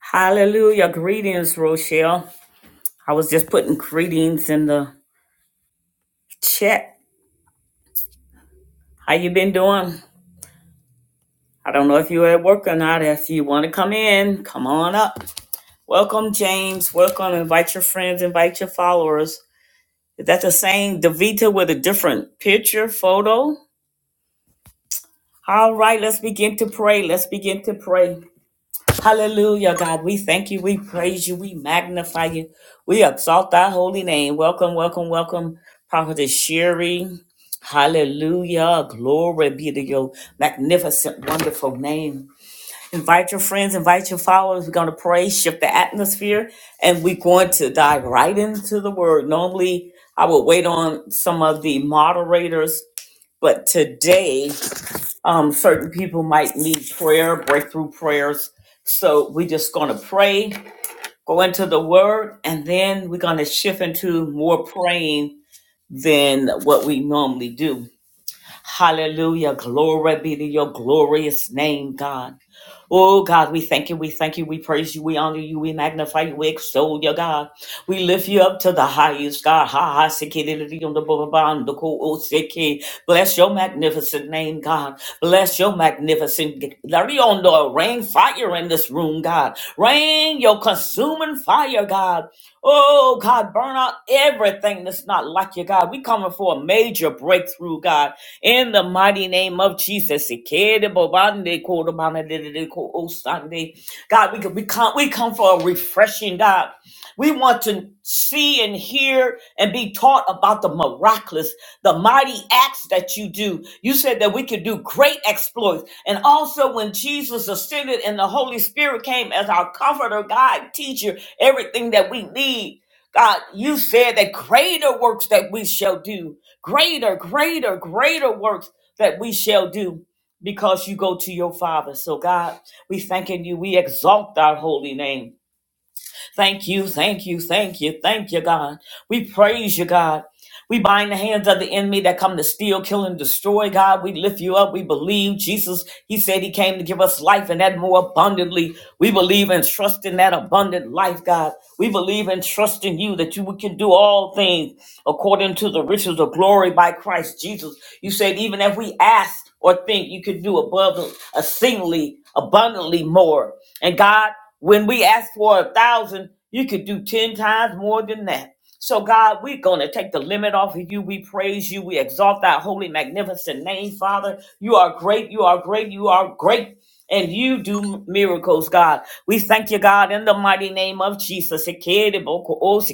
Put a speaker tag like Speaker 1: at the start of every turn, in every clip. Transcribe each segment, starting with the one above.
Speaker 1: Hallelujah. Greetings, Rochelle. I was just putting greetings in the chat. How you been doing? I don't know if you're at work or not. If you want to come in, come on up. Welcome, James. Welcome. Invite your friends, invite your followers. Is that the same Davita with a different picture, photo? All right, let's begin to pray. Let's begin to pray. Hallelujah, God. We thank you. We praise you. We magnify you. We exalt thy holy name. Welcome, welcome, welcome, Prophetess Sherry. Hallelujah. Glory be to your magnificent, wonderful name. Invite your friends, invite your followers. We're going to pray, shift the atmosphere, and we're going to dive right into the word. Normally, I would wait on some of the moderators, but today, um, certain people might need prayer, breakthrough prayers. So we're just going to pray, go into the word, and then we're going to shift into more praying than what we normally do. Hallelujah. Glory be to your glorious name, God. Oh God, we thank you, we thank you, we praise you, we honor you, we magnify you, we extol you, God. We lift you up to the highest, God. Ha ha siki, di, di, di, on the bo- bo- bon, the ko- o, siki. Bless your magnificent name, God. Bless your magnificent Let it on the rain fire in this room, God. Rain your consuming fire, God. Oh God, burn out everything that's not like you, God. We coming for a major breakthrough, God. In the mighty name of Jesus. God, we, can, we, come, we come for a refreshing, God. We want to see and hear and be taught about the miraculous, the mighty acts that you do. You said that we could do great exploits. And also, when Jesus ascended and the Holy Spirit came as our comforter, guide, teacher, everything that we need, God, you said that greater works that we shall do. Greater, greater, greater works that we shall do because you go to your Father. So, God, we thanking you. We exalt thy holy name. Thank you, thank you, thank you, thank you, God. We praise you, God. We bind the hands of the enemy that come to steal, kill, and destroy. God, we lift you up. We believe Jesus, He said He came to give us life and that more abundantly. We believe and trust in that abundant life, God. We believe and trust in you that you can do all things according to the riches of glory by Christ Jesus. You said, even if we ask or think, you could do above a singly, abundantly more. And God, when we ask for a thousand, you could do 10 times more than that. So, God, we're going to take the limit off of you. We praise you. We exalt thy holy, magnificent name, Father. You are great. You are great. You are great. And you do miracles, God. We thank you, God, in the mighty name of Jesus. Hallelujah.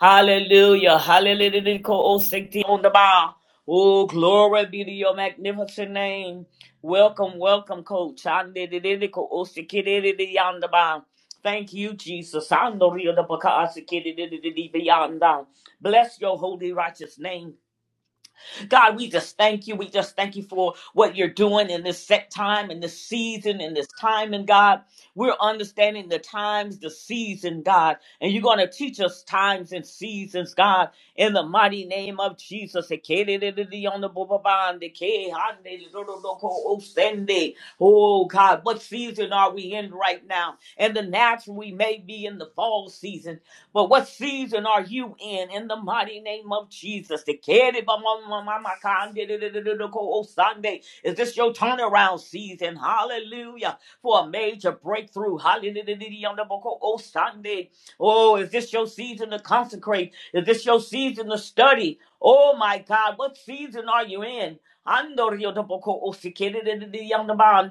Speaker 1: Hallelujah. Oh, glory be to your magnificent name. Welcome, welcome, coach. Thank you, Jesus. Andoria de baka asikiri di di di di beyond down. Bless your holy righteous name. God, we just thank you. We just thank you for what you're doing in this set time, in this season, in this time, and God, we're understanding the times, the season, God, and you're going to teach us times and seasons, God, in the mighty name of Jesus. Oh, God, what season are we in right now? In the natural, we may be in the fall season, but what season are you in? In the mighty name of Jesus. The kid, ba- ma- ma- ma- ma- ka- di- di- di- di- di- di- ko- oh, Sunday. Is this your turnaround season? Hallelujah. For a major breakthrough. Hallelujah. on the bo- Oh, oh, Sunday. Oh, is this your season to consecrate? Is this your season to study? Oh, my God. What season are you in? Andorio do boko o se ke de de de de yonder bond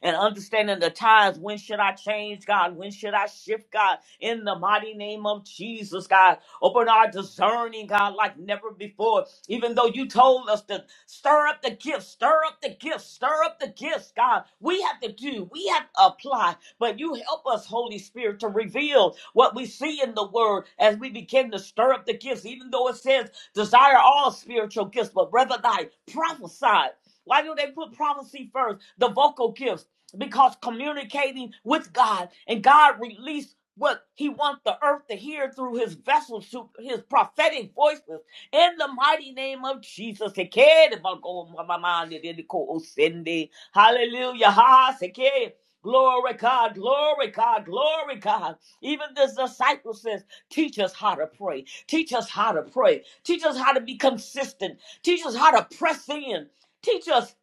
Speaker 1: And understanding the times, when should I change, God? When should I shift, God? in the mighty name of Jesus, God. Open our discerning, God, like never before. Even though you told us to stir up the gifts, stir up the gifts, stir up the gifts, God. We have to do, we have to apply, but you help us, Holy Spirit, to reveal what we see in the word as we begin to stir up the gifts, even though it says desire all spiritual gifts, but rather thy prophesy. Why do they put prophecy first? The vocal gifts. Because communicating with God and God released what he wants the earth to hear through his vessels, through his prophetic voices. In the mighty name of Jesus. Ekere Hallelujah. Glory God, glory God, glory God. Even this disciple says, teach us how to pray. Teach us how to pray. Teach us how to be consistent. Teach us how to press in. Teach us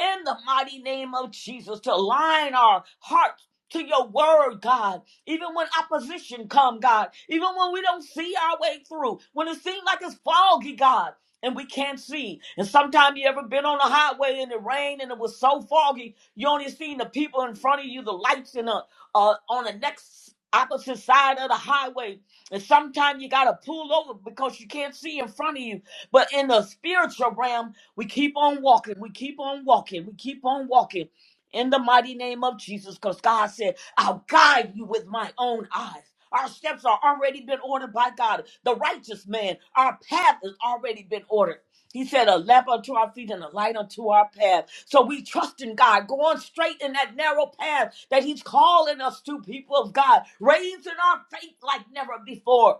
Speaker 1: in the mighty name of Jesus to align our hearts to your word, God even when opposition come, God. Even when we don't see our way through. When it seems like it's foggy, God. And we can't see. And sometimes you ever been on a highway and it rained and it was so foggy, you only seen the people in front of you, the lights in the uh, on the next opposite side of the highway. And sometimes you gotta pull over because you can't see in front of you. But in the spiritual realm, we keep on walking, we keep on walking, we keep on walking in the mighty name of Jesus. Because God said, I'll guide you with my own eyes. Our steps are already been ordered by God. The righteous man, our path has already been ordered. He said, a lamp unto our feet and a light unto our path. So we trust in God, going straight in that narrow path that He's calling us to, people of God, raising our faith like never before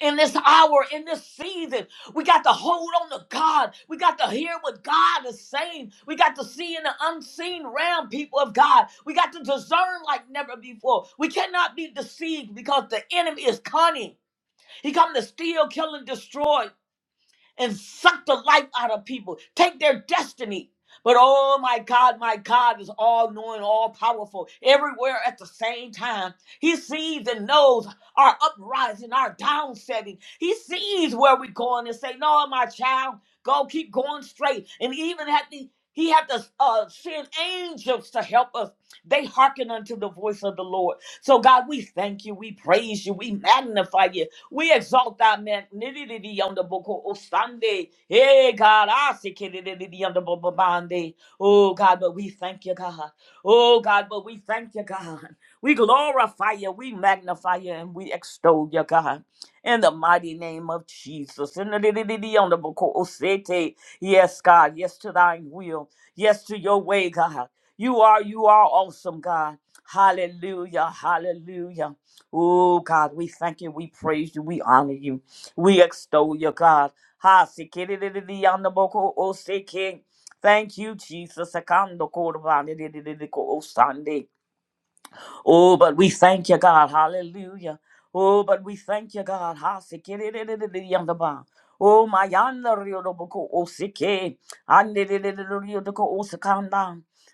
Speaker 1: in this hour, in this season. We got to hold on to God. We got to hear what God is saying. We got to see in the unseen realm, people of God. We got to discern like never before. We cannot be deceived because the enemy is cunning. He come to steal, kill, and destroy and suck the life out of people, take their destiny. But oh my God, my God is all knowing, all powerful, everywhere at the same time. He sees and knows our uprising, our downsetting. He sees where we're going and say, No, my child, go keep going straight. And even had the he had to uh, send angels to help us. They hearken unto the voice of the Lord. So, God, we thank you. We praise you. We magnify you. We exalt thy magnanimity on the book of Sunday. Hey, God, I see it on the book of Monday. Oh, God, but we thank you, God. Oh, God, but we thank you, God. We glorify you, we magnify you, and we extol you, God. In the mighty name of Jesus. In the di- di- di- di- on the book of Sete. Yes, God. Yes, to thine will. Yes, to your way, God. You are, you are awesome, God. Hallelujah. Hallelujah. Oh God, we thank you, we praise you, we honor you, we extol you, God. Ha sikididididiyandaboko oseke. Thank you, Jesus. Sakando korbandididididiko osande. Oh, but we thank you, God. Hallelujah. Oh, but we thank you, God. Ha, siki, di, di, di, di, di, yanda, ba. Oh, my yonder, yo, do, bo, ko, o, siki. Ande, di, di, di, di, yo, do,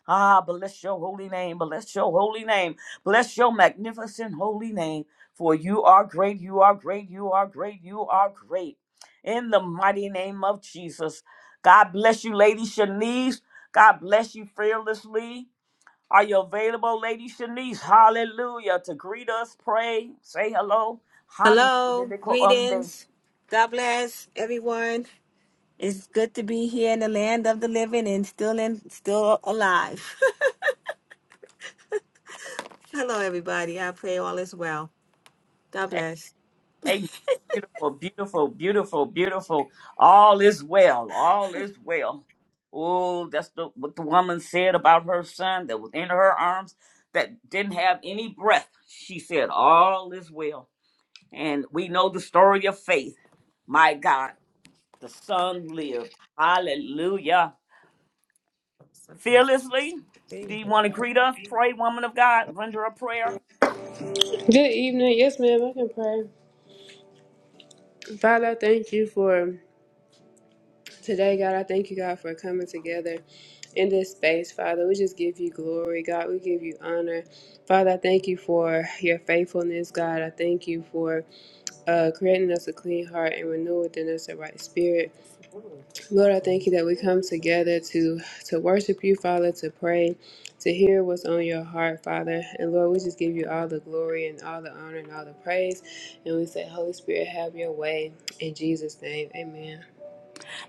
Speaker 1: Ah, bless your holy name. Bless your holy name. Bless your magnificent holy name. For you are great. You are great. You are great. You are great. In the mighty name of Jesus. God bless you, Lady Shanice. God bless you fearlessly. Are you available, Lady Shanice? Hallelujah. To greet us, pray, say hello. Hallelujah!
Speaker 2: Hello,
Speaker 1: Amen.
Speaker 2: greetings. God bless everyone. It's good to be here in the land of the living and still in still alive. Hello, everybody. I pray all is well. God bless.
Speaker 1: beautiful, beautiful, beautiful, beautiful. All is well. All is well. Oh, that's the, what the woman said about her son that was in her arms that didn't have any breath. She said, All is well. And we know the story of faith. My God, the son lived. Hallelujah.
Speaker 2: Something's
Speaker 1: fearlessly. Do
Speaker 2: thing
Speaker 1: you
Speaker 2: here.
Speaker 1: want to greet us? Pray, woman of God, render a prayer.
Speaker 3: Good evening. Yes, ma'am, I can pray. Father, I thank you for today, God. I thank you, God, for coming together in this space, Father. We just give you glory, God. We give you honor. Father, I thank you for your faithfulness, God. I thank you for uh, creating us a clean heart and renewing within us a right spirit.
Speaker 2: It's really
Speaker 3: Lord, I
Speaker 2: together.
Speaker 3: thank you that we come
Speaker 2: It's like this
Speaker 3: together to to worship you, Father, to pray, to hear what's on your heart, Father. And Lord, we just give you all the glory and all the honor and all the praise. And we say, Holy Spirit, have your way in Jesus' name. Amen.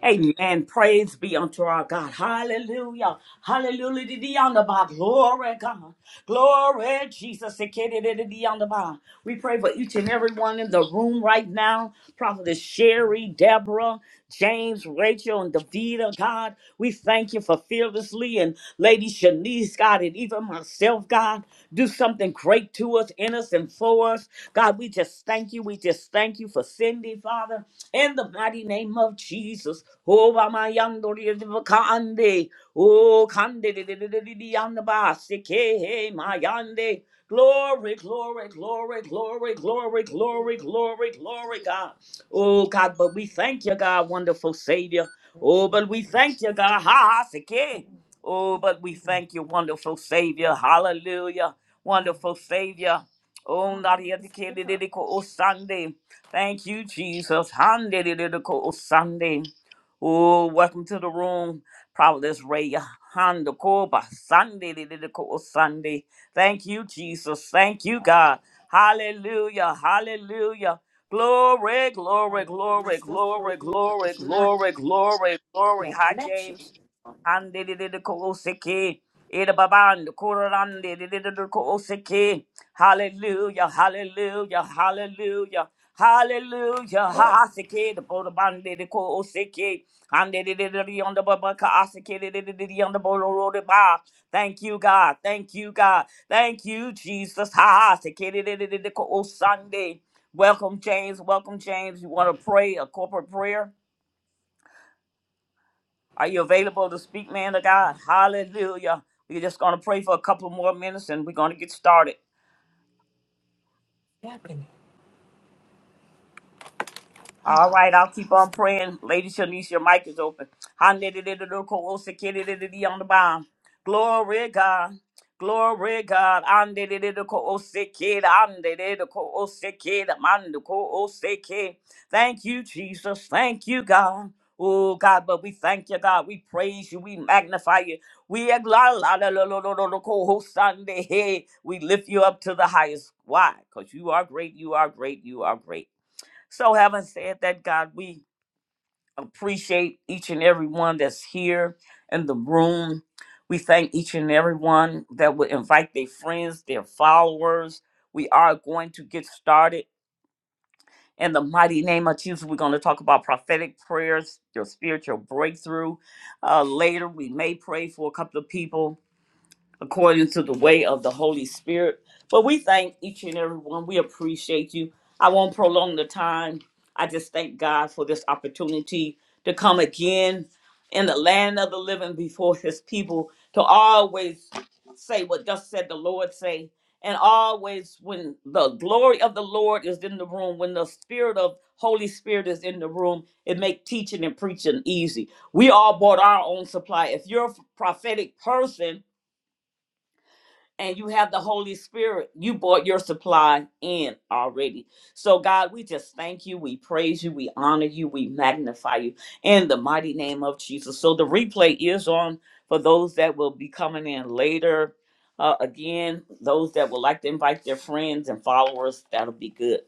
Speaker 1: Amen. Praise be unto our God. Hallelujah. Hallelujah. to thee on the bar. Glory, God. Glory, Jesus. To thee on the bar. We pray for each and every one in the room right now. Prophetess Sherry, Deborah. James, Rachel, and Davida, God, we thank you for fearlessly and Lady Shanice, God, and even myself, God, do something great to us, in us, and for us. God, we just thank you. We just thank you for Cindy, Father, in the mighty name of Jesus. Oh, by my young daughter, Kandi. Oh, Kandi, di- di- di- di- di- di- yonder by, sick, hey, hey, my yonder. Glory, glory, glory, glory, glory, glory,
Speaker 2: really
Speaker 1: glory, glory, glory, God. Oh, God, but we thank you, God, wonderful Savior. Oh,
Speaker 2: connection
Speaker 1: but we
Speaker 2: to-
Speaker 1: thank you, God. Ha ha, sake. Oh, but we
Speaker 2: everyone.
Speaker 1: thank you, wonderful Savior. Hallelujah.
Speaker 2: Oh,
Speaker 1: Wonderful Savior. Oh,
Speaker 2: oh, look,
Speaker 1: Nadia de
Speaker 2: it's good.
Speaker 1: Kedidiko O Sunday. Thank you, Jesus. Handedidiko O Sunday. Oh, welcome to the room. Providence Ray Handakoba Sunday Didiko O Sunday. Thank you, Jesus. Thank you, God. Hallelujah. Hallelujah. Glory,
Speaker 2: I
Speaker 1: glory,
Speaker 2: mean, I got my
Speaker 1: glory,
Speaker 2: stuff
Speaker 1: glory,
Speaker 2: closed up, but
Speaker 1: glory,
Speaker 2: it's not
Speaker 1: glory, glory, glory.
Speaker 2: the
Speaker 1: Hi, James.
Speaker 2: connection. It's
Speaker 1: Ande de de de kolosiki. Ida baban kurande de de de de kolosiki. Hallelujah, hallelujah, hallelujah. Hallelujah, hasiki de bodaban de de kolosiki. Ande de de de de on the babaka asiki de de de de de on the bolo de ba. Thank you, God. Thank you, God. Thank you, Jesus. Hasiki de de de de de kolosande. Welcome, James. Welcome, James. You want to pray a corporate prayer? Are you available to speak, man of God? Hallelujah. We're just going to pray for a couple more minutes and we're going to get started.
Speaker 2: Happening.
Speaker 1: All
Speaker 2: Oh.
Speaker 1: right, I'll keep on praying. Lady Shanice, your mic is open. Handedididididikowosikididididi On the bond. Glory God. Glory God. Handedidididikoosikid, handedididikoosikid, mandikoosikid. Thank you, Jesus. Thank you, God. Oh, God, but we thank you, God. We praise you. We magnify you. We exalt- we lift you up to the highest. Why? Because you are great. You are great. You are great. So, having said that, God, we appreciate each and every one that's here in the room. We thank each and every one that will invite their friends, their followers. We are going to get started. In the mighty name of Jesus, we're going to talk about prophetic prayers, your spiritual breakthrough. Uh, later, we may pray for a couple of people according to the way of the Holy Spirit. But we thank each and every one. We appreciate you. I won't prolong the time. I just thank God for this opportunity to come again in the land of the living before his people to always say what thus said the Lord say. And always when the glory of the Lord is in the room, when the spirit of Holy Spirit is in the room, it make teaching and preaching easy. We all bought our own supply. If you're a prophetic person, and you have the Holy Spirit. You brought your supply in already. So, God, we just thank you. We praise you. We honor you. We magnify you in the mighty name of Jesus. So, the replay is on for those that will be coming in later. Uh, again, those that would like to invite their friends and followers, that'll be good.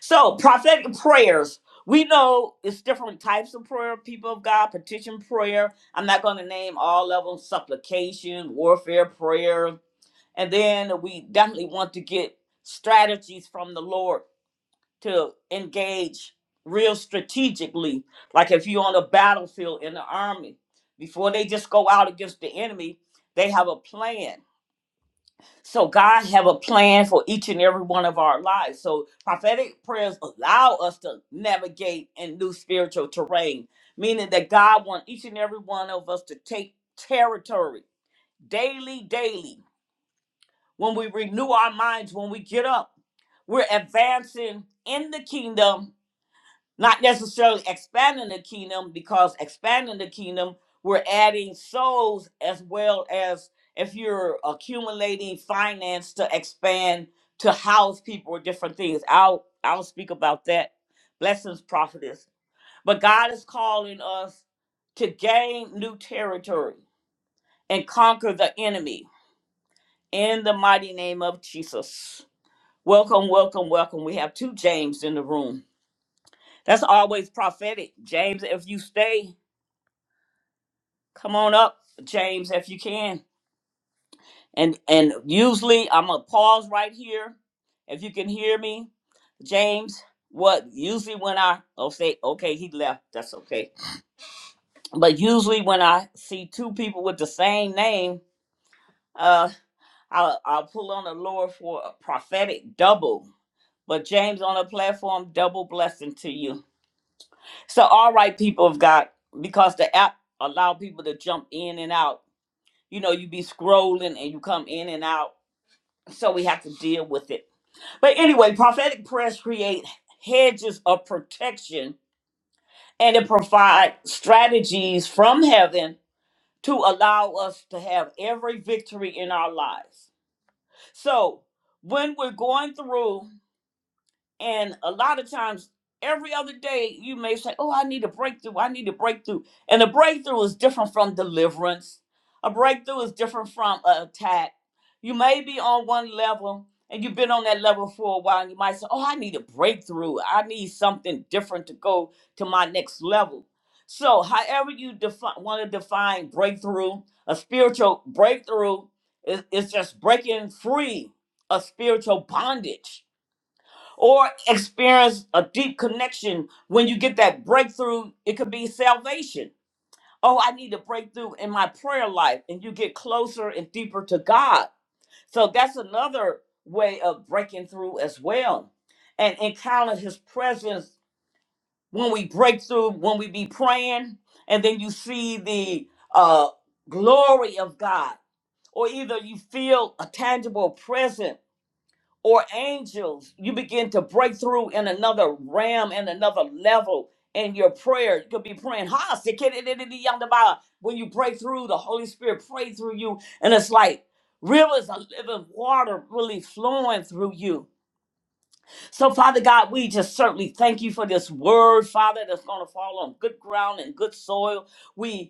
Speaker 1: So, prophetic prayers. We know it's different types of prayer, people of God, petition prayer. I'm not going to name all of them supplication, warfare prayer, and then we definitely want to get strategies from the Lord to engage real strategically. Like if you're on a battlefield in the army, before they just go out against the enemy, they have a plan. So God have a plan for each and every one of our lives. So prophetic prayers allow us to navigate in new spiritual terrain, meaning that God wants each and every one of us to take territory daily, daily when we renew our minds, when we get up, we're advancing in the kingdom, not necessarily expanding the kingdom, because expanding the kingdom, we're adding souls as well as if you're accumulating finance to expand to house people or different things. I'll I'll speak about that. Blessings, prophetess. But God is calling us to gain new territory and conquer the enemy in the mighty name of Jesus. Welcome, welcome, welcome. We have two James in the room. That's always prophetic. James, if you stay, come on up, James, if you can. And and usually I'm gonna pause right here. If you can hear me, James, what usually when I oh say okay, he left, that's okay. But usually when I see two people with the same name, uh I'll, I'll pull on the Lord for a prophetic double. But James on the platform, double blessing to you. So, all right, people of God, because the app allow people to jump in and out. You know, you be scrolling and you come in and out. So we have to deal with it. But anyway, prophetic prayers create hedges of protection and it provides strategies from heaven to allow us to have every victory in our lives. So when we're going through And a lot of times, every other day, you may say, Oh, I need a breakthrough. I need a breakthrough. And a breakthrough is different from deliverance, a breakthrough is different from an attack. You may be on one level and you've been on that level for a while. And you might say, Oh, I need a breakthrough. I need something different to go to my next level. So, however you defi- want to define breakthrough, a spiritual breakthrough is, is just breaking free of spiritual bondage or experience a deep connection when you get that breakthrough it could be salvation oh i need a breakthrough in my prayer life and you get closer and deeper to god so that's another way of breaking through as well and encountering his presence when we break through when we be praying and then you see the uh glory of god or either you feel a tangible presence or angels. You begin to break through in another realm and another level in your prayer. You could be praying, "Ha, sikididididi, yandaba." when you break through, the Holy Spirit pray through you, and it's like rivers of living water really flowing through you. So, Father God, we just certainly thank you for this word, Father, that's going to fall on good ground and good soil. We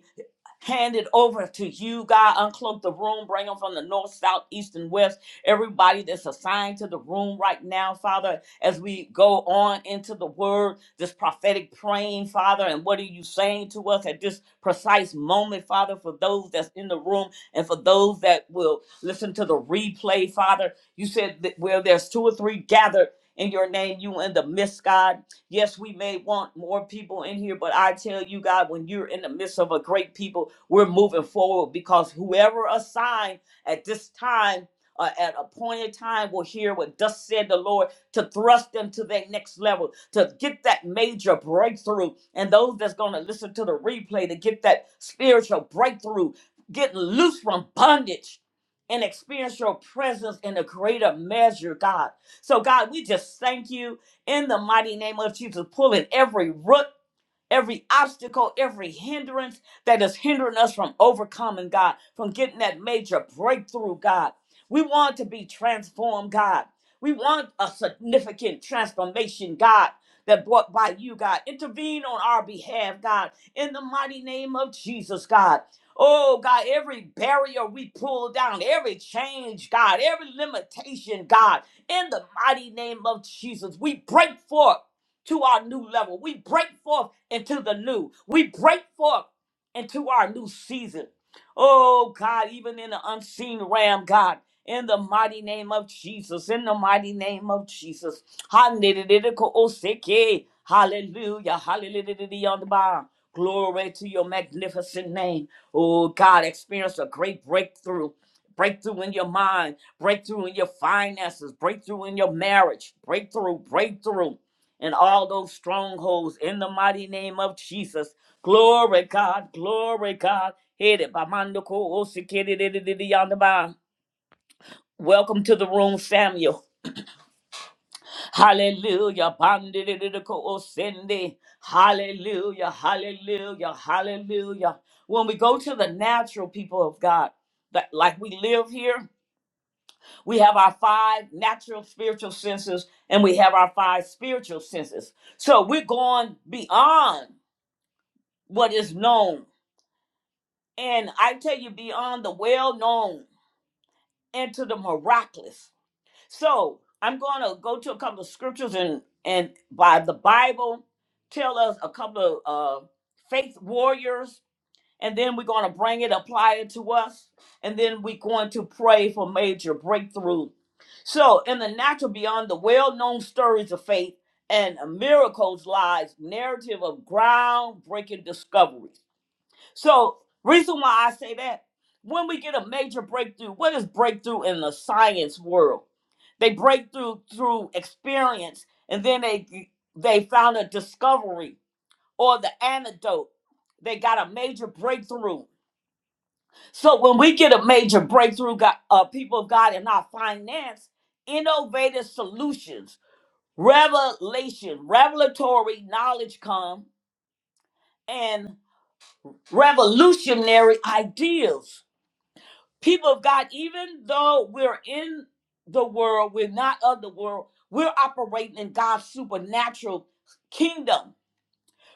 Speaker 1: Hand it over to you, God. Uncloak the room. Bring them from the north, south, east, and west. Everybody that's assigned to the room right now, Father, as we go on into the word, this prophetic praying, Father, and what are you saying to us at this precise moment, Father, for those that's in the room and for those that will listen to the replay, Father. You said that where there's two or three gathered in your name, you in the midst, God. Yes, we may want more people in here, but I tell you, God, when you're in the midst of a great people, we're moving forward because whoever assigned at this time, uh, at a point in time, will hear what thus said the Lord to thrust them to that next level, to get that major breakthrough. And those that's going to listen to the replay to get that spiritual breakthrough, getting loose from bondage and experience your presence in a greater measure, God. So, God, we just thank you in the mighty name of Jesus, pulling every root every obstacle, every hindrance that is hindering us from overcoming, God, from getting that major breakthrough, God. We want to be transformed, God. We want a significant transformation, God, that brought by you, God. Intervene on our behalf, God, in the mighty name of Jesus, God. Oh, God, every barrier we pull down, every change, God, every limitation, God, in the mighty name of Jesus, we break forth to our new level. We break forth into the new. We break forth into our new season. Oh God, even in the unseen realm, God, in the mighty name of Jesus, in the mighty name of Jesus. Hallelujah, hallelujah, hallelujah Glory to your magnificent name. Oh God, experience a great breakthrough. Breakthrough in your mind, breakthrough in your finances, breakthrough in your marriage, breakthrough, breakthrough and all those strongholds in the mighty name of Jesus. Glory God, glory God. Headed by Mando Ko Osikiri Didi Didi Yandaba. Welcome to the room, Samuel. Hallelujah. Bandi Didi Didi Ko Osindi. Hallelujah. Hallelujah. Hallelujah. When we go to the natural people of God, that like we live here, we have our five natural spiritual senses and we have our five spiritual senses. So we're going beyond what is known. And I tell you, beyond the well known and to the miraculous. So I'm going to go to a couple of scriptures and, and by the Bible, tell us a couple of uh, faith warriors. And then we're going to bring it, apply it to us. And then we're going to pray for major breakthrough. So, in the natural, beyond the well known stories of faith and miracles, lies narrative of groundbreaking discoveries. So, reason why I say that, when we get a major breakthrough, what is breakthrough in the science world? They break through through experience, and then they they found a discovery or the antidote. They got a major breakthrough. So when we get a major breakthrough, God, uh, people of God, in our finance, innovative solutions, revelation, revelatory knowledge come, and revolutionary ideas people of God, even though we're in the world, we're not of the world, we're operating in God's supernatural kingdom.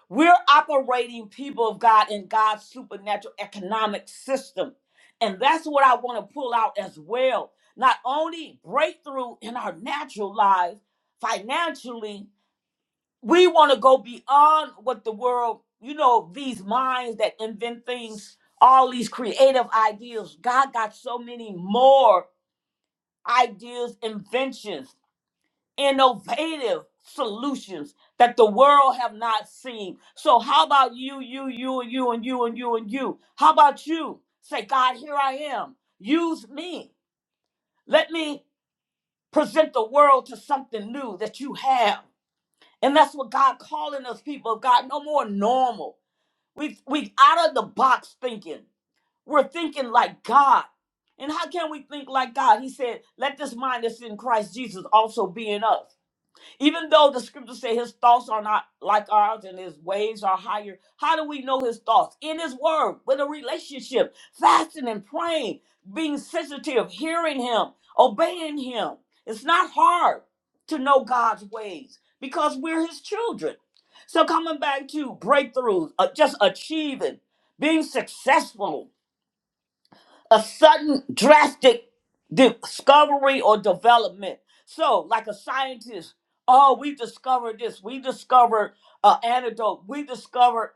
Speaker 1: We're operating, people of God, in God's supernatural economic system. And that's what I want to pull out as well. Not only breakthrough in our natural lives financially, we want to go beyond what the world, you know, these minds that invent things, all these creative ideas. God got so many more ideas, inventions, innovative solutions that the world have not seen. So how about you, you, you, and you, and you, and you, and you? How about you? Say, God, here I am. Use me. Let me present the world to something new that you have. And that's what God calling us people of God, no more normal. We've we've out of the box thinking. We're thinking like God. And how can we think like God? He said, Let this mind that's in Christ Jesus also be in us. Even though the scriptures say his thoughts are not like ours and his ways are higher, how do we know his thoughts? In his word, with a relationship, fasting and praying, being sensitive, hearing him, obeying him. It's not hard to know God's ways because we're his children. So coming back to breakthroughs, uh, just achieving, being successful, a sudden drastic discovery or development. So, like a scientist, oh, we discovered this, we discovered an antidote, we discovered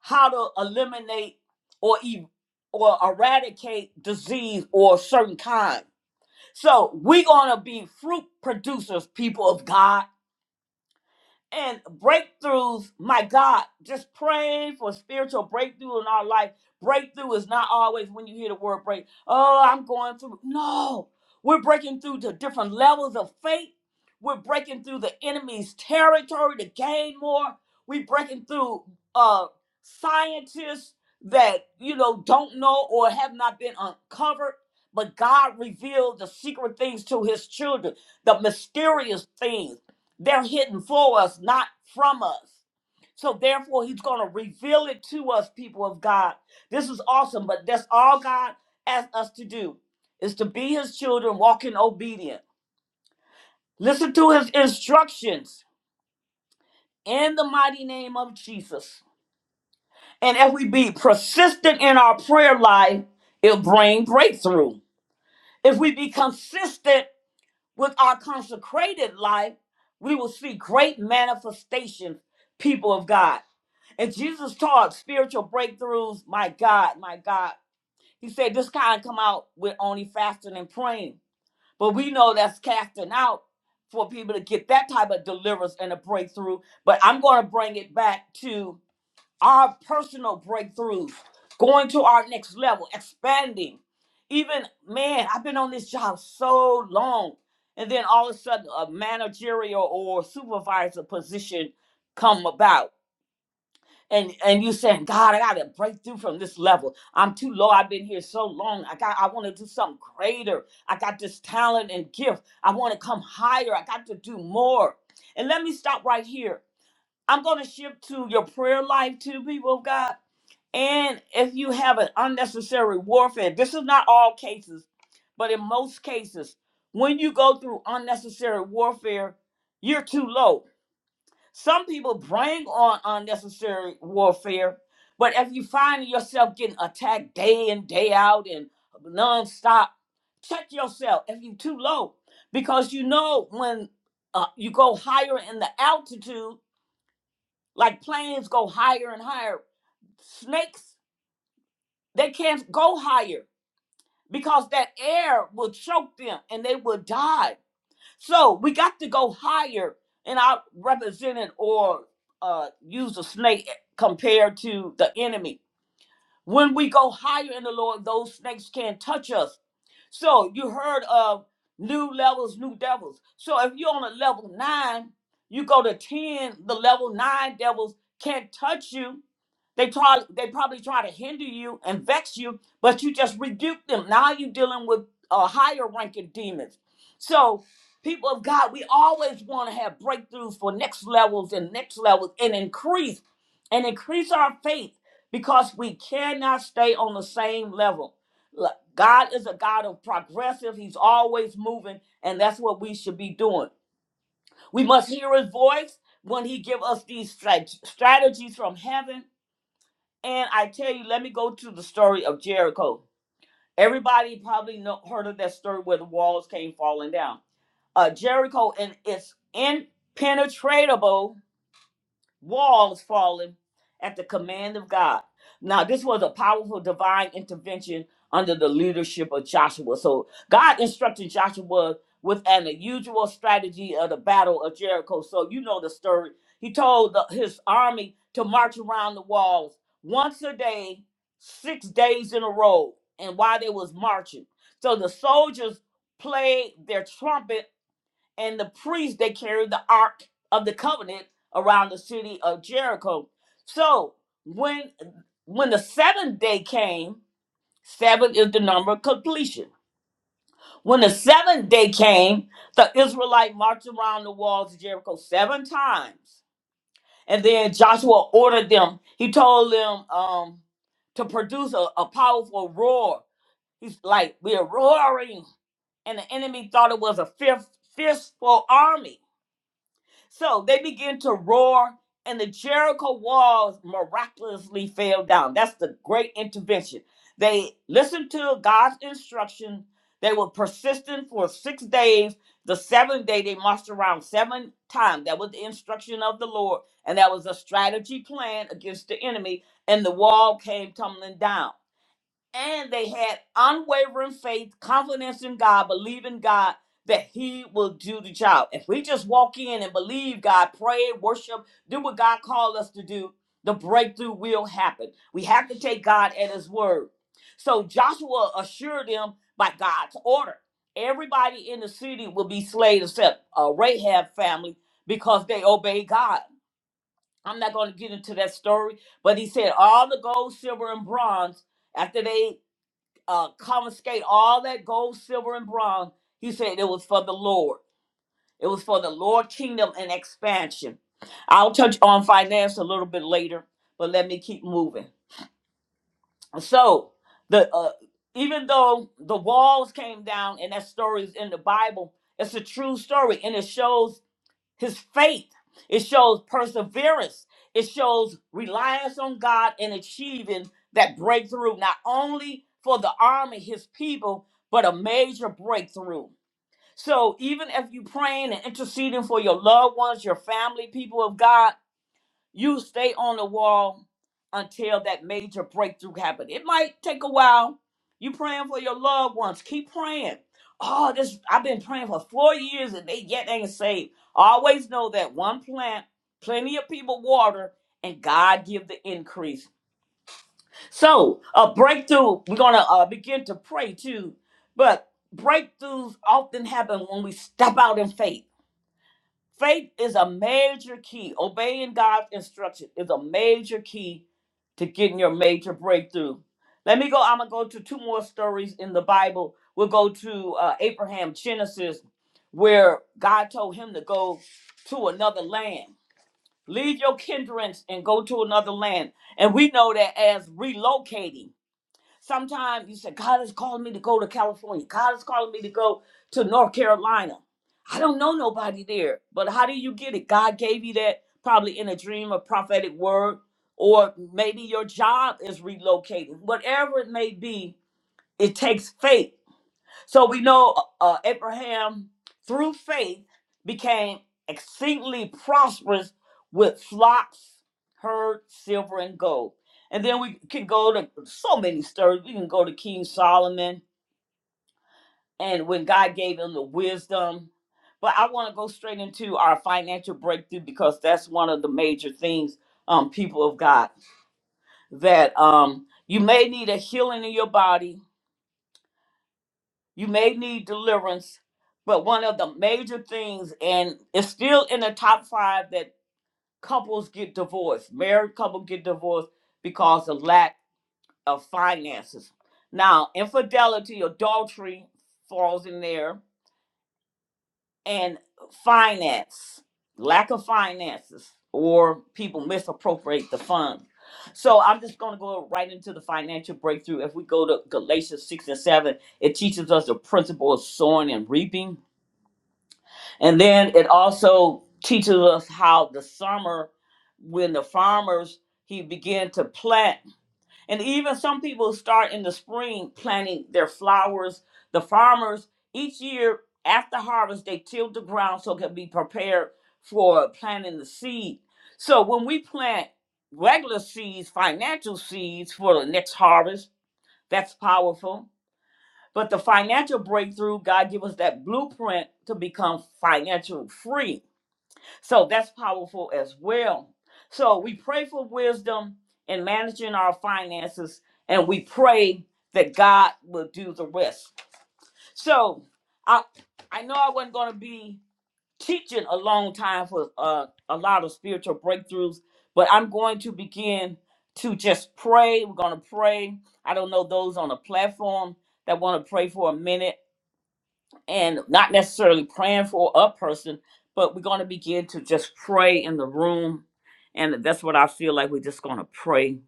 Speaker 1: how to eliminate or e- or eradicate disease or a certain kind. So, we're going to be fruit producers, people of God and breakthroughs, my God, just praying for spiritual breakthrough in our life. Breakthrough is not always when you hear the word break. Oh, I'm going through. No, we're breaking through to different levels of faith. We're breaking through the enemy's territory to gain more. We're breaking through uh, scientists that you know don't know or have not been uncovered. But God revealed the secret things to His children, the mysterious things they're hidden for us, not from us. So therefore, he's going to reveal it to us, people of God. This is awesome, but that's all God asks us to do is to be his children, walk in obedience. Listen to his instructions in the mighty name of Jesus. And if we be persistent in our prayer life, it'll bring breakthrough. If we be consistent with our consecrated life, we will see great manifestations, people of God. And Jesus taught spiritual breakthroughs. My God, my God. He said this kind come out with only fasting and praying. But we know that's casting out for people to get that type of deliverance and a breakthrough. But I'm going to bring it back to our personal breakthroughs, going to our next level, expanding. Even, man, I've been on this job so long. And then all of a sudden, a managerial or supervisor position come about and and you saying god i gotta break through from this level i'm too low i've been here so long i got i want to do something greater i got this talent and gift i want to come higher i got to do more and let me stop right here i'm going to shift to your prayer life too people of god and if you have an unnecessary warfare this is not all cases but in most cases when you go through unnecessary warfare you're too low some people bring on unnecessary warfare, but if you find yourself getting attacked day in, day out, and nonstop, check yourself if you're too low. Because you know when uh, you go higher in the altitude, like planes go higher and higher, snakes, they can't go higher because that air will choke them and they will die So we got to go higher and I represented or uh, use a snake compared to the enemy. When we go higher in the Lord, those snakes can't touch us. So you heard of new levels, new devils. So if you're on a level nine, you go to 10, the level nine devils can't touch you they try they probably try to hinder you and vex you, but you just rebuke them. Now you're dealing with uh, higher ranking demons. So, people of God, we always want to have breakthroughs for next levels and next levels and increase and increase our faith because we cannot stay on the same level. Look, God is a God of progressive. He's always moving, and that's what we should be doing. We must hear his voice when he give us these strat- strategies from heaven and I tell you, let me go to the story of Jericho. Everybody probably know, heard of that story where the walls came falling down. Uh, Jericho and it's impenetrable walls falling at the command of God. Now, this was a powerful divine intervention under the leadership of Joshua. So, God instructed Joshua with an unusual strategy of the Battle of Jericho. So, you know the story. He told the, his army to march around the walls once a day, six days in a row, and while they was marching. So, the soldiers played their trumpet and the priests they carried the ark of the covenant around the city of Jericho. So when when the seventh day came, seven is the number of completion. When the seventh day came, the Israelite marched around the walls of Jericho seven times. And then Joshua ordered them, he told them um, to produce a, a powerful roar. He's like, we're roaring. And the enemy thought it was a fear, fierce, fierceful army. So they began to roar, and the Jericho walls miraculously fell down. That's the great intervention. They listened to God's instruction. They were persistent for six days. The seventh day, they marched around seven times. That was the instruction of the Lord, and that was a strategy plan against the enemy, and the wall came tumbling down and they had unwavering faith, confidence in God, believing God that He will do the job. If we just walk in and believe God, pray, worship, do what God called us to do, the breakthrough will happen. We have to take God at His word. So Joshua assured them by God's order, everybody in the city will be slain except uh, Rahab family because they obey God. I'm not going to get into that story, but he said all the gold, silver, and bronze after they uh, confiscate all that gold, silver, and bronze. He said it was for the Lord. It was for the Lord kingdom and expansion. I'll touch on finance a little bit later, but let me keep moving. So the uh, even though the walls came down, and that story is in the Bible, it's a true story, and it shows his faith. It shows perseverance. It shows reliance on God and achieving that breakthrough, not only for the army, his people, but a major breakthrough. So even if you're praying and interceding for your loved ones, your family, people of God, you stay on the wall until that major breakthrough happens. It might take a while. You praying for your loved ones. Keep praying. Oh, this I've been praying for four years and they yet ain't saved. Always know that one plant, plenty of people water, and God give the increase. So a breakthrough. We're gonna uh, begin to pray too, but breakthroughs often happen when we step out in faith. Faith is a major key. Obeying God's instruction is a major key to getting your major breakthrough. Let me go. I'm gonna go to two more stories in the Bible. We'll go to uh, Abraham Genesis, where God told him to go to another land. Leave your kindreds and go to another land. And we know that as relocating. Sometimes you say, God is calling me to go to California. God is calling me to go to North Carolina. I don't know nobody there. But how do you get it? God gave you that probably in a dream, a prophetic word, or maybe your job is relocating. Whatever it may be, it takes faith so we know uh, uh, Abraham, through faith, became exceedingly prosperous with flocks, herds, silver, and gold. And then we can go to so many stories. We can go to King Solomon and when God gave him the wisdom. But I want to go straight into our financial breakthrough because that's one of the major things, um, people of God, that um, you may need a healing in your body you may need deliverance but one of the major things and it's still in the top five that couples get divorced married couples get divorced because of lack of finances now infidelity adultery falls in there and finance lack of finances or people misappropriate the funds so i'm just going to go right into the financial breakthrough if we go to galatians 6 and 7 it teaches us the principle of sowing and reaping And then it also teaches us how the summer, when the farmers he began to plant, and even some people start in the spring planting their flowers. The farmers each year after harvest they till the ground so it can be prepared for planting the seed. So when we plant regular seeds, financial seeds for the next harvest, that's powerful. But the financial breakthrough, God give us that blueprint to become financial free so that's powerful as well. So we pray for wisdom in managing our finances and we pray that God will do the rest. So I I know I wasn't going to be teaching a long time for uh, a lot of spiritual breakthroughs, but I'm going to begin to just pray. We're going to pray. I don't know those on the platform that want to pray for a minute and not necessarily praying for a person, but we're going to begin to just pray in the room. And that's what I feel like we're just going to pray.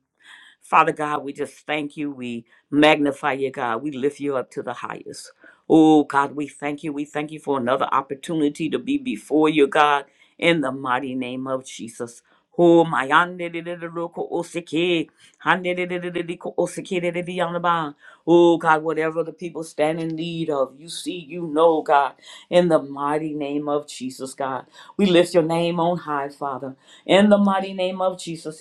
Speaker 1: Father God, we just thank you. We magnify you, God. We lift you up to the highest. Oh, God, we thank you. We thank you for another opportunity to be before you, God, in the mighty name of Jesus. Oh, my yandidididiroko osiki, handididididiko osiki dididiyanaba. Oh, God, whatever the people stand in need of, you see, you know, God, in the mighty name of Jesus, God. We lift your name on high, Father. In the mighty name of Jesus.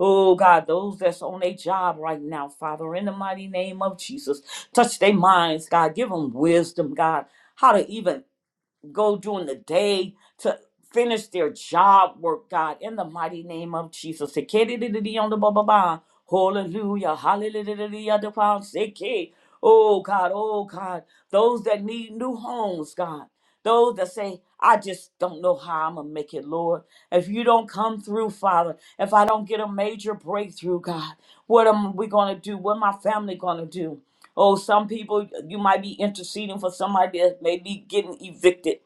Speaker 1: Oh God, those that's on a job right now, Father, in the mighty name of Jesus, touch their minds, God. Give them wisdom, God, how to even go during the day to finish their job work, God, in the mighty name of Jesus. Ekeredededeyondoboboband. Hallelujah. Hallelujah. Oh God, oh God, those that need new homes, God. Those that say, I just don't know how I'm going to make it, Lord. If you don't come through, Father, if I don't get a major breakthrough, God, what am we going to do? What my family going to do? Oh, some people, you might be interceding for somebody that may be getting evicted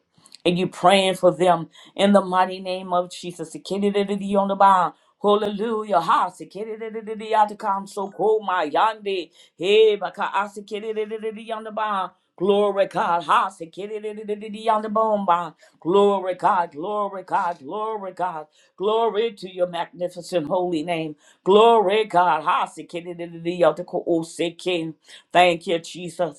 Speaker 1: and you praying for them in the mighty name of Jesus. Sikidididi on the bound. Hallelujah. Ha sikidididi atakam so cool my yande. Hey baka ah, on the bound. Glory God. Ha sikidididi on the bone bound. Glory God. Glory God. Glory God. Glory to your magnificent holy name. Glory God. Ha sikidididi on the cool sikin. Thank you, Jesus.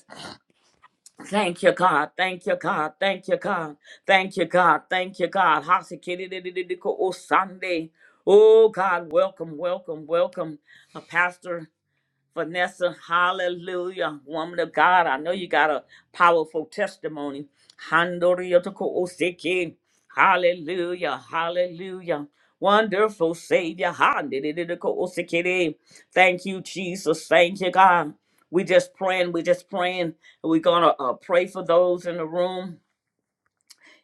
Speaker 1: Thank you, God. Thank you, God. Thank you, God. Thank you, God. Thank you, God. Hasikididididiko Sunday. Oh, God, welcome, welcome, welcome, uh, Pastor. Vanessa, hallelujah, woman of God. I know you got a powerful testimony. Handoriyotokoseki. Hallelujah, hallelujah. Wonderful Savior. Handidididikosekiri. Thank you, Jesus. Thank you, God. We just praying. We just praying. We're going to uh, pray for those in the room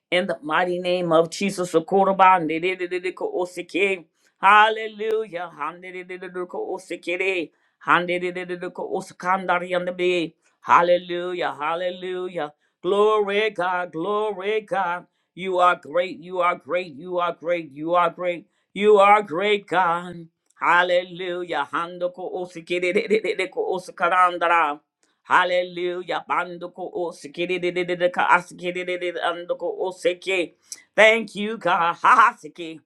Speaker 1: in the mighty name of Jesus. Socorro-ba, ndididididiko-osike. Hallelujah. Handididididiko-osikere. Handididididiko-osikandariandebe. Hallelujah. Hallelujah. Glory God. Glory God. You are great. You are great. You are great. You are great. You are great God. Hallelujah. Handoko osikere Dedededeko Hallelujah, ando ko oseki di di di di di ka asiki di di di di ando ko oseki. Thank you, God. Hahaha, seki.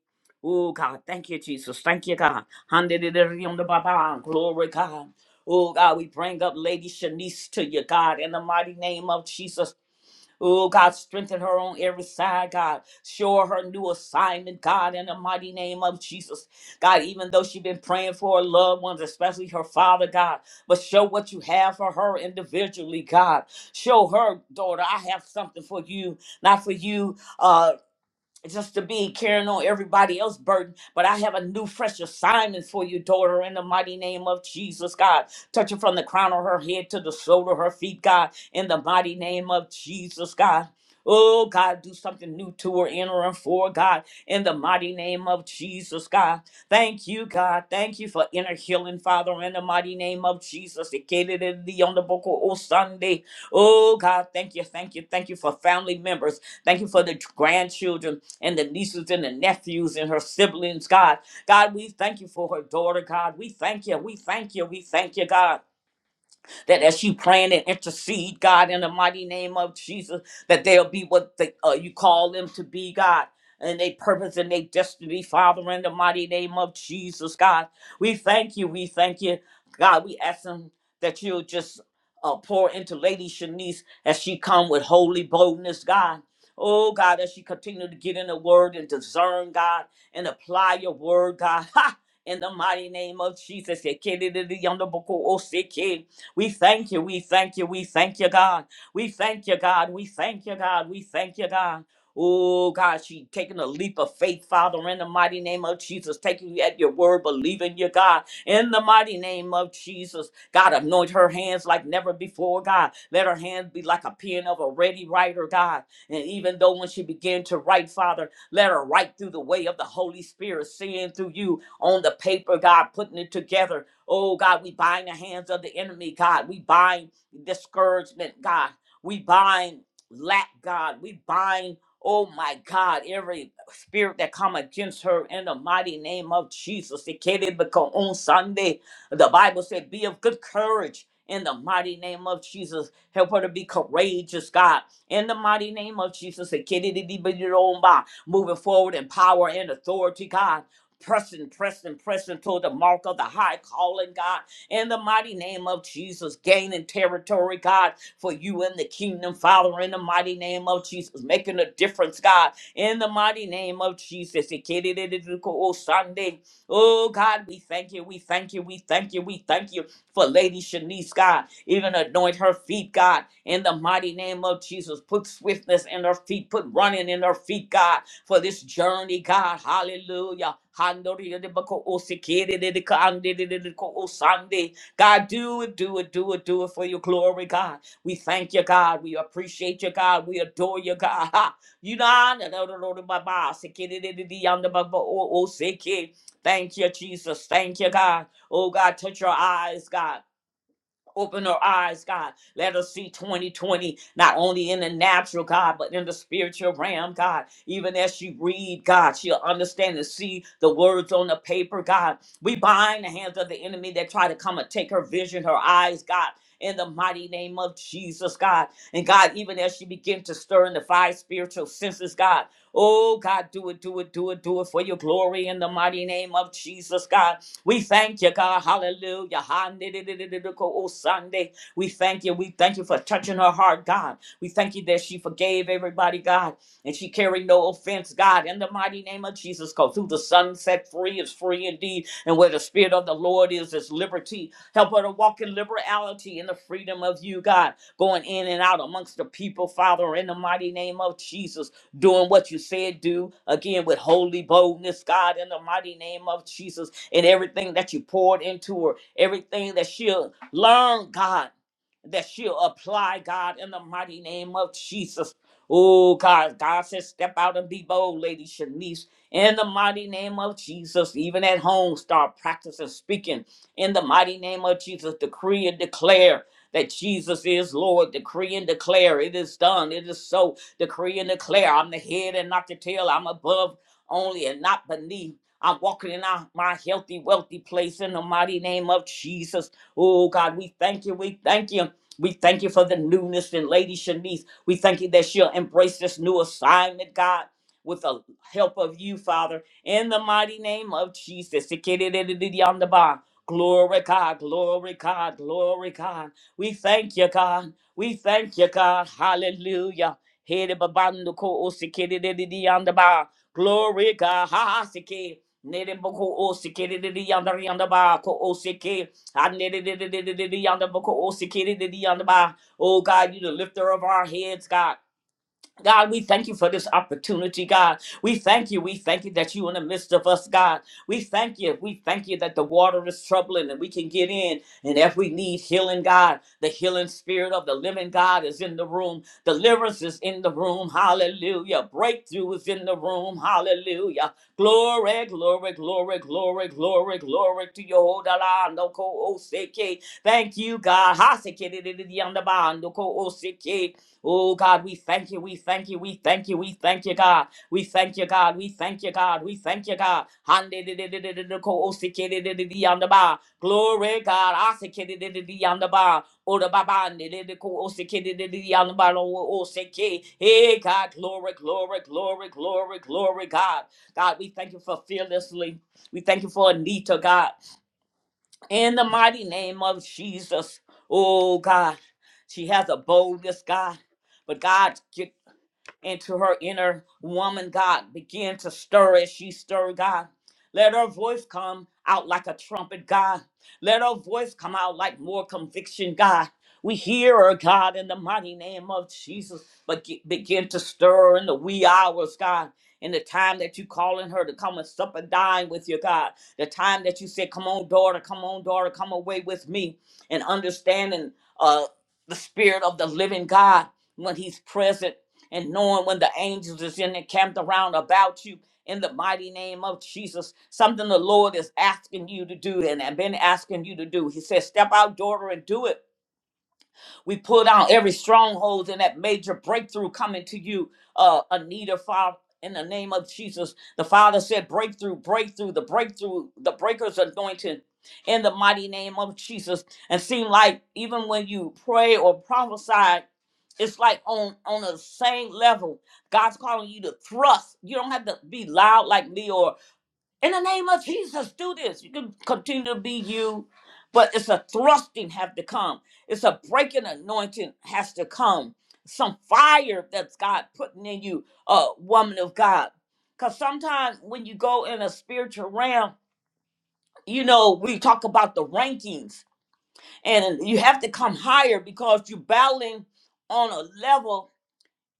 Speaker 1: Oh God, thank you, Jesus. Thank you, God. Hande di di di on the babang. Glory, God. Oh God, we bring up Lady Shanice to you, God, in the mighty name of Jesus. Oh, God, strengthen her on every side, God. Show her her new assignment, God, in the mighty name of Jesus. God, even though she's been praying for her loved ones, especially her father, God, but show what you have for her individually, God. Show her, daughter, I have something for you, not for you. uh, just to be carrying on everybody else's burden. But I have a new, fresh assignment for you, daughter, in the mighty name of Jesus, God. Touching from the crown of her head to the sole of her feet, God, in the mighty name of Jesus, God. Oh, God, do something new to her, in her, and for her, God, in the mighty name of Jesus, God. Thank you, God. Thank you for inner healing, Father, in the mighty name of Jesus. It catered in the on the book of Sunday. Oh, God, thank you, thank you, thank you for family members. Thank you for the grandchildren and the nieces and the nephews and her siblings, God. God, we thank you for her daughter, God. We thank you. We thank you. We thank you, God that as she praying and intercede, God, in the mighty name of Jesus, that they'll be what they, uh, you call them to be, God. And they purpose and they destiny, Father, in the mighty name of Jesus, God. We thank you. We thank you. God, we ask them that you'll just uh, pour into Lady Shanice as she come with holy boldness, God. Oh, God, as she continue to get in the word and discern, God, and apply your word, God. Ha! In the mighty name of Jesus. We thank you. We thank you. We thank you, God. We thank you, God. We thank you, God. We thank you, God. Oh, God, she taking a leap of faith, Father, in the mighty name of Jesus, taking you at your word, believing you, God, in the mighty name of Jesus. God, anoint her hands like never before, God. Let her hands be like a pen of a ready writer, God. And even though when she began to write, Father, let her write through the way of the Holy Spirit, seeing through you on the paper, God, putting it together. Oh God, we bind the hands of the enemy, God. We bind discouragement, God. We bind lack, God. We bind, oh my God, every spirit that come against her in the mighty name of Jesus. It can't even come On Sunday, the Bible said, be of good courage in the mighty name of Jesus. Help her to be courageous, God. In the mighty name of Jesus, it can't even be on by moving forward in power and authority, God pressing, pressing, pressing toward the mark of the high calling, God, in the mighty name of Jesus, gaining territory, God, for you in the kingdom, Father, in the mighty name of Jesus, making a difference, God, in the mighty name of Jesus. Sunday. Oh, God, we thank you, we thank you, we thank you, we thank you for Lady Shanice, God. Even anoint her feet, God, in the mighty name of Jesus. Put swiftness in her feet, put running in her feet, God for this journey, God. Hallelujah. Handoridibakoosikiridikandididikoosande. God, do it, do it, do it, do it for your glory, God. We thank you, God. We appreciate you, God. We adore you, God. Ha. You know, I know, know, know, know, know, bah, bah, sikididididi, yonder, bah, o oh, oh, siki. Thank you, Jesus. Thank you, God. Oh, God, touch your eyes, God. Open our eyes, God. Let us see 2020, not only in the natural, God, but in the spiritual realm, God. Even as she read, God, she'll understand and see the words on the paper, God. We bind the hands of the enemy that try to come and take her vision, her eyes, God. In the mighty name of Jesus, God. And God, even as she begins to stir in the five spiritual senses, God. Oh, God, do it, do it, do it, do it for your glory in the mighty name of Jesus, God. We thank you, God. Hallelujah. Ha-ni-di-di-di-di-di-ko, Oh, Sunday. We thank you. We thank you for touching her heart, God. We thank you that she forgave everybody, God, and she carried no offense, God. In the mighty name of Jesus, because through the Son set free is free indeed. And where the spirit of the Lord is, is liberty. Help her to walk in liberality in the freedom of you, God, going in and out amongst the people, Father, in the mighty name of Jesus, doing what you said do again with holy boldness, God, in the mighty name of Jesus and everything that you poured into her, everything that she'll learn, God, that she'll apply, God, in the mighty name of Jesus. Oh, God, God says, step out and be bold, Lady Shanice, in the mighty name of Jesus. Even at home, start practicing speaking in the mighty name of Jesus. Decree and declare that Jesus is Lord. Decree and declare it is done. It is so. Decree and declare I'm the head and not the tail. I'm above only and not beneath. I'm walking in our, my healthy, wealthy place in the mighty name of Jesus. Oh God, we thank you. We thank you. We thank you for the newness in Lady Shanice. We thank you that she'll embrace this new assignment, God, with the help of you, Father, in the mighty name of Jesus. Glory God, glory God, glory God. We thank you, God. We thank you, God. Hallelujah. Glory God. Ha, ha, siki. Nereboko oseke de yonder yonder ba ko oseke. I nereboko oseke de yonder ba. Oh God, you the lifter of our heads, God. God, we thank you for this opportunity, God. We thank you. We thank you that you in the midst of us, God. We thank you. We thank you that the water is troubling and we can get in. And if we need healing, God, the healing spirit of the living God is in the room. Deliverance is in the room. Hallelujah. Breakthrough is in the room. Hallelujah. Glory, glory, glory, glory, glory, glory to your no ko oseke. Thank you, God. Haseke di- di- di- di- yanda Thank you, oseke. Oh God, we thank you, we thank you, we thank you, we thank you, God. We thank you, God, we thank you, God, we thank you, God. de de de de de de de ko, osikede de de de on the bar. Glory, God. osikede de de Asikididididi on the bar. Oh, the baba, de de de ko osikede de de de on the bar. Oh, osiki. Hey, God, glory, glory, glory, glory, glory, God. God, we thank you for fearlessly. We thank you for Anita, God. In the mighty name of Jesus, oh God, she has a boldness, God. But God, into her inner woman, God. Begin to stir as she stir, God. Let her voice come out like a trumpet, God. Let her voice come out like more conviction, God. We hear her, God, in the mighty name of Jesus. But ge- begin to stir in the wee hours, God. In the time that you calling her to come and sup and dine with you, God. The time that you said, "Come on, daughter, come on, daughter, come away with me," and understanding uh, the spirit of the living God when He's present and knowing when the angels is in and camped around about you in the mighty name of Jesus. Something the Lord is asking you to do and have been asking you to do. He says, Step out, daughter, and do it we pull down every stronghold and that major breakthrough coming to you, uh, Anita, Father, in the name of Jesus. The Father said, breakthrough, breakthrough, the breakthrough, the breakers anointing in the mighty name of Jesus. And seem like even when you pray or prophesy, it's like on on the same level. God's calling you to thrust. You don't have to be loud like me or in the name of Jesus, do this. You can continue to be you, but it's a thrusting have to come. It's a breaking anointing has to come. Some fire that's God putting in you, a woman of God. Because sometimes when you go in a spiritual realm, you know, we talk about the rankings and you have to come higher because you're battling on a level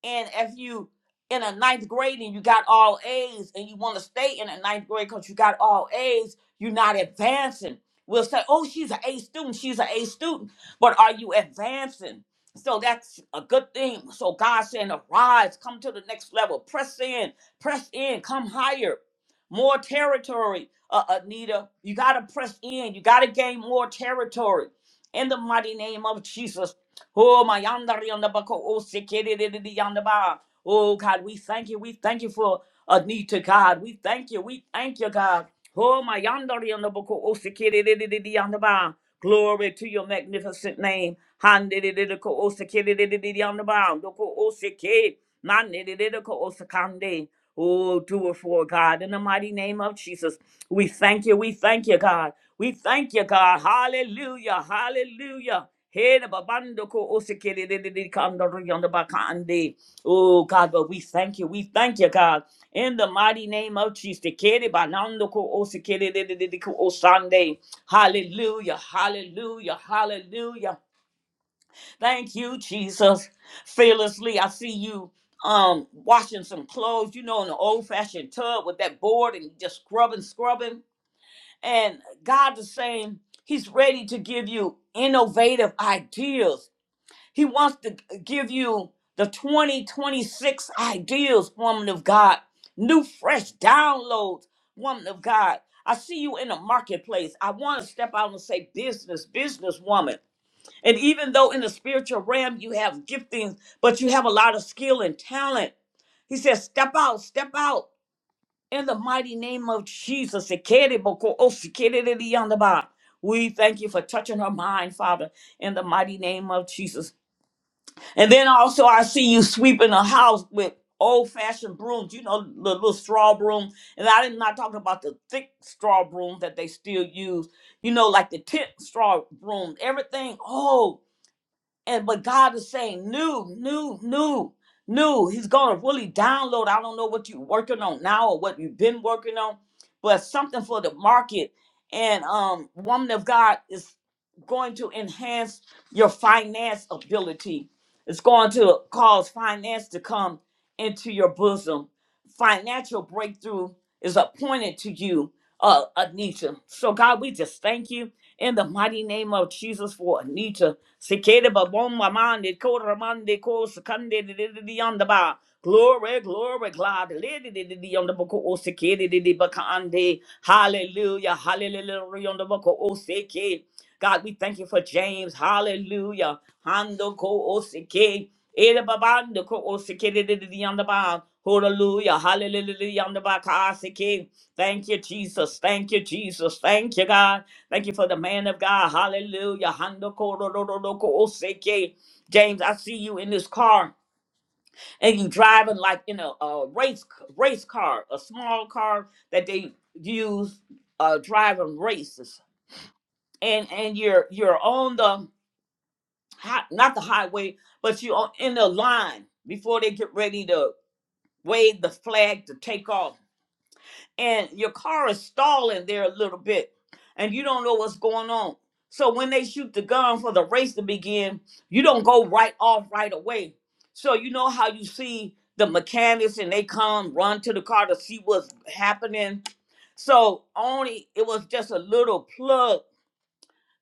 Speaker 1: and if you in a ninth grade and you got all A's and you want to stay in a ninth grade because you got all A's, you're not advancing. We'll say, oh, she's an A student, she's an A student, but are you advancing? So that's a good thing. So God saying, arise, come to the next level, press in, press in, come higher, more territory, uh, Anita. You got to press in, you got to gain more territory in the mighty name of Jesus. Oh, my yonder yonder buckle. Oh, sikiri yonder ba. Oh, God, we thank you. We thank you for a need to God. We thank you. We thank you, God. Oh, my yonder yonder buckle. Oh, sikiri yonder ba. Glory to your magnificent name. Handidididiko o sikiri yonder ba. Doko o sikiri. Mandidididiko o sikande. Oh, do it for God. In the mighty name of Jesus, we thank you. We thank you, God. We thank you, God. Hallelujah. Hallelujah. Hey, the babando ko osekere de de de kando ro yondo bakande. Oh, God, but we thank you. We thank you, God. In the mighty name of Jesus. Kere banando ko osekere de de de de ko osande. Hallelujah. Hallelujah. Hallelujah. Thank you, Jesus. Fearlessly, I see you um washing some clothes, you know, in the old fashioned tub with that board and just scrubbing, scrubbing. And God is saying He's ready to give you innovative ideas. He wants to give you the 2026 ideas, woman of God, new, fresh downloads, woman of God. I see you in the marketplace. I want to step out and say, business, businesswoman. And even though in the spiritual realm you have giftings, but you have a lot of skill and talent, he says, step out, step out. In the mighty name of Jesus, Ekereboko osekerereyandaba. we thank you for touching her mind, Father, in the mighty name of Jesus. And then also, I see you sweeping the house with old fashioned brooms, you know, the little straw broom. And I'm not talking about the thick straw broom that they still use, you know, like the tent straw broom, everything old and but God is saying new, new, new, new. He's gonna really download. I don't know what you're working on now or what you've been working on, but something for the market. And um, woman of God is going to enhance your finance ability. It's going to cause finance to come into your bosom financial breakthrough is appointed to you, uh, Anita. So, God, we just thank you in the mighty name of Jesus for Anita. Sekere babom mamande ko ramande ko sekande de de de de on the bar. Glory, glory, glad. Lady de de de on the book o sekere de de bakande. Hallelujah, hallelujah on the book o seke. God, we thank you for James. Hallelujah. Hando ko o seke. Ele babando ko o sekere de de yanda ba. Hallelujah. Hallelujah. yanda ba ka seke. Thank you, Jesus. Thank you, Jesus. Thank you, God. Thank you for the man of God. Hallelujah. Hando ko ro ro ro ro ko o seke. James, I see you in this car and you driving like in a, a race race car, a small car that they use uh driving races. And and you're you're on the hot, not the highway, but you are in the line before they get ready to wave the flag to take off. And your car is stalling there a little bit, and you don't know what's going on. So when they shoot the gun for the race to begin, you don't go right off right away. So you know how you see the mechanics and they come run to the car to see what's happening. So only it was just a little plug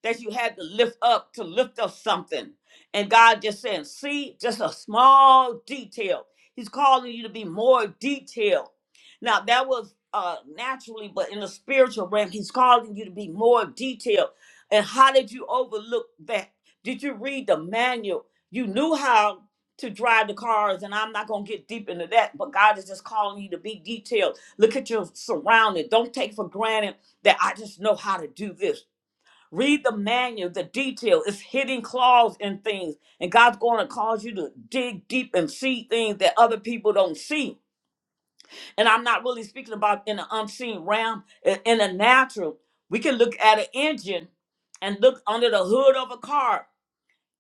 Speaker 1: that you had to lift up to lift up something. And God just saying, see, just a small detail. He's calling you to be more detailed. Now that was uh naturally, but in the spiritual realm, he's calling you to be more detailed. And how did you overlook that? Did you read the manual? You knew how to drive the cars, and I'm not gonna get deep into that, but God is just calling you to be detailed. Look at your surrounding. Don't take for granted that I just know how to do this. Read the manual, the detail. It's hidden claws in things. And God's going to cause you to dig deep and see things that other people don't see. And I'm not really speaking about in the unseen realm, in in the natural. We can look at an engine and look under the hood of a car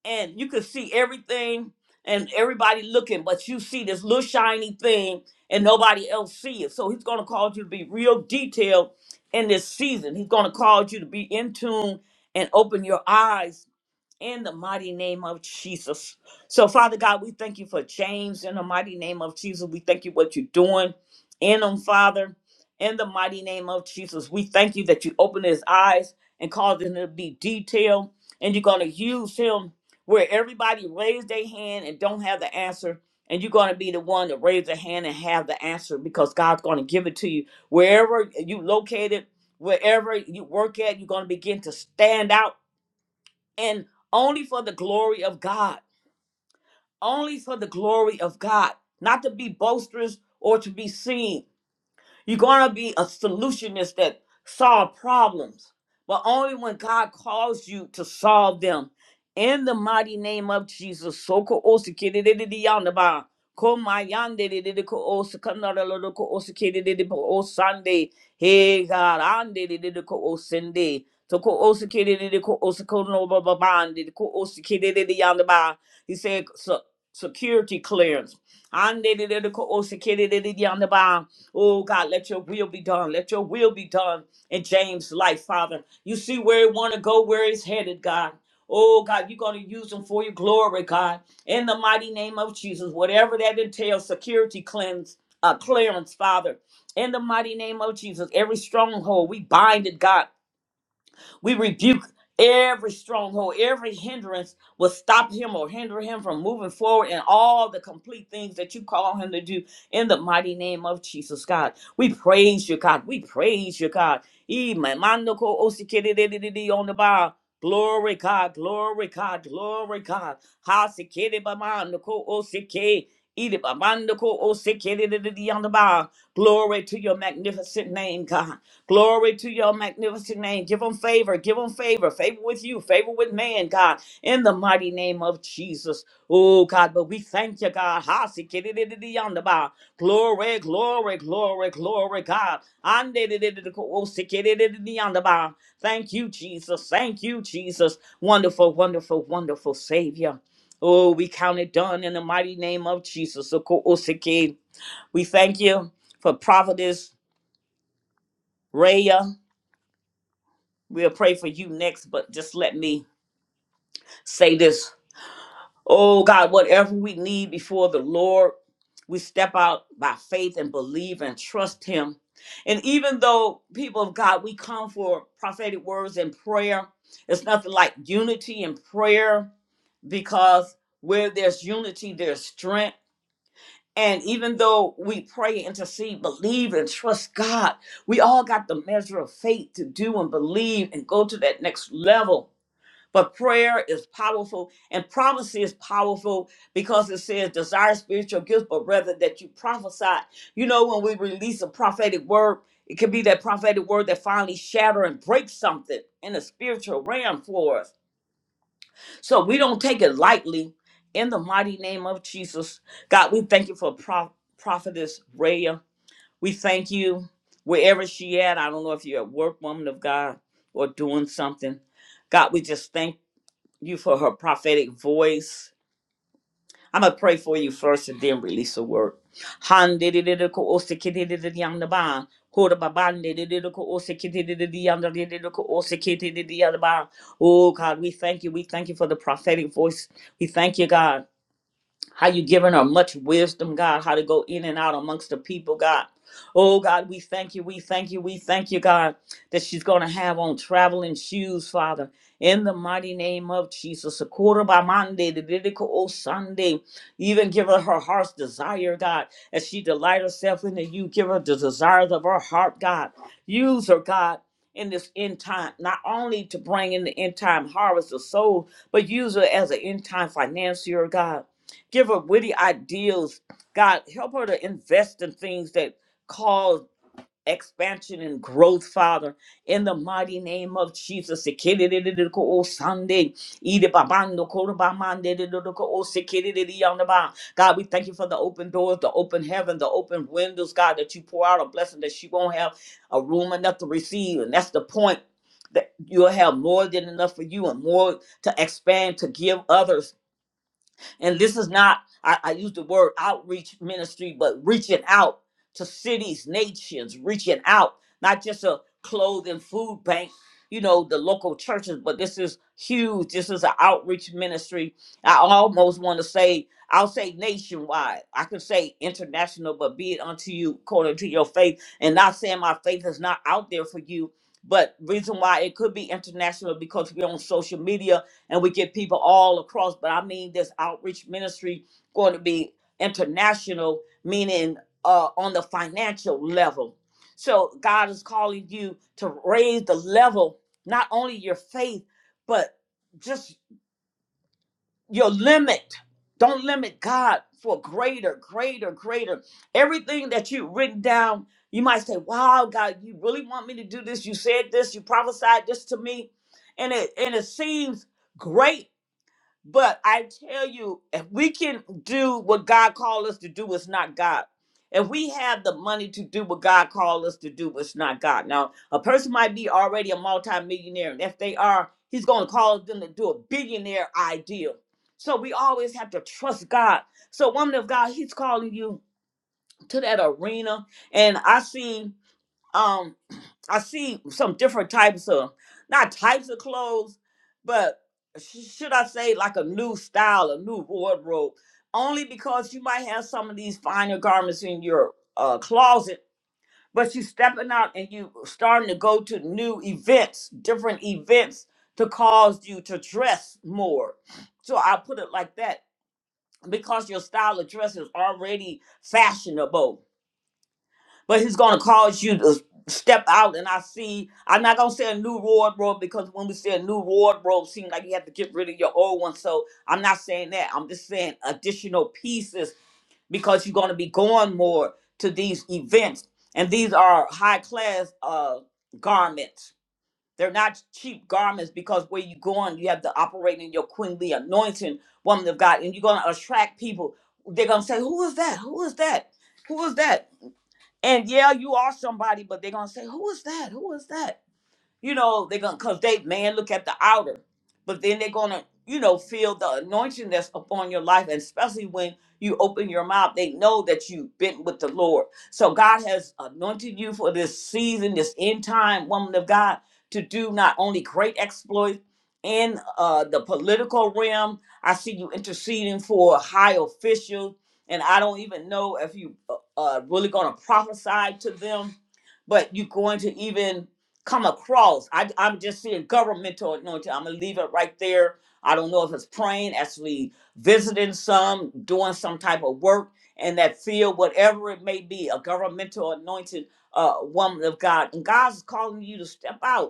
Speaker 1: and you could see everything and everybody looking, but you see this little shiny thing and nobody else see it. So he's gonna cause you to be real detailed in this season. He's gonna cause you to be in tune and open your eyes in the mighty name of Jesus. So, Father God, we thank you for James in the mighty name of Jesus. We thank you what you're doing in him, Father, in the mighty name of Jesus. We thank you that you open his eyes and cause him to be detailed, and you're going to use him where everybody raise their hand and don't have the answer. And you're going to be the one to raise their hand and have the answer because God's going to give it to you. Wherever you located, wherever you work at, you're going to begin to stand out and only for the glory of God, only for the glory of God, not to be boisterous or to be seen. You're going to be a solutionist that solve problems, but only when God calls you to solve them. In the mighty name of Jesus, soko osikididididiyandaba, komayandidididiko osikandadalodoko osikidididiko osande, hey God, andidididiko osende, toko osikidididiko osikonobabandidico osikidididiyandaba. He said se- security clearance. Andidididiko osikidididiyandaba. Oh God, let your will be done. Let your will be done in James' life, Father. You see where he want to go, where he's headed, God. Oh God, you're going to use him for your glory, God. In the mighty name of Jesus, whatever that entails, security cleanse, uh, clearance, Father. In the mighty name of Jesus, every stronghold, we bind it, God. We rebuke every stronghold, every hindrance will stop him or hinder him from moving forward in all the complete things that you call him to do in the mighty name of Jesus, God. We praise you, God. We praise you, God. E my mando ko osikididididi On the bar. Glory God, glory God, glory God. Ha sikidi bamando ko osiki. Ede bamando ko osikididididi on the bar. Glory to your magnificent name, God. Glory to your magnificent name. Give them favor. Give them favor. Favor with you. Favor with man, God. In the mighty name of Jesus. Oh, God. But we thank you, God. Hasikididididiyandaba. Glory, glory, glory, glory, God. Andididididikosikididididiyandaba. Thank you, Jesus. Thank you, Jesus. Wonderful, wonderful, wonderful Savior. Oh, we count it done in the mighty name of Jesus. Okoosikid. We thank you for Providence Raya. We'll pray for you next, but just let me say this. Oh God, whatever we need before the Lord, we step out by faith and believe and trust Him. And even though people of God, we come for prophetic words and prayer, it's nothing like unity in prayer because where there's unity, there's strength. And even though we pray, intercede, believe, and trust God, we all got the measure of faith to do and believe and go to that next level. But prayer is powerful and prophecy is powerful because it says desire spiritual gifts, but rather that you prophesy. You know, when we release a prophetic word, it could be that prophetic word that finally shatter and break something in the spiritual realm for us. So we don't take it lightly. In the mighty name of Jesus, God, we thank you for Pro- prophetess Raya. We thank you wherever she at. I don't know if you're a work woman of God or doing something. God, we just thank you for her prophetic voice. I'm gonna pray for you first and then release the word. Han de de de de ko ose ke de de de de yang ba. Ko ba ban de de de de ko ose ke de de de de yang de de de ko ose ke de de de yang ba. Oh God, we thank you. We thank you for the prophetic voice. We thank you, God how you giving her much wisdom, God, how to go in and out amongst the people, God. Oh, God, we thank you, we thank you, we thank you, God, that she's going to have on traveling shoes, Father, in the mighty name of Jesus. A quarter by Monday, the biblical old Sunday, even give her her heart's desire, God, as she delight herself in you, give her the desires of her heart, God. Use her, God. In this end time, not only to bring in the end time harvest of souls, but use her as an end time financier, God Give her witty ideals. God, help her to invest in things that cause expansion and growth, Father. In the mighty name of Jesus. Sikididididiko o Sunday. Idibabando korobamandidididiko o sikidididiyandaba. God, we thank you for the open doors, the open heaven, the open windows, God, that you pour out a blessing that she won't have a room enough to receive. And that's the point that you'll have more than enough for you and more to expand to give others and this is not, I, I use the word outreach ministry, but reaching out to cities, nations, reaching out, not just a clothing food bank, you know, the local churches, but this is huge. This is an outreach ministry. I almost want to say, I'll say nationwide. I can say international, but be it unto you according to your faith. And not saying my faith is not out there for you, but reason why it could be international because we're on social media and we get people all across. But I mean, this outreach ministry going to be international, meaning uh, on the financial level. So God is calling you to raise the level, not only your faith, but just your limit. Don't limit God for greater, greater, greater. Everything that you've written down, you might say, Wow, God, you really want me to do this? You said this, you prophesied this to me. And it and it seems great but I tell you, if we can do what God called us to do, it's not God. If we have the money to do what God called us to do, it's not God. Now, a person might be already a multimillionaire, and if they are, He's going to call them to do a billionaire ideal. So we always have to trust God. So, woman of God, He's calling you to that arena. And I see. I see some different types of not types of clothes, but sh- should I say like a new style, a new wardrobe? Only because you might have some of these finer garments in your uh, closet, but you stepping out and you starting to go to new events, different events to cause you to dress more. So I put it like that because your style of dress is already fashionable but he's going to cause you to step out and i see i'm not going to say a new wardrobe because when we say a new wardrobe seems like you have to get rid of your old one so i'm not saying that i'm just saying additional pieces because you're going to be going more to these events and these are high class uh garments they're not cheap garments because where you're going you have to operate in your queenly anointing woman of god and you're going to attract people they're going to say who is that who is that who is that and yeah, you are somebody, but they're gonna say, Who is that? Who is that? you know, they're gonna cause they man look at the outer, but then they're gonna, you know, feel the anointing that's upon your life, and especially when you open your mouth, they know that you've been with the Lord. So God has anointed you for this season, this end time, woman of God, to do not only great exploits in uh, the political realm. I see you interceding for high officials, and I don't even know if you uh, uh, really gonna prophesy to them, but you're going to even come across. I, I'm just seeing governmental anointing. I'm gonna leave it right there. I don't know if it's praying, actually visiting some, doing some type of work in that field, whatever it may be, a governmental anointing, uh, woman of God. And God's calling you to step out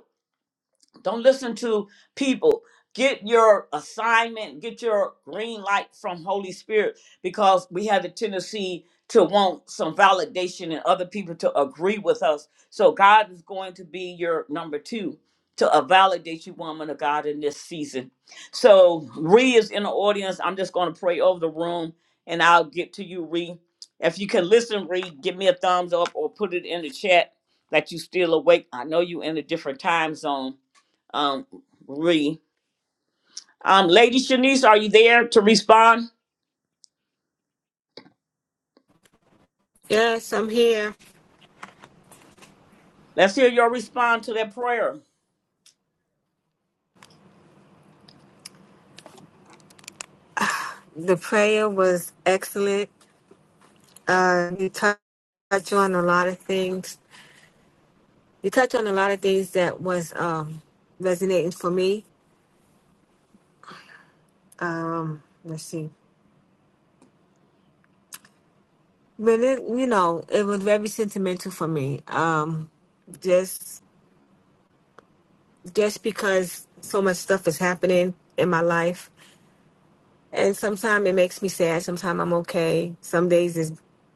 Speaker 1: don't listen to people. Get your assignment, get your green light from Holy Spirit because we have a tendency to want some validation and other people to agree with us. So God is going to be your number two to uh, validate you, woman of God, in this season. So Ree is in the audience. I'm just going to pray over the room and I'll get to you, Ree. If you can listen, Ree, give me a thumbs up or put it in the chat that you still awake. I know you in a different time zone um, Ree. Um, Lady Shanice, are you there to respond?
Speaker 2: Yes, I'm here.
Speaker 1: Let's hear your response to that prayer.
Speaker 2: The prayer was excellent. Uh, you touch touch on a lot of things. You touch on a lot of things that was um, resonating for me. Um, let's see, but it, you know, it was very sentimental for me. Um, just just because so much stuff is happening in my life And sometimes it makes me sad. Sometimes I'm okay. Some days is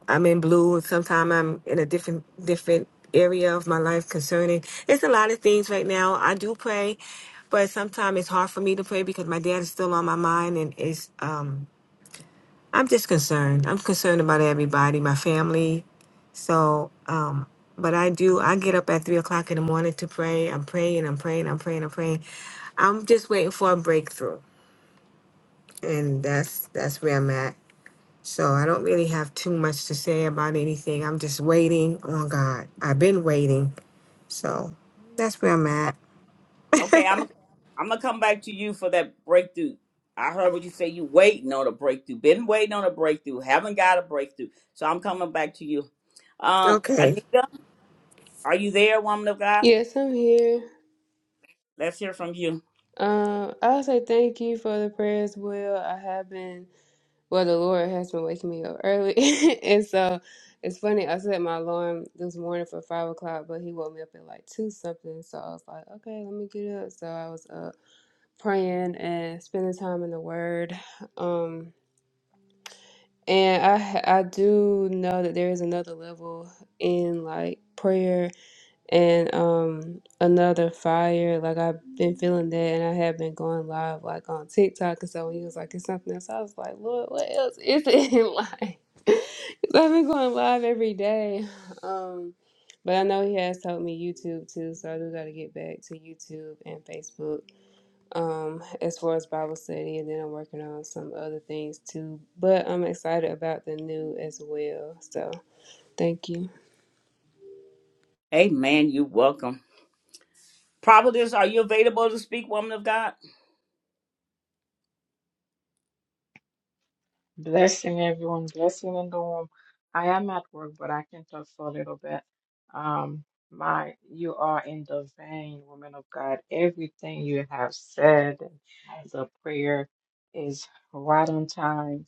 Speaker 2: I'm in blue. Sometimes I'm in a different different area of my life concerning. It's a lot of things right now. I do pray, but sometimes it's hard for me to pray because my dad is still on my mind, and it's um I'm just concerned. I'm concerned about everybody, my family. So um, but I do. I get up at three o'clock in the morning to pray. I'm praying. I'm praying. I'm praying. I'm praying. I'm just waiting for a breakthrough, and that's that's where I'm at. So I don't really have too much to say about anything. I'm just waiting on God. I've been waiting. So that's where I'm
Speaker 1: Uh,
Speaker 2: at.
Speaker 1: Okay, I'm I'm gonna come back to you for that breakthrough. I heard what you say. You waiting on a breakthrough. Been waiting on a breakthrough. Haven't got a breakthrough. So I'm coming back to you. Uh,
Speaker 2: Okay.
Speaker 1: Anita, are you there, woman of God?
Speaker 3: Yes, I'm here.
Speaker 1: Let's hear from you.
Speaker 3: Um, I'll say thank you for the prayers, Will. I have been well, the Lord has been waking me up early. and so it's funny, I set my alarm this morning for five o'clock, but he woke me up at like two something. So I was like, okay, let me get up. So I was up. praying and spending time in the Word. Um, and I I do know that there is another level in like prayer and um another fire. Like I've been feeling that, and I have been going live like on TikTok. And so when he was like, "It's something else," I was like, "Lord, what else is it?" like, 'cause I've been going live every day. Um. But I know he has told me YouTube too, so I do got to get back to YouTube and Facebook um, as far as Bible study, and then I'm working on some other things too. But I'm excited about the new as well. So thank you.
Speaker 1: Amen. You welcome. Prophetess, are you available to speak, woman of God?
Speaker 4: Blessing everyone, blessing in the room. I am at work, but I can talk for a little bit. Um, my, you are in the vein, woman of God. Everything you have said, the prayer is right on time.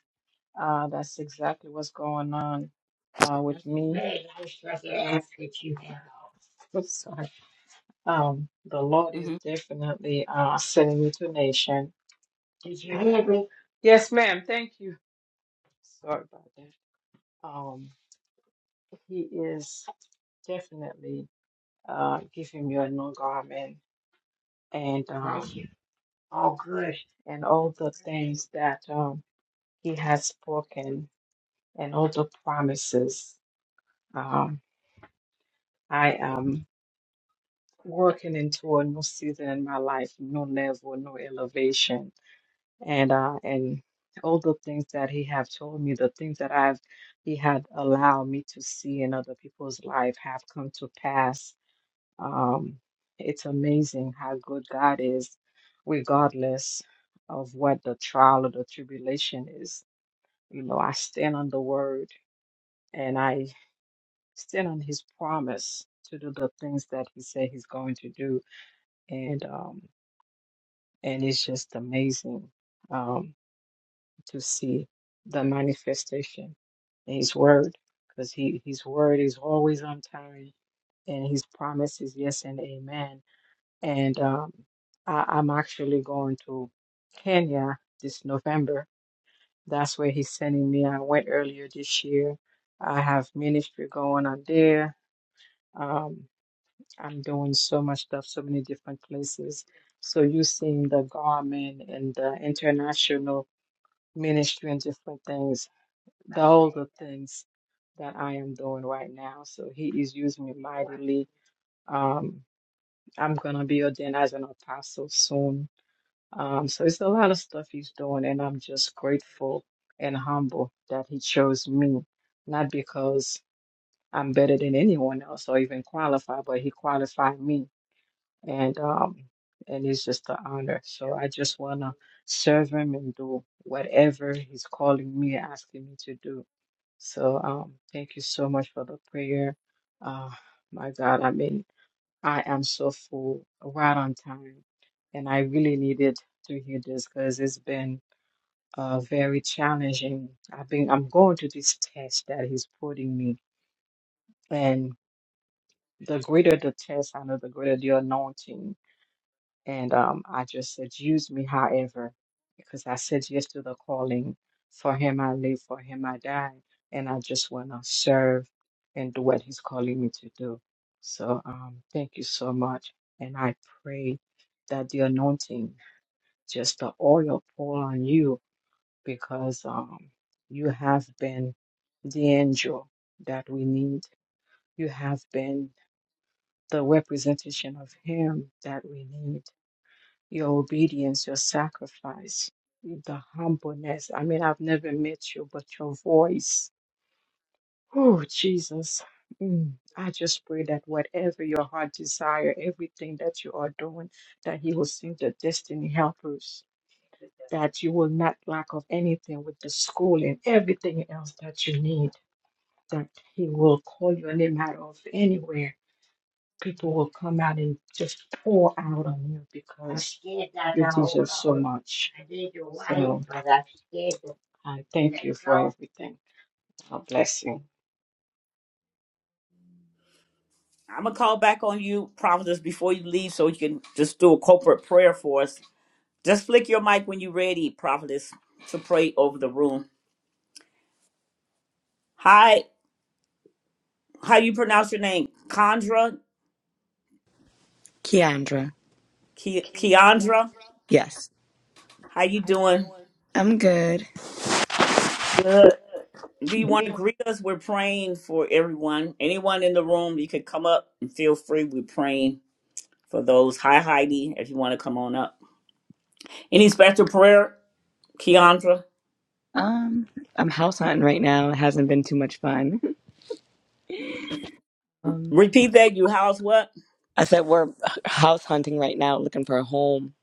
Speaker 4: Uh, that's exactly what's going on uh, with me. I'm sorry. Um, the Lord is
Speaker 1: hmm
Speaker 4: definitely uh, sending me to nation. Yes, ma'am. Thank you. Sorry about that. Um, He is definitely uh, give him your new garment and um, Thank Oh, good. and all the things that um, he has spoken and all the promises. Um, I am working into a new season in my life, new level, new elevation, and uh, and all the things that he have told me, the things that I've he had allowed me to see in other people's life have come to pass Um, it's amazing how good God is, regardless of what the trial or the tribulation is. You know, I stand on the word and I stand on his promise to do the things that he said he's going to do. And um and it's just amazing um to see the manifestation in his word because he his word is always on time and his promises yes and amen and um, I, I'm actually going to Kenya this November. That's where he's sending me. I went earlier this year. I have ministry going on there. Um, I'm doing so much stuff, so many different places. So you seeing the garment and the international ministry and different things, the, all the things that I am doing right now. So he is using me mightily. Um, I'm gonna be ordained as an apostle soon Um, so it's a lot of stuff he's doing, and I'm just grateful and humble that he chose me, not because I'm better than anyone else or even qualified, but he qualified me, and um, and it's just an honor. So I just wanna serve him and do whatever he's calling me, asking me to do. So um, thank you so much for the prayer. Uh, my God, I mean. I am so full, right on time. And I really needed to hear this because it's been uh, very challenging. I've been, I'm going to this test that he's putting me. And the greater the test, I know the greater the anointing. And um, I just said, use me however, because I said yes to the calling. For him I live, for him I die. And I just want to serve and do what he's calling me to do. So um, thank you so much. And I pray that the anointing, just the oil pour on you, because um, you have been the angel that we need. You have been the representation of him that we need your obedience, your sacrifice, the humbleness. I mean, I've never met you, but your voice. Oh, Jesus. Mm. I just pray that whatever your heart desire, everything that you are doing, that He will send the destiny helpers, that you will not lack of anything with the school and everything else that you need, that He will call your name out of anywhere people will come out and just pour out on you because it is just so much. So I thank you for everything. God bless you.
Speaker 1: I'm gonna call back on you, prophetess, before you leave, so you can just do a corporate prayer for us Just flick your mic when you're ready, prophetess, to pray over the room. Hi, how you pronounce your name? Chandra,
Speaker 5: Keandra.
Speaker 1: Ki- Keandra.
Speaker 5: Yes.
Speaker 1: How you doing?
Speaker 5: I'm good.
Speaker 1: Good. Do you want to greet us? We're praying for everyone. Anyone in the room, you can come up and feel free. We're praying for those. Hi, Heidi, if you want to come on up. Any special prayer, Keandra?
Speaker 5: Um, I'm house hunting right now. It hasn't been too much fun. Um,
Speaker 1: Repeat that. You house what?
Speaker 5: I said we're house hunting right now, looking for a home,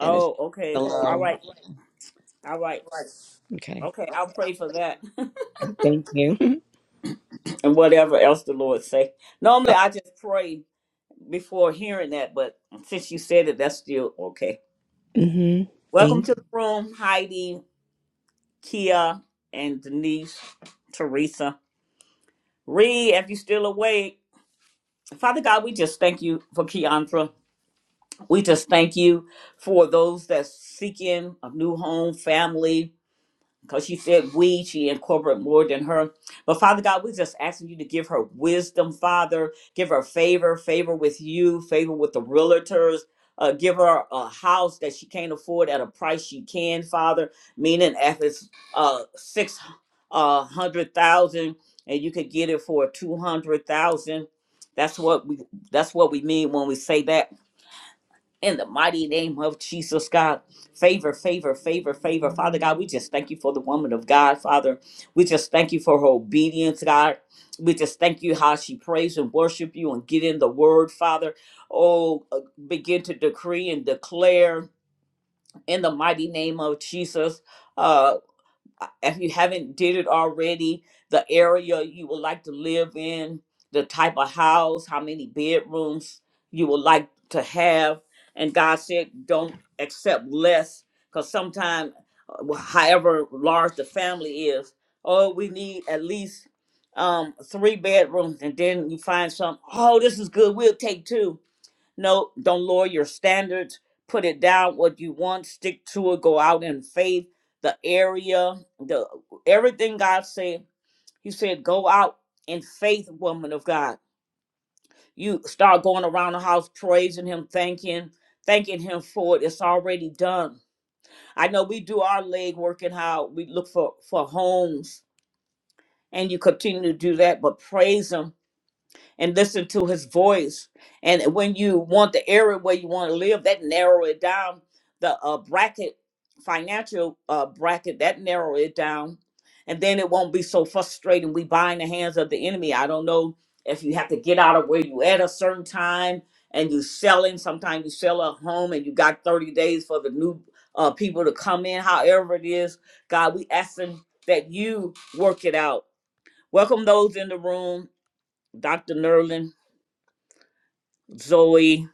Speaker 5: and it's
Speaker 1: Oh, okay. All
Speaker 5: hello.
Speaker 1: right. All right.
Speaker 5: Okay.
Speaker 1: Okay, I'll pray for that.
Speaker 5: Yeah, Thank you.
Speaker 1: and whatever else the Lord say. Normally, I just pray before hearing that, but since you said it, that's still okay.
Speaker 5: mm-hmm.
Speaker 1: Welcome
Speaker 5: Thank.
Speaker 1: to the room, Heidi, Kia, and Denise, Teresa. Reed, if you're still awake, Father God, we just thank you for Keandra. We just thank you for those that's seeking a new home, family, because she said we, she incorporated more than her. But Father God, we just asking you to give her wisdom, Father. Give her favor, favor with you, favor with the realtors. Uh, give her a house that she can't afford at a price she can, Father. Meaning, if it's uh, six uh, hundred thousand, and you could get it for two hundred thousand, that's what we that's what we mean when we say that in the mighty name of Jesus, God. Favor, favor, favor, favor. Father God, we just thank you for the woman of God, Father. We just thank you for her obedience, God. We just thank you how she prays and worship you and get in the word, Father. Oh, uh, begin to decree and declare in the mighty name of Jesus. uh, uh, if you haven't did it already, the area you would like to live in, the type of house, how many bedrooms you would like to have. And God said, don't accept less, because sometimes, however large the family is, oh, we need at least um, three bedrooms, and then you find some. Oh, this is good. We'll take two. No, don't lower your standards. Put it down what you want. Stick to it. Go out in faith. The area, the everything God said. He said, go out in faith, woman of God. You start going around the house praising Him, thanking, thanking Him for it. It's already done. I know we do our leg work and how we look for for homes, and you continue to do that. But praise Him and listen to his voice. And when you want the area where you want to live, that narrow it down. The uh, bracket, financial uh, bracket, that narrow it down. And then it won't be so frustrating. We buy in the hands of the enemy. I don't know if you have to get out of where you at a certain time and you selling. Sometimes you sell a home and you got 30 days for the new uh, people to come in. However it is, God, we asking that you work it out. Welcome those in the room, Dr. Nerlin. Zoe.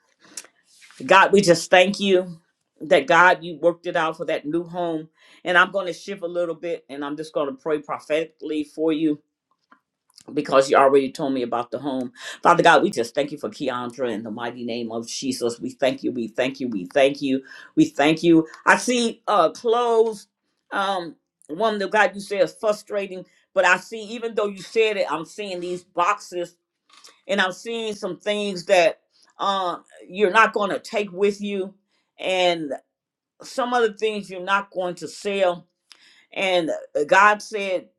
Speaker 1: God, we just thank you that God, you worked it out for that new home. And I'm going to shift a little bit and I'm just going to pray prophetically for you because you already told me about the home. Father God, we just thank you for Keandra in the mighty name of Jesus. We thank you. We thank you. We thank you. We thank you. I see uh clothes. Um, one that God you said is frustrating, but I see even though you said it, I'm seeing these boxes and I'm seeing some things that um, you're not going to take with you, and some other things you're not going to sell. And uh, God said,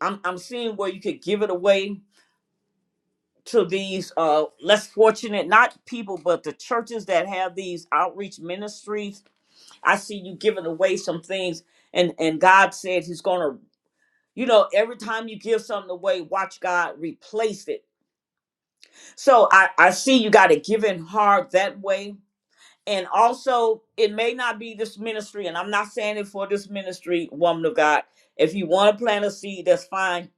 Speaker 1: I'm, I'm seeing where you could give it away to these uh, less fortunate, not people, but the churches that have these outreach ministries. I see you giving away some things, and, and God said He's going to. You know, every time you give something away, watch God replace it. So I, I see you got a giving heart that way And also, it may not be this ministry, and I'm not saying it for this ministry, woman of God. If you want to plant a seed, that's fine.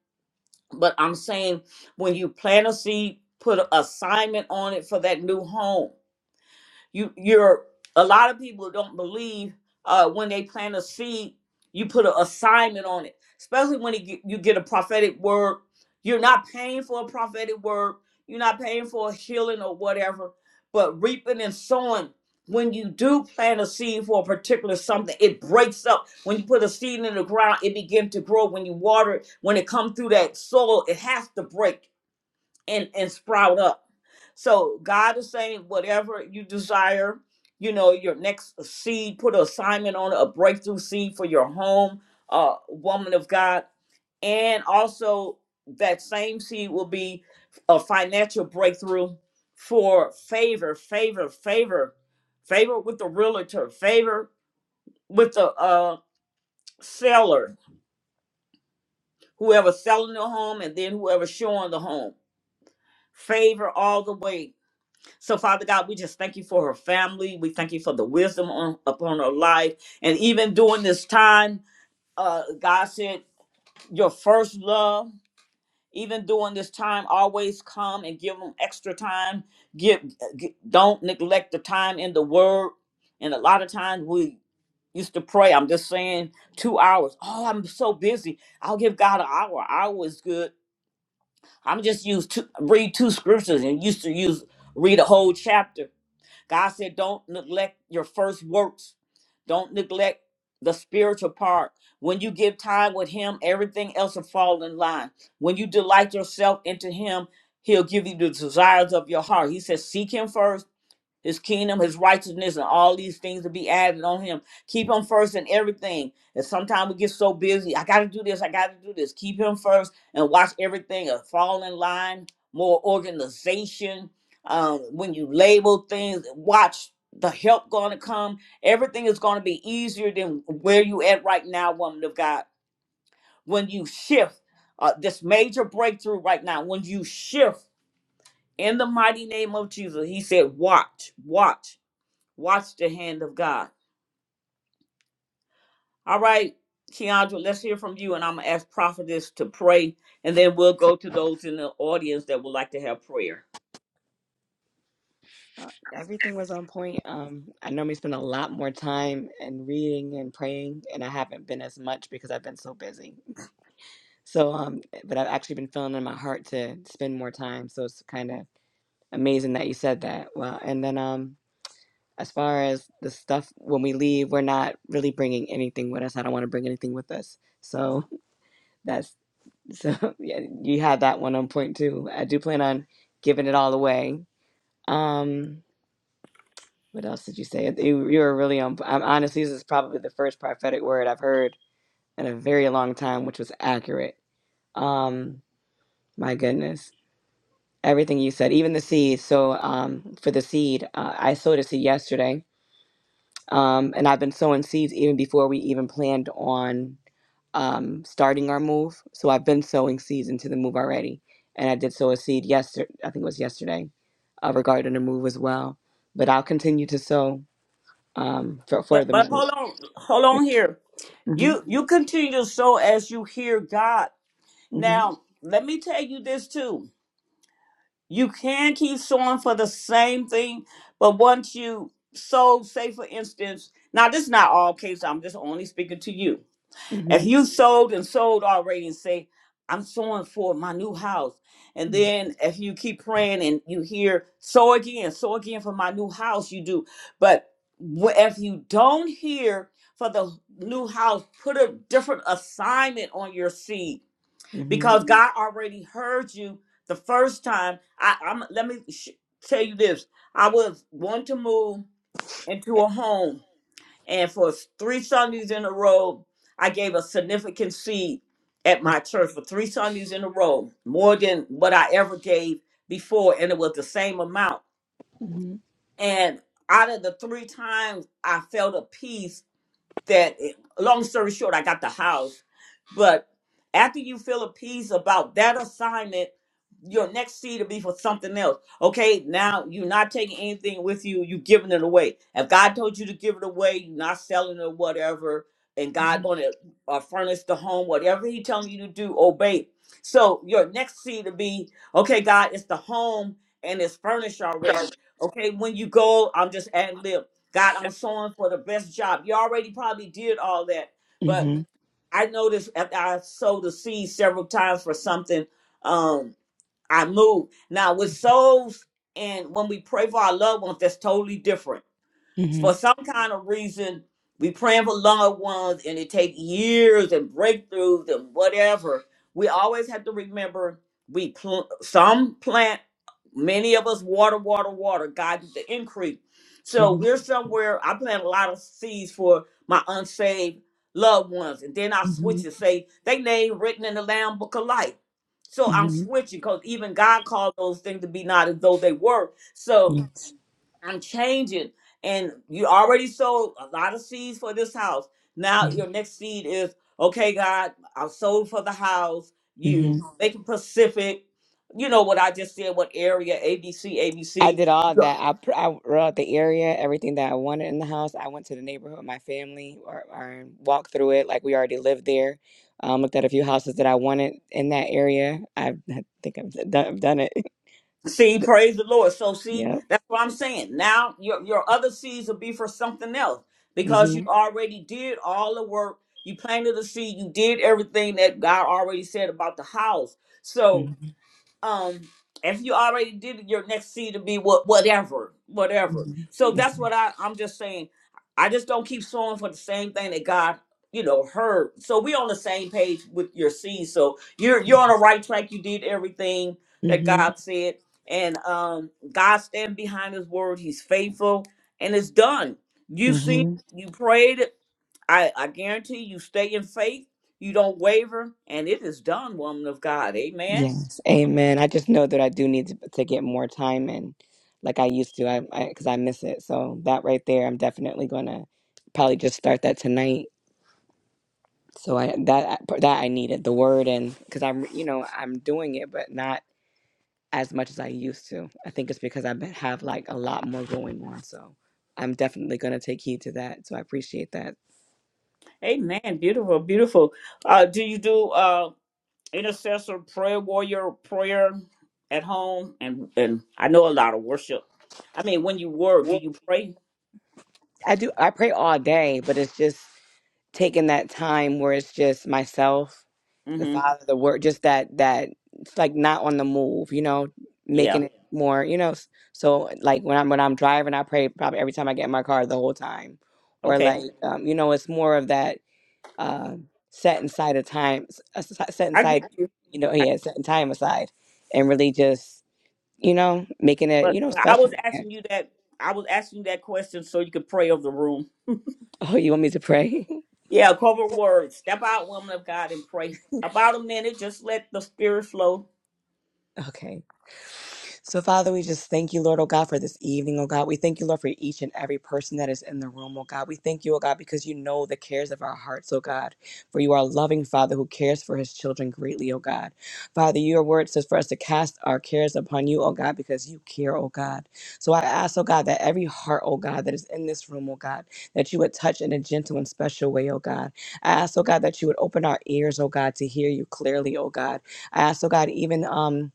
Speaker 1: But I'm saying when you plant a seed, put an assignment on it for that new home you you're a lot of people don't believe uh when they plant a seed you put an assignment on it especially when it, get- you get a prophetic word you're not paying for a prophetic word you're not paying for a healing or whatever but reaping and sowing when you do plant a seed for a particular something it breaks up when you put a seed in the ground it begins to grow when you water it when it comes through that soil it has to break and and sprout up. So God is saying, whatever you desire, you know, your next seed, put an assignment on it, a breakthrough seed for your home, uh, woman of God, and also that same seed will be a financial breakthrough for favor, favor, favor, favor with the realtor, favor with the uh seller, whoever selling the home, and then whoever showing the home, favor all the way So, Father God, we just thank you for her family. We thank you for the wisdom on, upon her life. And even during this time, uh, God said, Your first love, even during this time, always come and give them extra time. Give, g don't neglect the time in the Word. And a lot of times we used to pray, I'm just saying, two hours. Oh, I'm so busy. I'll give God an hour. Hour is good. I'm just used to read two scriptures and used to use read a whole chapter God said, don't neglect your first works. Don't neglect the spiritual part. When you give time with Him, everything else will fall in line. When you delight yourself into Him, He'll give you the desires of your heart. He says, seek Him first his kingdom, his righteousness, and all these things to be added on him. Keep him first in everything. And sometimes we get so busy. I got to do this. I got to do this. Keep him first and watch everything uh, fall in line, more organization. Um, when you label things, watch the help going to come. Everything is going to be easier than where you at right now, woman of God. When you shift, uh, this major breakthrough right now, when you shift in the mighty name of Jesus, he said, watch, watch. Watch the hand of God. All right, Keandra, let's hear from you, and I'm gonna ask prophetess to pray, and then we'll go to those in the audience that would like to have prayer.
Speaker 5: Uh, everything was on point. Um, I normally spend a lot more time and reading and praying, and I haven't been as much because I've been so busy. So, um, but I've actually been feeling in my heart to spend more time. So it's kind of amazing that you said that. Well, and then um. as far as the stuff when we leave we're not really bringing anything with us i don't want to bring anything with us so that's so yeah you had that one on point too i do plan on giving it all away um what else did you say you, you were really on um, honestly this is probably the first prophetic word i've heard in a very long time which was accurate um my goodness everything you said even the seed so um for the seed uh, i sowed a seed yesterday Um, and I've been sowing seeds even before we even planned on um, starting our move. So I've been sowing seeds into the move already. And I did sow a seed yesterday, I think it was yesterday, uh, regarding the move as well. But I'll continue to sow um, for,
Speaker 1: But
Speaker 5: for the
Speaker 1: but
Speaker 5: move.
Speaker 1: hold on, hold
Speaker 5: Yeah.
Speaker 1: on here. You
Speaker 5: Mm-hmm,
Speaker 1: you continue to sow as you hear God.
Speaker 5: mm-hmm,
Speaker 1: Now let me tell you this too. You can keep sowing for the same thing, but once you sow, say for instance, now this is not all cases. I'm just only speaking to you If
Speaker 5: mm-hmm,
Speaker 1: you sold and sold already and say, I'm sowing for my new house. And then if you keep praying and you hear, sow again, sow again for my new house, you do. But wh- if you don't hear for the new house, put a different assignment on your seed
Speaker 5: mm-hmm,
Speaker 1: because Mhm. God already heard you the first time. I, I'm, let me sh- tell you this I was wanting to move into a home and for three Sundays in a row, I gave a significant seed at my church for three Sundays in a row, more than what I ever gave before. And it was the same amount.
Speaker 5: mm-hmm,
Speaker 1: And out of the three times, I felt a peace that long story short i got the house but after you feel appeased about that assignment your next seed will be for something else okay now you're not taking anything with you you're giving it away if god told you to give it away you're not selling it or whatever and god gonna uh, furnish the home whatever he telling you to do obey so your next seed will be okay god it's the home and it's furnished already okay when you go i'm just ad lib God, I'm sowing for the best job. You already probably did all that,
Speaker 5: mm-hmm,
Speaker 1: but I noticed after I sowed the seed several times for something, um, I moved. Now with souls and when we pray for our loved ones, that's totally different
Speaker 5: mm-hmm,
Speaker 1: for some kind of reason, we praying for loved ones and it take years and breakthroughs and whatever. We always have to remember we pl- some plant, many of us water, water, water. God is the increase. So
Speaker 5: mm-hmm,
Speaker 1: we're somewhere. I plant a lot of seeds for my unsaved loved ones, and then I
Speaker 5: mm-hmm,
Speaker 1: switch and say they name written in the Lamb Book of Life. So I'm
Speaker 5: mm-hmm,
Speaker 1: switching because even God called those things to be not as though they were. So
Speaker 5: mm-hmm,
Speaker 1: I'm changing. And you already sowed a lot of seeds for this house. Now your next seed is, okay, God, I have sold for the house.
Speaker 5: yes.
Speaker 1: You making Pacific. You know what I just said, what area, ABC,
Speaker 5: I
Speaker 1: ABC.
Speaker 5: did all that. I, pr- I wrote the area, everything that I wanted in the house. I went to the neighborhood with my family or, or walked through it like we already lived there. Um, looked at a few houses that I wanted in that area. I, I think I've done, I've done it.
Speaker 1: See, praise the Lord. So see,
Speaker 5: Yep.
Speaker 1: that's what I'm saying. Now your your other seeds will be for something else because you
Speaker 5: hmm
Speaker 1: already did all the work. You planted the seed, you did everything that God already said about the house. So
Speaker 5: hmm
Speaker 1: um if you already did it, your next seed to be what whatever whatever so
Speaker 5: hmm
Speaker 1: that's what i i'm just saying i just don't keep sowing for the same thing that god you know heard so we on the same page with your seed so you're you're on the right track you did everything that
Speaker 5: hmm
Speaker 1: god said and um god stand behind his word he's faithful and it's done you seen it,
Speaker 5: hmm
Speaker 1: you prayed it i i guarantee you stay in faith you don't waver and it is done woman of god amen
Speaker 5: Yes. Amen. I just know that I do need to, to get more time in like I used to. I I, because I miss it. So that right there, I'm definitely gonna probably just start that tonight So I that uh, that I needed the word and because I'm you know I'm doing it but not as much as I used to. I think it's because I been- have like a lot more going on. So I'm definitely gonna take heed to that. So I appreciate that.
Speaker 1: Amen. Beautiful, beautiful. Uh, do you do uh, intercessor prayer warrior prayer at home? And and I know a lot of worship. I mean, when you work, do
Speaker 5: Yeah.
Speaker 1: you pray?
Speaker 5: I do. I pray all day, but it's just taking that time where it's just myself, the
Speaker 1: Mm-hmm.
Speaker 5: father, the word, just that that it's like not on the move, you know,
Speaker 1: Yeah.
Speaker 5: making it more, you know. s- So like when I'm when I'm driving, I pray probably every time I get in my car the whole time, or
Speaker 1: Okay.
Speaker 5: like um, you know, it's more of that uh, set inside a time, s- a s- set
Speaker 1: I get
Speaker 5: inside,
Speaker 1: you.
Speaker 5: you know,
Speaker 1: I,
Speaker 5: yeah, setting time aside, and really just you know making it
Speaker 1: but
Speaker 5: you know
Speaker 1: I was
Speaker 5: special again.
Speaker 1: asking you that. I was asking you that question so you could pray over the room.
Speaker 5: Oh, you want me to pray?
Speaker 1: Yeah. Cover words. Step out, woman of God, and pray. About a minute. Just let the spirit flow.
Speaker 5: okay. So, Father, we just thank you, Lord, oh God, for this evening, oh God. We thank you, Lord, for each and every person that is in the room, oh God. We thank you, oh God, because you know the cares of our hearts, oh God. For you are a loving Father who cares for his children greatly, oh God. Father, your word says for us to cast our cares upon you, oh God, because you care, oh God. So I ask, oh God, that every heart, oh God, that is in this room, oh God, that you would touch in a gentle and special way, oh God. I ask, oh God, that you would open our ears, oh God, to hear you clearly, oh God. I ask, oh God, even um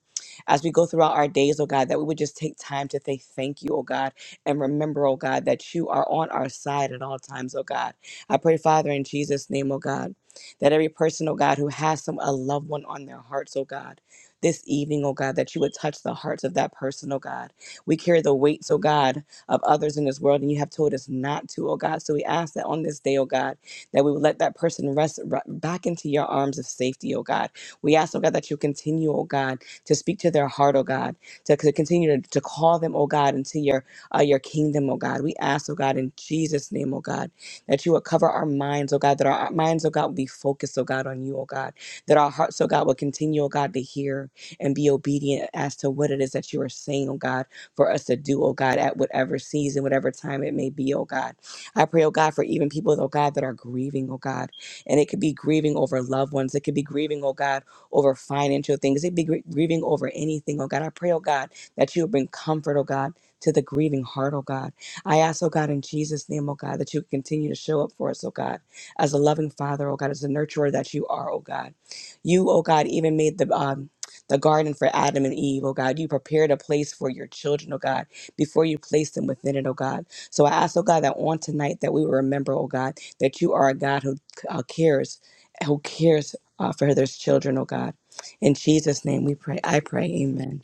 Speaker 5: as we go throughout our days, oh God, that we would just take time to say thank you, oh God, and remember, oh God, that you are on our side at all times, oh God. I pray, Father, in Jesus' name, oh God, that every person, oh God, who has some a loved one on their hearts, oh God, this evening, oh God, that you would touch the hearts of that person, oh God. We carry the weights, oh God, of others in this world, and you have told us not to, oh God. So we ask that on this day, oh God, that we would let that person rest r- back into your arms of safety, oh God. We ask, oh God, that you continue, oh God to speak to their heart, oh God, to, to continue to, to call them, oh God, into your uh, your kingdom, oh God. We ask, oh God, in Jesus' name, oh God, that you would cover our minds, oh God, that our minds, oh God, will be focused, oh God, on you, oh God, that our hearts, oh God, will continue, oh God, to hear and be obedient as to what it is that you are saying, oh God, for us to do, oh God, at whatever season, whatever time it may be, oh God. I pray, oh God, for even people, oh God, that are grieving, oh God, and it could be grieving over loved ones, it could be grieving, oh God over financial things. They'd be gr- grieving over anything, oh God. I pray, oh God, that you would bring comfort, oh God, to the grieving heart, oh God. I ask, oh God, in Jesus' name, oh God, that you would continue to show up for us, oh God, as a loving father, oh God, as a nurturer that you are, oh God. You, oh God, even made the um the garden for Adam and Eve, oh God. You prepared a place for your children, oh God, before you placed them within it, oh God. So I ask, oh God, that on tonight that we will remember, oh God, that you are a God who uh, cares, who cares uh, for Heather's children, oh God. In Jesus' name we pray. I pray. Amen.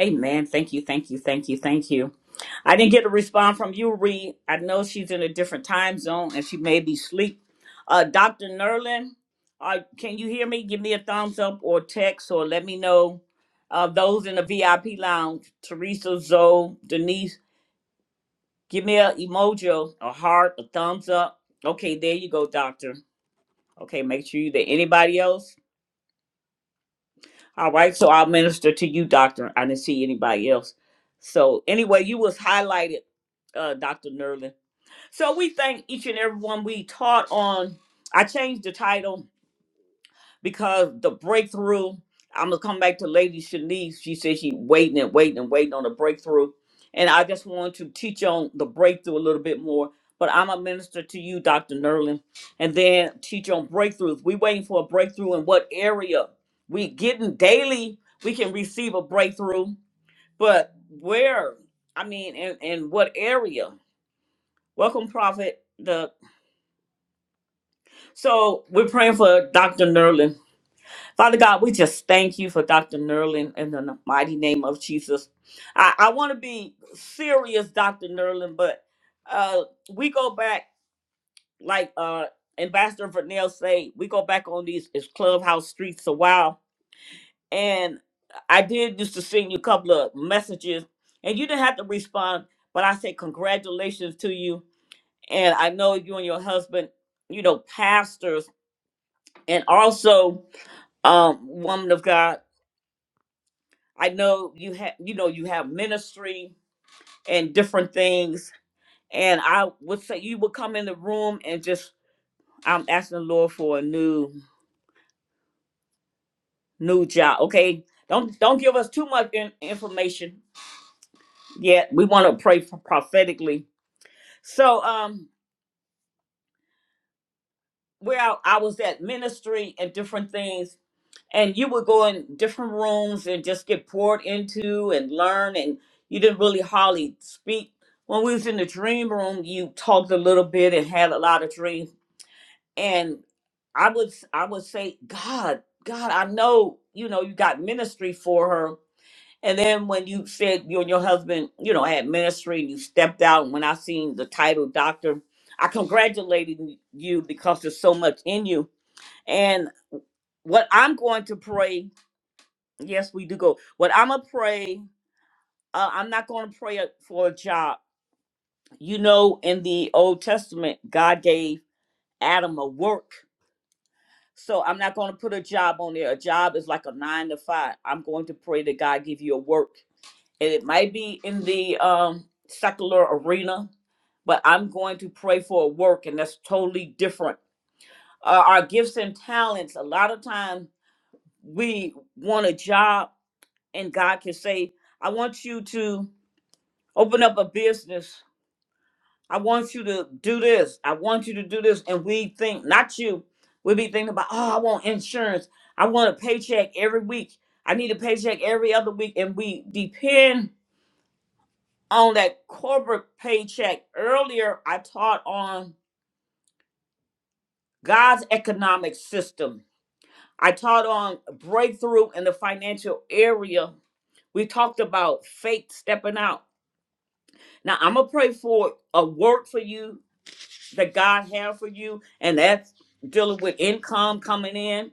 Speaker 1: Amen. Thank you. Thank you. Thank you. Thank you. I didn't get a response from you, Reed. I know she's in a different time zone and she may be asleep. Uh, Dr. Nerlin, uh, can you hear me? Give me a thumbs up or text or let me know. Uh, those in the VIP lounge, Teresa, Zoe, Denise, give me a emoji, a heart, a thumbs up. Okay, there you go, doctor. Okay, make sure you there. Anybody else? All right, so I'll minister to you, doctor. I didn't see anybody else. So anyway, you was highlighted. uh, Dr. Nerlin. So we thank each and every one we taught on. I changed the title because the breakthrough. I'm gonna come back to Lady Shanice. She said she waiting and waiting and waiting on a breakthrough, and I just wanted to teach on the breakthrough a little bit more. But I'm a minister to you, Dr. Nerlin, and then teach on breakthroughs. We waiting for a breakthrough in what area? We getting daily. We can receive a breakthrough, but where? I mean, in, in what area? Welcome, Prophet. The so we're praying for Dr. Nerlin. Father God, we just thank you for Dr. Nerlin in the mighty name of Jesus. I, I want to be serious, Dr. Nerlin, but uh we go back like uh Ambassador Vernell say, we go back on these is clubhouse streets a while. And I did used to send you a couple of messages and you didn't have to respond, but I said congratulations to you. And I know you and your husband, you know, pastors and also um woman of god i know you have you know you have ministry and different things and i would say you would come in the room and just i'm asking the lord for a new new job okay don't don't give us too much in, information yet we want to pray for prophetically so um where I, I was at ministry and different things and you would go in different rooms and just get poured into and learn and you didn't really hardly speak when we was in the dream room you talked a little bit and had a lot of dreams and i would i would say god god i know you know you got ministry for her and then when you said you and your husband you know had ministry and you stepped out when i seen the title doctor i congratulated you because there's so much in you and what i'm going to pray Yes, we do go. But I'm gonna pray. Uh, I'm not gonna pray a- for a job. You know, in the Old Testament, God gave Adam a work. So I'm not gonna put a job on there. A job is like a nine to five. I'm going to pray that God give you a work, and it might be in the um, secular arena, but I'm going to pray for a work, and that's totally different. Uh, our gifts and talents. A lot of times we want a job, and God can say, "I want you to." Open up a business. I want you to do this. I want you to do this. And we think, not you, we be thinking about, oh, I want insurance. I want a paycheck every week. I need a paycheck every other week. And we depend on that corporate paycheck. Earlier, I taught on God's economic system. I taught on breakthrough in the financial area. We talked about faith stepping out. Now, I'm going to pray for a word for you that God have for you, and that's dealing with income coming in.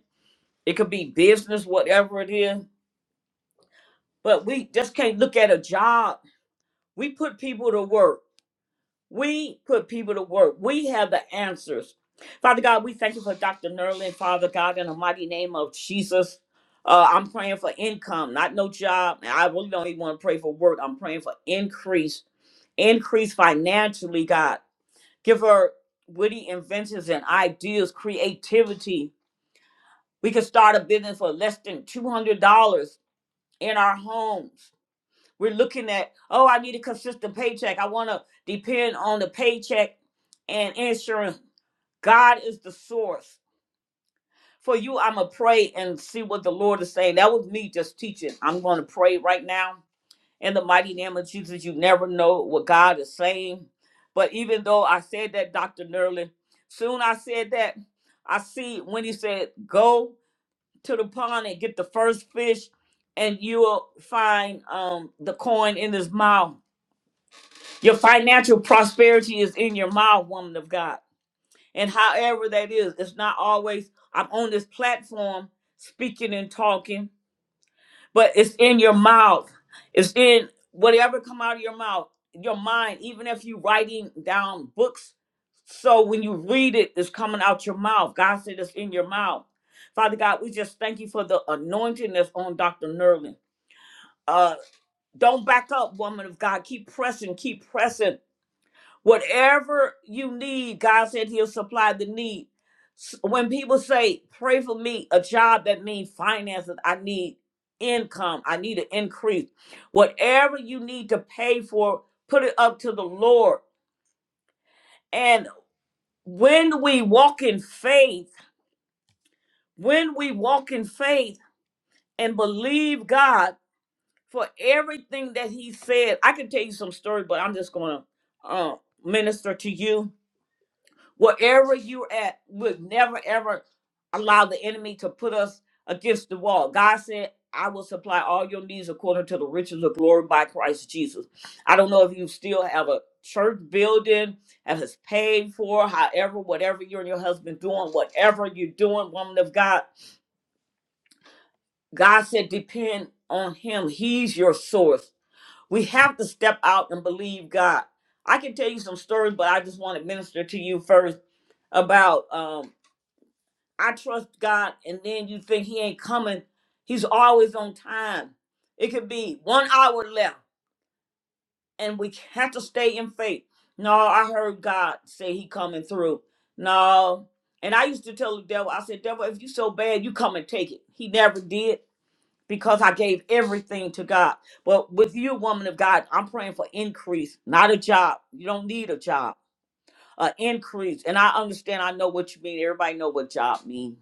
Speaker 1: It could be business, whatever it is. But we just can't look at a job. We put people to work. We put people to work. We have the answers. Father God, we thank you for Dr. Nerlin, Father God, in the mighty name of Jesus. Uh, I'm praying for income, not no job. I really don't even want to pray for work. I'm praying for increase, increase financially, God. Give her witty inventions and ideas, creativity. We can start a business for less than $200 in our homes. We're looking at, oh, I need a consistent paycheck. I want to depend on the paycheck and insurance. God is the source. For you, I'm going to pray and see what the Lord is saying. That was me just teaching. I'm going to pray right now In the mighty name of Jesus, you never know what God is saying. But even though I said that, Dr. Nerlin, soon I said that, I see when he said, go to the pond and get the first fish, and you'll find um, the coin in his mouth. Your financial prosperity is in your mouth, woman of God. And however that is, it's not always, I'm on this platform speaking and talking but it's in your mouth it's in whatever come out of your mouth your mind even if you are writing down books so when you read it it's coming out your mouth god said it's in your mouth father god we just thank you for the anointing that's on dr nerlin uh don't back up woman of god keep pressing keep pressing Whatever you need, God said He'll supply the need. S- When people say, pray for me, a job that means finances, I need income, I need an increase. Whatever you need to pay for, put it up to the Lord. And when we walk in faith, when we walk in faith and believe God for everything that He said, I can tell you some story, but I'm just going to uh, minister to you Wherever you're at, we'll never ever allow the enemy to put us against the wall. God said, I will supply all your needs according to the riches of glory by Christ Jesus. I don't know if you still have a church building that is paid for, however, whatever you and your husband doing, whatever you're doing, woman of God. God said, depend on him. He's your source. We have to step out and believe God. I can tell you some stories, but I just want to minister to you first about um, I trust God, and then you think He ain't coming. He's always on time. It could be one hour left, and we have to stay in faith. No, I heard God say He coming through. No, and I used to tell the devil, I said, devil, if you so bad, you come and take it. He never did because I gave everything to God. But with you, woman of God, I'm praying for increase, not a job. You don't need a job uh, increase. And I understand, I know what you mean. Everybody know what job mean.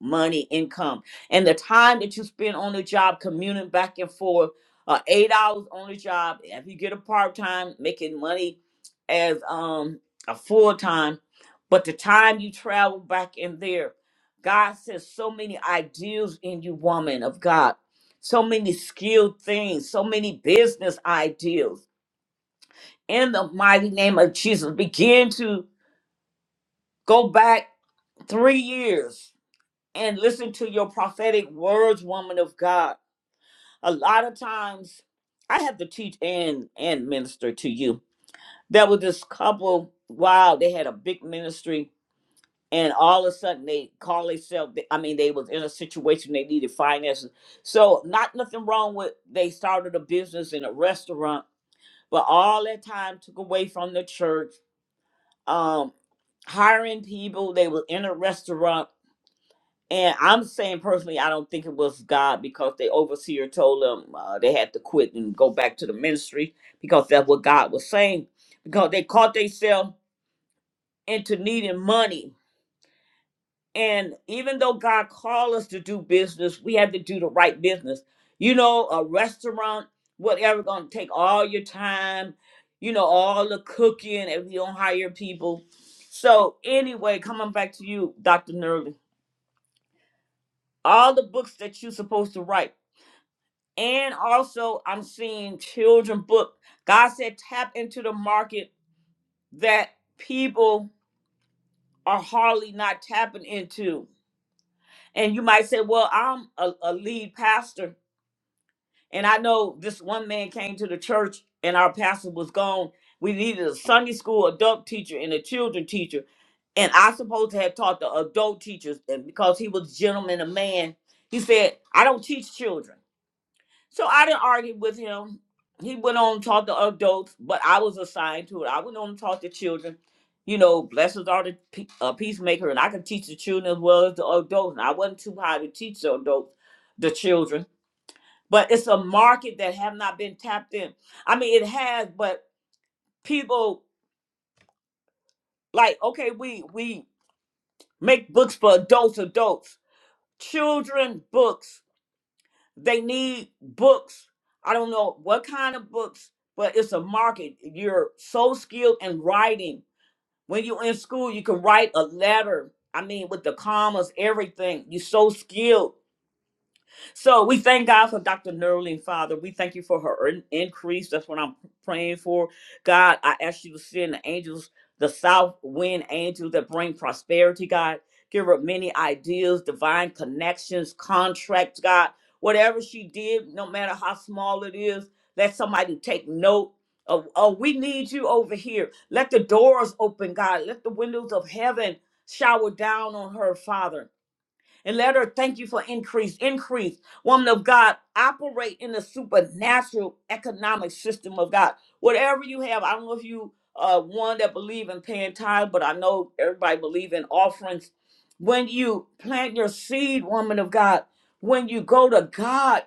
Speaker 1: Money, income. And the time that you spend on the job commuting back and forth, uh, eight hours on the job. If you get a part-time, making money as um a full-time, but the time you travel back in there, God says so many ideals in you, woman of God. So many skilled things, so many business ideals. In the mighty name of Jesus, begin to Go back three years and listen to your prophetic words, woman of God. A lot of times I have to teach and and minister to you. There was this couple, wow, they had a big ministry and all of a sudden they call themselves i mean they was in a situation they needed finances so not nothing wrong with they started a business in a restaurant but all that time took away from the church um hiring people they were in a restaurant And I'm saying personally, I don't think it was God because the overseer told them uh, they had to quit and go back to the ministry because that's what God was saying. Because they caught themselves into needing money. And even though God called us to do business, we have to do the right business. You know, a restaurant, whatever, gonna take all your time, you know, all the cooking if you don't hire people. So anyway, coming back to you, Dr. Nerly, all the books that you're supposed to write and also I'm seeing children book. God said tap into the market that people are hardly not tapping into. And you might say, well, I'm a, a lead pastor. And I know this one man came to the church and our pastor was gone. We needed a Sunday school adult teacher and a children teacher. And I supposed to have taught the adult teachers and because he was a gentleman, a man, he said, I don't teach children. So I didn't argue with him. He went on to talk to adults, but I was assigned to it. I went on to talk to children. You know, blessings are the pe- uh, peacemaker, and I can teach the children as well as the adults. And I wasn't too high to teach the adults, the children. But it's a market that have not been tapped in. I mean, it has, but people like okay, we we make books for adults, adults, children books They need books. I don't know what kind of books, but it's a market. You're so skilled in writing. When you're in school, you can write a letter. I mean, with the commas, everything. You're so skilled so we thank God for Dr. Nerling, Father. We thank you for her in- increase. That's what I'm praying for. God, I ask you to send the angels, the south wind angels that bring prosperity, God. Give her many ideas, divine connections, contracts, God. Whatever she did, no matter how small it is, let somebody take note. of oh, we need you over here. Let the doors open, God. Let the windows of heaven shower down on her, Father. And let her thank you for increase. Increase. Woman of God, operate in the supernatural economic system of God. Whatever you have, I don't know if you uh one that believe in paying tithe, but I know everybody believe in offerings. When you plant your seed, woman of God, when you go to God,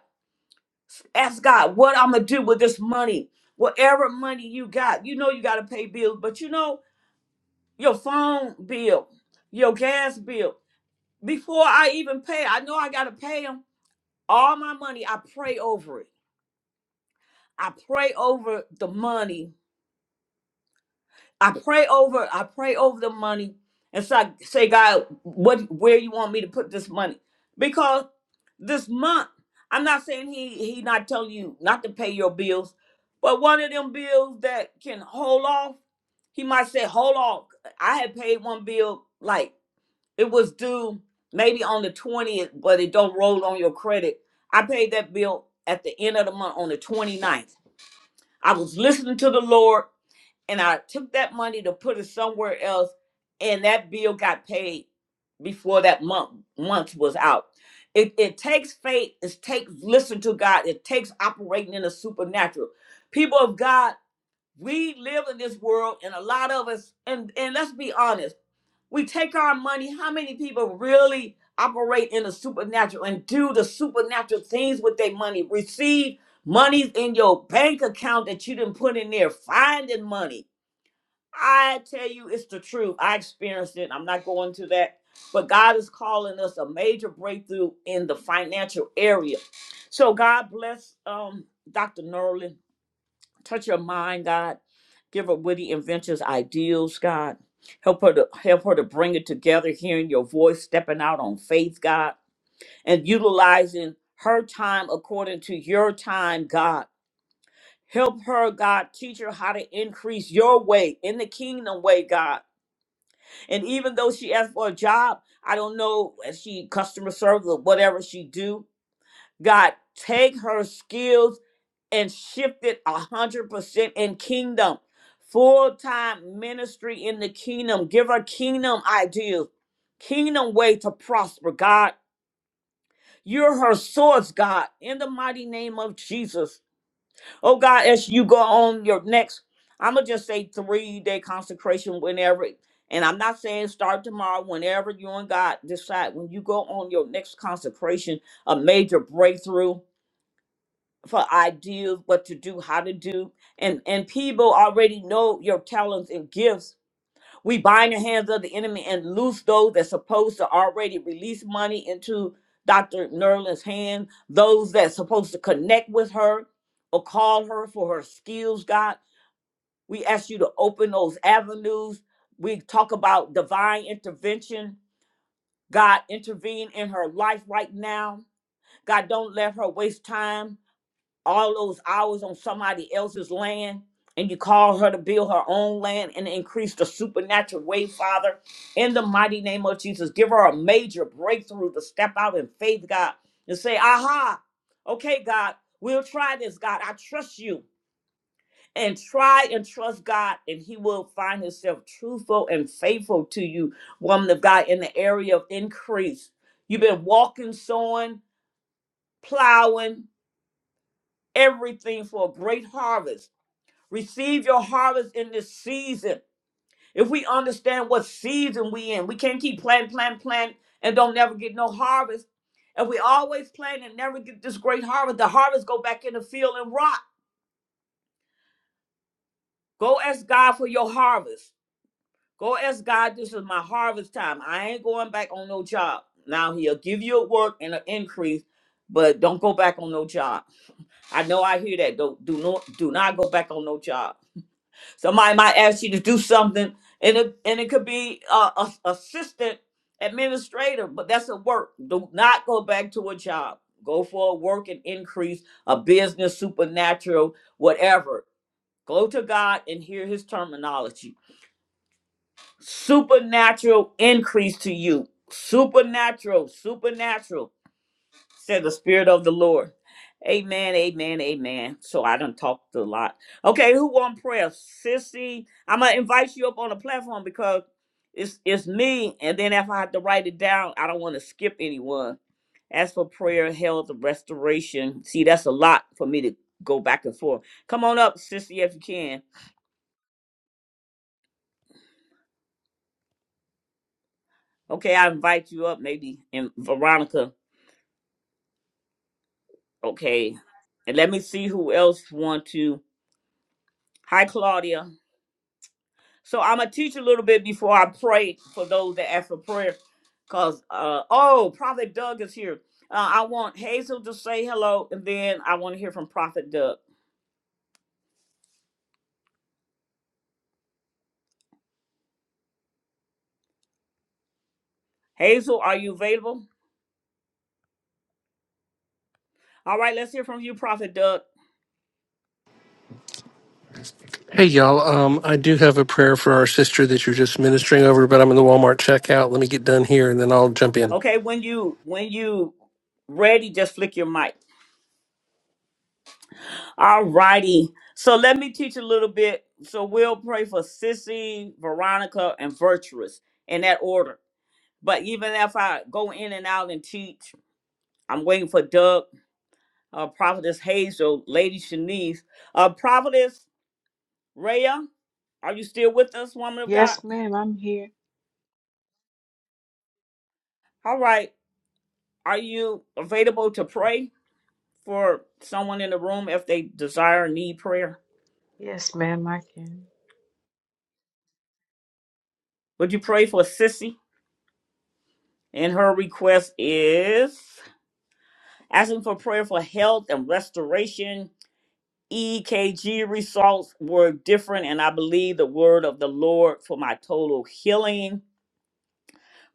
Speaker 1: ask God, what I'm gonna do with this money, whatever money you got. You know you gotta pay bills, but you know your phone bill, your gas bill. Before I even pay, I know I gotta pay them all my money i pray over it i pray over the money i pray over i pray over the money and so i say god what where you want me to put this money because this month i'm not saying he he not telling you not to pay your bills but one of them bills that can hold off he might say hold off i had paid one bill like It was due maybe on the 20th, but it don't roll on your credit. I paid that bill at the end of the month on the 29th. I was listening to the Lord and I took that money to put it somewhere else and that bill got paid before that month month was out. It, it takes faith, it takes listen to God, it takes operating in the supernatural. People of God, we live in this world and a lot of us and and let's be honest we take our money. How many people really operate in the supernatural and do the supernatural things with their money? Receive monies in your bank account that you didn't put in there, finding money. I tell you, it's the truth. I experienced it. I'm not going to that. But God is calling us a major breakthrough in the financial area. So God bless um, Dr. Norlin. Touch her mind, God. Give her witty inventions, ideals, God. Help her to help her to bring it together, hearing your voice, stepping out on faith, God, and utilizing her time according to your time, God. Help her, God, teach her how to increase your way in the kingdom way, God. And even though she asked for a job, I don't know if she customer service or whatever she do, God, take her skills and shifted a hundred percent in kingdom. Full-time ministry in the kingdom. Give her kingdom ideas, kingdom way to prosper, God. You're her source, God, in the mighty name of Jesus. Oh God, as you go on your next, I'ma just say three-day consecration whenever. And I'm not saying start tomorrow, whenever you and God decide when you go on your next consecration, a major breakthrough for ideas, what to do, how to do, and and people already know your talents and gifts. We bind the hands of the enemy and loose those that's supposed to already release money into Dr. Nerland's hand, those that's supposed to connect with her or call her for her skills, God. We ask you to open those avenues. We talk about divine intervention. God, intervene in her life right now. God, don't let her waste time all those hours on somebody else's land and you call her to build her own land and increase the supernatural way, Father, in the mighty name of Jesus. Give her a major breakthrough to step out in faith, God, and say, aha, okay, God, we'll try this, God. I trust you. And try and trust God, and He will find Himself truthful and faithful to you, woman of God, in the area of increase. You've been walking, sowing, plowing, everything for a great harvest Receive your harvest in this season. If we understand what season we in, we can't keep planting, planting, planting, and don't never get no harvest. If we always plant and never get this great harvest. The harvest go back in the field and rot. Go ask God for your harvest. Go ask God, this is my harvest time. I ain't going back on no job. Now he'll give you a work and an increase, but don't go back on no job. I know I hear that. Don't do not do not go back on no job. Somebody might ask you to do something, and it and it could be uh, a assistant administrator, but that's a work. Do not go back to a job. Go for a work and increase, a business, supernatural, whatever. Go to God and hear His terminology. Supernatural increase to you. Supernatural, supernatural. Said the Spirit of the Lord. Amen, amen, amen. So I done talked a lot. Okay, who want prayer? Sissy, I'm going to invite you up on the platform because it's, it's me. And then if I have to write it down, I don't want to skip anyone. As for prayer, health, restoration, see, that's a lot for me to go back and forth. Come on up, Sissy, if you can. Okay, I invite you up, maybe, and Veronica. Okay, and let me see
Speaker 6: Right.
Speaker 1: who else want to. Hi, Claudia. So I'm gonna teach a little bit before I pray for those that ask for prayer. Cause uh oh, Prophet Doug is here. Uh, I want Hazel to say hello, and then I want to hear from Prophet Doug. Hazel, are you available? All right, let's hear from you, Prophet Doug.
Speaker 7: Hey y'all, um, I do have a prayer for our sister that you're just ministering over, but I'm in the Walmart checkout. Let me get done here and then I'll jump in.
Speaker 1: Okay, when you when you ready, just flick your mic. All righty. So let me teach a little bit. So we'll pray for Sissy, Veronica, and Virtuous in that order. But even if I go in and out and teach, I'm waiting for Doug uh, Prophetess Hazel, Lady Shanice, uh, Prophetess Rhea. Are you still with us, woman of God?
Speaker 4: Yes, ma'am, I'm here.
Speaker 1: All right. Are you available to pray for someone in the room if they desire or need prayer?
Speaker 4: Yes, ma'am, I can.
Speaker 1: Would you pray for Sissy? And her request is asking for prayer for health and restoration. EKG results were different, and I believe the word of the Lord for my total healing.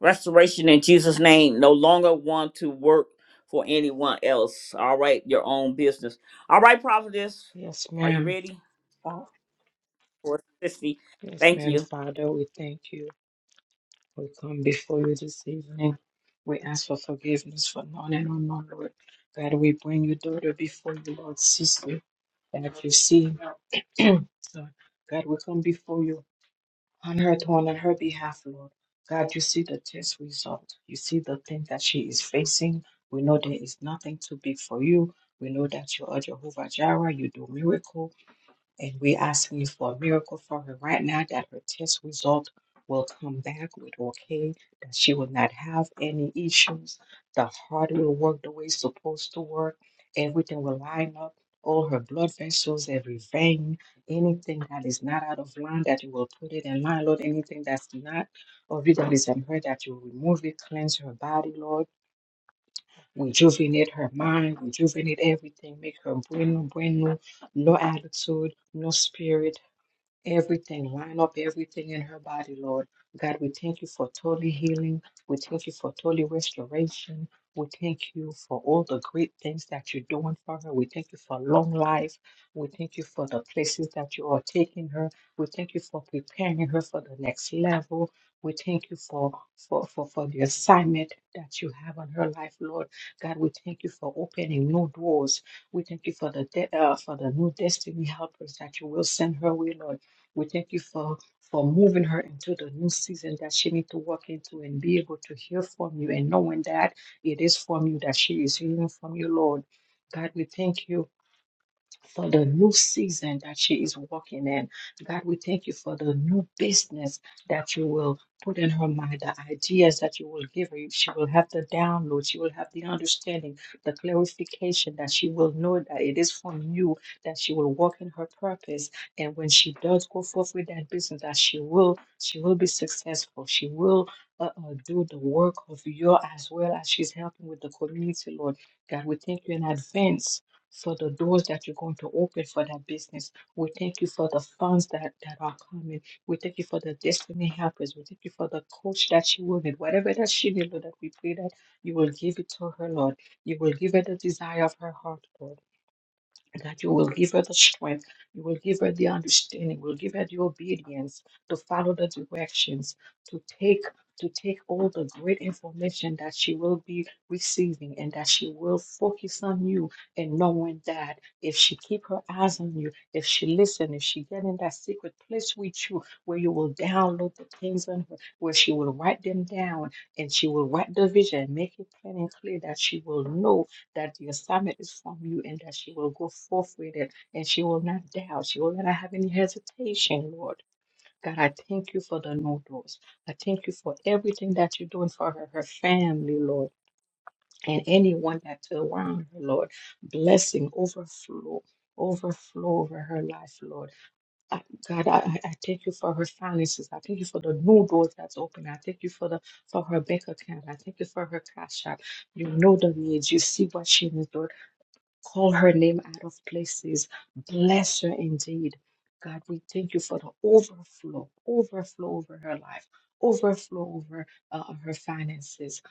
Speaker 1: restoration in Jesus' name. No longer want to work for anyone else. All right, your own business. All right, prophetess,
Speaker 4: Yes,
Speaker 1: are you
Speaker 4: ma'am.
Speaker 1: ready
Speaker 4: Fa-
Speaker 1: for 60?
Speaker 4: Yes,
Speaker 1: Thank
Speaker 4: ma'am,
Speaker 1: you.
Speaker 4: Father, we thank you. We come before you this evening. We ask for forgiveness for none and unknown, Lord. God, we bring your daughter before you, Lord, sister, that you see. So, God, we come before you on her throne, on her behalf, Lord. God, you see the test result. You see the thing that she is facing. We know there is nothing too big for you. We know that you are Jehovah Jireh. You do miracles. And we're asking you for a miracle for her right now that her test result will come back with okay, that she will not have any issues. The heart will work the way it's supposed to work. Everything will line up. All her blood vessels, every vein, anything that is not out of line, that you will put it in line, Lord. Anything that's not of you that is in her, that you remove it, cleanse her body, Lord. Rejuvenate her mind, rejuvenate everything, make her brand new, brand new no attitude, no spirit, everything, line up everything in her body, Lord. God, we thank you for total healing. We thank you for total restoration. We thank you for all the great things that you're doing for her. We thank you for long life. We thank you for the places that you are taking her. We thank you for preparing her for the next level. We thank you for, for, for, for the assignment that you have on her life, Lord. God, we thank you for opening new doors. We thank you for the de- uh, for the new destiny helpers that you will send her way, Lord. We thank you for, for moving her into the new season that she needs to walk into and be able to hear from you and knowing that it is from you that she is hearing from you, Lord. God, we thank you for the new season that she is walking in. God, we thank you for the new business that you will put in her mind, the ideas that you will give her. She will have the download, she will have the understanding, the clarification that she will know that it is from you, that she will walk in her purpose. And when she does go forth with that business, that she will, she will be successful. She will uh, uh, do the work of your as well as she's helping with the community, Lord. God, we thank you in advance for the doors that you're going to open for that business. We thank you for the funds that, that are coming. We thank you for the destiny helpers. We thank you for the coach that she will need. Whatever that she needs, Lord, that we pray that you will give it to her, Lord. You will give her the desire of her heart, Lord that you will give her the strength, you will give her the understanding, you will give her the obedience to follow the directions, to take to take all the great information that she will be receiving and that she will focus on you and knowing that if she keep her eyes on you, if she listen, if she get in that secret place with you where you will download the things on her, where she will write them down and she will write the vision, make it plain and clear that she will know that the assignment is from you and that she will go forth with it and she will not doubt. She will not have any hesitation, Lord. God, I thank you for the no doors. I thank you for everything that you're doing for her, her family, Lord, and anyone that's around her, Lord. Blessing, overflow, overflow over her life, Lord. I, God, I, I I thank you for her finances. I thank you for the new doors that's open. I thank you for the for her bank account. I thank you for her cash shop. You know the needs. You see what she needs call her name out of places. Bless her indeed. God, we thank you for the overflow, overflow over her life, overflow over uh, her finances.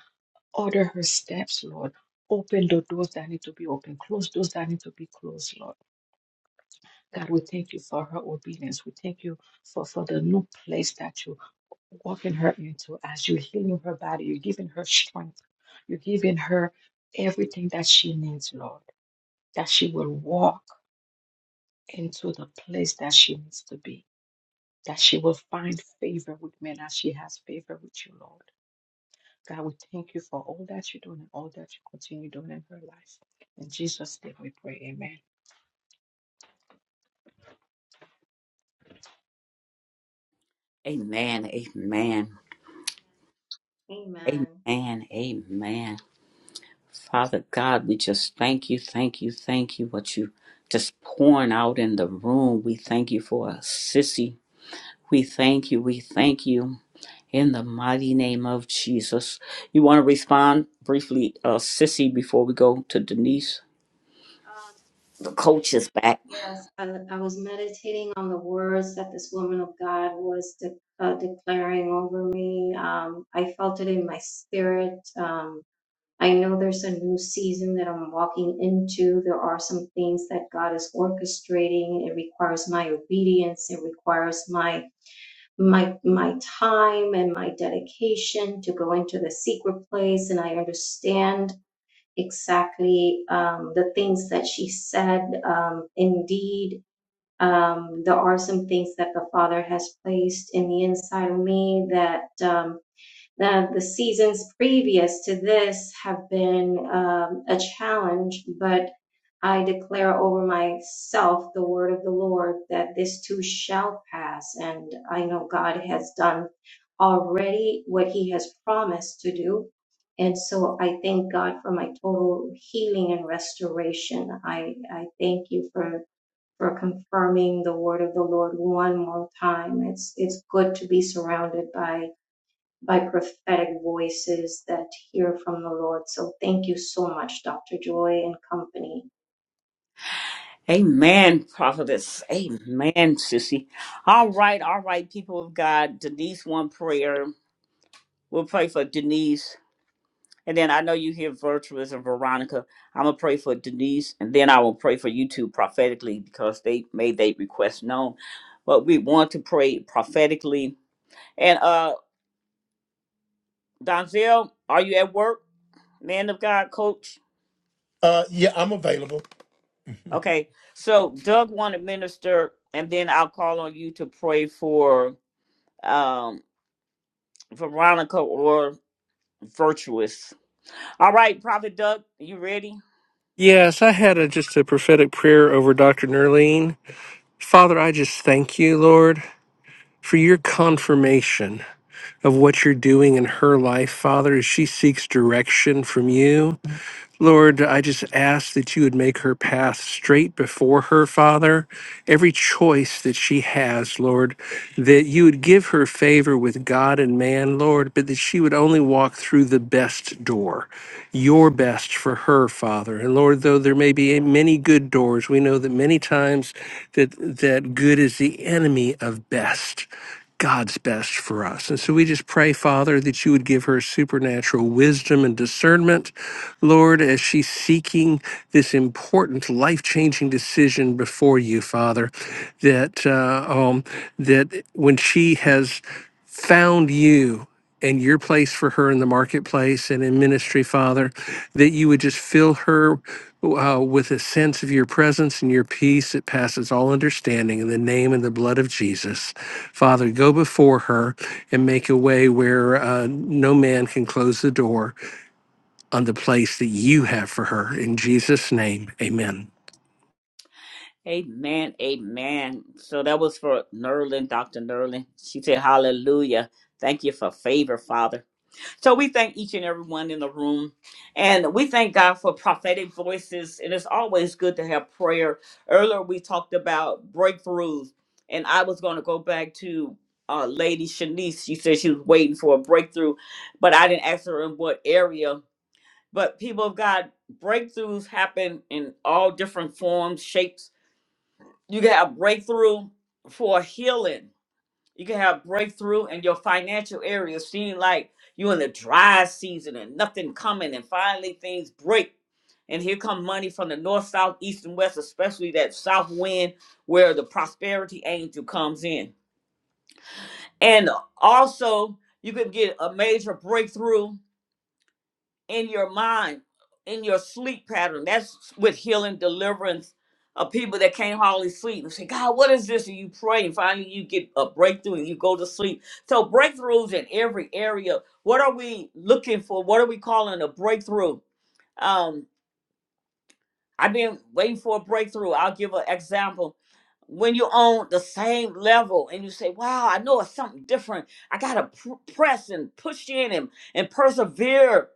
Speaker 4: Order her steps, Lord. Open the doors that need to be open, close doors that need to be closed, Lord. God, we thank you for her obedience. We thank you for, for the new place that you're walking her into as you're healing her body. You're giving her strength. You're giving her everything that she needs, Lord, that she will walk into the place that she needs to be, that she will find favor with men as she has favor with you, Lord. God, we thank you for all that you're doing and all that you continue doing in her life. In Jesus' name we pray. Amen.
Speaker 1: Amen. Amen.
Speaker 6: Amen.
Speaker 1: Amen. Amen. Father God, we just thank you, thank you, thank you. What you just pouring out in the room. We thank you for a sissy. We thank you. We thank you. In the mighty name of Jesus. You want to respond briefly, uh, Sissy, before we go to Denise?
Speaker 6: Um,
Speaker 1: The coach is back.
Speaker 6: yes, I, I was meditating on the words that this woman of God was de- uh, declaring over me. Um, I felt it in my spirit. Um, I know there's a new season that I'm walking into. There are some things that God is orchestrating. It requires my obedience. It requires my my my time and my dedication to go into the secret place. And I understand exactly um, the things that she said. Um, indeed, um, there are some things that the Father has placed in the inside of me that. Um, the, the seasons previous to this have been um, a challenge, but I declare over myself the word of the Lord that this too shall pass. And I know God has done already what he has promised to do. And so I thank God for my total healing and restoration. I, I thank you for, for confirming the word of the Lord one more time. It's, it's good to be surrounded by by prophetic voices that hear from the Lord. So thank you so much, Dr. Joy and company,
Speaker 1: Amen, prophetess. Amen, Sissy. All right, all right, people of God. Denise, one prayer. We'll pray for Denise. And then I know you hear Virtuous and Veronica. I'm going to pray for Denise. And then I will pray for you two prophetically because they made their request known. But we want to pray prophetically. And uh, Donzel, are you at work? man of God, coach.
Speaker 8: Uh, yeah, I'm available.
Speaker 1: Okay, so Doug want to minister, and then I'll call on you to pray for um Veronica or Virtuous. All right, Prophet Doug, you ready?
Speaker 7: Yes, I had a, just a prophetic prayer over Dr. Nerline. Father, I just thank you, Lord, for your confirmation of what you're doing in her life, Father, as she seeks direction from you. Lord, I just ask that you would make her path straight before her, Father. Every choice that she has, Lord, that you would give her favor with God and man, Lord, but that she would only walk through the best door, your best for her, Father. And Lord, though there may be many good doors, we know that many times that that good is the enemy of best. God's best for us. And so we just pray, Father, that you would give her supernatural wisdom and discernment, Lord, as she's seeking this important, life-changing decision before you, Father, that uh, um, that when she has found you and your place for her in the marketplace and in ministry, Father, that you would just fill her uh, with a sense of your presence and your peace that passes all understanding in the name and the blood of Jesus. Father, go before her and make a way where uh, no man can close the door on the place that you have for her. In Jesus' name, amen.
Speaker 1: Amen, amen. So that was for Nerlin, Dr. Nerlin. She said, Hallelujah. Thank you for favor, Father. So we thank each and every one in the room. And we thank God for prophetic voices. And it's always good to have prayer. Earlier, we talked about breakthroughs. And I was going to go back to uh, Lady Shanice. She said she was waiting for a breakthrough, but I didn't ask her in what area. But people of God, breakthroughs happen in all different forms, shapes. You can have breakthrough for healing you can have breakthrough in your financial area. Seem like you're in the dry season and nothing coming, and finally things break. And here come money from the north, south, east, and west, especially that south wind where the prosperity angel comes in. And also, you can get a major breakthrough in your mind, in your sleep pattern. That's with healing, deliverance of people that can't hardly sleep. And say, God, what is this? And you pray, and finally you get a breakthrough and you go to sleep. So breakthroughs in every area. What are we looking for? What are we calling a breakthrough? Um, I've been waiting for a breakthrough. I'll give an example. When you're on the same level and you say, Wow, I know it's something different. I gotta pr- press and push in and, and persevere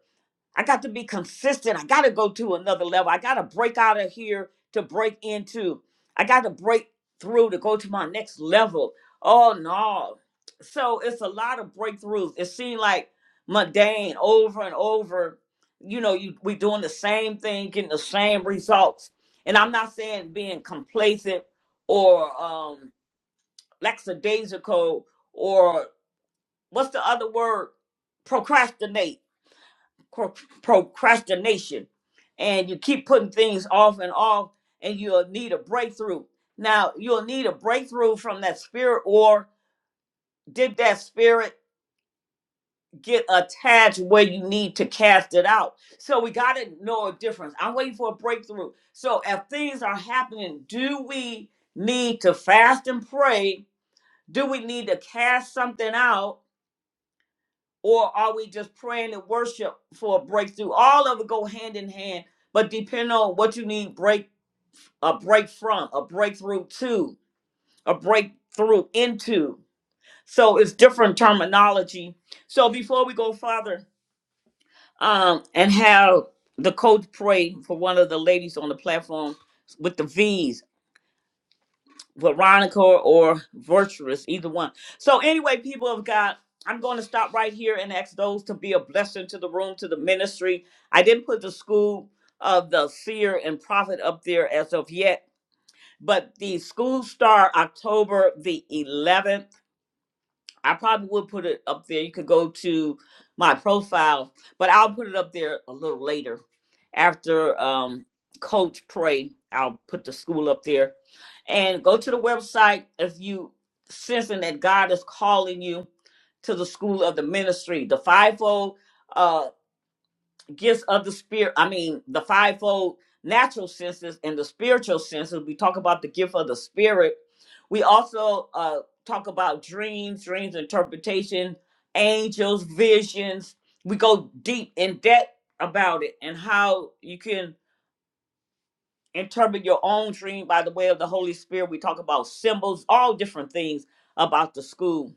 Speaker 1: I got to be consistent. I got to go to another level. I got to break out of here to break into. I got to break through to go to my next level. Oh no. So it's a lot of breakthroughs. It seemed like mundane over and over. You know, you we doing the same thing, getting the same results. And I'm not saying being complacent or um lackadaisical or what's the other word? Procrastinate cro- procrastination and you keep putting things off and off and you'll need a breakthrough now you'll need a breakthrough from that spirit or did that spirit get attached where you need to cast it out so we got to know a difference i'm waiting for a breakthrough so if things are happening do we need to fast and pray do we need to cast something out or are we just praying and worship for a breakthrough? All of it go hand in hand, but depending on what you need break a break from, a breakthrough to, a breakthrough into. So it's different terminology. So before we go farther, um, and have the coach pray for one of the ladies on the platform with the V's. Veronica or Virtuous, either one. So anyway, people of God, I'm going to stop right here and ask those to be a blessing to the room, to the ministry. I didn't put the school of the seer and prophet up there as of yet, but the school start October the 11th I probably would put it up there. You could go to my profile, but I'll put it up there a little later. After um, Coach Pray, I'll put the school up there. And go to the website if you sensing that God is calling you to the school of the ministry. The fivefold uh, gifts of the spirit i mean the fivefold natural senses and the spiritual senses we talk about the gift of the spirit we also uh talk about dreams dreams interpretation angels visions we go deep in depth about it and how you can interpret your own dream by the way of the holy spirit we talk about symbols all different things about the school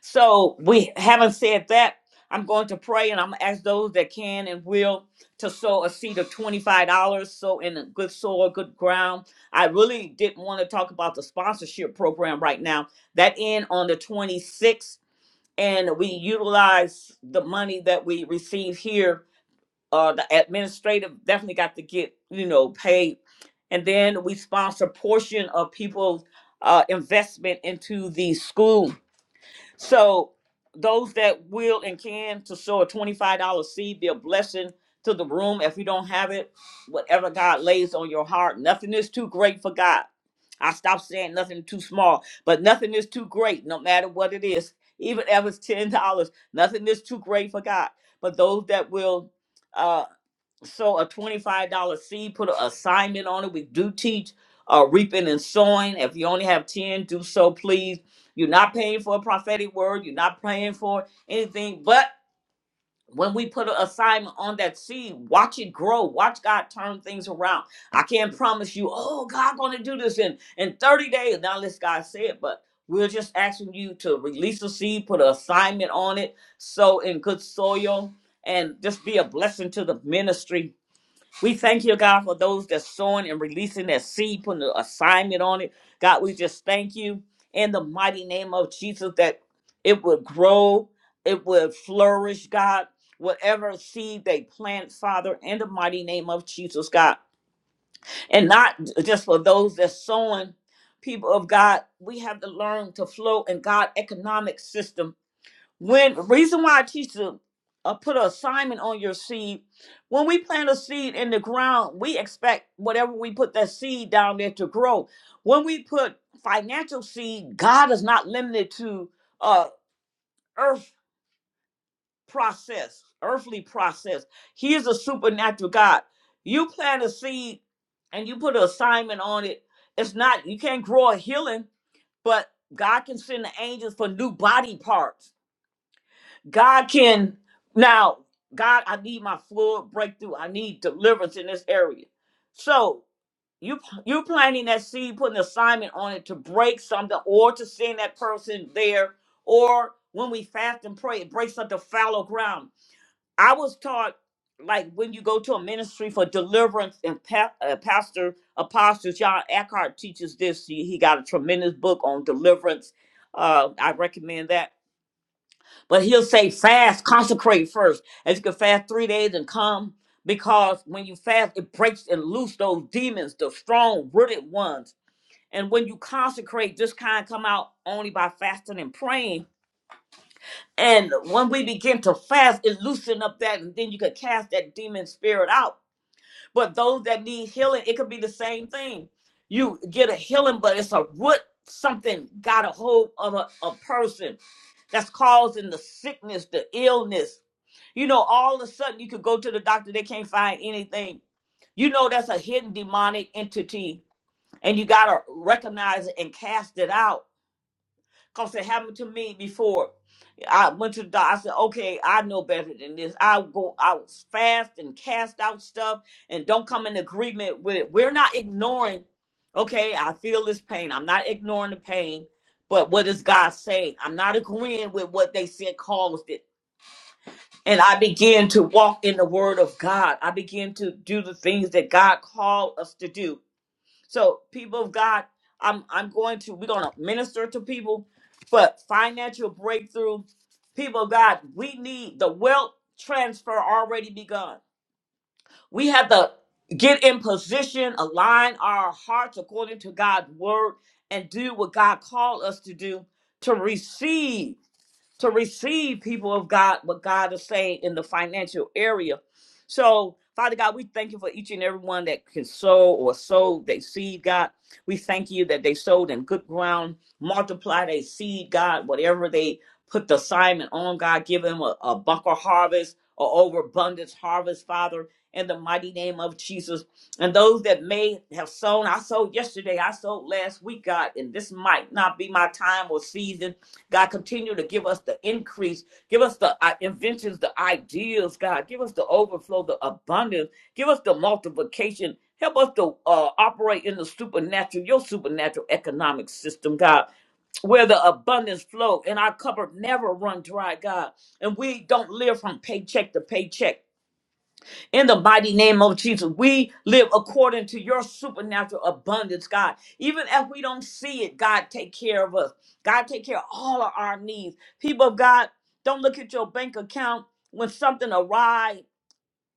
Speaker 1: so we haven't said that, I'm going to pray and I'm gonna ask those that can and will to sow a seed of $25. So in a good soil, good ground. I really didn't want to talk about the sponsorship program right now. That end on the 26th, and we utilize the money that we receive here. Uh the administrative definitely got to get, you know, paid. And then we sponsor portion of people's uh investment into the school so those that will and can to sow a twenty-five dollar seed, be a blessing to the room. If you don't have it, whatever God lays on your heart, nothing is too great for God. I stop saying nothing too small, but nothing is too great, no matter what it is. Even if it's ten dollars, nothing is too great for God. But those that will uh, so a $25 seed put an assignment on it we do teach uh, reaping and sowing if you only have 10 do so please you're not paying for a prophetic word you're not praying for anything but when we put an assignment on that seed watch it grow watch god turn things around i can't promise you oh god gonna do this in in 30 days now unless god say it but we're just asking you to release a seed put an assignment on it sow in good soil and just be a blessing to the ministry we thank you, God, for those that's sowing and releasing that seed, putting the assignment on it. God, we just thank you in the mighty name of Jesus that it would grow, it would flourish, God. Whatever seed they plant, Father, in the mighty name of Jesus, God. And not just for those that's sowing, people of God, we have to learn to flow in God economic system when reason why I teach to uh, put an assignment on your seed. When we plant a seed in the ground, we expect whatever we put that seed down there to grow. When we put financial seed, God is not limited to uh earth process, earthly process. He is a supernatural God. You plant a seed and you put an assignment on it. It's not you can't grow a healing, but God can send the angels for new body parts God can now, God, I need my full breakthrough. I need deliverance in this area. So you you planting that seed, putting an assignment on it to break something or to send that person there, or when we fast and pray, it breaks up the fallow ground. I was taught like when you go to a ministry for deliverance and pa- uh, pastor apostle john eckhart teaches this he, he got a tremendous book on deliverance uh, i recommend that but he'll say fast, consecrate first. As you can fast three days and come, because when you fast, it breaks and loose those demons, the strong rooted ones. And when you consecrate, this kind come out only by fasting and praying. And when we begin to fast, it loosen up that, and then you can cast that demon spirit out. But those that need healing, it could be the same thing. You get a healing, but it's a root something got a hold of a, a person that's causing the sickness, the illness you know, all of a sudden you could go to the doctor, they can't find anything. You know, that's a hidden demonic entity, and you got to recognize it and cast it out. Because it happened to me before. I went to the doctor, I said, okay, I know better than this. I'll go out fast and cast out stuff and don't come in agreement with it. We're not ignoring, okay, I feel this pain. I'm not ignoring the pain, but what does God say? I'm not agreeing with what they said caused it. And I began to walk in the word of God. I began to do the things that God called us to do. So, people of God, I'm I'm going to we're gonna minister to people, but financial breakthrough, people of God, we need the wealth transfer already begun. We have to get in position, align our hearts according to God's word, and do what God called us to do to receive to receive people of God what God is saying in the financial area. So, Father God, we thank you for each and every one that can sow or sow they seed, God. We thank you that they sowed in good ground, multiply they seed, God, whatever they put the assignment on, God, give them a, a bunker harvest or overabundance harvest, Father, in the mighty name of Jesus. And those that may have sown, I sowed yesterday, I sowed last week, God, and this might not be my time or season God, continue to give us the increase. Give us the uh, inventions, the ideas, God. Give us the overflow, the abundance. Give us the multiplication. Help us to uh, operate in the supernatural, your supernatural economic system, God, where the abundance flow and our cupboard never run dry, God. And we don't live from paycheck to paycheck. In the mighty name of Jesus, we live according to your supernatural abundance, God. Even if we don't see it, God, take care of us. God, take care of all of our needs. People of God, don't look at your bank account when something arrives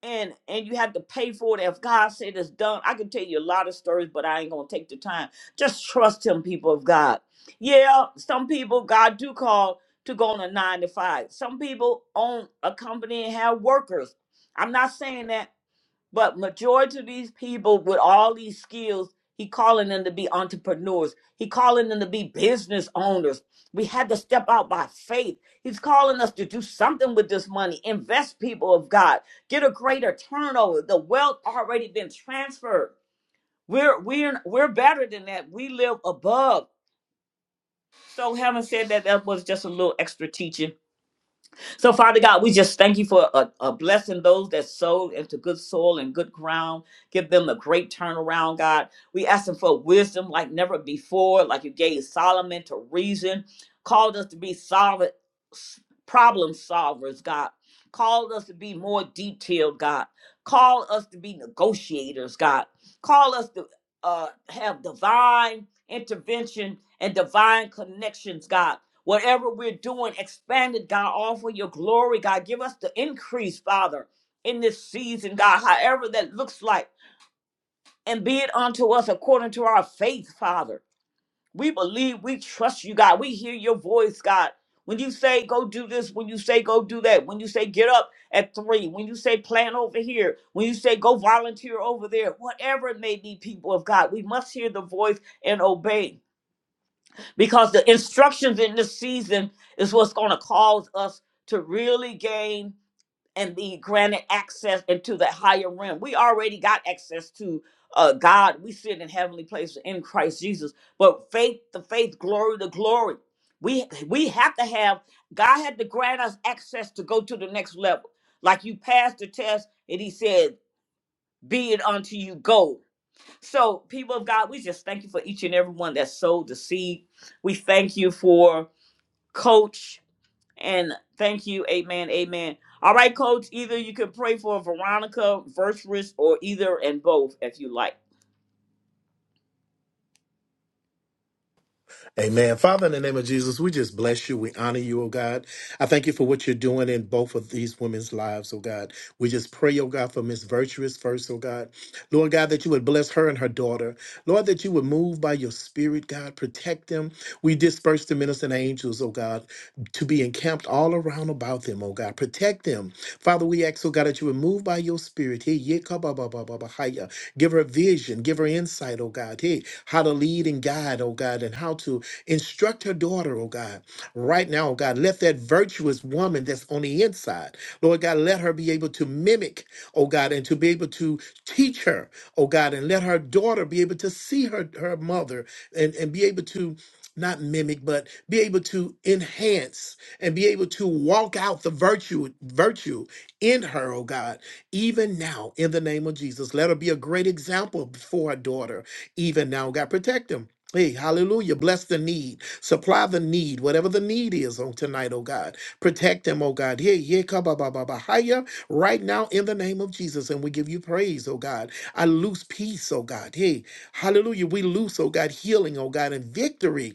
Speaker 1: and and you have to pay for it. If God said it's done, I can tell you a lot of stories, but I ain't gonna take the time. Just trust Him, people of God. Yeah, some people God do call to go on a nine to five. Some people own a company and have workers. I'm not saying that but majority of these people with all these skills, he calling them to be entrepreneurs. He calling them to be business owners. We had to step out by faith. He's calling us to do something with this money. Invest people of God. Get a greater turnover. The wealth already been transferred. We're we're we're better than that. We live above. So having said that, that was just a little extra teaching. So, Father God, we just thank you for a, a blessing those that sowed into good soil and good ground. Give them a great turnaround, God. We ask them for wisdom like never before, like you gave Solomon to reason, called us to be solid s- problem solvers, God. Called us to be more detailed, God. Call us to be negotiators, God. Call us to uh, have divine intervention and divine connections, God Whatever we're doing, expand it, God. Offer your glory, God. Give us the increase, Father, in this season, God, however that looks like. And be it unto us according to our faith, Father. We believe, we trust you, God. We hear your voice, God. When you say go do this, when you say go do that, when you say get up at three, when you say plan over here, when you say go volunteer over there, whatever it may be, people of God, we must hear the voice and obey because the instructions in this season is what's going to cause us to really gain and be granted access into the higher realm. We already got access to uh, God. We sit in heavenly places in Christ Jesus. But faith, the faith, glory, the glory. We we have to have. God had to grant us access to go to the next level. Like you passed the test, and He said, "Be it unto you, go." So, people of God, we just thank you for each and every one that sowed the seed. We thank you for Coach and thank you. Amen. Amen. All right, Coach, either you can pray for Veronica, Versus, or either and both if you like.
Speaker 8: Amen. Father, in the name of Jesus, we just bless you. We honor you, oh God. I thank you for what you're doing in both of these women's lives, oh God. We just pray, oh God, for Miss Virtuous first, oh God. Lord God, that you would bless her and her daughter. Lord, that you would move by your spirit, God, protect them. We disperse the ministering angels, oh God, to be encamped all around about them, oh God. Protect them. Father, we ask, oh God, that you would move by your spirit. Hey, yeah, ka ba ba ba ba ba hi ya. Give her vision, give her insight, oh God. Hey, how to lead and guide, oh God, and how to Instruct her daughter, oh God, right now, oh God. Let that virtuous woman that's on the inside, Lord God, let her be able to mimic, oh God, and to be able to teach her, oh God, and let her daughter be able to see her, her mother and, and be able to not mimic, but be able to enhance and be able to walk out the virtue virtue in her, oh God, even now in the name of Jesus. Let her be a great example for her daughter, even now, God. Protect them. Hey, hallelujah. Bless the need. Supply the need, whatever the need is on tonight, oh God. Protect them, oh God. Hey, Yeah, yeah, kababababahaya. Right now, in the name of Jesus. And we give you praise, oh God. I loose peace, oh God. Hey, hallelujah. We loose, oh God, healing, oh God, and victory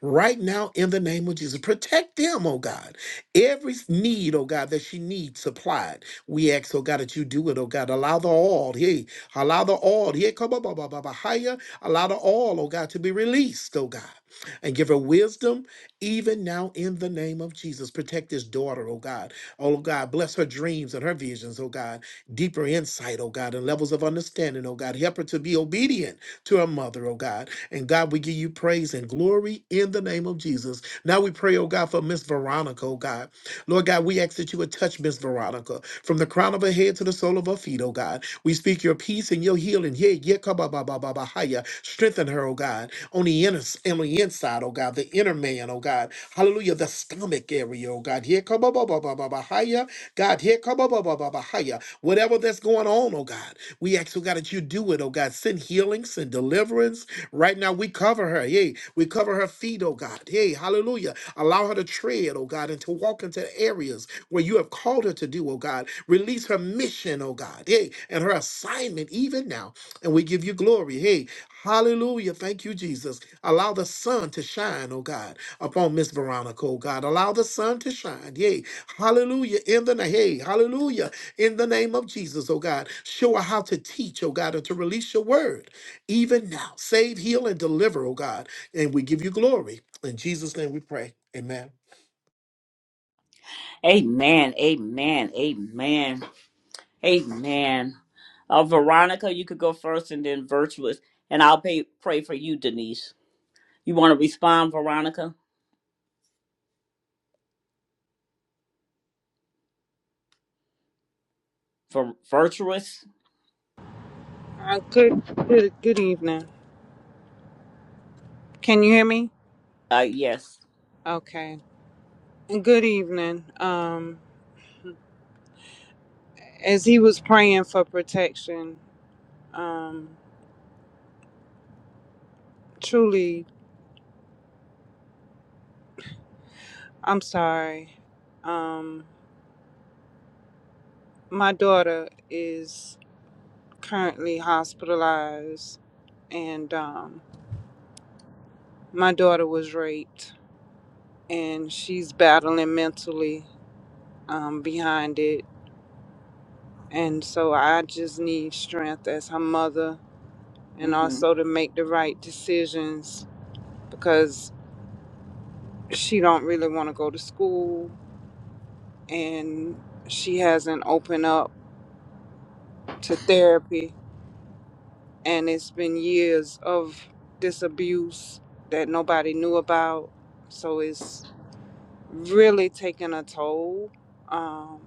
Speaker 8: right now in the name of Jesus. Protect them, oh God. Every need, oh God, that she needs supplied. We ask, oh God, that you do it, oh God. Allow the all, hey, allow the all, here, come up, higher. Allow the all, oh God, to be released, oh God. And give her wisdom even now in the name of Jesus. Protect this daughter, oh God. Oh God, bless her dreams and her visions, oh God. Deeper insight, oh God, and levels of understanding, oh God. Help her to be obedient to our mother, oh God. And God, we give you praise and glory in the name of Jesus. Now we pray, oh God, for Miss Veronica, oh God. Lord God, we ask that you would touch Miss Veronica from the crown of her head to the sole of her feet, oh God. We speak your peace and your healing. Yeah, yeah, ka ba ba ba ba ba ha ya. Strengthen her, oh God, on the inner on the inside, oh God, the inner man, oh God. Hallelujah, the stomach area, oh God. Yeah, ka ba ba ba ba ba ba ha ya. God, Here, come ba ba ba ba ba higher. Whatever that's going on, oh God. We ask, oh God, that you do it, oh God. Send healings and deliverance. Right now, we cover her. Yay. We cover her feet, oh God. Hey, hallelujah. Allow her to tread, oh God, and to walk into areas where you have called her to do, oh God. Release her mission, oh God. Hey, and her assignment even now. And we give you glory. Hey, hallelujah. Thank you, Jesus. Allow the sun to shine, oh God, upon Miss Veronica, oh God. Allow the sun to shine. Yay. Hallelujah. In the name. Hey, hallelujah in the name of Jesus, oh God. Show her how to teach, oh God, and to release your word even now. Save, heal, and deliver, oh God. And we give you glory. In Jesus' name we pray. Amen.
Speaker 1: Amen. Amen. Amen. Amen. Uh, Veronica, you could go first and then Virtuous, and I'll pay, pray for you, Denise. You want to respond, Veronica? For Virtuous?
Speaker 9: Uh, good, good, good evening. Can you hear me?
Speaker 1: Uh, yes.
Speaker 9: Okay. Good evening. Um, as he was praying for protection, um, truly, I'm sorry. Um, my daughter is currently hospitalized, and um, my daughter was raped, and she's battling mentally um, behind it. And so I just need strength as her mother, and
Speaker 1: Mm-hmm.
Speaker 9: also to make the right decisions because she don't really want to go to school and she hasn't opened up to therapy and it's been years of this abuse that nobody knew about so it's really taking a toll um,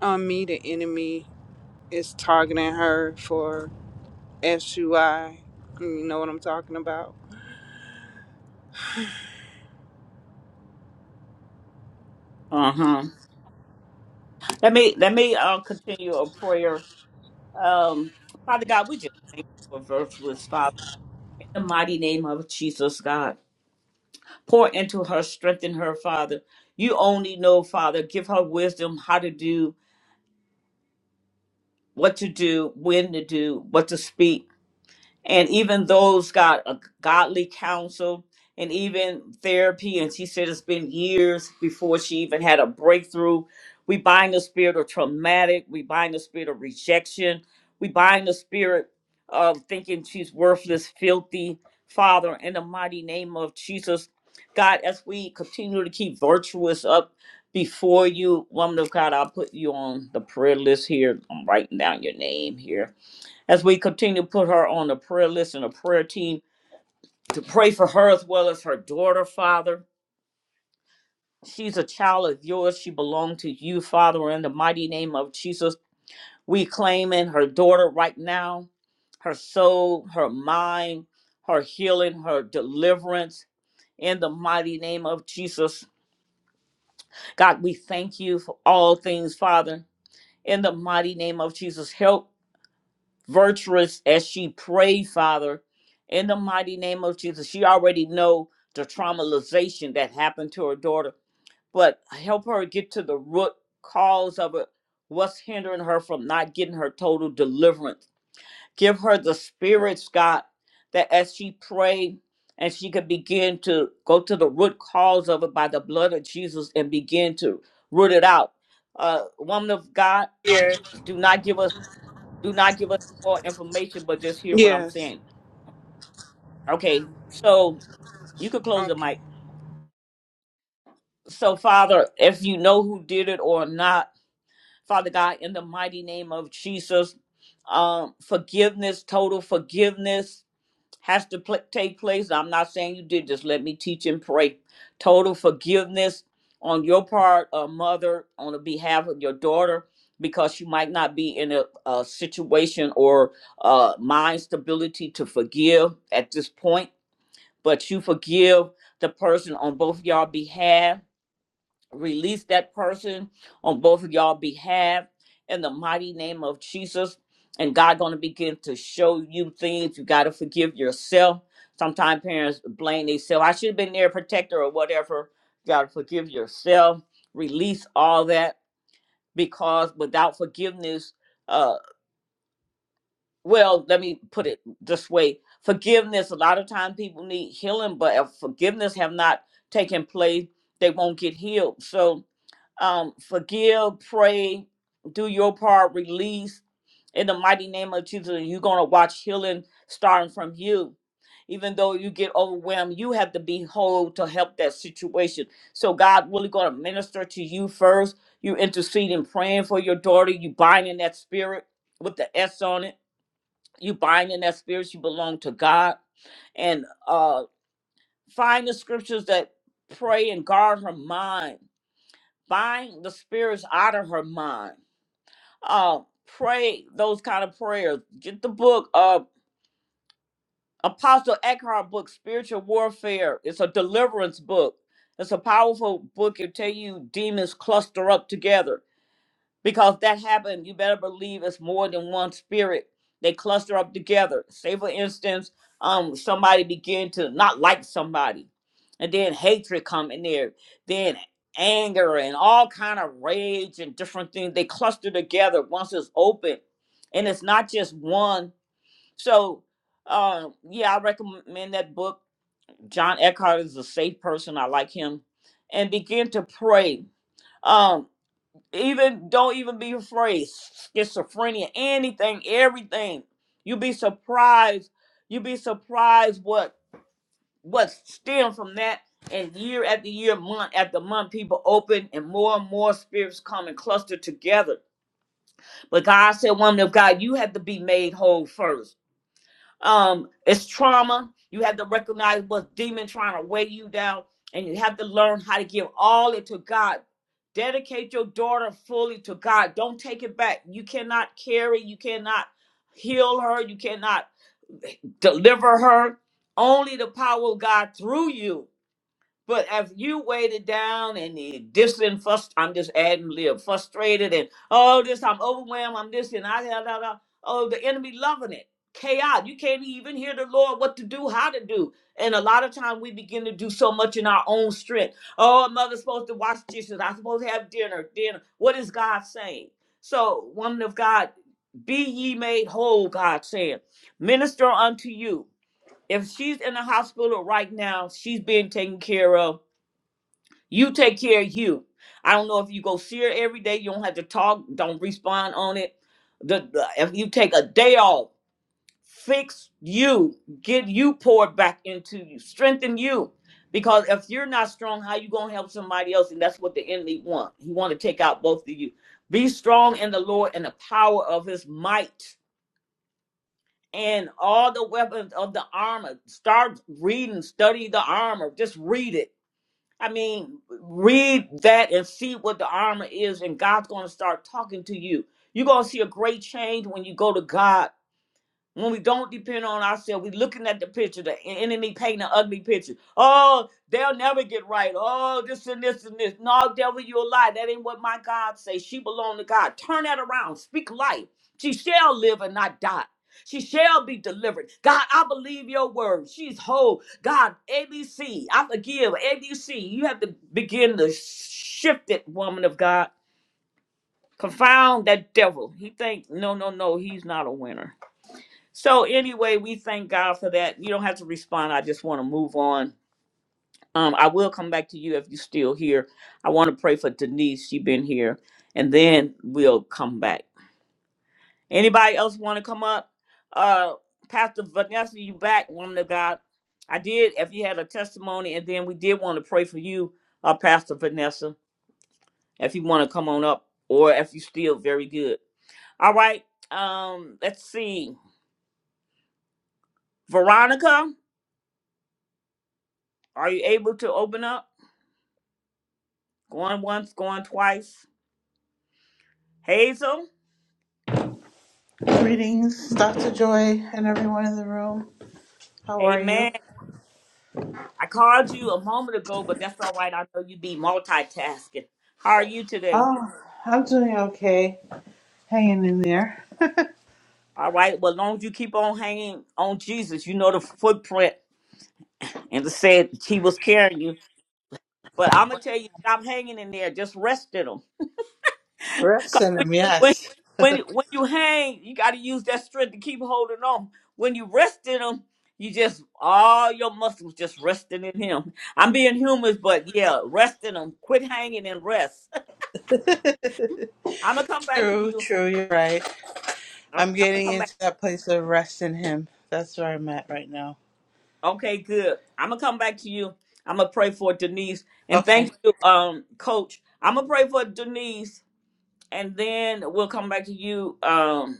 Speaker 9: on me the enemy is targeting her for sui you know what i'm talking about
Speaker 1: Uh-huh. Let me let me uh, continue a prayer. Um, Father God, we just for virtuous Father in the mighty name of Jesus God. Pour into her, strengthen her, Father. You only know, Father, give her wisdom how to do, what to do, when to do, what to speak. and even those got a godly counsel and even therapy and she said it's been years before she even had a breakthrough we bind the spirit of traumatic we bind the spirit of rejection we bind the spirit of thinking she's worthless filthy father in the mighty name of jesus god as we continue to keep virtuous up before you woman of god i'll put you on the prayer list here i'm writing down your name here as we continue to put her on a prayer list and a prayer team to pray for her as well as her daughter, Father. She's a child of yours. She belonged to you, Father, in the mighty name of Jesus. We claim in her daughter right now, her soul, her mind, her healing, her deliverance in the mighty name of Jesus. God, we thank you for all things, Father. In the mighty name of Jesus, help virtuous as she prayed, Father, in the mighty name of Jesus. She already know the traumatization that happened to her daughter, but help her get to the root cause of it. What's hindering her from not getting her total deliverance? Give her the spirits, God, that as she prayed and she could begin to go to the root cause of it by the blood of Jesus and begin to root it out. Uh, woman of God,
Speaker 9: Yes.
Speaker 1: do not give us. Do not give us more information, but just hear what I'm
Speaker 9: yes
Speaker 1: saying. Okay, so you could close the
Speaker 9: okay
Speaker 1: mic. So, Father, if you know who did it or not, Father God, in the mighty name of Jesus, um, forgiveness, total forgiveness has to pl- take place. I'm not saying you did. Just let me teach and pray. Total forgiveness on your part, uh, mother, on the behalf of your daughter, because you might not be in a, a situation or uh, mind stability to forgive at this point. But you forgive the person on both y'all behalf release that person on both of y'all behalf in the mighty name of Jesus. And God gonna begin to show you things. You gotta forgive yourself. Sometimes parents blame themselves. I should have been there, protector or whatever. You gotta forgive yourself. Release all that because without forgiveness, uh, well, let me put it this way: forgiveness. A lot of times people need healing, but if forgiveness have not taken place, they won't get healed. So um, forgive, pray, do your part, release in the mighty name of Jesus. and You're going to watch healing starting from you. Even though you get overwhelmed, you have to be whole to help that situation. So God really going to minister to you first. You interceding, praying for your daughter. You binding that spirit with the S on it. You binding that spirit. You belong to God. And uh, find the scriptures that pray and guard her mind bind the spirits out of her mind. Uh, pray those kind of prayers. Get the book, uh, Apostle Eckhart book, Spiritual Warfare. It's a deliverance book. It's a powerful book. It tell you demons cluster up together because that happened, you better believe it's more than one spirit. They cluster up together. Say, for instance, um, somebody begin to not like somebody, and then hatred come in there, then anger and all kind of rage and different things. They cluster together once it's open, and it's not just one. So, uh, yeah, I recommend that book. John Eckhart is a safe person. I like him, and begin to pray. um even don't even be afraid schizophrenia anything everything you be surprised you be surprised what what stems from that and year after year month after month people open and more and more spirits come and cluster together but god said woman of god you have to be made whole first um it's trauma you have to recognize what demon trying to weigh you down and you have to learn how to give all it to god dedicate your daughter fully to god don't take it back you cannot carry you cannot heal her you cannot deliver her only the power of god through you but if you weighted down and you distant, frust- I'm just adding live, frustrated and oh this, I'm overwhelmed, I'm this and I da, da, da. oh the enemy loving it. Chaos. You can't even hear the Lord what to do, how to do. And a lot of time we begin to do so much in our own strength. Oh, mother's supposed to wash dishes. I'm supposed to have dinner, dinner. What is God saying? So, woman of God, be ye made whole, God said. Minister unto you. If she's in the hospital right now, she's being taken care of you take care of you. I don't know if you go see her every day. You don't have to talk. Don't respond on it. The, the- if you take a day off, fix you. Get you poured back into you. Strengthen you. Because if you're not strong, how you gonna help somebody else? And that's what the enemy want. He want to take out both of you. Be strong in the Lord and the power of His might, and all the weapons of the armor. Start reading, study the armor. Just read it I mean, read that and see what the armor is, and God's going to start talking to you. You're going to see a great change when you go to God when we don't depend on ourselves, we are looking at the picture, the en- enemy painting an ugly picture. Oh, they'll never get right. Oh, this and this and this. No, devil, you a lie. That ain't what my God say. She belong to God. Turn that around. Speak life. She shall live and not die. She shall be delivered. God, I believe your word. She's whole. God, A B C. I forgive. ABC, you have to begin to shift it, woman of God. Confound that devil. He think, no, no, no, he's not a winner. So anyway, we thank God for that. You don't have to respond. I just want to move on. Um, I will come back to you if you're still here. I want to pray for Denise. She been here, and then we'll come back. Anybody else want to come up? Uh, Pastor Vanessa, you back, woman of God. I did. If you had a testimony, and then we did want to pray for you, uh, Pastor Vanessa. If you want to come on up, or if you still very good. All right. Um, let's see. Veronica, are you able to open up? Going once, going twice. Hazel,
Speaker 10: Greetings, Dr. Joy, and everyone in the room. How are
Speaker 1: amen.
Speaker 10: you?
Speaker 1: I called you a moment ago, but that's all right. I know you be multitasking. How are you today?
Speaker 10: Oh, I'm doing okay. Hanging in there.
Speaker 1: All right. Well, as long as you keep on hanging on Jesus, you know the footprint and the said he was carrying you. But I'm gonna tell you, stop hanging in there. Just rest in him.
Speaker 10: Rest
Speaker 1: 'Cause
Speaker 10: in
Speaker 1: when,
Speaker 10: them,
Speaker 1: when
Speaker 10: yes.
Speaker 1: when when you hang, you got to use that strength to keep holding on. When you rest in him, you just all your muscles just resting in him. I'm being humorous, but yeah, rest in him. Quit hanging and rest. I'm gonna come back to
Speaker 10: true,
Speaker 1: you.
Speaker 10: true, you're right.
Speaker 1: Okay,
Speaker 10: I'm
Speaker 1: I'm gonna
Speaker 10: getting
Speaker 1: come back.
Speaker 10: into that place of rest in Him. That's where I'm at right now.
Speaker 1: Okay, good. I'm gonna come back to you. I'm gonna pray for Denise and
Speaker 10: Okay.
Speaker 1: thank you, um, Coach. I'm gonna pray for Denise, and then we'll come back to you, um,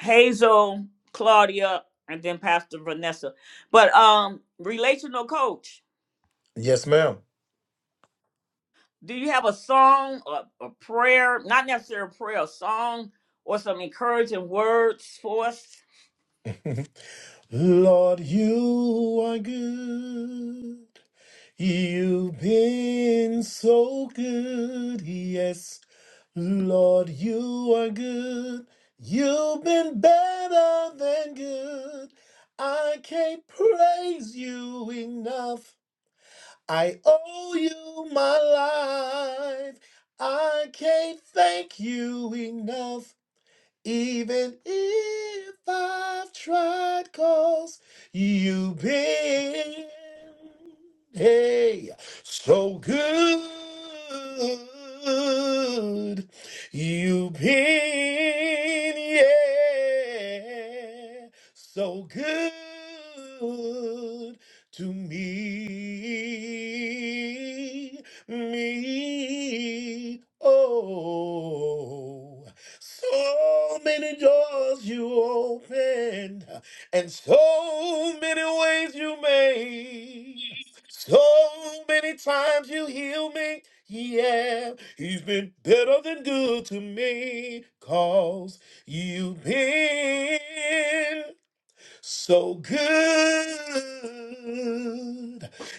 Speaker 1: Hazel, Claudia, and then Pastor Vanessa. But um, relational coach,
Speaker 8: Yes, ma'am.
Speaker 1: do you have a song, a, a prayer, not necessarily a prayer, a song, or some encouraging words for us?
Speaker 8: Lord, you are good. You've been so good. Yes, Lord, you are good. You've been better than good. I can't praise you enough. I owe you my life. I can't thank you enough. Even if I've tried, you you've been, hey, so good. You've been, yeah, so good to me, me, oh. So many doors you opened, and so many ways you made. So many times you heal me. Yeah, he's been better than good to me. Cause you've been so good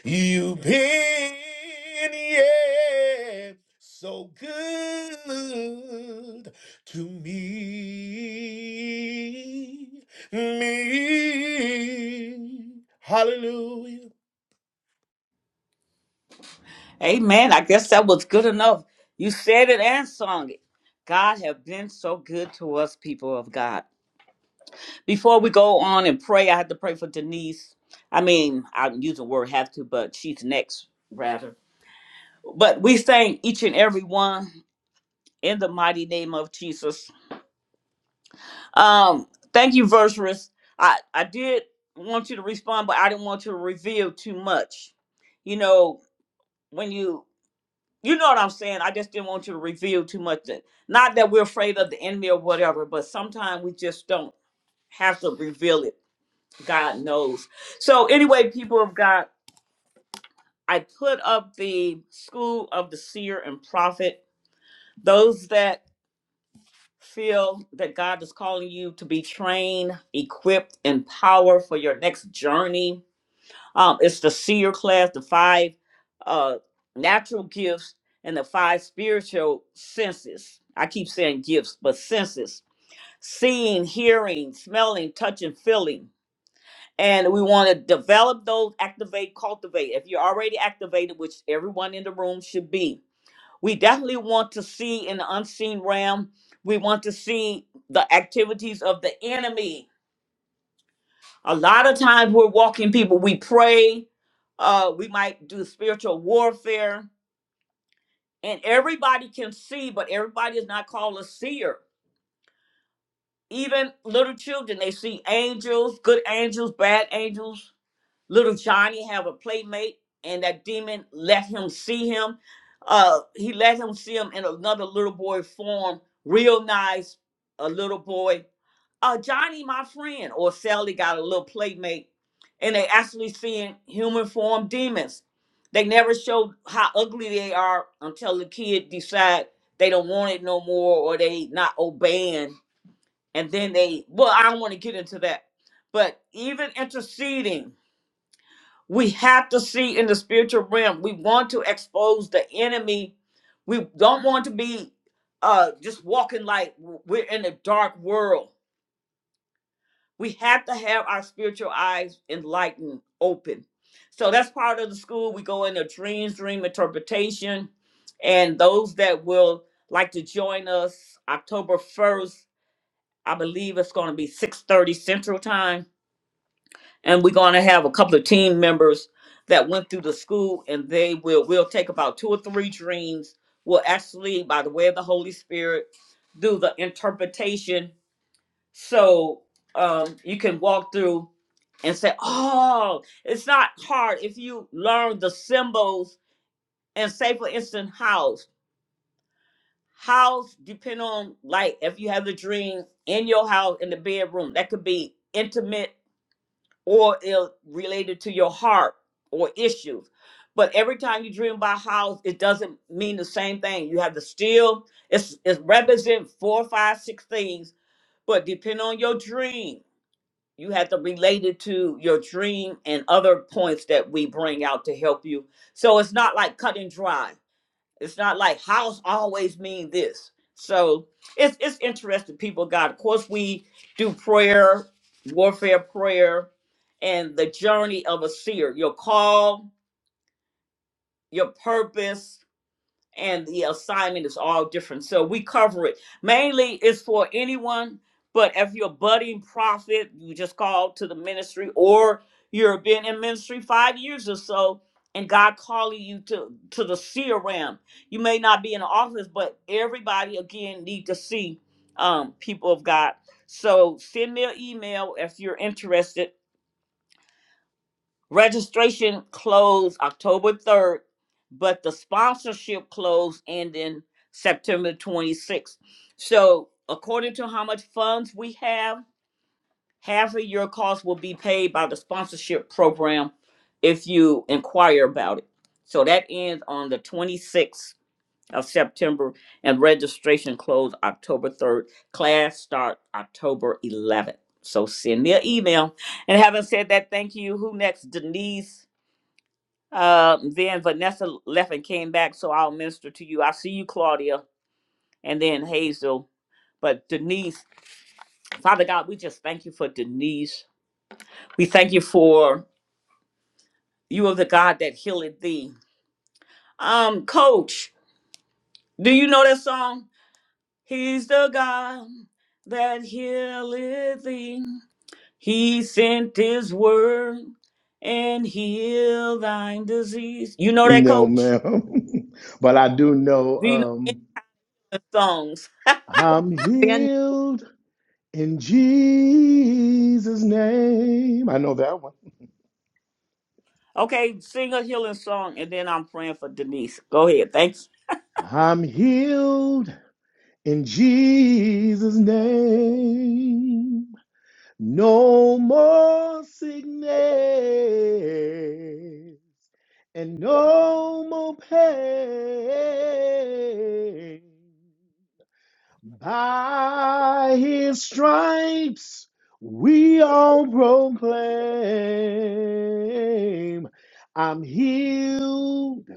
Speaker 8: you've been, yeah, so good to me, me. Hallelujah.
Speaker 1: Amen. I guess that was good enough. You said it and sung it. God have been so good to us, people of God. Before we go on and pray, I have to pray for Denise. I mean, I'm using the word have to, but she's next, rather. But we thank each and every one. in the mighty name of Jesus. Um, thank you, Verserous. I, I did want you to respond, but I didn't want to reveal too much. You know, when you you know what I'm saying, I just didn't want you to reveal too much. That, not that we're afraid of the enemy or whatever, but sometimes we just don't have to reveal it. God knows. So anyway, people of God, I put up the school of the seer and prophet. Those that feel that God is calling you to be trained, equipped, empowered for your next journey. Um, it's the seer class, the five uh, natural gifts, and the five spiritual senses. I keep saying gifts, but senses seeing, hearing, smelling, touching, feeling. And we want to develop those, activate, cultivate. If you're already activated, which everyone in the room should be, we definitely want to see in the unseen realm. We want to see the activities of the enemy. A lot of times we're walking people, we pray, uh, we might do spiritual warfare, and everybody can see, but everybody is not called a seer. Even little children, they see angels, good angels, bad angels, Little Johnny have a playmate, and that demon let him see him. Uh, he let him see him in another little boy form. Real nice, a little boy. Uh, Johnny, my friend, or Sally got a little playmate, and they actually seeing human form demons. They never show how ugly they are until the kid decide they don't want it no more, or they not obeying, and then they. Well, I don't want to get into that, but even interceding. We have to see in the spiritual realm. We want to expose the enemy. We don't want to be uh, just walking like we're in a dark world. We have to have our spiritual eyes enlightened, open. So that's part of the school. We go into dreams, dream interpretation. And those that will like to join us October 1st, I believe it's going to be 6.30 Central Time and we're going to have a couple of team members that went through the school and they will we'll take about two or three dreams we'll actually by the way of the holy spirit do the interpretation so um, you can walk through and say oh it's not hard if you learn the symbols and say for instance house house depend on like if you have the dream in your house in the bedroom that could be intimate or is related to your heart or issues. But every time you dream about house, it doesn't mean the same thing. You have to still it's it represents four, five, six things, but depending on your dream, you have to relate it to your dream and other points that we bring out to help you. So it's not like cut and dry. It's not like house always mean this. So it's it's interesting, people of God. Of course, we do prayer, warfare prayer, and the journey of a seer, your call, your purpose, and the assignment is all different. So we cover it. Mainly it's for anyone, but if you're a budding prophet, you just call to the ministry, or you're been in ministry five years or so, and God calling you to to the seer realm. You may not be in the office, but everybody again need to see um, people of God. So send me an email if you're interested Registration closed October 3rd, but the sponsorship closed ending September 26th. So, according to how much funds we have, half of your cost will be paid by the sponsorship program if you inquire about it. So, that ends on the 26th of September, and registration closed October 3rd. Class start October 11th. So, send me an email. And having said that, thank you. Who next? Denise. Uh, then Vanessa left and came back, so I'll minister to you. I see you, Claudia, and then Hazel. But Denise, Father God, we just thank you for Denise. We thank you for you are the God that healeth thee. Um, Coach, do you know that song? He's the God that healeth thee. He sent his word and healed thine disease. You know that,
Speaker 8: No,
Speaker 1: Coach?
Speaker 8: ma'am. but I do know
Speaker 1: Do you know any
Speaker 8: um,
Speaker 1: of the songs?
Speaker 8: I'm
Speaker 11: Amen.
Speaker 8: healed in Jesus' name. I know that one.
Speaker 1: Okay, sing a healing song, and then I'm praying for Denise. Go ahead. Thank you.
Speaker 8: I'm healed In Jesus' name, no more sickness and no more pain. By his stripes, we all proclaim, I'm healed,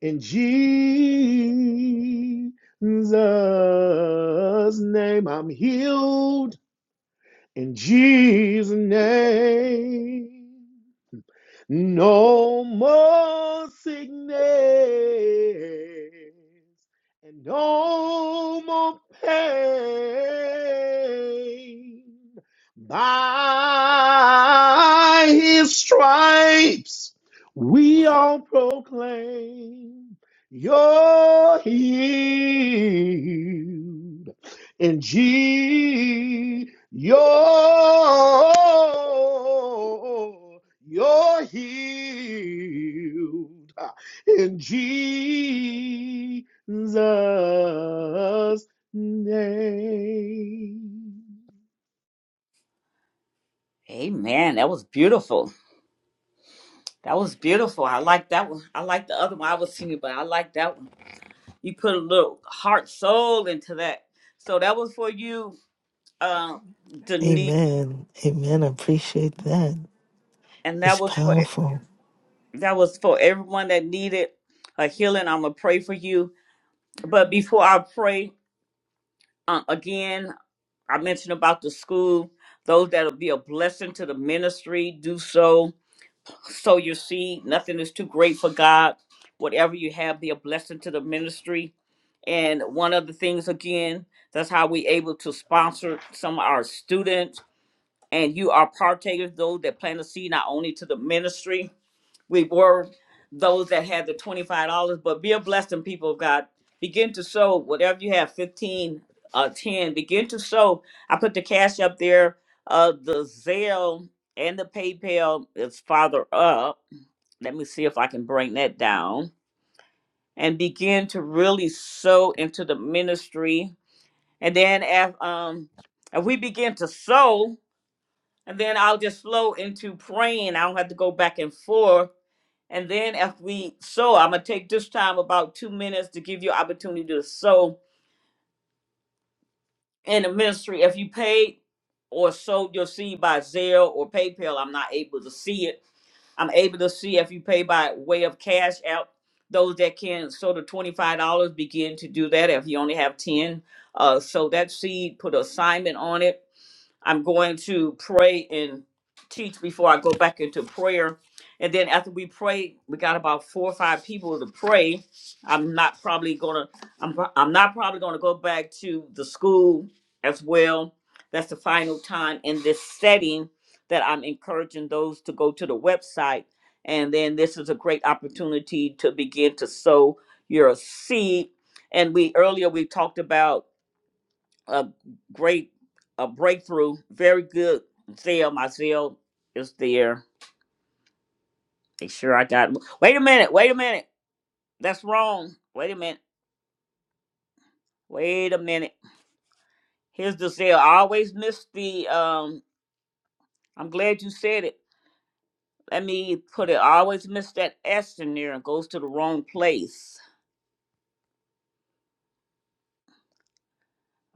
Speaker 8: in Jesus' name, I'm healed. In Jesus' name. No more sickness and no more pain. By his stripes we all proclaim you're healed. And Jesus you're you're healed ah, in Jesus' name.
Speaker 1: Amen. That was beautiful. That was beautiful. I like that one. I like the other one. I was singing, but I like that one. You put a little heart, soul into that. So that was for you, uh, Denise,
Speaker 12: Amen. Amen. I appreciate that.
Speaker 1: and that
Speaker 12: It's
Speaker 1: was for
Speaker 12: powerful.
Speaker 1: that was for everyone that needed a healing. I'm gonna pray for you. But before I pray, uh, again, I mentioned about the school. Those that'll be a blessing to the ministry, do so So you see, nothing is too great for God. Whatever you have, be a blessing to the ministry. And one of the things, again, that's how we able to sponsor some of our students. And you are partakers, those that plant a seed not only to the ministry, we were those that had the $25 but be a blessing people of god begin to sow whatever you have 15 uh 10 begin to sow i put the cash up there uh the zelle and the paypal is farther up let me see if i can bring that down and begin to really sow into the ministry and then as um if we begin to sow and then i'll just flow into praying i don't have to go back and forth and then after we sow, I'm gonna take this time about two minutes to give you opportunity to sow in the ministry. If you paid or sold your seed by Zelle or PayPal, I'm not able to see it. I'm able to see if you pay by way of cash out. Those that can sow the twenty-five dollars begin to do that. If you only have ten, uh, sow that seed, put an assignment on it I'm going to pray and teach before I go back into prayer. And then after we pray, we got about four or five people to pray. I'm not probably gonna I'm pro- I'm not probably gonna go back to the school as well. That's the final time in this setting that I'm encouraging those to go to the website. And then this is a great opportunity to begin to sow your seed. And we earlier we talked about a great a breakthrough. Very good. Sale, my sale is there. Make sure I got. Wait a minute. Wait a minute. That's wrong. Wait a minute. Wait a minute. Here's the sale. I always miss the. Um. I'm glad you said it. Let me put it. I always miss that S in there. It goes to the wrong place.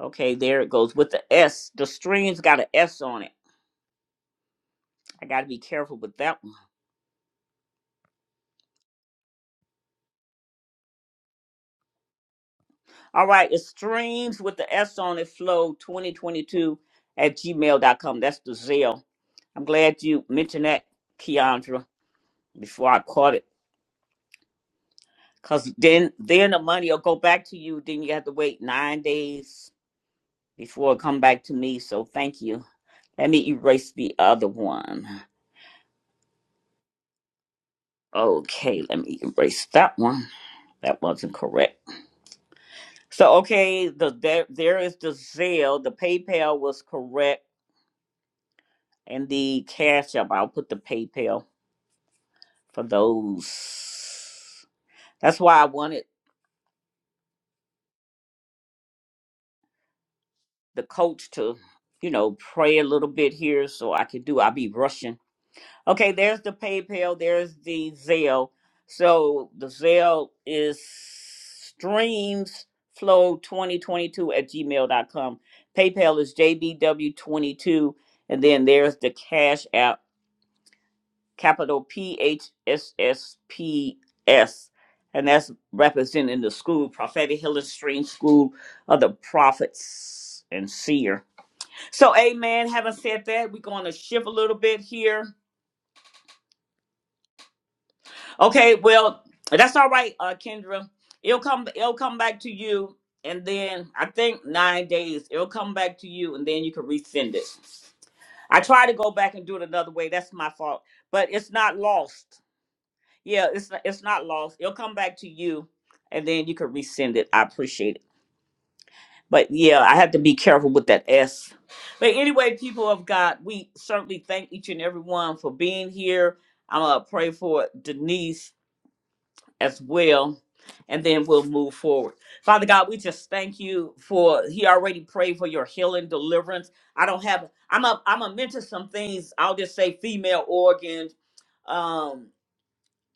Speaker 1: Okay, there it goes with the S. The string's got an S on it. I got to be careful with that one. All right, it's streams with the S on it flow 2022 at gmail dot com. That's the Zelle. I'm glad you mentioned that, Keandra, before I caught it. Cause then then the money will go back to you. Then you have to wait nine days before it come back to me. So thank you. Let me erase the other one. Okay, let me erase that one. That wasn't correct. So okay, the there there is the Zelle. The PayPal was correct and the Cash App. I'll put the PayPal for those. That's why I wanted the coach to, you know, pray a little bit here so I could do. I'll be rushing. Okay, there's the PayPal. There's the Zelle. So the Zelle is streamsflow2022 at gmail dot com. PayPal is JBW22. And then there's the Cash App. capital P H S S P S, and that's representing the school, Prophetic Healing Stream School of the Prophets and Seer. So, amen. Having said that, we're going to shift a little bit here. Okay, well, that's all right, uh, Kendra. It'll come. It'll come back to you, and then I think nine days. It'll come back to you, and then you can resend it. I try to go back and do it another way. That's my fault, but it's not lost. Yeah, it's not, it's not lost. It'll come back to you, and then you can resend it. I appreciate it, but yeah, I have to be careful with that S. But anyway, people of God, we certainly thank each and every one for being here. I'm gonna pray for Denise as well, and then we'll move forward. Father God, we just thank you for He already prayed for your healing, deliverance. I don't have. I'm a. I'm gonna mention some things. I'll just say female organs. Um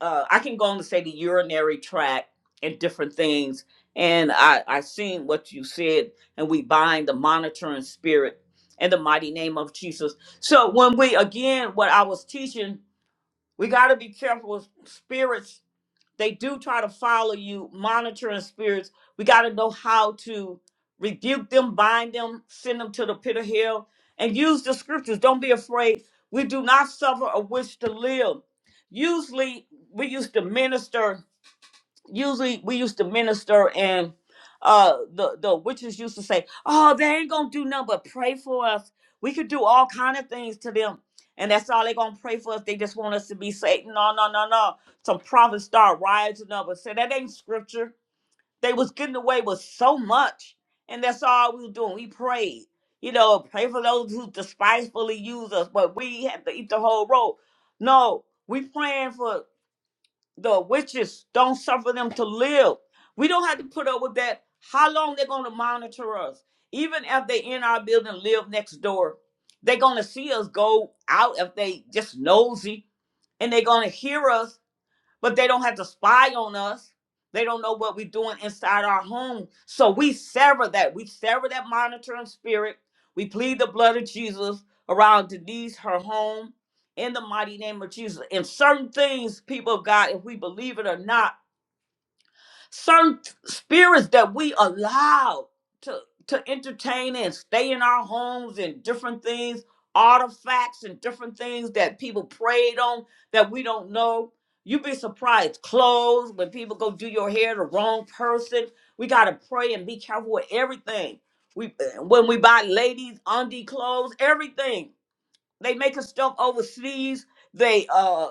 Speaker 1: uh, I can go on to say the urinary tract and different things. And I, I seen what you said, and we bind the monitoring spirit in the mighty name of Jesus. So when we again, what I was teaching, we got to be careful with spirits they do try to follow you, monitoring spirits. We got to know how to rebuke them, bind them, send them to the pit of hell, and use the scriptures. Don't be afraid. We do not suffer a wish to live. Usually, we used to minister usually we used to minister and uh the the witches used to say oh they ain't gonna do nothing but pray for us we could do all kind of things to them and that's all they gonna pray for us they just want us to be saved no no no no some prophets start rising up and say that ain't scripture they was getting away with so much and that's all we were doing we prayed you know pray for those who despitefully use us but we had to eat the whole road no we praying for the witches don't suffer them to live we don't have to put up with that how long they're going to monitor us even if they in our building live next door they're going to see us go out if they just nosy and they're going to hear us but they don't have to spy on us. They don't know what we're doing inside our home. So we sever that. We sever that monitoring spirit. We plead the blood of Jesus around Denise, her home, in the mighty name of Jesus. And certain things, people of God, if we believe it or not, certain spirits that we allow to to entertain and stay in our homes and different things artifacts and different things that people prayed on that we don't know you'd be surprised clothes when people go do your hair the wrong person we got to pray and be careful with everything we eh, when we buy ladies undie clothes everything they making stuff overseas they uh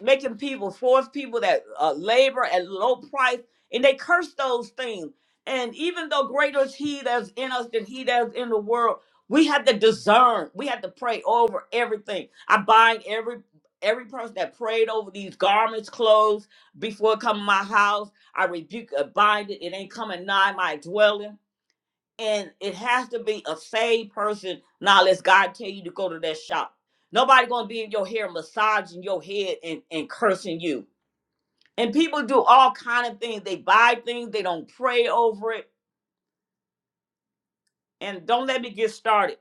Speaker 1: making people force people that uh, labor at low price and they curse those things and even though greater is he that's in us than he that's in the world we have to discern we have to pray over everything i bind every every person that prayed over these garments clothes before it come to my house i rebuke and bind it it ain't coming nigh my dwelling and it has to be a saved person. Now, let's God tell you to go to that shop. Nobody gonna be in your hair massaging your head and, and cursing you. And people do all kind of things. They buy things. They don't pray over it. And don't let me get started.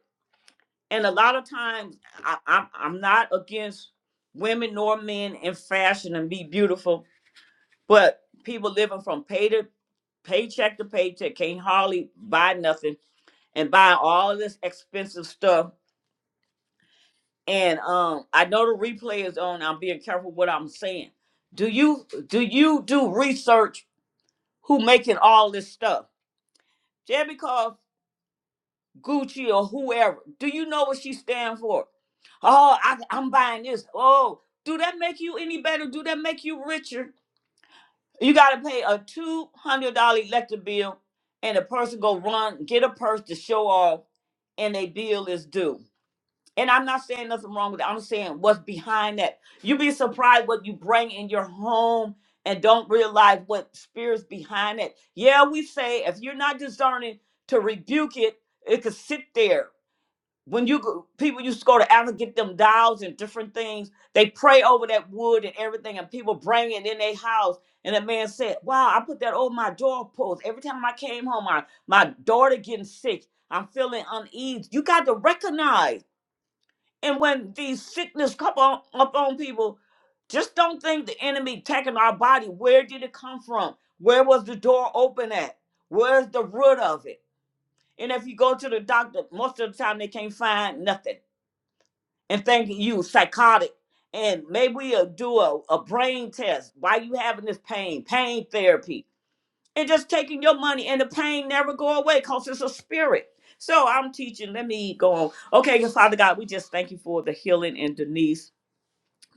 Speaker 1: And a lot of times, I, I'm I'm not against women nor men in fashion and be beautiful, but people living from pay to paycheck to paycheck can't hardly buy nothing and buy all this expensive stuff and um i know the replay is on i'm being careful what i'm saying do you do you do research who making all this stuff just because gucci or whoever do you know what she stand for oh I, i'm buying this oh do that make you any better do that make you richer you got to pay a $200 electric bill and the person go run get a purse to show off and a bill is due And I'm not saying nothing wrong with it. I'm saying what's behind that. you be surprised what you bring in your home and don't realize what spirits behind it. Yeah, we say if you're not discerning to rebuke it, it could sit there. When you go, people used to go to Africa get them dolls and different things, they pray over that wood and everything, and people bring it in their house. And the man said, "Wow, I put that over my doorpost. Every time I came home, my my daughter getting sick. I'm feeling uneasy. You got to recognize." And when these sickness come on up on people, just don't think the enemy attacking our body. Where did it come from? Where was the door open at? Where's the root of it? And if you go to the doctor, most of the time they can't find nothing and think you psychotic. And maybe we'll do a, a brain test. Why you having this pain? Pain therapy. And just taking your money and the pain never go away because it's a spirit. So I'm teaching. Let me go on. Okay, Father God, we just thank you for the healing in Denise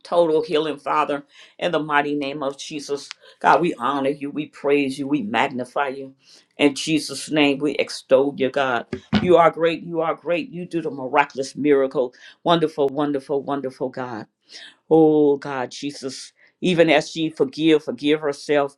Speaker 1: total healing, Father, in the mighty name of Jesus. God, we honor you, we praise you, we magnify you. In Jesus' name, we extol you, God. You are great, you are great. You do the miraculous miracle. Wonderful, wonderful, wonderful God. Oh God, Jesus, even as she forgive, forgive herself.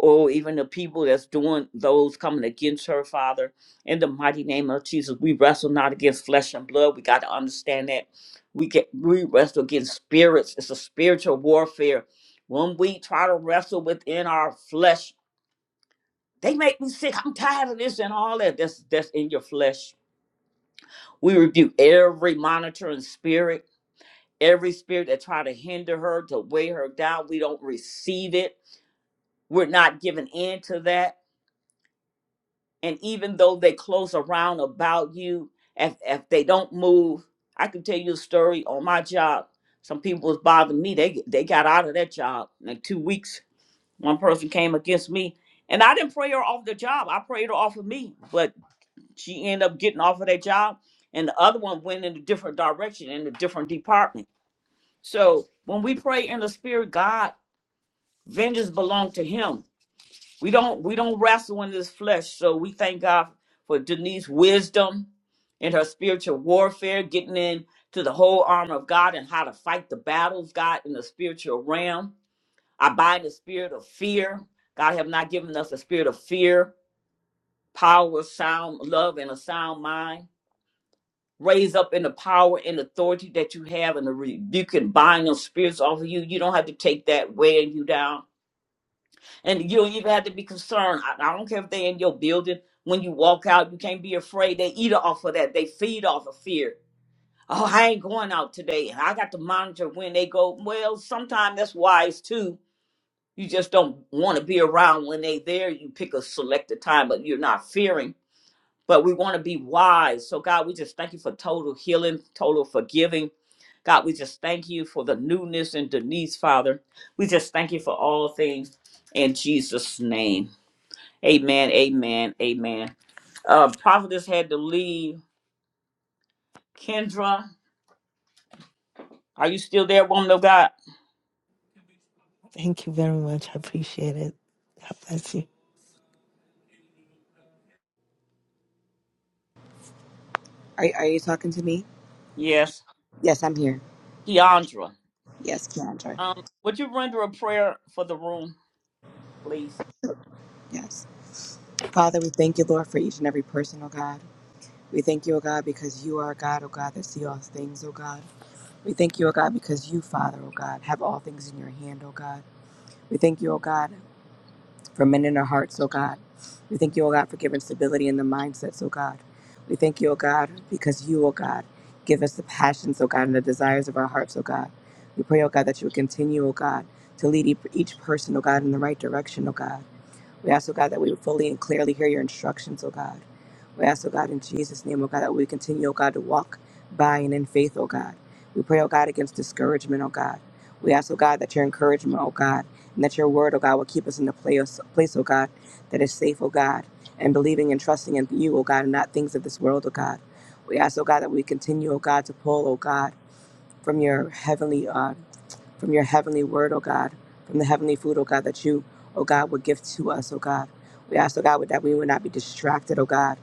Speaker 1: Oh, even the people that's doing those coming against her, Father, in the mighty name of Jesus, we wrestle not against flesh and blood. We got to understand that we get we wrestle against spirits. It's a spiritual warfare. When we try to wrestle within our flesh, they make me sick. I'm tired of this and all that. That's that's in your flesh. We rebuke every monitoring spirit every spirit that try to hinder her to weigh her down we don't receive it we're not giving in to that and even though they close around about you if, if they don't move i can tell you a story on my job some people was bothering me they they got out of that job in like two weeks one person came against me and i didn't pray her off the job i prayed her off of me but she ended up getting off of that job and the other one went in a different direction in a different department so when we pray in the spirit god vengeance belong to him we don't we don't wrestle in this flesh so we thank god for Denise's wisdom and her spiritual warfare getting into the whole armor of god and how to fight the battles god in the spiritual realm i bind the spirit of fear god have not given us a spirit of fear power sound love and a sound mind raise up in the power and authority that you have and the rebuke and bind those spirits off of you you don't have to take that weighing you down And you don't even have to be concerned. I, I don't care if they're in your building. When you walk out, you can't be afraid. They eat off of that. They feed off of fear. Oh, I ain't going out today. And I got to monitor when they go. Well, sometimes that's wise too. You just don't want to be around when they there. You pick a selected time, but you're not fearing. But we want to be wise. So God, we just thank you for total healing, total forgiving. God, we just thank you for the newness in Denise, Father. We just thank you for all things in Jesus' name. Amen. Amen. Amen. Uh, prophetess had to leave. Kendra, are you still there, woman of God?
Speaker 12: Thank you very much. I appreciate it. God bless you.
Speaker 5: Are, are you talking to me?
Speaker 1: Yes.
Speaker 5: Yes, I'm here.
Speaker 1: Keandra,
Speaker 5: Yes, Keandra.
Speaker 1: um, would you render a prayer for the room, please?
Speaker 5: Yes. Father, we thank you, Lord, for each and every person, oh God. We thank you, oh God, because you are God, oh God, that see all things, oh God. We thank you, oh God, because you, Father, oh God, have all things in your hand, oh God. We thank you, oh God. for men in our hearts, oh God. We thank you, oh God, for giving stability in the mindsets, oh God. We thank you, oh God, because you, oh God, give us the passions, oh God, and the desires of our hearts, oh God. We pray, oh God, that you would continue, oh God, to lead e- each person, oh God, in the right direction, oh God. We ask, oh God, that we would fully and clearly hear your instructions, oh God. We ask, oh God, in Jesus' name, oh God, that we continue, oh God, to walk by and in faith, oh God. We pray, oh God, against discouragement, oh God. We ask, oh God, that your encouragement, oh God, and that your word, oh God, will keep us in the place, place, oh God, that is safe, oh God, and believing and trusting in you, oh God, and not things of this world, oh God. We ask, oh God, that we continue, oh God, to pull, oh God, from your heavenly uh, from your heavenly word, oh God, from the heavenly food, oh God, that you, oh God, would give to us, oh God. We ask, oh God, that we would not be distracted, oh God,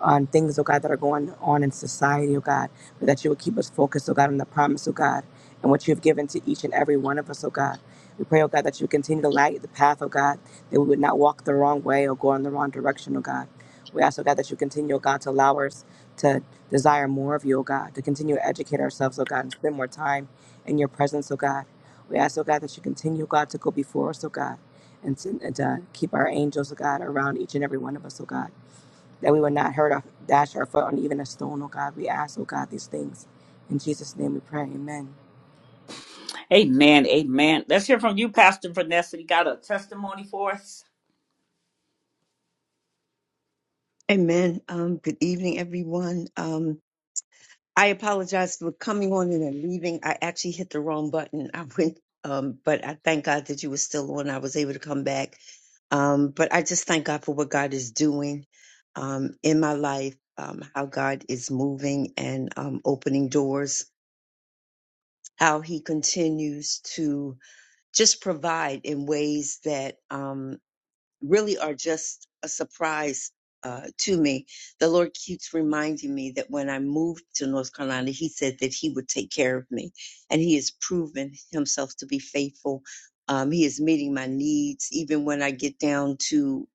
Speaker 5: on things, oh God, that are going on in society, oh God, but that you would keep us focused, oh God, on the promise, oh God, and what you have given to each and every one of us, oh God. We pray, oh God, that you continue to light the path, oh God, that we would not walk the wrong way or go in the wrong direction, oh God. We ask, oh God, that you continue, oh God, to allow us to desire more of you, oh God, to continue to educate ourselves, oh God, and spend more time in your presence, oh God. We ask, oh God, that you continue, God, to go before us, oh God, and to, and to keep our angels, oh God, around each and every one of us, oh God, that we would not hurt or dash our foot on even a stone, oh God. We ask, oh God, these things. In Jesus' name we pray, amen.
Speaker 1: Amen. Amen. Let's hear from you, Pastor Vanessa. You got a testimony for us?
Speaker 11: Amen. Um, good evening, everyone. Um, I apologize for coming on and then leaving. I actually hit the wrong button. I went, um, but I thank God that you were still on. I was able to come back. Um, but I just thank God for what God is doing um, in my life, um, how God is moving and um, opening doors, how He continues to just provide in ways that. Um, really are just a surprise uh, to me. The Lord keeps reminding me that when I moved to North Carolina, He said that He would take care of me, and He has proven Himself to be faithful. Um, he is meeting my needs, even when I get down to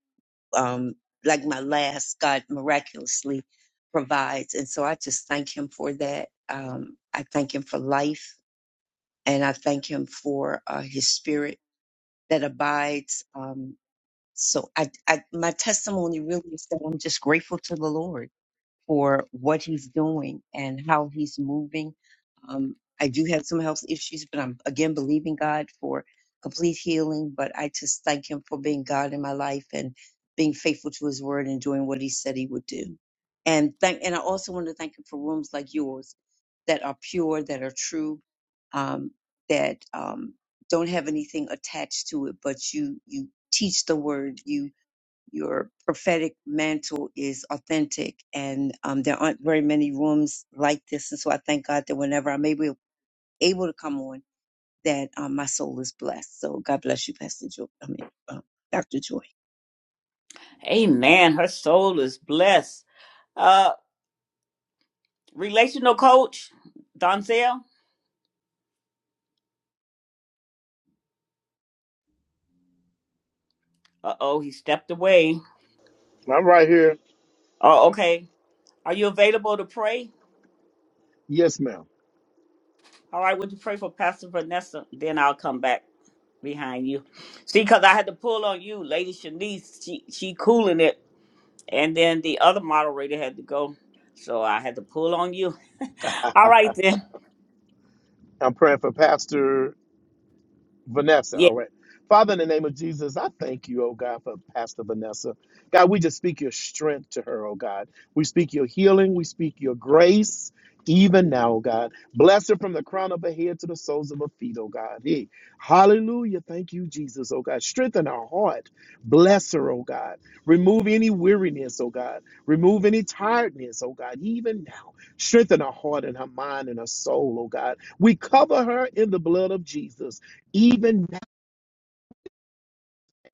Speaker 11: um, like my last. God miraculously provides, and so I just thank Him for that. Um, I thank Him for life, and I thank Him for uh, His Spirit that abides. Um, so I, I, my testimony really is that I'm just grateful to the Lord for what he's doing and how he's moving. Um, I do have some health issues, but I'm again believing God for complete healing. But I just thank Him for being God in my life and being faithful to His word and doing what He said He would do. And thank, and I also want to thank Him for rooms like yours that are pure, that are true, um, that um, don't have anything attached to it, but you you teach the word, you your prophetic mantle is authentic and um, there aren't very many rooms like this and so i thank god that whenever i'm able, able to come on that um, my soul is blessed so god bless you pastor joy i mean um, dr joy
Speaker 1: Amen. Her soul is blessed. Uh, relational coach, Donzel. Uh oh, he stepped away.
Speaker 8: I'm right here.
Speaker 1: Oh, okay. Are you available to pray?
Speaker 8: Yes, ma'am.
Speaker 1: All right, would you pray for Pastor Vanessa? Then I'll come back behind you. See, because I had to pull on you, Lady Shanice. She she cooling it, and then the other moderator had to go, so I had to pull on you. All right then.
Speaker 8: I'm praying for Pastor. Vanessa,
Speaker 1: Yeah,
Speaker 8: all right. Father, in the name of Jesus, I thank you, oh God, for Pastor Vanessa. God, we just speak your strength to her, oh God. We speak your healing. We speak your grace even now, oh God. Bless her from the crown of her head to the soles of her feet, oh God. Hey, hallelujah. Thank you, Jesus, oh God. Strengthen her heart. Bless her, oh God. Remove any weariness, oh God. Remove any tiredness, oh God, even now. Strengthen her heart and her mind and her soul, oh God. We cover her in the blood of Jesus even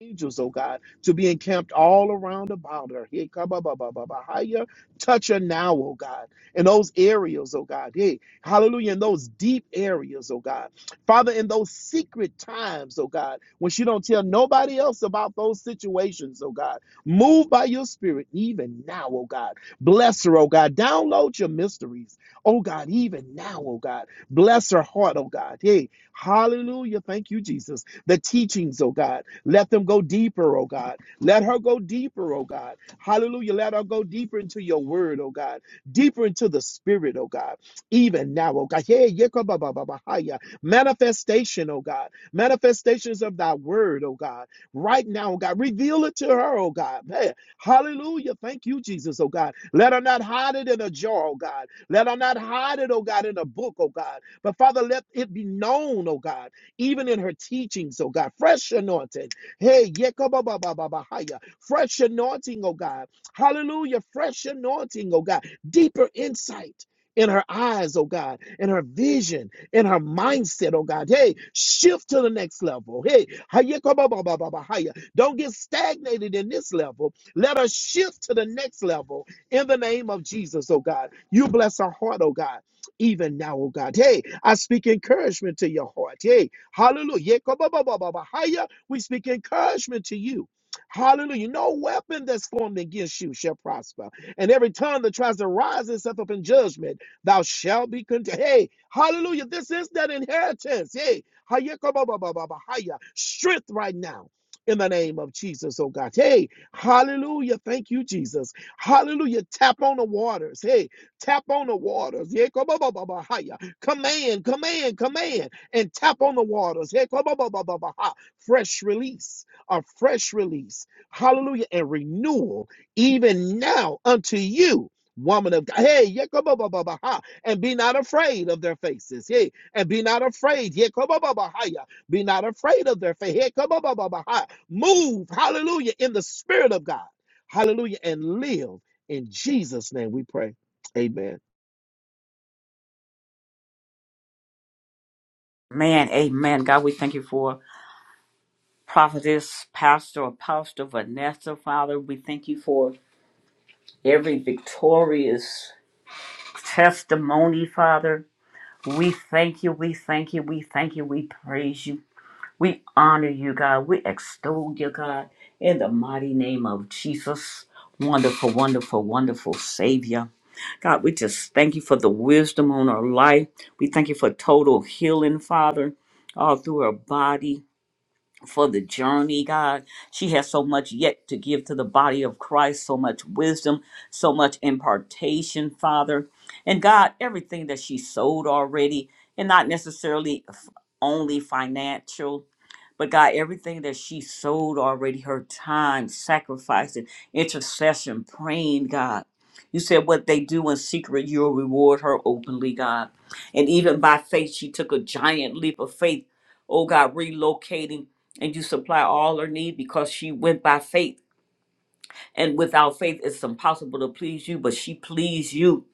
Speaker 8: angels, oh God, to be encamped all around about her. Hey, kababababahaya. Touch her now, oh God, in those areas, oh God. Hey, hallelujah, in those deep areas, oh God. Father, in those secret times, oh God, when she don't tell nobody else about those situations, oh God. Move by your spirit even now, oh God. Bless her, oh God. Download your mysteries, oh God, even now, oh God. Bless her heart, oh God. Hey, hallelujah. Thank you, Jesus. The teachings, oh God let them go deeper, oh God. Let her go deeper, oh God. Hallelujah. Let her go deeper into your word, oh God. Deeper into the spirit, oh God. Even now, oh God. Hey, yekabababahaya. Manifestation, oh God. Manifestations of thy word, oh God. Right now, oh God. Reveal it to her, oh God. Hey, hallelujah. Thank you, Jesus, oh God. Let her not hide it in a jar, oh God. Let her not hide it, oh God, in a book, oh God. But Father, let it be known, oh God even in her teachings, oh God. Fresh anointing. Hey, yekobabababahaya. fresh anointing, oh God. Hallelujah. Fresh anointing, oh God. Deeper insight. In her eyes, oh God, in her vision, in her mindset, oh God. Hey, shift to the next level. Hey, hayekobabababahaya. don't get stagnated in this level. Let her shift to the next level in the name of Jesus, oh God. You bless her heart, oh God even now, oh God. Hey, I speak encouragement to your heart. Hey, hallelujah. Yekobabababahaya. We speak encouragement to you. Hallelujah. No weapon that's formed against you shall prosper. And every tongue that tries to rise itself up in judgment, thou shalt be condemned. Hey, hallelujah. This is that inheritance. Hey, hayakababababahaya. strength right now. In the name of Jesus, oh God. Hey, hallelujah. Thank you, Jesus. Hallelujah. Tap on the waters. Hey, tap on the waters. Yeah, come Yekobabababahaya. Command, command, command, and tap on the waters. Hey, come on, ba, ba, ba, ba, ba, hi fresh release, a fresh release, hallelujah, and renewal, even now unto you, woman of God. Hey, yekabababaha, and be not afraid of their faces. Hey, and be not afraid. Yekabababahaya, Be not afraid of their face. Yekabababaha. Move, hallelujah, in the spirit of God. Hallelujah, and live. In Jesus' name we pray. Amen.
Speaker 1: man, amen. God, we thank you for prophetess, pastor, apostle Vanessa. Father, we thank you for every victorious testimony, Father. We thank you, we thank you, we thank you, we praise you. We honor you, God. We extol you, God, in the mighty name of Jesus. Wonderful, wonderful, wonderful Savior. God, we just thank you for the wisdom on our life. We thank you for total healing, Father, all through her body, for the journey, God. She has so much yet to give to the body of Christ, so much wisdom, so much impartation, Father. And God, everything that she sold already, and not necessarily f- only financial, but God, everything that she sold already, her time, sacrificing, intercession, praying, God. You said what they do in secret, you'll reward her openly, God. And even by faith, she took a giant leap of faith. Oh God, relocating and you supply all her need because she went by faith. And without faith, it's impossible to please you, but she pleased you.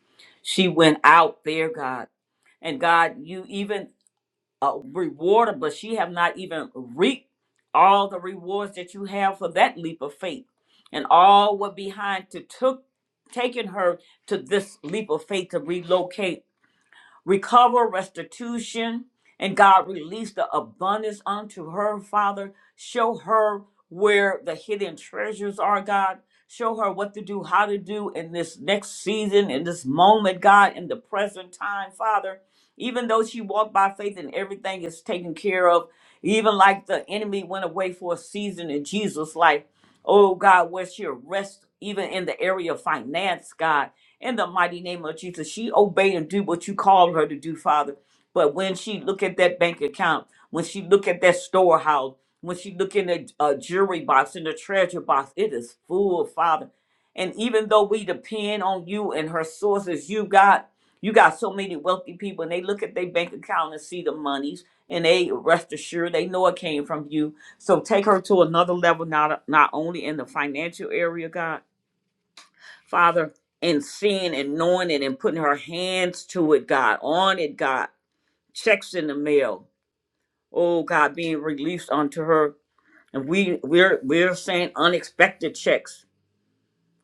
Speaker 1: She went out there, God. And God, you even a rewarder, but she have not even reaped all the rewards that you have for that leap of faith. And all were behind to took taking her to this leap of faith to relocate recover restitution, and God release the abundance unto her, Father. Show her where the hidden treasures are, God. Show her what to do, how to do in this next season, in this moment, God, in the present time, Father. Even though she walked by faith and everything is taken care of, even like the enemy went away for a season in Jesus' life. Oh God, where she rest, even in the area of finance, God in the mighty name of Jesus. She obeyed and do what you called her to do, Father. But when she look at that bank account, when she look at that storehouse, when she look in the uh, jewelry box, in the treasure box, it is full, Father. And even though we depend on you and her sources, you got you got so many wealthy people, and they look at their bank account and see the monies, and they rest assured they know it came from you. So take her to another level, not not only in the financial area, God Father, and seeing and knowing it and putting her hands to it, God, on it, God, checks in the mail, oh God, being released unto her. And we we're we're saying unexpected checks.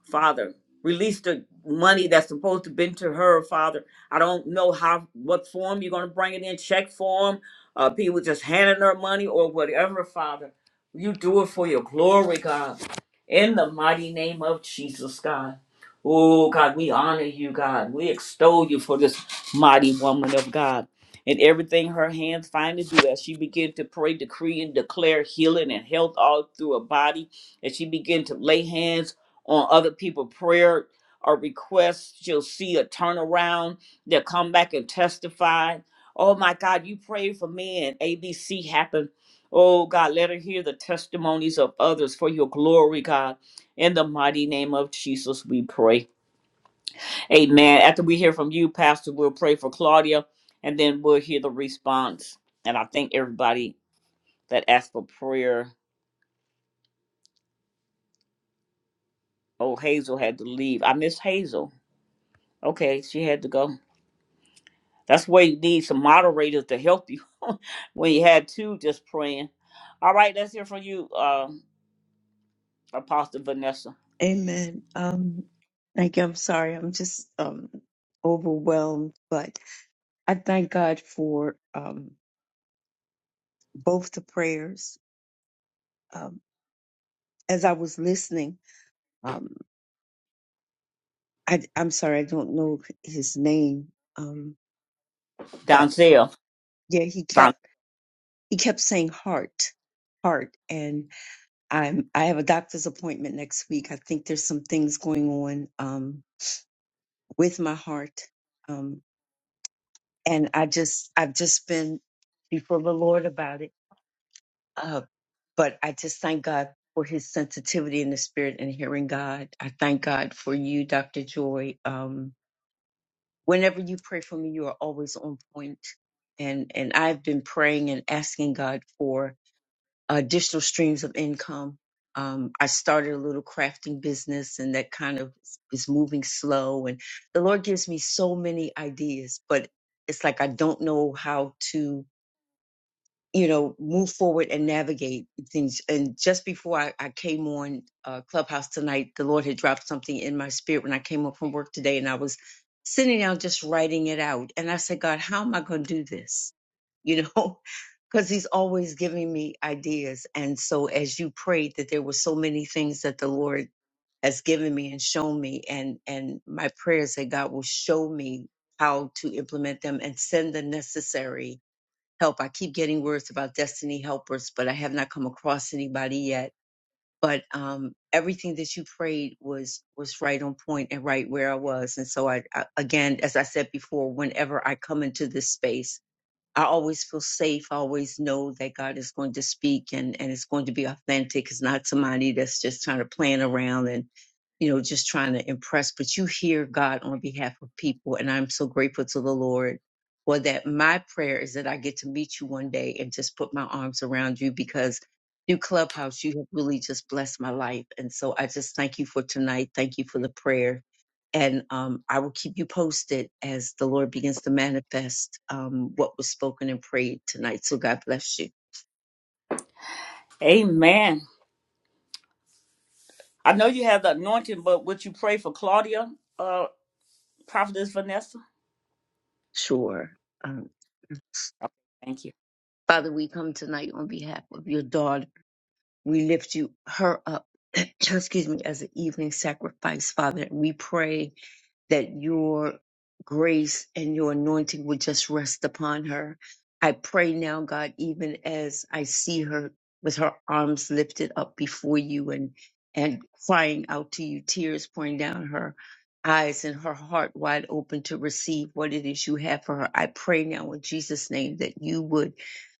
Speaker 1: Father. Release the money that's supposed to been to her, Father. I don't know how what form you're gonna bring it in, check form, uh people just handing her money or whatever, Father. You do it for your glory, God. In the mighty name of Jesus, God. Oh God, we honor you, God. We extol you for this mighty woman of God. And everything her hands find to do as she began to pray, decree, and declare healing and health all through her body. As she began to lay hands on other people' prayer or requests. She'll see a turnaround. They'll come back and testify. Oh my God, you prayed for me and ABC happened. Oh God, let her hear the testimonies of others for your glory, God. In the mighty name of Jesus, we pray. Amen. After we hear from you, Pastor, we'll pray for Claudia and then we'll hear the response. And I think everybody that asked for prayer. Oh, Hazel had to leave. I miss Hazel. Okay, she had to go. That's why you need some moderators to help you when you had two just praying. All right, let's hear from you, uh, Apostle Vanessa.
Speaker 11: Amen. Um, thank you. I'm sorry. I'm just um overwhelmed, but I thank God for um both the prayers. Um, as I was listening, um, I I'm sorry, I don't know his name. Um,
Speaker 1: Donzel.
Speaker 11: yeah he
Speaker 1: Don-
Speaker 11: kept he kept saying heart heart and i'm i have a doctor's appointment next week i think there's some things going on um with my heart um and i just i've just been before the lord about it uh but i just thank god for his sensitivity in the spirit and hearing god i thank god for you dr joy um whenever you pray for me you are always on point and and i've been praying and asking god for additional streams of income. Um, I started a little crafting business and that kind of is moving slow. And the Lord gives me so many ideas, but it's like I don't know how to you know, move forward and navigate things. And just before I, I came on uh, Clubhouse tonight, the Lord had dropped something in my spirit when I came up from work today, and I was sitting down just writing it out. And I said, God, how am I going to do this? You know, because He's always giving me ideas. And so, as you prayed, that there were so many things that the Lord has given me and shown me, and and my prayers that God will show me how to implement them and send the necessary help. I keep getting words about destiny helpers, but I have not come across anybody yet. But um, everything that you prayed was was right on point and right where I was. And so I, I again, as I said before, whenever I come into this space I always feel safe. I always know that God is going to speak and, and it's going to be authentic. It's not somebody that's just trying to plan around and, you know, just trying to impress, but you hear God on behalf of people. And I'm so grateful to the Lord for that. My prayer is that I get to meet you one day and just put my arms around you because through Clubhouse, you have really just blessed my life. And so I just thank you for tonight. Thank you for the prayer and um, I will keep you posted as the Lord begins to manifest um, what was spoken and prayed tonight. So God bless you.
Speaker 1: Amen. I know you have the anointing, but would you pray for Claudia, uh, Prophetess Vanessa?
Speaker 11: Sure. Um,
Speaker 1: Thank you.
Speaker 11: Father, we come tonight on behalf of your daughter. We lift you her up, excuse me, as an evening sacrifice, Father. We pray that your grace and your anointing would just rest upon her. I pray now, God, even as I see her with her arms lifted up before you and and crying out to you, tears pouring down her eyes and her heart wide open to receive what it is you have for her. I pray now in Jesus' name that you would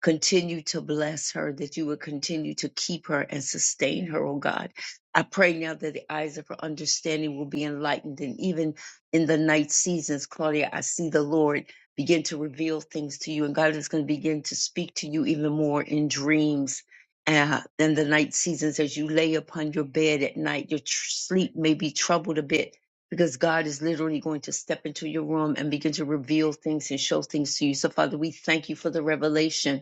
Speaker 11: Continue to bless her, that you would continue to keep her and sustain her, oh God. I pray now that the eyes of her understanding will be enlightened. And even in the night seasons, Claudia, I see the Lord begin to reveal things to you. And God is going to begin to speak to you even more in dreams. Uh, in the night seasons, as you lay upon your bed at night, your tr- sleep may be troubled a bit because God is literally going to step into your room and begin to reveal things and show things to you. So, Father, we thank you for the revelation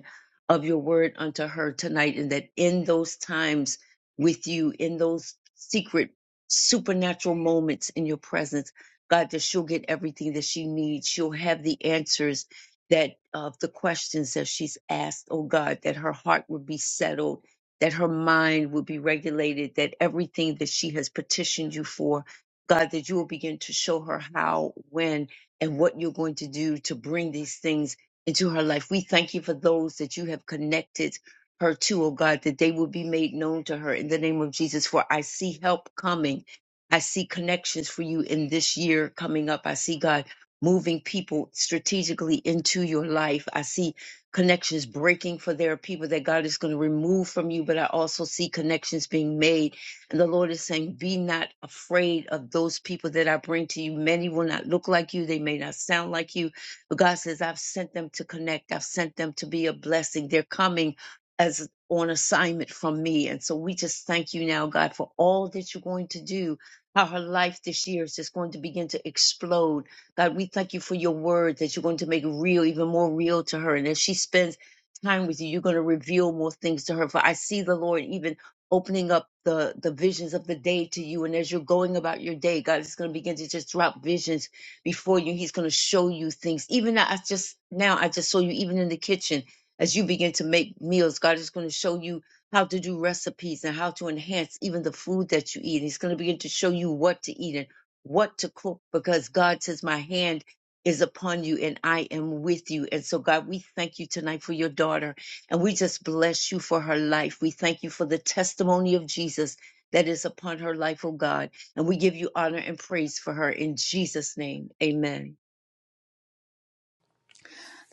Speaker 11: of your word unto her tonight, and that in those times with you, in those secret supernatural moments in your presence, God, that she'll get everything that she needs. She'll have the answers that of the questions that she's asked, oh God, that her heart would be settled, that her mind would be regulated, that everything that she has petitioned you for, God, that you will begin to show her how, when, and what you're going to do to bring these things into her life. We thank you for those that you have connected her to, oh God, that they will be made known to her in the name of Jesus. For I see help coming. I see connections for you in this year coming up. I see God moving people strategically into your life. I see connections breaking for there are people that God is going to remove from you, but I also see connections being made. And the Lord is saying, Be not afraid of those people that I bring to you. Many will not look like you, they may not sound like you but God says, I've sent them to connect. I've sent them to be a blessing. They're coming as on assignment from me. And so we just thank you now, God, for all that you're going to do, how her life this year is just going to begin to explode. God, we thank you for your word that you're going to make real, even more real to her. And as she spends time with you, you're going to reveal more things to her. For I see the Lord even opening up the, the visions of the day to you. And as you're going about your day, God is going to begin to just drop visions before you. He's going to show you things. Even I just now, I just saw you even in the kitchen as you begin to make meals. God is going to show you how to do recipes and how to enhance even the food that you eat. He's going to begin to show you what to eat and what to cook because God says, My hand is upon you and I am with you. And so, God, we thank you tonight for your daughter and we just bless you for her life. We thank you for the testimony of Jesus that is upon her life, oh God. And we give you honor and praise for her in Jesus' name. Amen.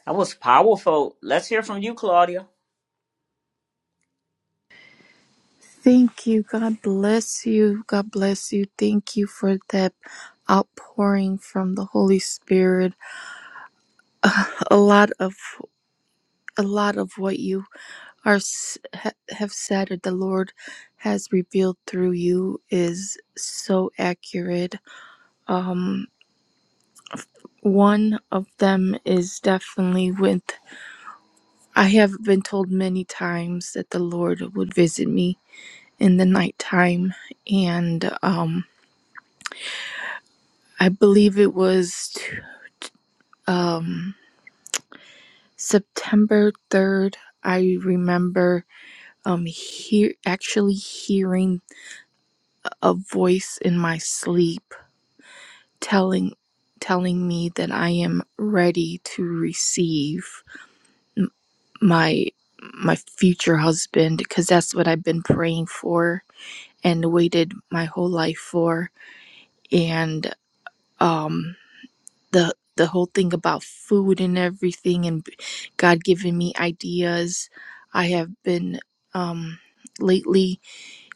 Speaker 1: That was powerful. Let's hear from you, Claudia.
Speaker 13: Thank you. God bless you. God bless you. Thank you for that outpouring from the Holy Spirit. A lot of a lot of what you are s- ha- have said or the Lord has revealed through you is so accurate. Um one of them is definitely with I have been told many times that the Lord would visit me in the nighttime and um I believe it was um September 3rd, I remember um hear actually hearing a voice in my sleep telling telling me that I am ready to receive m- my my future husband because that's what I've been praying for and waited my whole life for and um the the whole thing about food and everything and God giving me ideas. I have been um lately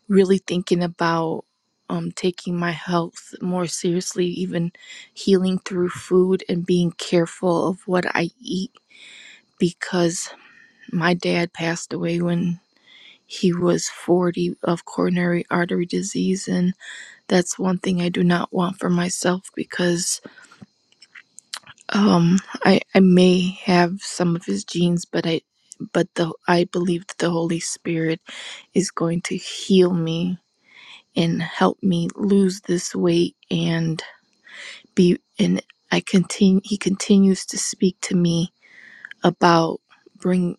Speaker 13: really thinking about um taking my health more seriously, even healing through food and being careful of what I eat because my dad passed away when he was 40 of coronary artery disease and that's one thing I do not want for myself because Um, I I may have some of his genes, but I but the I believe that the Holy Spirit is going to heal me and help me lose this weight and be and I continue he continues to speak to me about bring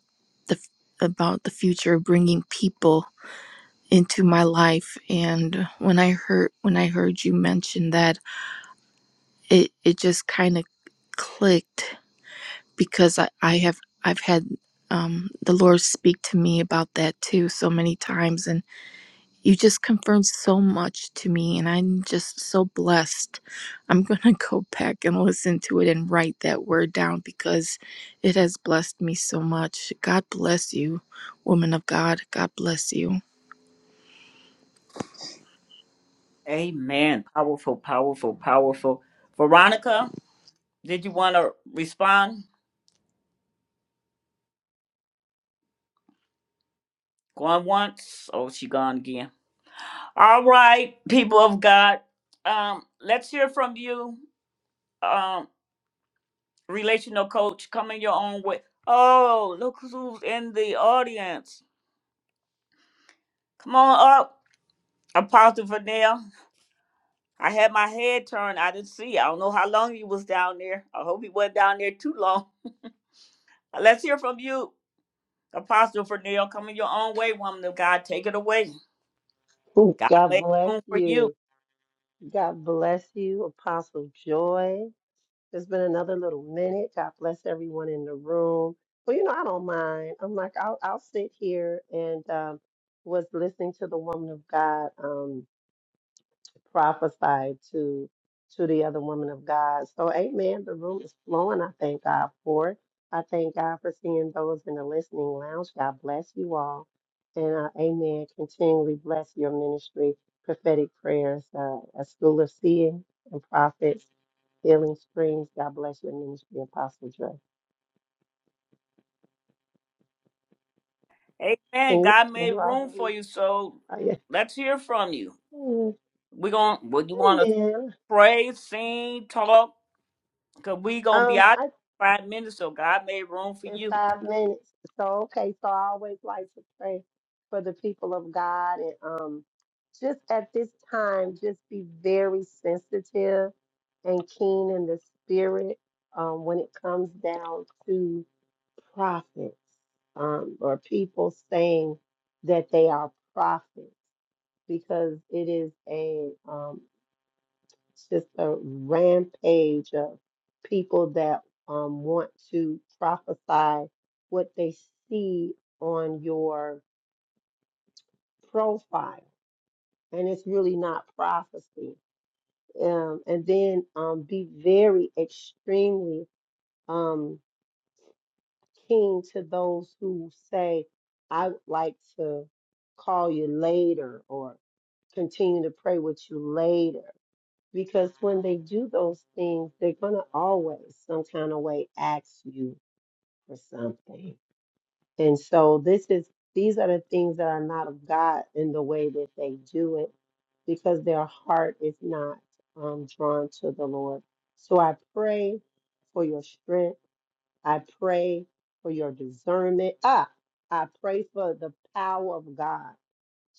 Speaker 13: the about the future of bringing people into my life and when I heard when I heard you mention that it it just kind of clicked because I, I have I've had um, the Lord speak to me about that too so many times, and you just confirmed so much to me, and I'm just so blessed. I'm gonna go back and listen to it and write that word down because it has blessed me so much. God bless you, woman of God. God bless you.
Speaker 1: Amen. Powerful, powerful, powerful. Veronica, did you want to respond? Going once? Oh, she gone again. All right, people of God, um, let's hear from you, um, relational coach. Coming your own way. Oh, look who's in the audience. Come on up, Apostle Vanel. I had my head turned. I didn't see. I don't know how long he was down there. I hope he wasn't down there too long. Uh, Let's hear from you, Apostle Vanel. Coming your own way, woman of God. Take it away.
Speaker 14: Ooh,
Speaker 1: God
Speaker 14: God
Speaker 1: made
Speaker 14: bless
Speaker 1: room for you.
Speaker 14: you. God bless you, Apostle Joy. It's been another little minute. God bless everyone in the room. Well, you know, I don't mind. I'm like, I'll, I'll sit here and um, was listening to the woman of God. Um, prophesied to to the other woman of God. So amen. The room is flowing. I thank God for it. I thank God for seeing those in the listening lounge. God bless you all. And uh, amen. Continually bless your ministry, prophetic prayers, uh, a school of seeing and prophets, healing springs. God bless your ministry, Apostle Dre. Can
Speaker 1: Amen.
Speaker 14: you
Speaker 1: God
Speaker 14: can
Speaker 1: made
Speaker 14: you all
Speaker 1: room
Speaker 14: hear
Speaker 1: for
Speaker 14: me?
Speaker 1: you. So
Speaker 14: Oh, yeah.
Speaker 1: let's hear from you.
Speaker 14: Mm,
Speaker 1: We're going. What you want to
Speaker 14: Amen.
Speaker 1: Pray, sing, talk, because we going to be
Speaker 14: Um,
Speaker 1: out
Speaker 14: I
Speaker 1: in five minutes, so God made room for
Speaker 14: in
Speaker 1: you.
Speaker 14: five minutes. So okay, so I always like to pray for the people of God and um just at this time just be very sensitive and keen in the spirit um when it comes down to prophets um or people saying that they are prophets because it is a um it's just a rampage of people that um, want to prophesy what they see on your profile. And it's really not prophecy. Um, and then um, be very extremely um, keen to those who say, I would like to call you later or continue to pray with you later. Because when they do those things, they're going to always, some kind of way, ask you for something. And so this is these are the things that are not of God in the way that they do it, because their heart is not um, drawn to the Lord. So I pray for your strength. I pray for your discernment. Ah, I pray for the power of God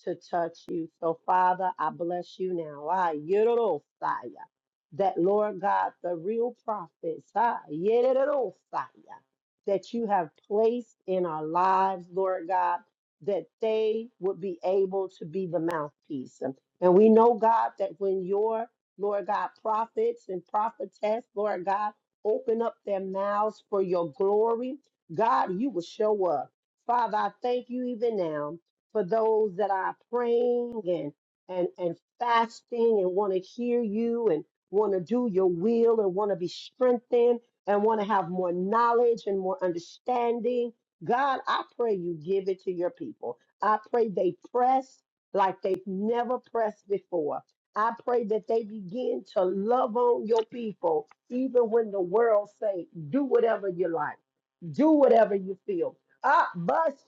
Speaker 14: to touch you. So, Father, I bless you now. Ah, Yorosaya. That, Lord God, the real prophets, ah, Yorosaya, that you have placed in our lives, Lord God, that they would be able to be the mouthpiece. And and we know, God, that when your, Lord God, prophets and prophetess, Lord God, open up their mouths for your glory, God, you will show up. Father, I thank you even now for those that are praying and and and fasting and want to hear you and want to do your will and want to be strengthened and want to have more knowledge and more understanding. God, I pray you give it to your people. I pray they press like they've never pressed before. I pray that they begin to love on your people, even when the world say, do whatever you like, do whatever you feel. Ah, but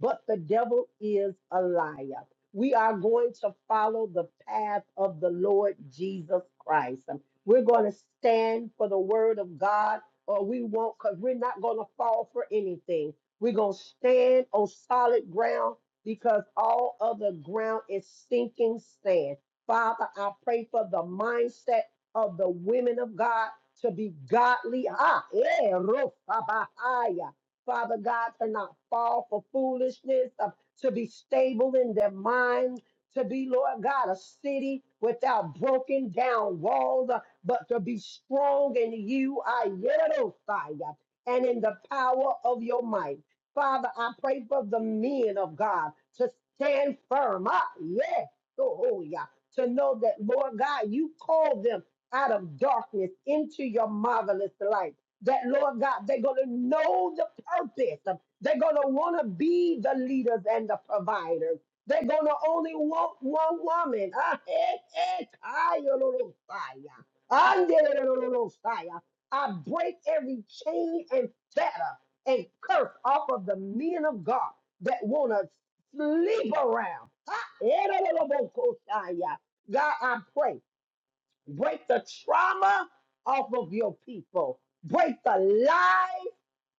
Speaker 14: but the devil is a liar. We are going to follow the path of the Lord Jesus Christ. Um, We're going to stand for the word of God, or we won't, because we're not going to fall for anything. We're going to stand on solid ground because all other ground is sinking sand. Father, I pray for the mindset of the women of God to be godly. Ah, eh, rosabahaya. Father God, to not fall for foolishness, uh, to be stable in their mind, to be, Lord God, a city without broken down walls, uh, but to be strong in you, I Ayerosaya, and in the power of your might. Father, I pray for the men of God to stand firm. Ah, yes. Oh, oh, yeah. To know that, Lord God, you called them out of darkness into your marvelous light that Lord God, they're going to know the purpose. They're going to want to be the leaders and the providers. They're going to only want one woman. Ah, eh, eh, kayororosaya. Anderororosaya. I break every chain and fetter and curse off of the men of God that want to sleep around. Ah, erororobokosaya. God, I pray. Break the trauma off of your people. Break the lies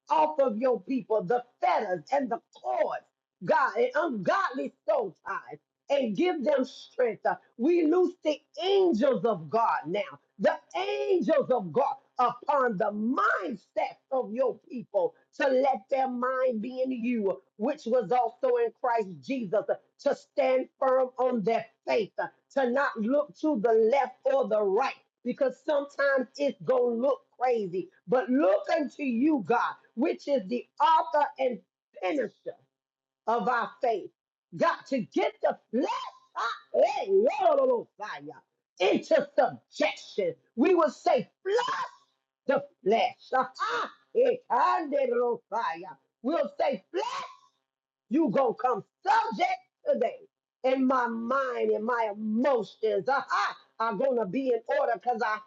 Speaker 14: off of your people the fetters and the cords, God, and ungodly soul ties, and give them strength. Uh, We loose the angels of God now, the angels of God upon the mindset of your people to let their mind be in you, which was also in Christ Jesus, uh, to stand firm on their faith, uh, to not look to the left or the right because sometimes it's going to look crazy. But look unto you, God, which is the author and finisher of our faith. God, to get the flesh ah, eh, lo, lo, lo, fire, into subjection. We will say, flush the flesh. Ah, ah, eh, ande, lo, fire. We'll say, flesh. You gonna come subject today. And my mind and my emotions aha, are gonna be in order because I have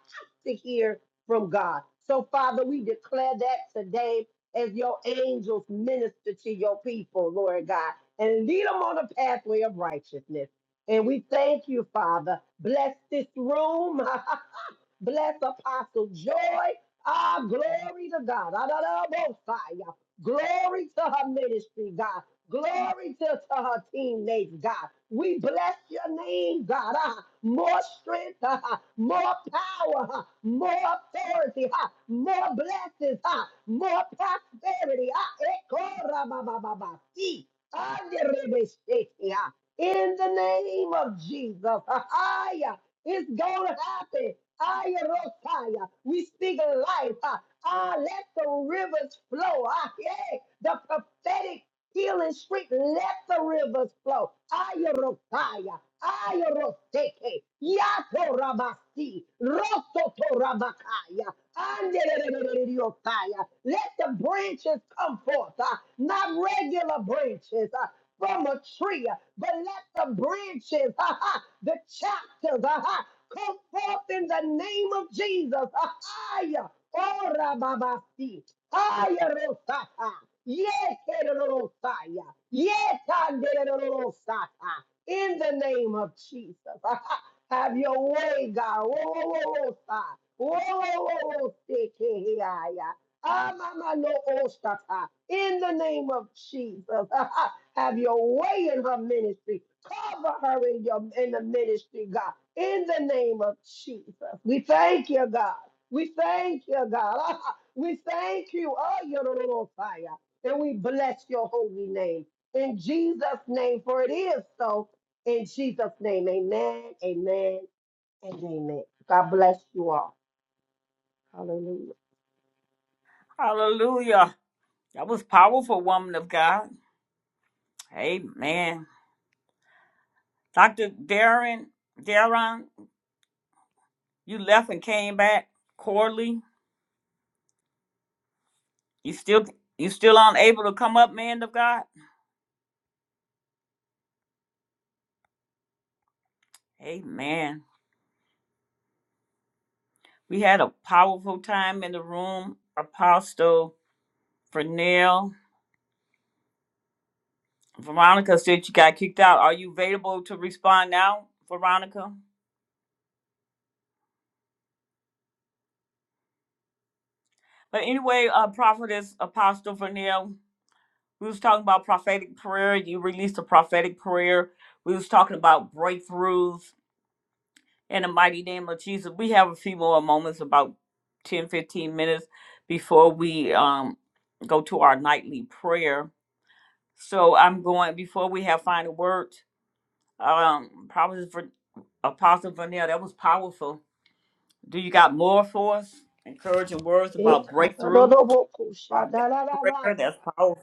Speaker 14: to hear from God. So, Father, we declare that today as your angels minister to your people, Lord God, and lead them on the pathway of righteousness. And we thank you, Father. Bless this room. Bless Apostle Joy. Ah, glory to God. Adonabosai. Glory to her ministry, God. Glory to, to her teammates, God. We bless your name, God. Ah, more strength, ah, more power, ah, more authority, ah, more blessings, ah, more prosperity. Ah, ekorabababasi, anderebesheti, ah. In the name of Jesus. Ah, ah, yeah. It's Golgotha. Ayarosaya. We speak life. Ah, ah, let the rivers flow. Ah, yeah. The prophetic healing street. Let the rivers flow. Aya Rosaya. Aya Roseke. yato rabasti, roto Rosotorabakaya. Andererererereriosaya. Let the branches come forth. Ah, not regular branches. Ah, from a tree, but let the branches, ha ha, the chapters, ha ha, come forth in the name of Jesus. Ha ha, ya. Ora babasi. Haya rosata. Yekerosaya. Yekanderosata. In the name of Jesus. Ha ha. Have your way, God. Whoa, whoa, whoa, whoa, In the name of Jesus. Have your way in her ministry. Cover her in your in the ministry, God. In the name of Jesus. We thank you, God. We thank you, God. We thank you. Oh, you're the Lord fire. And we bless your holy name. In Jesus' name, for it is so. In Jesus' name, amen, amen, and amen. God bless you all. Hallelujah.
Speaker 1: Hallelujah. That was powerful, woman of God. Amen. Dr. Darren, Darren, you left and came back. Corley, you still you still unable to come up, man of God? Amen. We had a powerful time in the room. Apostle Fernell. Veronica said you got kicked out. Are you available to respond now, Veronica? But anyway, uh, prophetess, apostle Vernell, we was talking about prophetic prayer. You released a prophetic prayer. We was talking about breakthroughs in the mighty name of Jesus. We have a few more moments, about 10, 15 minutes before we um, go to our nightly prayer. So I'm going, before we have final words, um, prophetess, Ver- apostle Vernell, that was powerful. Do you got more for us? Encouraging words about breakthrough, prophetic prayer, that's powerful.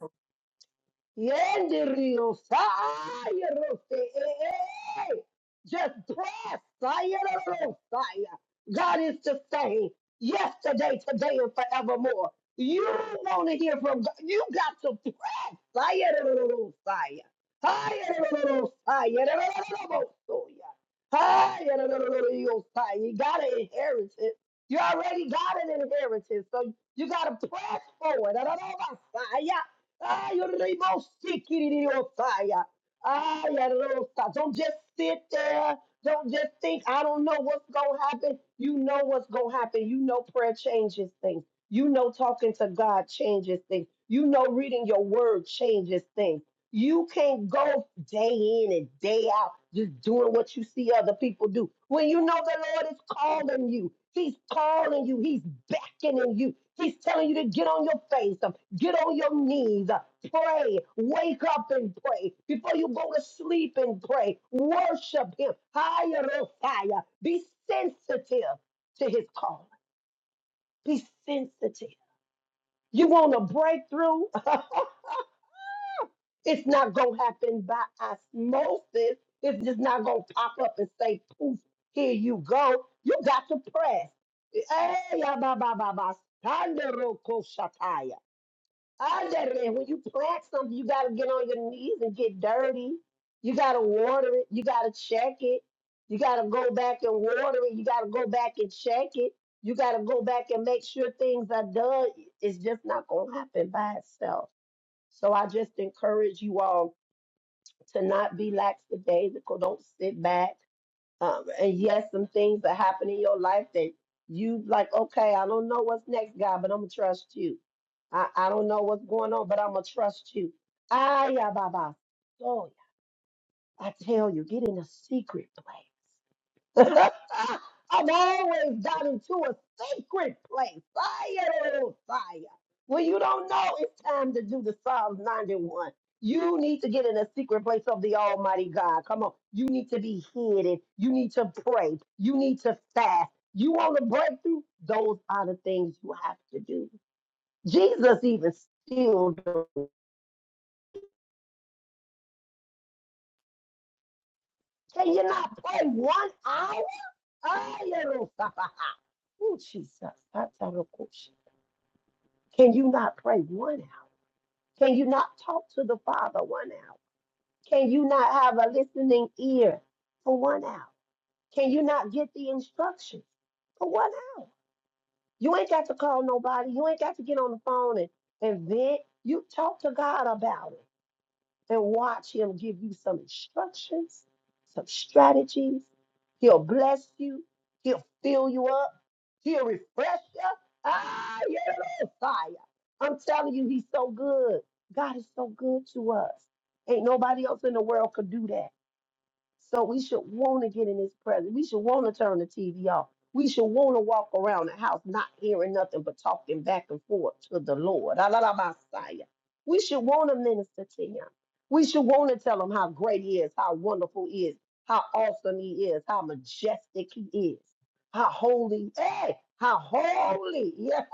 Speaker 14: Yendirio, fire, roste, eh, eh, eh. just bless, fire, roste, fire. God is the same yesterday, today, and forevermore. You want to hear from God. You got to press. Fire, roste, fire. Fire, roste, fire, roste, fire, roste, fire. You got to inherit it. You already got an inheritance, so you got to press forward. I don't know about Fire. Ay, oribosikiririyosaya. Ay, arosa. Don't just sit there. Don't just think, I don't know what's going to happen. You know what's going to happen. You know prayer changes things. You know talking to God changes things. You know reading your word changes things. You can't go day in and day out just doing what you see other people do. When you know the Lord is calling you, He's calling you, He's beckoning you, He's telling you to get on your face, um, get on your knees, uh, pray, wake up and pray. Before you go to sleep and pray, worship Him. Higher or fire. Be sensitive to His call. Be sensitive. You want a breakthrough? It's not going to happen by osmosis. It's just not going to pop up and say, poof, here you go. You got to press. Eh, ya ba ba ba ba, sandero ko shataya. Andere, When you plant something, you got to get on your knees and get dirty. You got to water it. You got to check it. You got to go back and water it. You got to go back and check it. You got to go back and make sure things are done. It's just not going to happen by itself. So I just encourage you all to not be lackadaisical. Don't sit back. Um, and yes, some things that happen in your life that you like, okay, I don't know what's next, God, but I'm going to trust you. I, I don't know what's going on, but I'm going to trust you. Ah, yeah, Baba. So I tell you, get in a secret place. I'm always gotten to a sacred place. Fire, oh, fire. When you don't know it's time to do the Psalms 91, you need to get in a secret place of the Almighty God. Come on. You need to be hidden. You need to pray. You need to fast. You want to break through? Those are the things you have to do. Jesus even still do. Can you not pray one hour? Fire, oh, Ooh, Jesus. That's a real question. Can you not pray one hour? Can you not talk to the Father one hour? Can you not have a listening ear for one hour? Can you not get the instructions for one hour? You ain't got to call nobody. You ain't got to get on the phone and, and vent. You talk to God about it and watch him give you some instructions, some strategies. He'll bless you. He'll fill you up. He'll refresh you. Ah, yeah, yeah, yeah, fire. I'm telling you, he's so good. God is so good to us. Ain't nobody else in the world could do that. So we should want to get in his presence. We should want to turn the TV off. We should want to walk around the house not hearing nothing but talking back and forth to the Lord. Alalabasaya. We should want to minister to him. We should want to tell him how great he is, how wonderful he is, how awesome he is, how majestic he is, how holy, hey, how holy, yeah,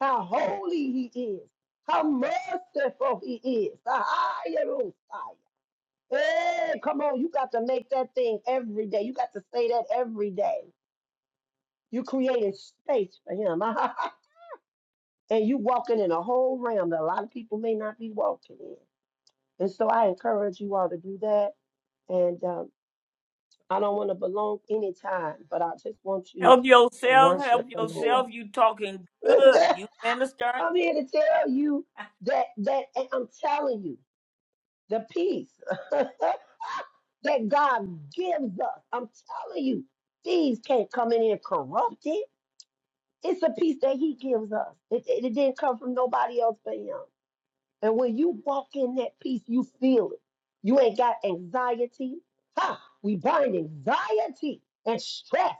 Speaker 14: how holy he is, how merciful he is. Eh, come on, you got to make that thing every day. You got to say that every day. You created space for him. and you walking in a whole realm that a lot of people may not be walking in. And so I encourage you all to do that. And um, I don't want to belong any time, but I just want you
Speaker 1: Help
Speaker 14: to
Speaker 1: yourself, help
Speaker 14: worship the Lord.
Speaker 1: yourself. You talking good. You minister.
Speaker 14: I'm here to tell you that that and I'm telling you. the peace that God gives us. I'm telling you, thieves can't come in here corrupted. It's a peace that He gives us. It, it, it didn't come from nobody else but Him. And when you walk in that peace, you feel it. You ain't got anxiety. Ha! We bind anxiety and stress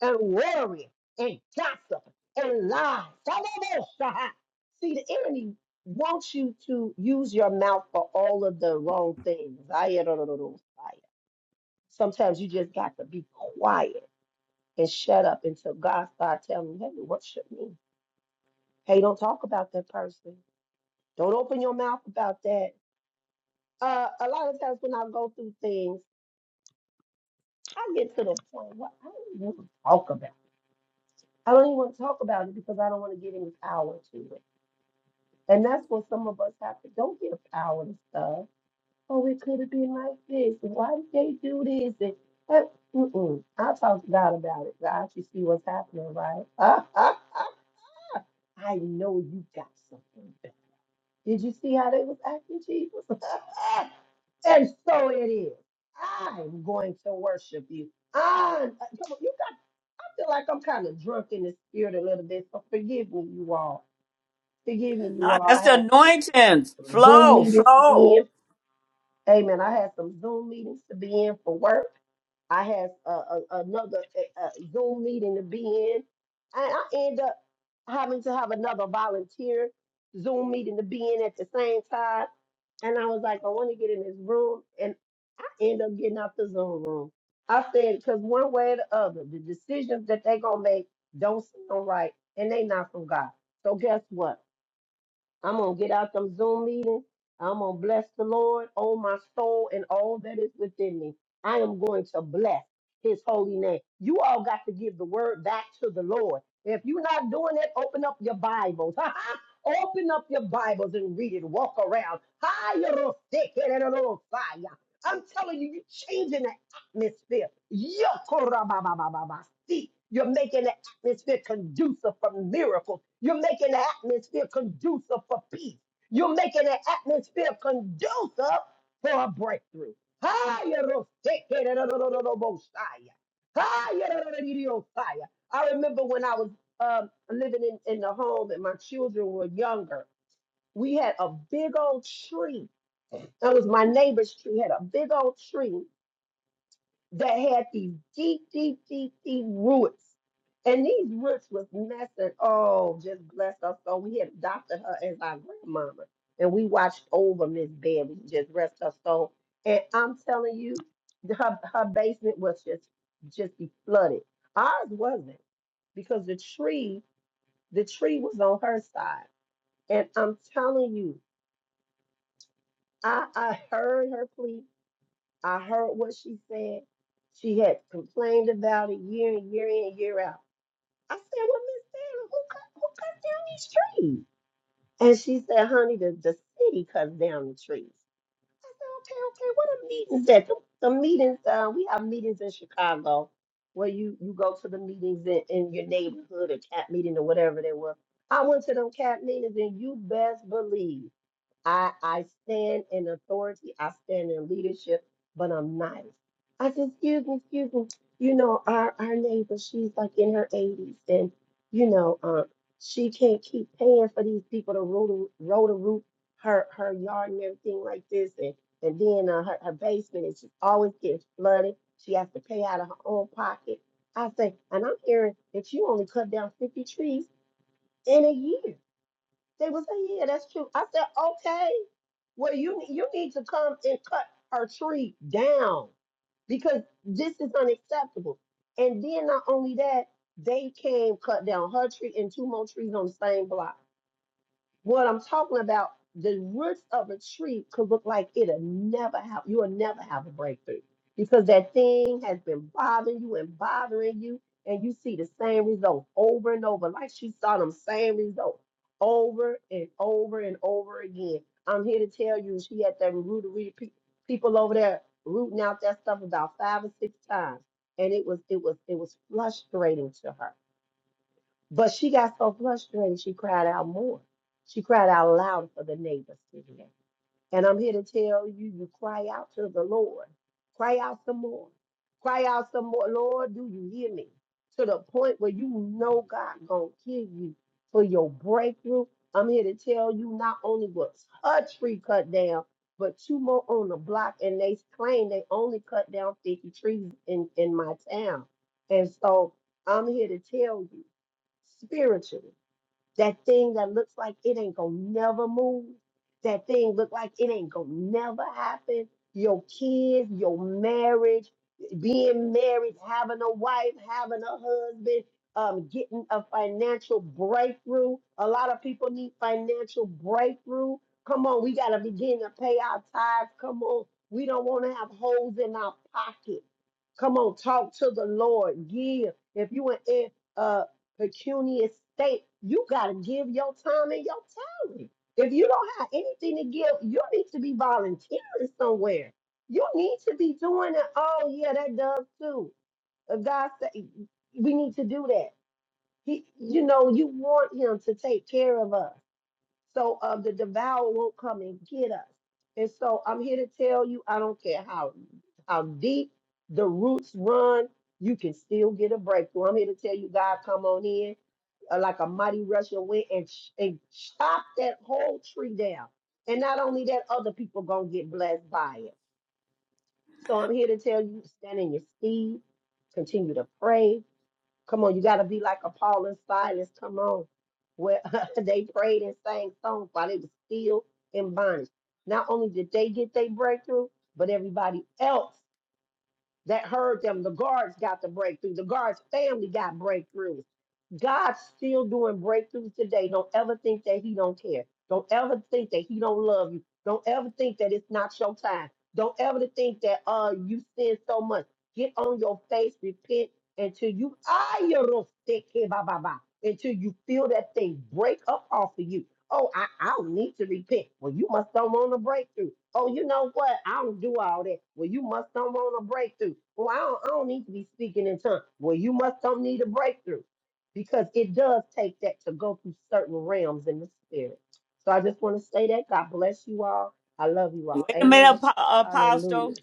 Speaker 14: and worry and gossip and lies. Hallelujah. See, the enemy wants you to use your mouth for all of the wrong things. Sometimes you just got to be quiet and shut up until God starts telling you, hey, worship me. Hey, don't talk about that person. Don't open your mouth about that. Uh, a lot of times when I go through things, I get to the point where I don't even want to talk about. it. I don't even want to talk about it because I don't want to give any power to it. And that's what some of us have to don't give power to stuff. Oh, it could have been like this. and Why did they do this? And that, mm-mm. I'll talk to God about it. I actually see what's happening, right? I know you got something. better. Did you see how they was acting, Jesus? and so it is. I'm going to worship you. I'm, I- come on, you got, I feel like I'm kind of drunk in the spirit a little bit, so forgive me, you all. Forgive me, you
Speaker 1: Ah,
Speaker 14: all. I
Speaker 1: that's the
Speaker 14: had some, some,
Speaker 1: anointings.
Speaker 14: some Zoom
Speaker 1: Flow,
Speaker 14: meetings to be
Speaker 1: flow.
Speaker 14: in. Amen. I had some Zoom meetings to be in for work. I have a, a, another uh uh, Zoom meeting to be in, and I end up having to have another volunteer Zoom meeting to be in at the same time. And I was like, I want to get in this room, and I end up getting out the Zoom room. I said, because one way or the other, the decisions that they gonna make don't sound right, and they not from God. So guess what? I'm gonna get out them Zoom meetings. I'm gonna bless the Lord, oh my soul, and all that is within me. I am going to bless his holy name. You all got to give the word back to the Lord. If you're not doing it, open up your Bibles. open up your Bibles and read it. Walk around. I'm telling you, you're changing the atmosphere. You're making the atmosphere conducive for miracles. You're making an atmosphere conducive for peace. You're making an atmosphere conducive for a breakthrough. I remember when I was um, living in, in the home and my children were younger, we had a big old tree. That was my neighbor's tree, had a big old tree that had these deep, deep, deep, deep roots. And these roots was messing. Oh, just bless us. So we had adopted her as our grandmama. And we watched over Miss Bailey, just rest her soul. And I'm telling you, her, her basement was just just be flooded. Ours wasn't because the tree, the tree was on her side. And I'm telling you, I I heard her plea. I heard what she said. She had complained about it year and year in, year out. I said, Well, Miss Taylor, who cut, who cut down these trees? And she said, Honey, the, the city cuts down the trees. I said, Okay, okay, what are meetings that? The, the meetings, uh, we have meetings in Chicago where you, you go to the meetings in, in your neighborhood or cat meeting or whatever they were. I went to them cat meetings and you best believe. I I stand in authority, I stand in leadership, but I'm nice. I said, excuse me, excuse me. You know, our our neighbor, she's like in her 80s, and you know, uh, she can't keep paying for these people to roll the roll the roof her her yard and everything like this, and and then uh, her her basement and she always gets flooded. She has to pay out of her own pocket. I say, and I'm hearing that you only cut down 50 trees in a year. They was say, yeah, that's true. I said, okay. Well, you you need to come and cut her tree down because this is unacceptable. And then not only that, they came cut down her tree and two more trees on the same block. What I'm talking about, the roots of a tree could look like it'll never have, you'll never have a breakthrough because that thing has been bothering you and bothering you, and you see the same result over and over. Like she saw them same results over and over and over again. I'm here to tell you, she had that rootery pe- people over there rooting out that stuff about five or six times, and it was it was it was frustrating to her but she got so frustrated, she cried out more. She cried out louder for the neighbors to hear. And I'm here to tell you, you cry out to the Lord. Cry out some more. Cry out some more. Lord, do you hear me? To the point where you know God gonna kill you for your breakthrough. I'm here to tell you not only was her tree cut down, but two more on the block, and they claim they only cut down 50 trees in, in my town. And so I'm here to tell you spiritually. That thing that looks like it ain't gonna never move. That thing look like it ain't gonna never happen. Your kids, your marriage, being married, having a wife, having a husband, um, getting a financial breakthrough. A lot of people need financial breakthrough. Come on, we gotta begin to pay our tithes. Come on, we don't want to have holes in our pocket. Come on, talk to the Lord. Give. If you an pecuniary state. You got to give your time and your talent. If you don't have anything to give, you need to be volunteering somewhere. You need to be doing it. Oh, yeah, that does too. If God say we need to do that. He, you know, you want him to take care of us. So um, the devourer won't come and get us. And so I'm here to tell you, I don't care how how deep the roots run, you can still get a breakthrough. I'm here to tell you, God, come on in uh, like a mighty rush of wind and, ch- and chop that whole tree down. And not only that, other people gonna get blessed by it. So I'm here to tell you, stand in your seed, continue to pray, Come on, you got to be like a Paul and Silas. Come on. Where they prayed and sang songs while they were still in bondage. Not only did they get their breakthrough, but everybody else that heard them. The guards got the breakthrough. The guards' family got breakthroughs. God's still doing breakthroughs today. Don't ever think that He don't care. Don't ever think that He don't love you. Don't ever think that it's not your time. Don't ever to think that uh you sin so much. Get on your face, repent until you ah, you don't stick here, bah, bah, bah, until you feel that thing break up off of you Oh, I, I don't need to repent. Well, you must don't want a breakthrough. Oh, you know what? I don't do all that. Well, you must don't want a breakthrough. Well, I don't, I don't need to be speaking in tongues. Well, you must don't need a breakthrough because it does take that to go through certain realms in the spirit. So I just want to say that. God bless you all. I love you all.
Speaker 1: Wait a minute,
Speaker 14: Amen.
Speaker 1: Apo-
Speaker 14: Hallelujah.
Speaker 1: Apostle.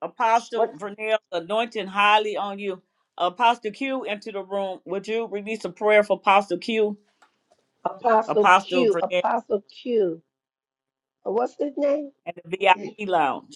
Speaker 1: Apostle
Speaker 14: What
Speaker 1: Vernell, anointing highly on you. Apostle Q into the room. Would you release a prayer for Apostle Q,
Speaker 14: Apostle
Speaker 1: Apostle
Speaker 14: Q,
Speaker 1: Vernell,
Speaker 14: Apostle Q, uh, what's his name?
Speaker 1: and the VIP lounge?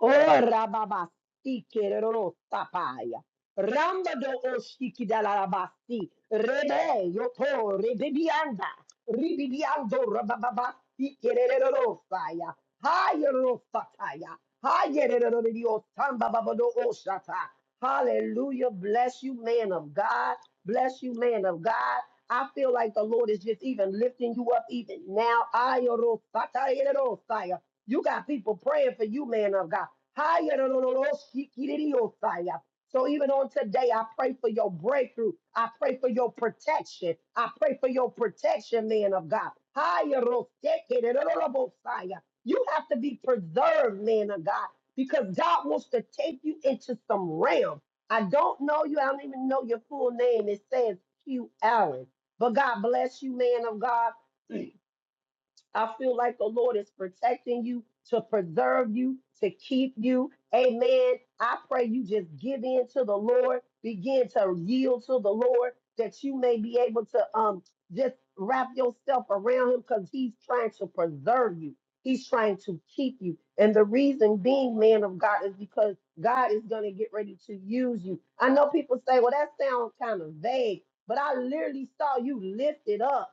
Speaker 14: Ora babasti kerero tapaya. Ramba do oshiki dalarabasti. Rebe yoto rebebianda. Ribibiando rababasti kerero saya. Hayero sataya. Hayero rio tamba babado oshata. Hallelujah. Bless you, man of God. Bless you, man of God. I feel like the Lord is just even lifting you up even now. Ayero sataya. You got people praying for you, man of God. Higher than the Lord, she- he So even on today, I pray for your breakthrough. I pray for your protection. I pray for your protection, man of God. Higher than the fire. You have to be preserved, man of God, because God wants to take you into some realm. I don't know you. I don't even know your full name. It says Q Allen. But God bless you, man of God. I feel like the Lord is protecting you, to preserve you, to keep you. Amen. I pray you just give in to the Lord, begin to yield to the Lord, that you may be able to um just wrap yourself around him because he's trying to preserve you. He's trying to keep you. And the reason being, man of God, is because God is going to get ready to use you. I know people say, well, that sounds kind of vague, but I literally saw you lifted up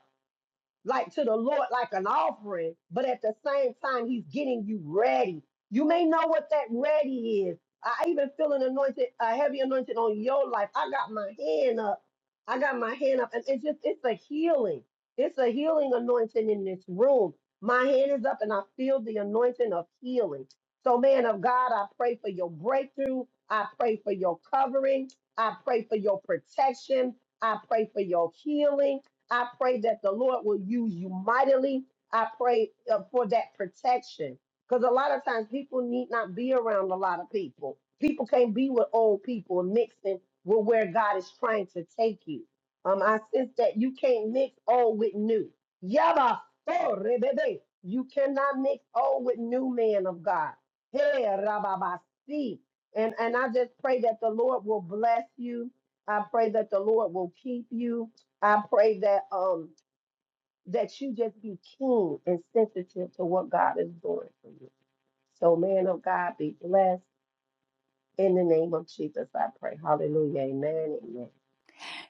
Speaker 14: like to the Lord like an offering, but at the same time, He's getting you ready. You may know what that ready is. I I even feel an anointed, a heavy anointing on your life. I got my hand up. I got my hand up, and it's just it's a healing. It's a healing anointing in this room. My hand is up, and I feel the anointing of healing. So, man of God, I pray for your breakthrough. I pray for your covering. I pray for your protection. I pray for your healing. I pray that the Lord will use you mightily. I pray uh, for that protection because a lot of times people need not be around a lot of people. People can't be with old people and mixing with where God is trying to take you. Um, I sense that you can't mix old with new. Yaba, oh, rebebe. You cannot mix old with new man of God. Hey, rababasi. And and I just pray that the Lord will bless you. I pray that the Lord will keep you. I pray that um that you just be keen and sensitive to what God is doing for you. So, man of God, be blessed in the name of Jesus. I pray. Hallelujah. Amen. Amen.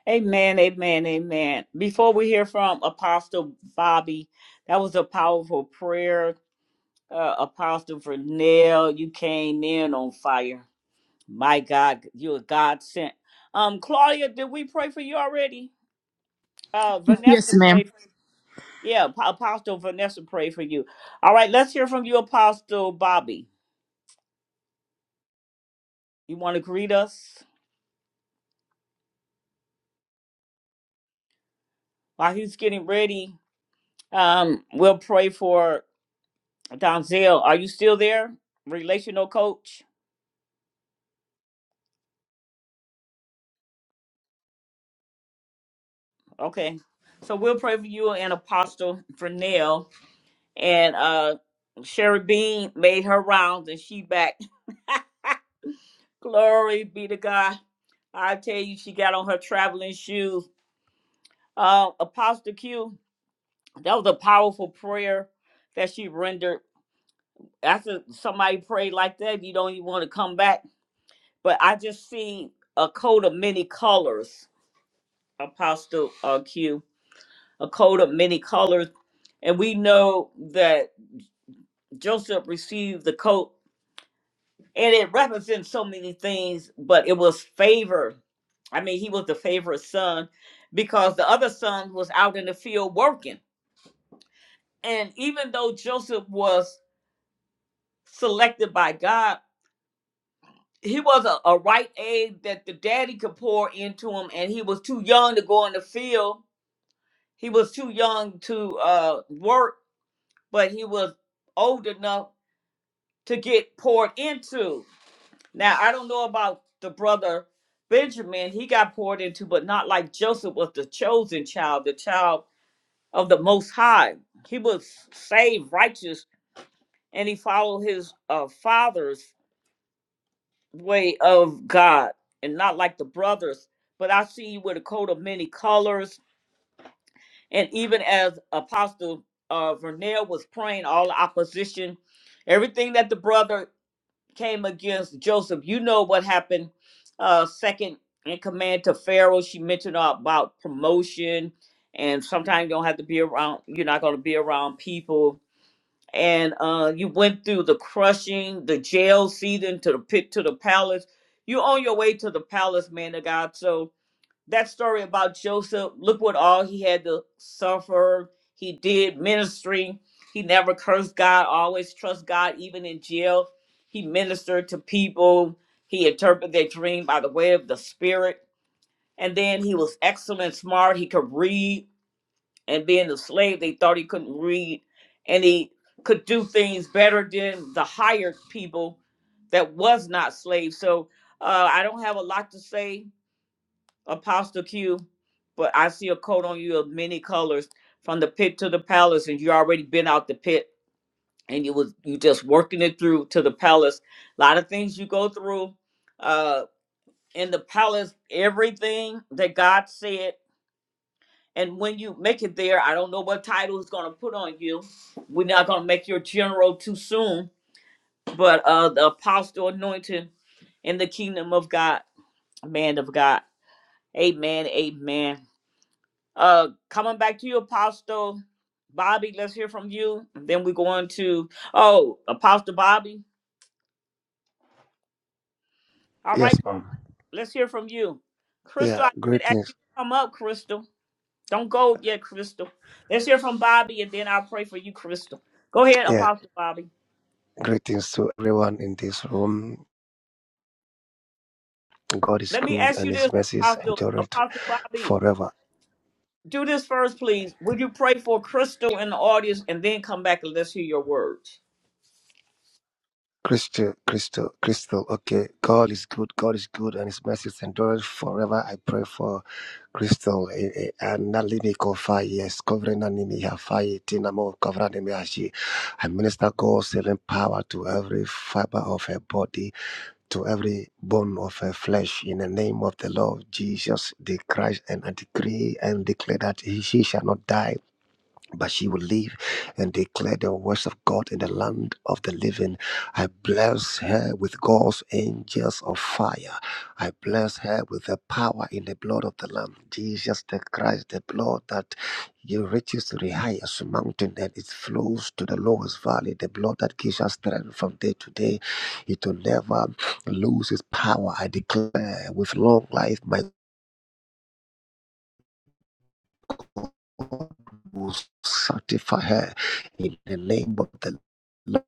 Speaker 1: Amen, amen, amen. Before we hear from Apostle Bobby, that was a powerful prayer. Uh, Apostle Vernell, you came in on fire. My God, you a God sent. Um, Claudia, did we pray for you already? Uh, Vanessa
Speaker 13: Yes, ma'am.
Speaker 1: prayed. Yeah, Pa- Apostle Vanessa prayed for you. All right, let's hear from you, Apostle Bobby. You want to greet us while he's getting ready? Um, we'll pray for Donzel. Are you still there? Relational coach. Okay. So we'll pray for you and Apostle Vernell. and uh Sherry Bean made her rounds and she back. Glory be to God. I tell you, she got on her traveling shoes. Uh, Apostle Q, that was a powerful prayer that she rendered. After somebody prayed like that, you don't even want to come back. But I just see a coat of many colors, Apostle uh, Q, a coat of many colors. And we know that Joseph received the coat and it represents so many things but it was favor i mean he was the favorite son because the other son was out in the field working and even though joseph was selected by god he was a, a right egg that the daddy could pour into him and he was too young to go in the field he was too young to uh work but he was old enough to get poured into Now I don't know about the brother Benjamin. He got poured into, but not like Joseph was the chosen child, the child of the Most High. He was saved, righteous, and he followed his uh, father's way of God, and not like the brothers. But I see you with a coat of many colors, and even as Apostle uh, Vernell was praying, all the opposition, everything that the brother came against Joseph. You know what happened. Uh, second in command to Pharaoh, she mentioned about promotion, and sometimes you don't have to be around. You're not going to be around people, and uh, you went through the crushing, the jail season to the pit to the palace. You're on your way to the palace, man of God. So that story about Joseph, look what all he had to suffer. He did ministry. He never cursed God, always trust God, even in jail. He ministered to people. He interpreted their dream by the way of the spirit. And then he was excellent, smart. He could read. And being a slave, they thought he couldn't read. And he could do things better than the hired people that was not slaves. So uh, I don't have a lot to say Apostle Q, but I see a coat on you of many colors from the pit to the palace, and you already been out the pit and you was you just working it through to the palace. A lot of things you go through uh in the palace, everything that God said. And when you make it there, I don't know what title is gonna put on you. We're not gonna make you a general too soon, but uh the apostle anointing in the kingdom of God, man of God. Amen, amen. Uh, coming back to you, Apostle Bobby. Let's hear from you. And then we go on to oh, Apostle Bobby. All
Speaker 15: Yes,
Speaker 1: right,
Speaker 15: ma'am.
Speaker 1: let's hear from you,
Speaker 15: Yeah,
Speaker 1: Crystal. I did ask you
Speaker 15: greetings.
Speaker 1: to come up, Crystal. Don't go yet, Crystal. Let's hear from Bobby, and then I'll pray for you, Crystal. Go ahead,
Speaker 15: Yeah,
Speaker 1: Apostle Bobby.
Speaker 15: greetings to everyone in this room. God is
Speaker 1: Let me
Speaker 15: good
Speaker 1: ask
Speaker 15: and
Speaker 1: you
Speaker 15: his
Speaker 1: this,
Speaker 15: mercies
Speaker 1: Apostle
Speaker 15: endure it
Speaker 1: Apostle Bobby.
Speaker 15: forever.
Speaker 1: Do this first, please. Would you pray for Crystal in the audience, and then come back and let's hear your words?
Speaker 15: Crystal, crystal, crystal. Okay, God is good. God is good and his mercies endure it forever. I pray for Crystal eh, eh, and Nalini Kofai. Yes, covering Nalini Hafai, Tinamo, covering Nimi Ashi. I minister God's healing power to every fiber of her body to every bone of her flesh in the name of the Lord Jesus the Christ. And I decree and declare that he, she shall not die but she will live and declare the words of God in the land of the living. I bless her with God's angels of fire. I bless her with the power in the blood of the Lamb, Jesus the Christ, the blood that you reaches to the highest mountain and it flows to the lowest valley. The blood that gives us strength from day to day, it will never lose its power. I declare with long life, my will sanctify her in the name of the Lord.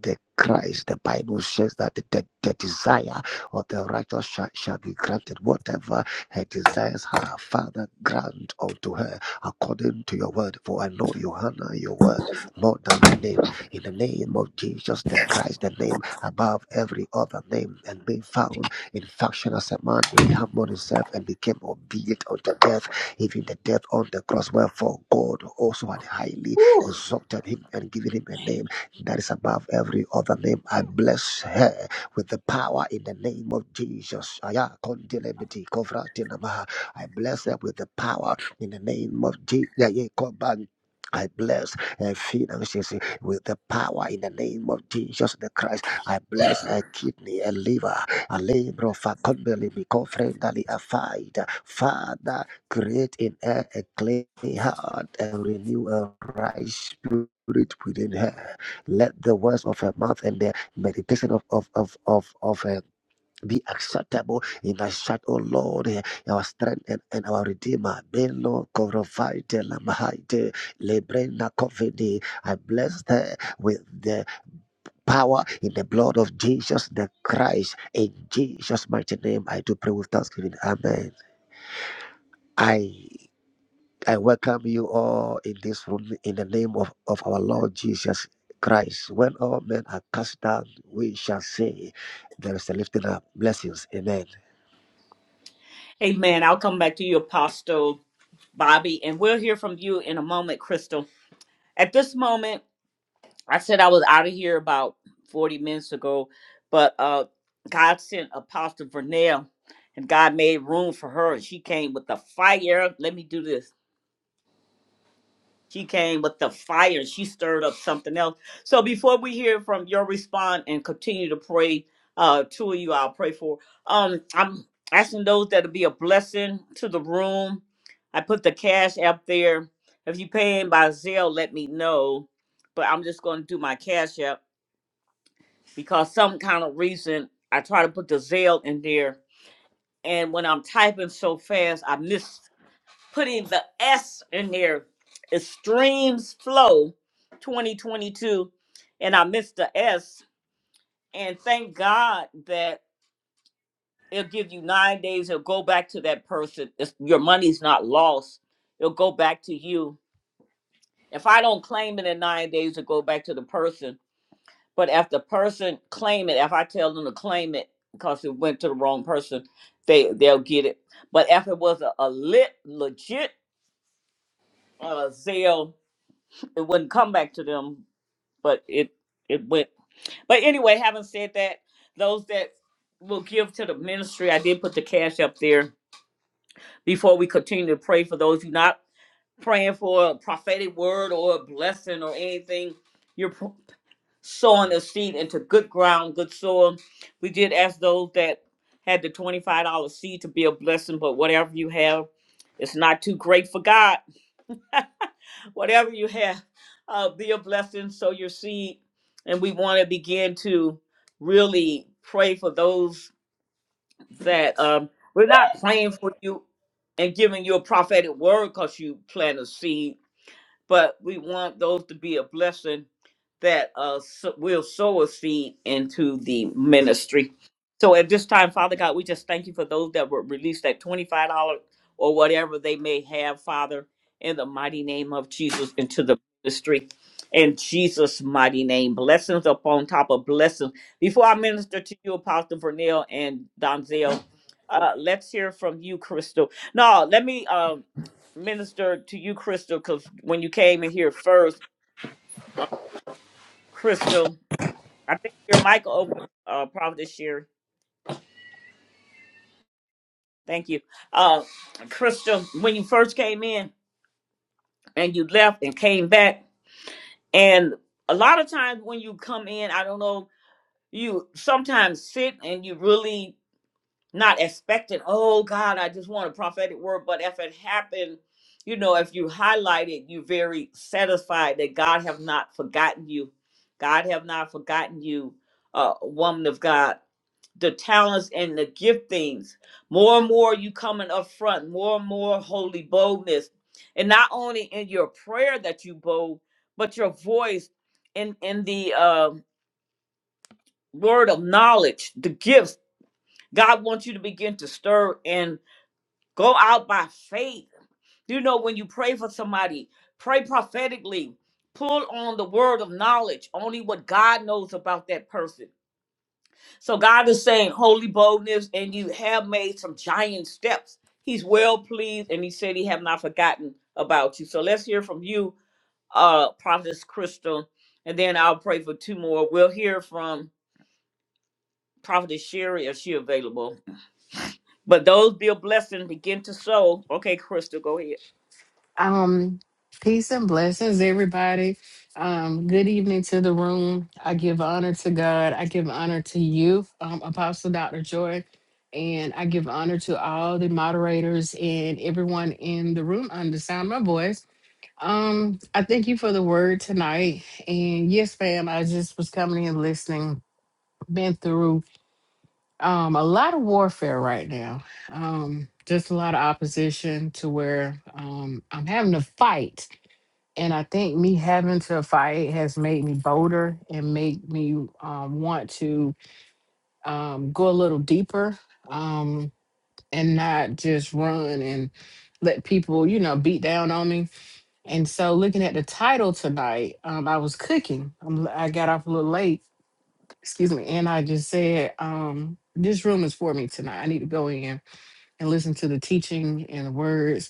Speaker 15: The Christ, the Bible says that the, the desire of the righteous shall, shall be granted. Whatever her desires her Father, grant unto her according to your word. For I know you honor your word more than your name. In the name of Jesus the Christ, the name above every other name, and being found in fashion as a man, he humbled himself and became obedient unto death even the death on the cross. Wherefore God also had highly
Speaker 16: Whew.
Speaker 15: exalted him and given him a name that is above every other name. I bless her with the power in the name of Jesus. Aya kondelebeti kovratinamaha. I bless her with the power in the name of Jesus. I bless her finances with the power in the name of Jesus the Christ. I bless a kidney, her liver, a labor of a company, because friendly, a fight. Father, create in her a clean heart and renew a right spirit within her. Let the words of her mouth and the meditation of of of of, of her be acceptable in thy sight, O Lord, eh, our strength and, and our redeemer. Beno korovite lamahaite lebrena kovidi. I bless her with the power in the blood of Jesus the Christ. In Jesus' mighty name, I do pray with thanksgiving. Amen. I I welcome you all in this room in the name of, of our Lord Jesus Christ. When all men are cast down, we shall say there is a lifting up. Blessings. Amen.
Speaker 1: Amen. I'll come back to you, Apostle Bobby, and we'll hear from you in a moment, Crystal. At this moment, I said I was out of here about 40 minutes ago, but uh, God sent Apostle Vernell, and God made room for her, and she came with the fire. Let me do this. She came with the fire. She stirred up something else. So before we hear from your response and continue to pray, uh, two of you I'll pray for. Um, I'm asking those that'll be a blessing to the room. I put the cash app there. If you paying by Zelle, let me know. But I'm just gonna do my cash app because some kind of reason I try to put the Zelle in there. And when I'm typing so fast, I miss putting the S in there. Extremes Flow 2022. And I missed the S. And thank God that it'll give you nine days. It'll go back to that person. It's, your money's not lost. It'll go back to you. If I don't claim it in nine days, it'll go back to the person. But if the person claim it, if I tell them to claim it because it went to the wrong person, they they'll get it. But if it was a, a lit legit uh, sale it wouldn't come back to them, but it it went. But anyway, having said that, those that will give to the ministry, I did put the cash up there before we continue to pray for those who not praying for a prophetic word or a blessing or anything. You're pr- sowing a seed into good ground, good soil. We did ask those that had the twenty five dollar seed to be a blessing, but whatever you have, it's not too great for God whatever you have, uh, be a blessing, sow your seed. And we want to begin to really pray for those that um, we're not praying for you and giving you a prophetic word because you plant a seed but we want those to be a blessing that uh, so, will sow a seed into the ministry. So at this time, Father God, we just thank you for those that were released at $25 or whatever they may have, Father, in the mighty name of Jesus into the ministry. In Jesus' mighty name, blessings upon top of blessings. Before I minister to you, Apostle Vernell and Donzel, uh, let's hear from you, Crystal. No, let me. um minister to you, Crystal, because when you came in here first, uh, Crystal, I think your mic open, uh, probably this year. Thank you. Uh, Crystal, when you first came in and you left and came back, and a lot of times when you come in, I don't know, you sometimes sit and you really not expecting, oh God, I just want a prophetic word. But if it happened, you know, if you highlight it, you're very satisfied that God have not forgotten you. God have not forgotten you, uh, woman of God. The talents and the giftings. More and more you coming up front, more and more holy boldness. And not only in your prayer that you bold, but your voice in in the uh, word of knowledge, the gifts. God wants you to begin to stir in Go out by faith. You know, when you pray for somebody, pray prophetically. Pull on the word of knowledge, only what God knows about that person. So God is saying, holy boldness, and you have made some giant steps. He's well pleased, and he said he have not forgotten about you. So let's hear from you, uh, Prophetess Crystal, and then I'll pray for two more. We'll hear from Prophetess Sherry if she available. But those be a blessing. Begin to sow. Okay, Crystal, go ahead.
Speaker 17: Um, peace and blessings, everybody. Um, good evening to the room. I give honor to God. I give honor to you, um, Apostle Dr. Joy, and I give honor to all the moderators and everyone in the room under the sound of my voice. Um, I thank you for the word tonight. And yes, fam, I just was coming in listening, been through um a lot of warfare right now. Um, just a lot of opposition to where um I'm having to fight and I think me having to fight has made me bolder and made me um, want to um, go a little deeper um, and not just run and let people, you know, beat down on me. And so, looking at the title tonight, um, I was cooking. I'm, I got off a little late, excuse me, and I just said, um, "This room is for me tonight. I need to go in and listen to the teaching and the words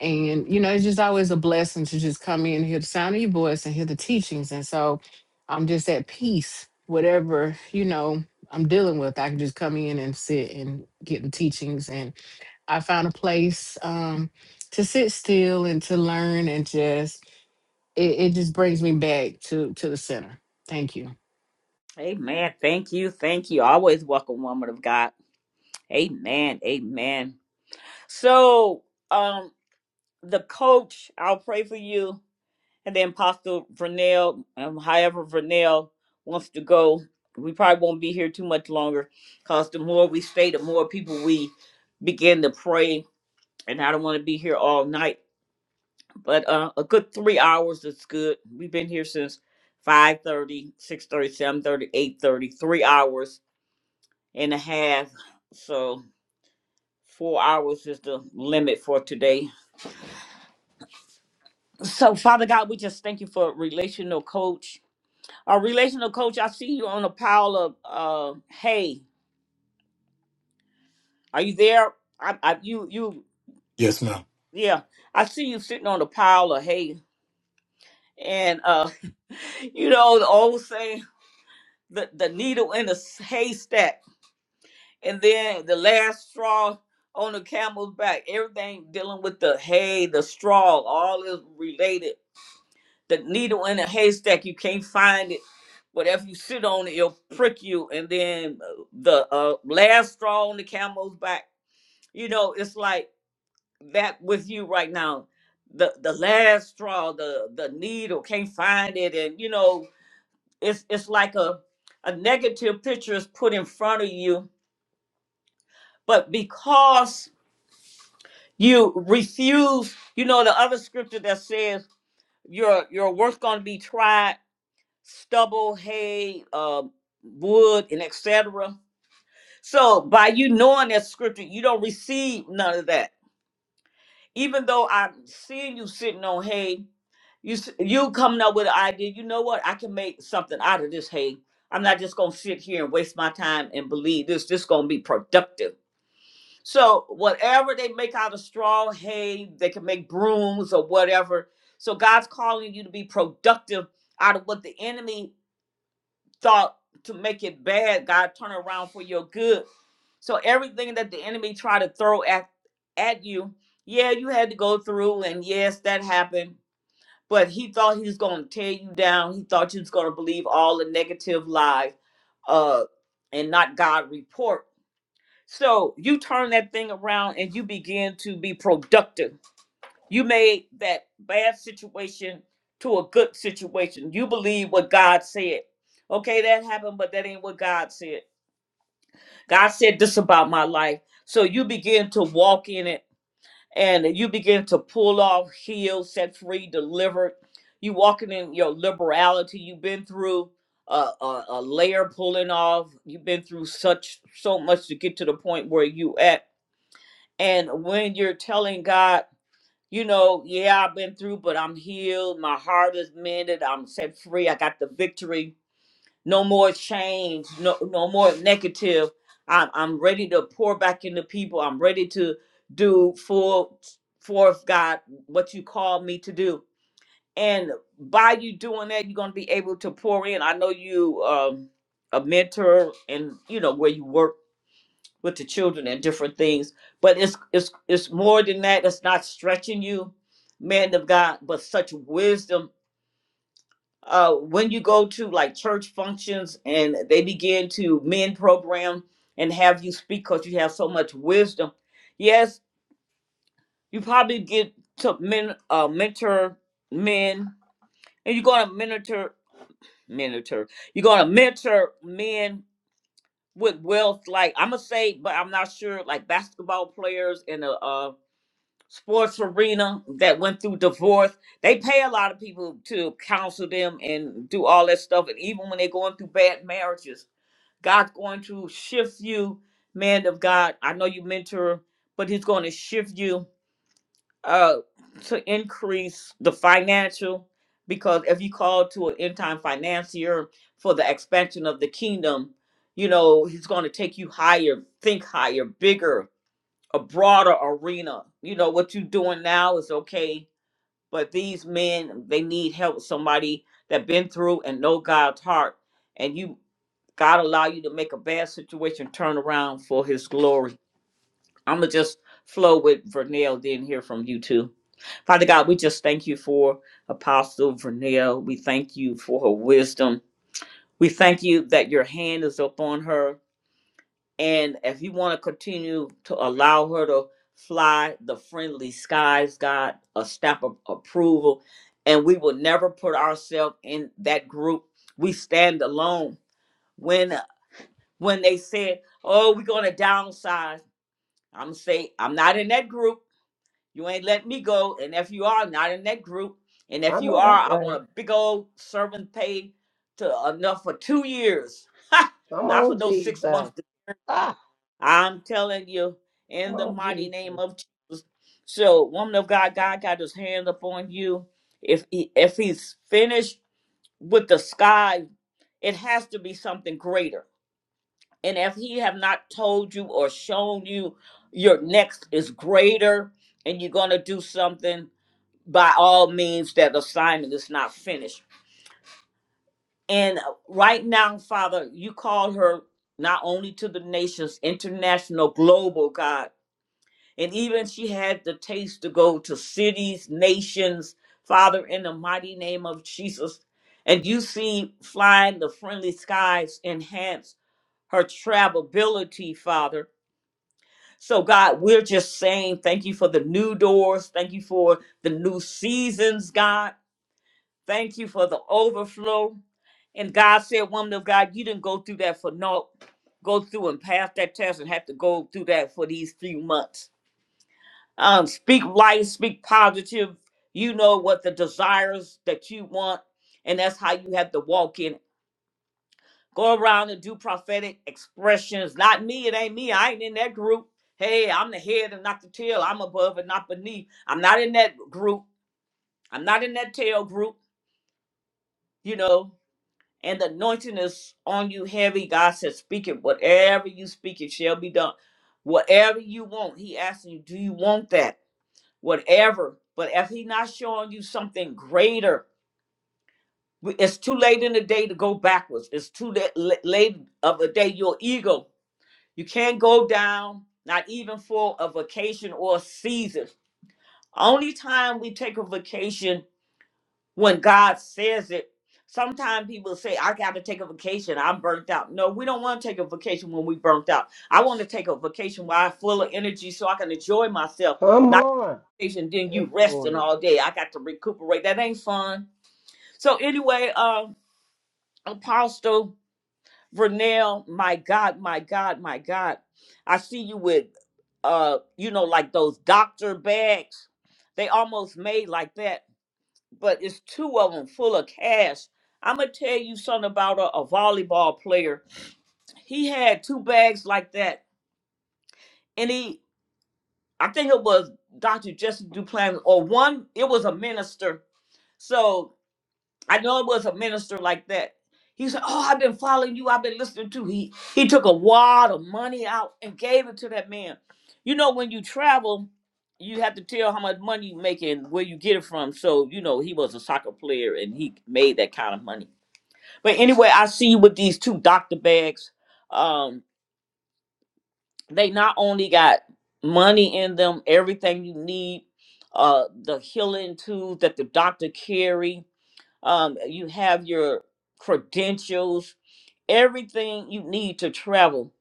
Speaker 17: and, you know, it's just always a blessing to just come in, hear the sound of your voice and hear the teachings. And so I'm just at peace, whatever, you know, I'm dealing with. I can just come in and sit and get the teachings. And I found a place um, to sit still and to learn and just, it, it just brings me back to, to the center. Thank you.
Speaker 1: Amen. Thank you. Thank you. Always welcome, woman of God. Amen. Amen. So, um, the coach, I'll pray for you, and then Apostle Vernell, um, however Vernell wants to go. We probably won't be here too much longer, cause the more we stay, the more people we begin to pray, and I don't want to be here all night. but uh, a good three hours is good. We've been here since 5.30, three hours and a half. So four hours is the limit for today. So Father God, we just thank you for relational coach. Our relational coach, I see you on a pile of uh, hay. Are you there? I, I you you
Speaker 8: Yes, ma'am.
Speaker 1: yeah. I see you sitting on a pile of hay, and uh, you know the old saying, the the needle in the s- haystack And then the last straw on the camel's back, everything dealing with the hay, the straw, all is related. The needle in a haystack, you can't find it. But if you sit on it, it'll prick you. And then uh, the uh, last straw on the camel's back, you know, it's like that with you right now. The the last straw, the the needle, can't find it, and you know, it's it's like a a negative picture is put in front of you. But because You refuse, you know, the other scripture that says your your work's gonna be tried, stubble, hay, uh, wood, and etc. So by you knowing that scripture, you don't receive none of that. Even though I'm seeing you sitting on hay, you s- you coming up with an idea. You know what? I can make something out of this hay. I'm not just gonna sit here and waste my time and believe this. This gonna be productive So whatever they make out of straw, hay, they can make brooms or whatever. So God's calling you to be productive out of what the enemy thought to make it bad. God turn around for your good. So everything that the enemy tried to throw at at you, yeah, you had to go through, and yes, that happened. But he thought he was going to tear you down. He thought you was going to believe all the negative lies, uh, and not God report. So you turn that thing around and you begin to be productive. You made that bad situation to a good situation. You believe what God said. Okay, that happened, but that ain't what God said. God said this about my life. So you begin to walk in it and you begin to pull off, heal, set free, delivered. You walking in your liberality. You've been through a, a, a layer pulling off. You've been through such so much to get to the point where you at and when you're telling God, you know, yeah, I've been through, but I'm healed. My heart is mended. I'm set free. I got the victory. No more change. No, no more negative. I'm, I'm ready to pour back into people. I'm ready to do full forth, God, what you called me to do. And by you doing that, you're going to be able to pour in. I know you, um, a mentor, and you know where you work with the children and different things. But it's it's it's more than that. It's not stretching you, man of God, but such wisdom. Uh, when you go to like church functions and they begin to men program and have you speak because you have so much wisdom. Yes, you probably get to men uh, mentor men, and you're gonna mentor mentor. You're gonna mentor men with wealth. Like I'm gonna say, but I'm not sure. Like basketball players and the. sports arena that went through divorce. They pay a lot of people to counsel them and do all that stuff. And even when they're going through bad marriages, God's going to shift you, man of God. I know you mentor, but He's going to shift you uh, to increase the financial. Because if you call to an end time financier for the expansion of the kingdom, you know, He's going to take you higher, think higher, bigger a broader arena. You know, what you are doing now is okay, but these men, they need help. Somebody that been through and know God's heart. And you God allow you to make a bad situation turn around for his glory. I'ma just flow with Vernell, then hear from you too. Father God, we just thank you for Apostle Vernell. We thank you for her wisdom. We thank you that your hand is upon her and if you want to continue to allow her to fly the friendly skies, God, a stamp of approval. And we will never put ourselves in that group. We stand alone. When when they said, Oh, we're gonna downsize, I'm say, I'm not in that group. You ain't let me go. And if you are not in that group, and
Speaker 14: I
Speaker 1: if you
Speaker 14: know that's
Speaker 1: are, I
Speaker 14: right.
Speaker 1: want a big old servant pay to uh, enough for two years.
Speaker 14: Come
Speaker 1: not for
Speaker 14: on,
Speaker 1: those six months
Speaker 14: Jesus. Ah,
Speaker 1: I'm telling you,
Speaker 14: come
Speaker 1: in the
Speaker 14: on,
Speaker 1: mighty name
Speaker 14: Jesus.
Speaker 1: of Jesus. So, woman of God, God got his hand upon you. If he, if he's finished with the sky, it has to be something greater. And if he have not told you or shown you your next is greater and you're going to do something, by all means, that assignment is not finished. And uh, right now, Father, you call her not only to the nations, international, global, God And even she had the taste to go to cities, nations, Father, in the mighty name of Jesus. And you see, flying the friendly skies enhance her travelability, Father. So, God, we're just saying thank you for the new doors. Thank you for the new seasons, God. Thank you for the overflow. And God said, Woman of God, you didn't go through that for naught. Go through and pass that test and have to go through that for these few months um, speak light, speak positive. You know what the desires that you want, and that's how you have to walk in. it. Go around and do prophetic expressions. Not me, it ain't me. I ain't in that group. Hey, I'm the head and not the tail. I'm above and not beneath. I'm not in that group. I'm not in that tail group, you know. And the anointing is on you heavy. God says, speak it. Whatever you speak, it shall be done. Whatever you want, He asking you, do you want that? whatever. But if He's not showing you something greater, we- it's too late in the day to go backwards. It's too la- la- late of the day. Your ego, you can't go down. Not even for a vacation or a season. Only time we take a vacation when God says it. Sometimes people say, "I got to take a vacation. I'm burnt out." No, we don't want to take a vacation when we burnt out. I want to take a vacation while I'm full of energy so I can enjoy myself
Speaker 14: Come on.
Speaker 1: vacation, then you
Speaker 14: Hey,
Speaker 1: resting
Speaker 14: glory.
Speaker 1: all day. I got to recuperate. That ain't fun. So anyway, uh, Apostle Vernell, my God, my God, my God, I see you with, uh, you know, like those doctor bags. They almost made like that, but it's two of them full of cash. I'm gonna tell you something about a, a volleyball player. He had two bags like that, and he, I think it was Dr. Jesse Duplan or one. It was a minister. So I know it was a minister like that. He said, "Oh, I've been following you. I've been listening to." He he took a wad of money out and gave it to that man. You know, when you travel, you have to tell how much money you make and where you get it from. So you know, he was a soccer player and he made that kind of money. But anyway, I see with these two doctor bags. Um, they not only got money in them, everything you need, uh, the healing tools that the doctor carry um, you have your credentials, everything you need to travel,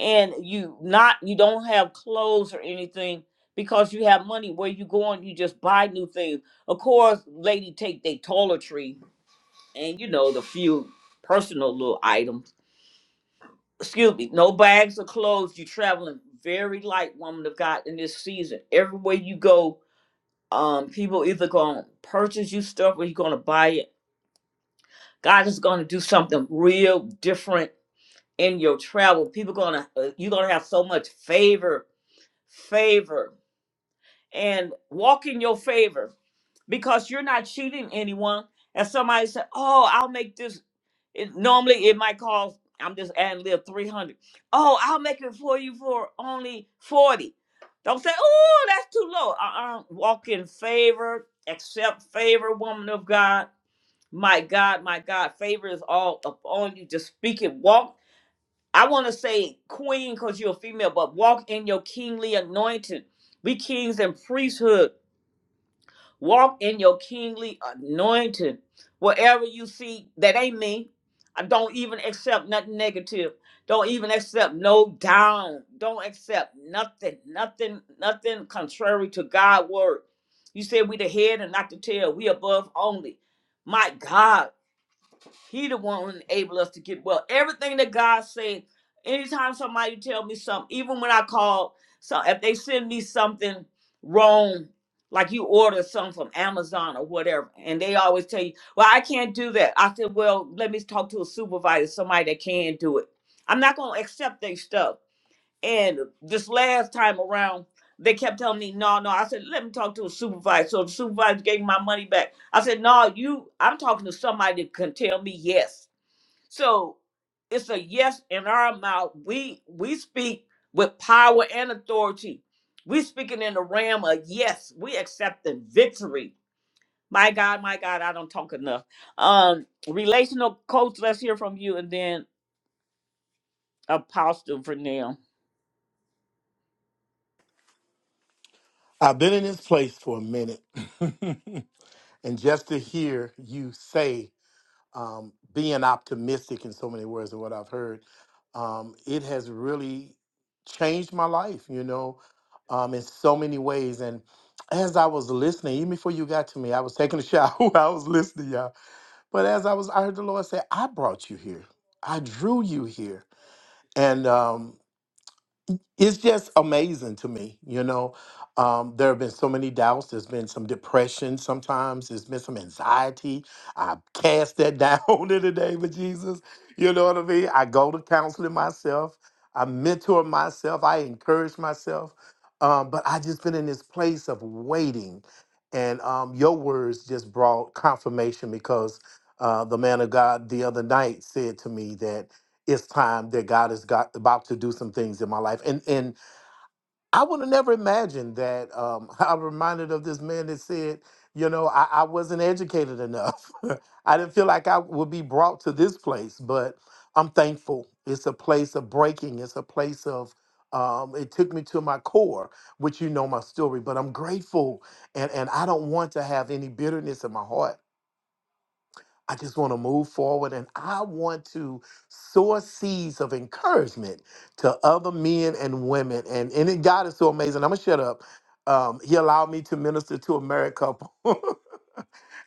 Speaker 1: and you not you don't have clothes or anything because you have money. Where you going? You just buy new things. Of course, lady take their toiletry and you know the few personal little items. Excuse me, no bags of clothes. You traveling very light, woman of God, in this season. Everywhere you go, um, people either gonna purchase you stuff or you gonna buy it God is going to do something real different in your travel. People going to you're going to have so much favor, favor, and walk in your favor because you're not cheating anyone. And somebody said, "Oh, I'll make this." It, normally, it might cost. I'm just adding live three hundred. Oh, I'll make it for you for only forty. Don't say, "Oh, that's too low." Uh-uh. Walk in favor, accept favor, woman of God my God, my God, favor is all upon you. Just speak it. Walk. I want to say queen because you're a female, but walk in your kingly anointing. Be kings and priesthood. Walk in your kingly anointing. Whatever you see, that ain't me. I don't even accept nothing negative. Don't even accept no down. Don't accept nothing, nothing, nothing contrary to God's word. You said we the head and not the tail. We above only. My God. He the one who enable us to get well. Everything that God said, anytime somebody tell me something, even when I call, so if they send me something wrong, like you order something from Amazon or whatever, and they always tell you, well, I can't do that. I said, well, let me talk to a supervisor, somebody that can do it. I'm not going to accept their stuff. And this last time around, they kept telling me, no, no. I said, let me talk to a supervisor. So the supervisor gave me my money back. I said, no, you, I'm talking to somebody that can tell me yes. So it's a yes in our mouth. We we speak with power and authority. We speaking in the realm of yes. We accepting victory. My God, my God, I don't talk enough. Um, relational coach, let's hear from you, and then Apostle Vernell.
Speaker 8: I've been in this place for a minute. and just to hear you say um, being optimistic in so many words and what I've heard, um, it has really changed my life, you know, um, in so many ways. And as I was listening, even before you got to me, I was taking a shower. while I was listening, y'all. But as I was, I heard the Lord say, I brought you here. I drew you here. And um, it's just amazing to me you know um, there have been so many doubts there's been some depression sometimes there's been some anxiety i cast that down in the name of jesus you know what i mean i go to counseling myself i mentor myself i encourage myself um, but i just been in this place of waiting and um, your words just brought confirmation because uh, the man of god the other night said to me that it's time that God is got about to do some things in my life. And and I would have never imagined that. Um, I'm reminded of this man that said, you know, I, I wasn't educated enough. I didn't feel like I would be brought to this place, but I'm thankful. It's a place of breaking. It's a place of um, it took me to my core, which you know my story, but I'm grateful and, and I don't want to have any bitterness in my heart. I just want to move forward and I want to sow seeds of encouragement to other men and women. And, and it, God is so amazing. I'm going to shut up. Um, he allowed me to minister to America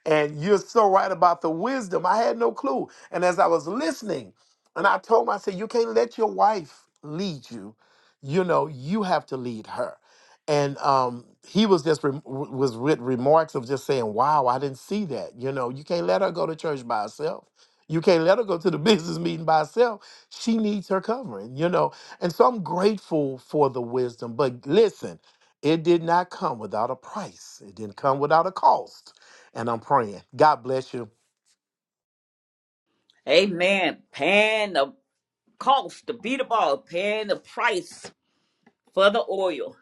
Speaker 8: And you're so right about the wisdom. I had no clue. And as I was listening, and I told him, I said, You can't let your wife lead you. You know, you have to lead her. And um, he was just rem- w- was with remarks of just saying, "Wow, I didn't see that." You know, you can't let her go to church by herself. You can't let her go to the business meeting by herself. She needs her covering. You know, and so I'm grateful for the wisdom. But listen, it did not come without a price. It didn't come without a cost and I'm praying. God bless you.
Speaker 1: Amen. Pan. cost to beat the ball, paying the price for the oil.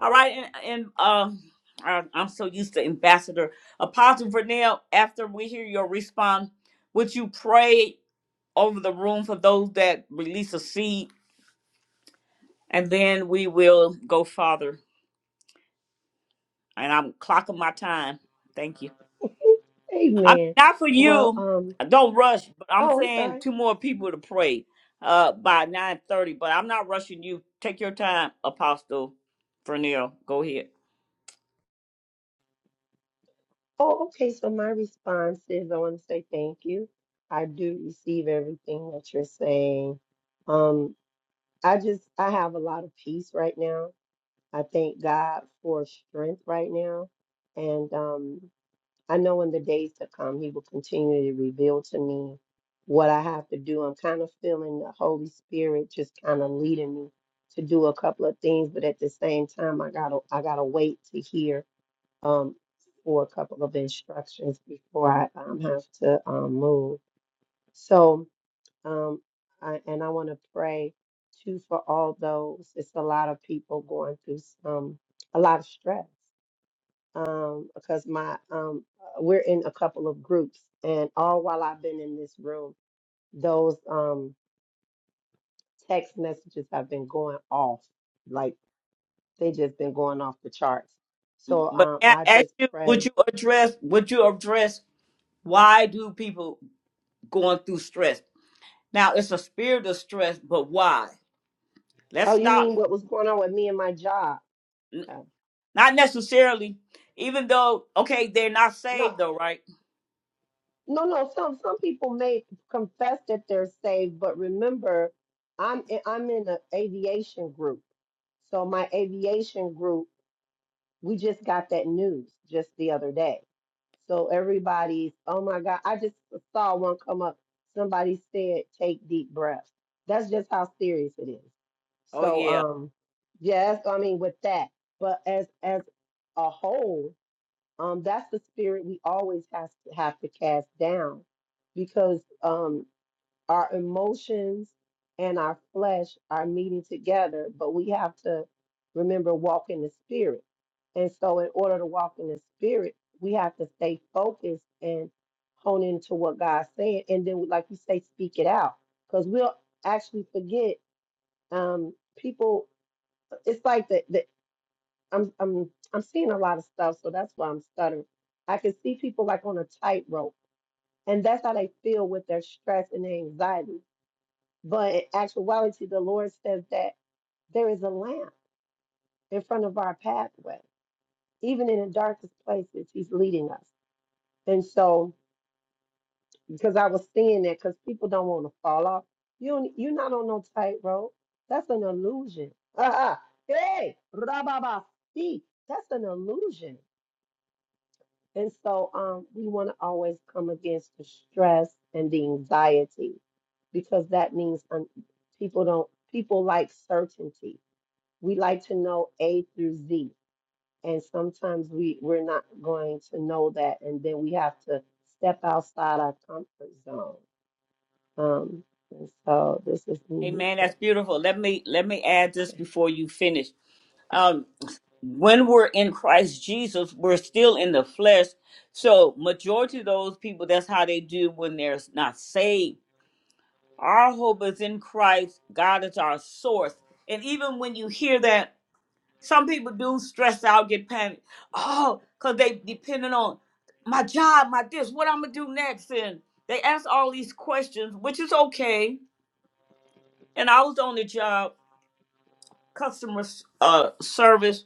Speaker 1: All right, and, and uh, I, I'm so used to Ambassador Apostle Vernell. After we hear your response, would you pray over the room for those that release a seed, and then we will go farther. And I'm clocking my time. Thank you. I mean,
Speaker 14: Amen.
Speaker 1: not for
Speaker 14: Well,
Speaker 1: you.
Speaker 14: um,
Speaker 1: Don't rush. But I'm
Speaker 14: oh, I'm
Speaker 1: saying
Speaker 14: sorry.
Speaker 1: two more people to pray uh, by 9:30. But I'm not rushing you. Take your time, Apostle Fernil. Go ahead.
Speaker 14: Oh, okay. So my response is I want to say thank you. I do receive everything that you're saying. Um, I just I have a lot of peace right now. I thank God for strength right now. And um I know in the days to come he will continue to reveal to me what I have to do. I'm kind of feeling the Holy Spirit just kind of leading me to do a couple of things, but at the same time I gotta I gotta wait to hear um for a couple of instructions before I um, have to um, move. So um, I, and I want to pray too for all those. It's a lot of people going through some, a lot of stress. Um, because my um, uh, we're in a couple of groups, and all while I've been in this room, those um text messages have been going off, like they just been going off the charts. So
Speaker 1: But
Speaker 14: um,
Speaker 1: may I
Speaker 14: I
Speaker 1: ask
Speaker 14: just
Speaker 1: you, would
Speaker 14: pray.
Speaker 1: you address? Would you address why do people going through stress? Now it's a spirit of stress, but why? Let's
Speaker 14: Oh, you
Speaker 1: stop.
Speaker 14: mean what was going on with me and my job?
Speaker 1: N-
Speaker 14: Uh,
Speaker 1: Not necessarily. Even though, okay, they're not
Speaker 14: No.
Speaker 1: saved though, right?
Speaker 14: No, no. Some some people may confess that they're saved, but remember, I'm in, I'm in an aviation group. So my aviation group, we just got that news just the other day. So everybody's, oh my God, I just saw one come up. Somebody said, take deep breaths. That's just how serious it is.
Speaker 1: Oh
Speaker 14: So
Speaker 1: yeah.
Speaker 14: um, yes, I mean with that, but as as a whole, um, that's the spirit we always has to have to cast down because um, our emotions and our flesh are meeting together, but we have to remember walk in the spirit. And so, in order to walk in the spirit, we have to stay focused and hone into what God's saying. And then, like you say, speak it out because we'll actually forget. Um, people, it's like the, the I'm I'm I'm seeing a lot of stuff, so that's why I'm stuttering. I can see people like on a tightrope, and that's how they feel with their stress and their anxiety. But in actuality, the Lord says that there is a lamp in front of our pathway. Even in the darkest places, He's leading us. And so, because I was seeing that, because people don't want to fall off. You don't- you're not on no tightrope. That's an illusion. Uh-uh. Hey, rababa, see, that's an illusion And so um, we want to always come against the stress and the anxiety because that means um, people don't people like certainty. We like to know A through Z, and sometimes we we're not going to know that, and then we have to step outside our comfort zone. Um, and so this is me.
Speaker 1: Amen. That's beautiful. Let me let me add this before you finish. Um, when we're in Christ Jesus, we're still in the flesh. So majority of those people, that's how they do when they're not saved. Our hope is in Christ. God is our source. And even when you hear that, some people do stress out, get panic. Oh, because they depending on my job, my this, what I'm gonna do next. And they ask all these questions, which is okay. And I was on the job, customer s- uh service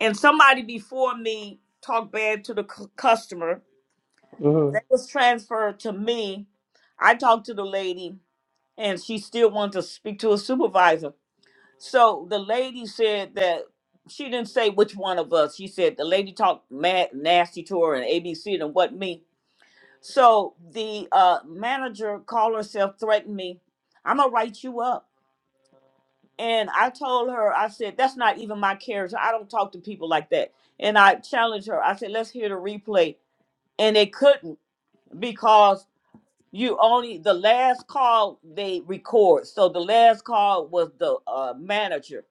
Speaker 1: and somebody before me talked bad to the c- customer.
Speaker 14: hmm
Speaker 1: That was transferred to me. I talked to the lady, and she still wanted to speak to a supervisor. So the lady said that she didn't say which one of us. She said the lady talked mad, nasty to her, and ABC, and what me. So the uh, manager called herself, threatened me. I'm gonna write you up. And I told her, I said, that's not even my character. I don't talk to people like that. And I challenged her. I said, let's hear the replay. And they couldn't because you only, the last call they record. So the last call was the uh, manager.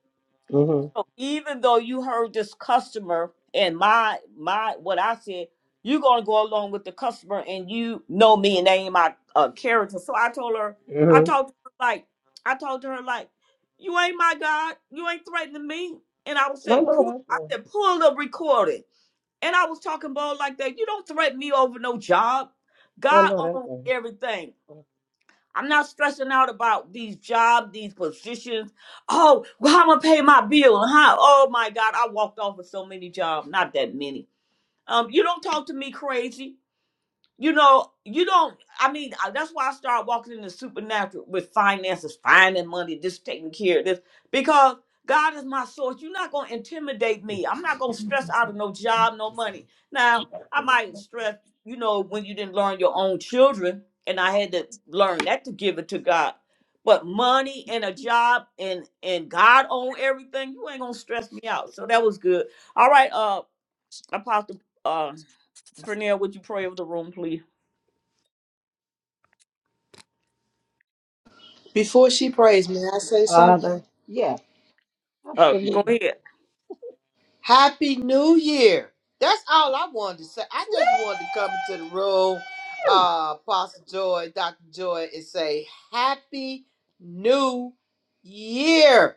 Speaker 14: hmm
Speaker 1: So even though you heard this customer and my my what I said, you're gonna go along with the customer and you know me and they ain't my uh, character. So I told her, I
Speaker 14: hmm
Speaker 1: talked to her like, I talked to her like, you ain't my God, you ain't threatening me. And I was
Speaker 14: No,
Speaker 1: saying, pull,
Speaker 14: no, that's
Speaker 1: I
Speaker 14: good.
Speaker 1: said, pull the recording. And I was talking about like that. You don't threaten me over no job.
Speaker 14: I
Speaker 1: God
Speaker 14: know that's
Speaker 1: owns
Speaker 14: good.
Speaker 1: everything. I'm not stressing out about these jobs, these positions. Oh, well, I'm gonna pay my bill, huh? Oh my God, I walked off of so many jobs, not that many. Um, you don't talk to me crazy you know, you don't. I mean, I- that's why I started walking in the supernatural with finances, finding money, this taking care of this, because God is my source. You're not gonna intimidate me. I'm not gonna stress out of no job, no money. Now, I might stress, you know, when you didn't learn your own children, and I had to learn that to give it to God. But money and a job and and God own everything, you ain't gonna stress me out. So that was good. All right, uh, Apostle uh Vernell, would you pray over the room, please?
Speaker 16: Before she prays, may I say something?
Speaker 14: Father, yeah,
Speaker 1: Oh, go
Speaker 14: absolutely.
Speaker 1: ahead.
Speaker 16: Happy New Year. That's all I wanted to say. I just wanted to come into the room,
Speaker 14: Woo!
Speaker 16: uh, Pastor Joy, Dr. Joy, and say Happy New Year.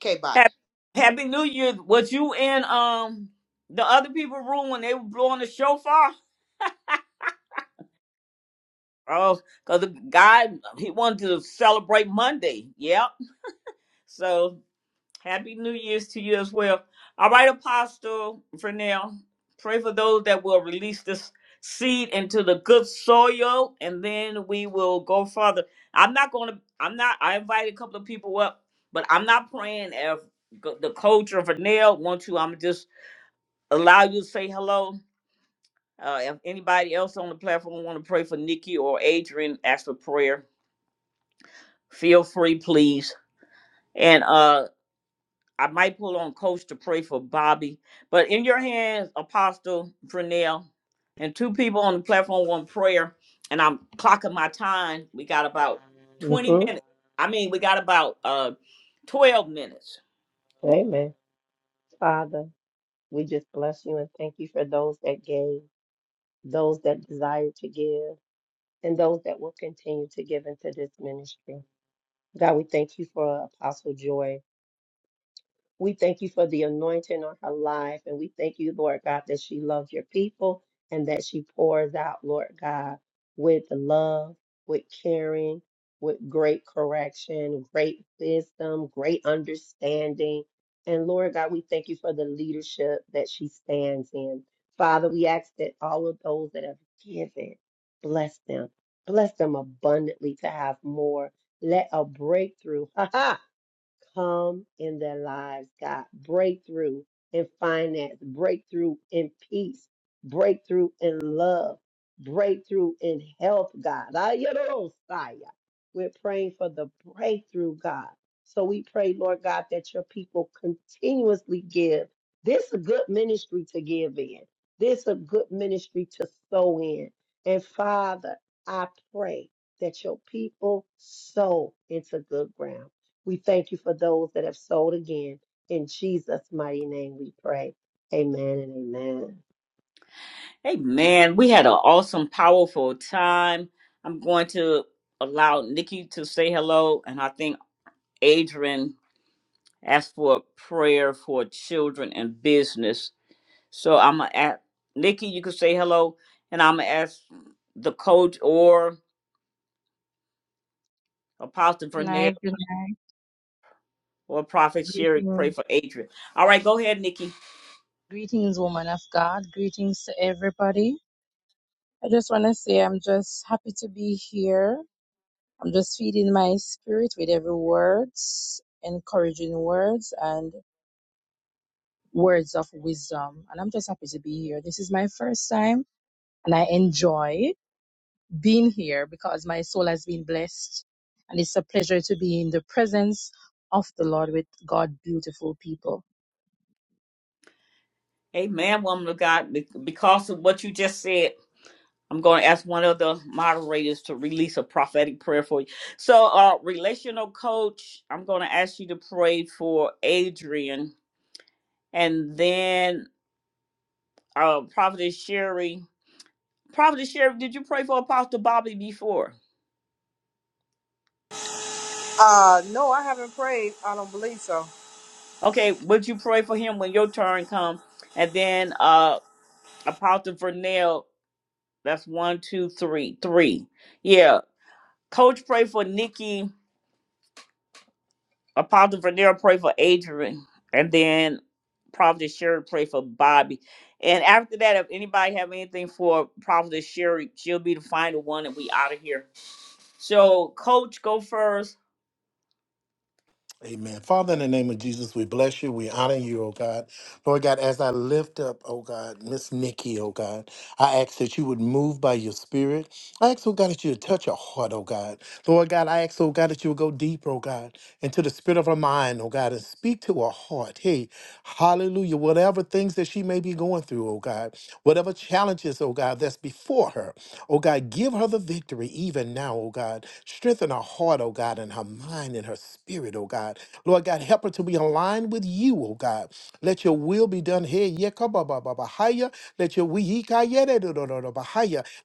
Speaker 16: Okay, bye.
Speaker 1: Happy Happy New Year. Was you in um the other people room when they were blowing the shofar? Oh, because the guy he wanted to celebrate Monday. Yep. So Happy New Year's to you as well. All right, Apostle Vernell, pray for those that will release this seed into the good soil, and then we will go further. I'm not going to, I'm not, I invited a couple of people up, but I'm not praying if go- the coach or Vernell want to. I'm just allow you to say hello. Uh, if anybody else on the platform want to pray for Nikki or Adrian, ask for prayer. Feel free, please. And uh I might pull on coach to pray for Bobby. But in your hands, Apostle Prenell, and two people on the platform want prayer. And I'm clocking my time. We got about 20
Speaker 14: Mhm.
Speaker 1: minutes. I mean, we got about uh 12 minutes.
Speaker 14: Amen. Father, we just bless you and thank you for those that gave, those that desire to give, and those that will continue to give into this ministry. God, we thank you for Apostle Joy. We thank you for the anointing on her life. And we thank you, Lord God, that she loves your people and that she pours out, Lord God, with love, with caring, with great correction, great wisdom, great understanding. And Lord God, we thank you for the leadership that she stands in. Father, we ask that all of those that have given, bless them. Bless them abundantly to have more. Let a breakthrough come in their lives, God. Breakthrough in finance, breakthrough in peace, breakthrough in love, breakthrough in health, God. Ayarosaya. We're praying for the breakthrough, God. So we pray, Lord God, that your people continuously give. This is a good ministry to give in. This is a good ministry to sow in. And Father, I pray that your people sow into good ground we thank you for those that have sold again. In Jesus' mighty name we pray. Amen and amen.
Speaker 1: Hey man, we had an awesome, powerful time. I'm going to allow Nikki to say hello. And I think Adrian asked for prayer for children and business. So I'm gonna ask Nikki. You can say hello, and I'm gonna ask the coach or Apostle
Speaker 18: Good
Speaker 1: Vernell
Speaker 18: night, good night.
Speaker 1: or Prophet Sherry to pray
Speaker 18: Greetings,
Speaker 1: for Adrian. All right, go ahead, Nikki.
Speaker 18: greetings, woman of God. Greetings to everybody. I just want to say I'm just happy to be here. I'm just feeding my spirit with every words, encouraging words, and words of wisdom. And I'm just happy to be here. This is my first time, and I enjoy being here because my soul has been blessed. And it's a pleasure to be in the presence of the Lord with God, beautiful people.
Speaker 1: Amen, woman of God. Be- Because of what you just said, I'm going to ask one of the moderators to release a prophetic prayer for you. So, uh, relational coach, I'm going to ask you to pray for Adrian, and then uh, Prophet Sherry. Prophet Sherry, did you pray for Apostle Bobby before?
Speaker 16: Uh, no, I haven't prayed. I don't believe so.
Speaker 1: Okay, would you pray for him when your turn comes? And then uh Apostle Vernell, that's one, two, three, three. Yeah. Coach pray for Nikki, Apostle Vernell pray for Adrian, and then Prophet Sherry pray for Bobby. And after that, if anybody have anything for Prophet Sherry, she'll be the final one and we out of here. So coach go first.
Speaker 8: Amen. Father, in the name of Jesus, we bless you. We honor you, oh God. Lord God, as I lift up, oh God, Miss Nikki, oh God, I ask that you would move by your spirit. I ask, oh God, that you would touch our heart, oh God. Lord God, I ask, oh God, that you would go deeper, oh God, into the spirit of our mind, oh God, and speak to our heart. Hey, hallelujah. Whatever things that she may be going through, oh God, whatever challenges, oh God, that's before her, oh God, give her the victory even now, oh God. Strengthen her heart, oh God, and her mind and her spirit, oh God. Lord God, help her to be aligned with you, oh God. Let your will be done here. Yekababababahaya. Let your we-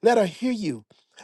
Speaker 8: Let her hear you.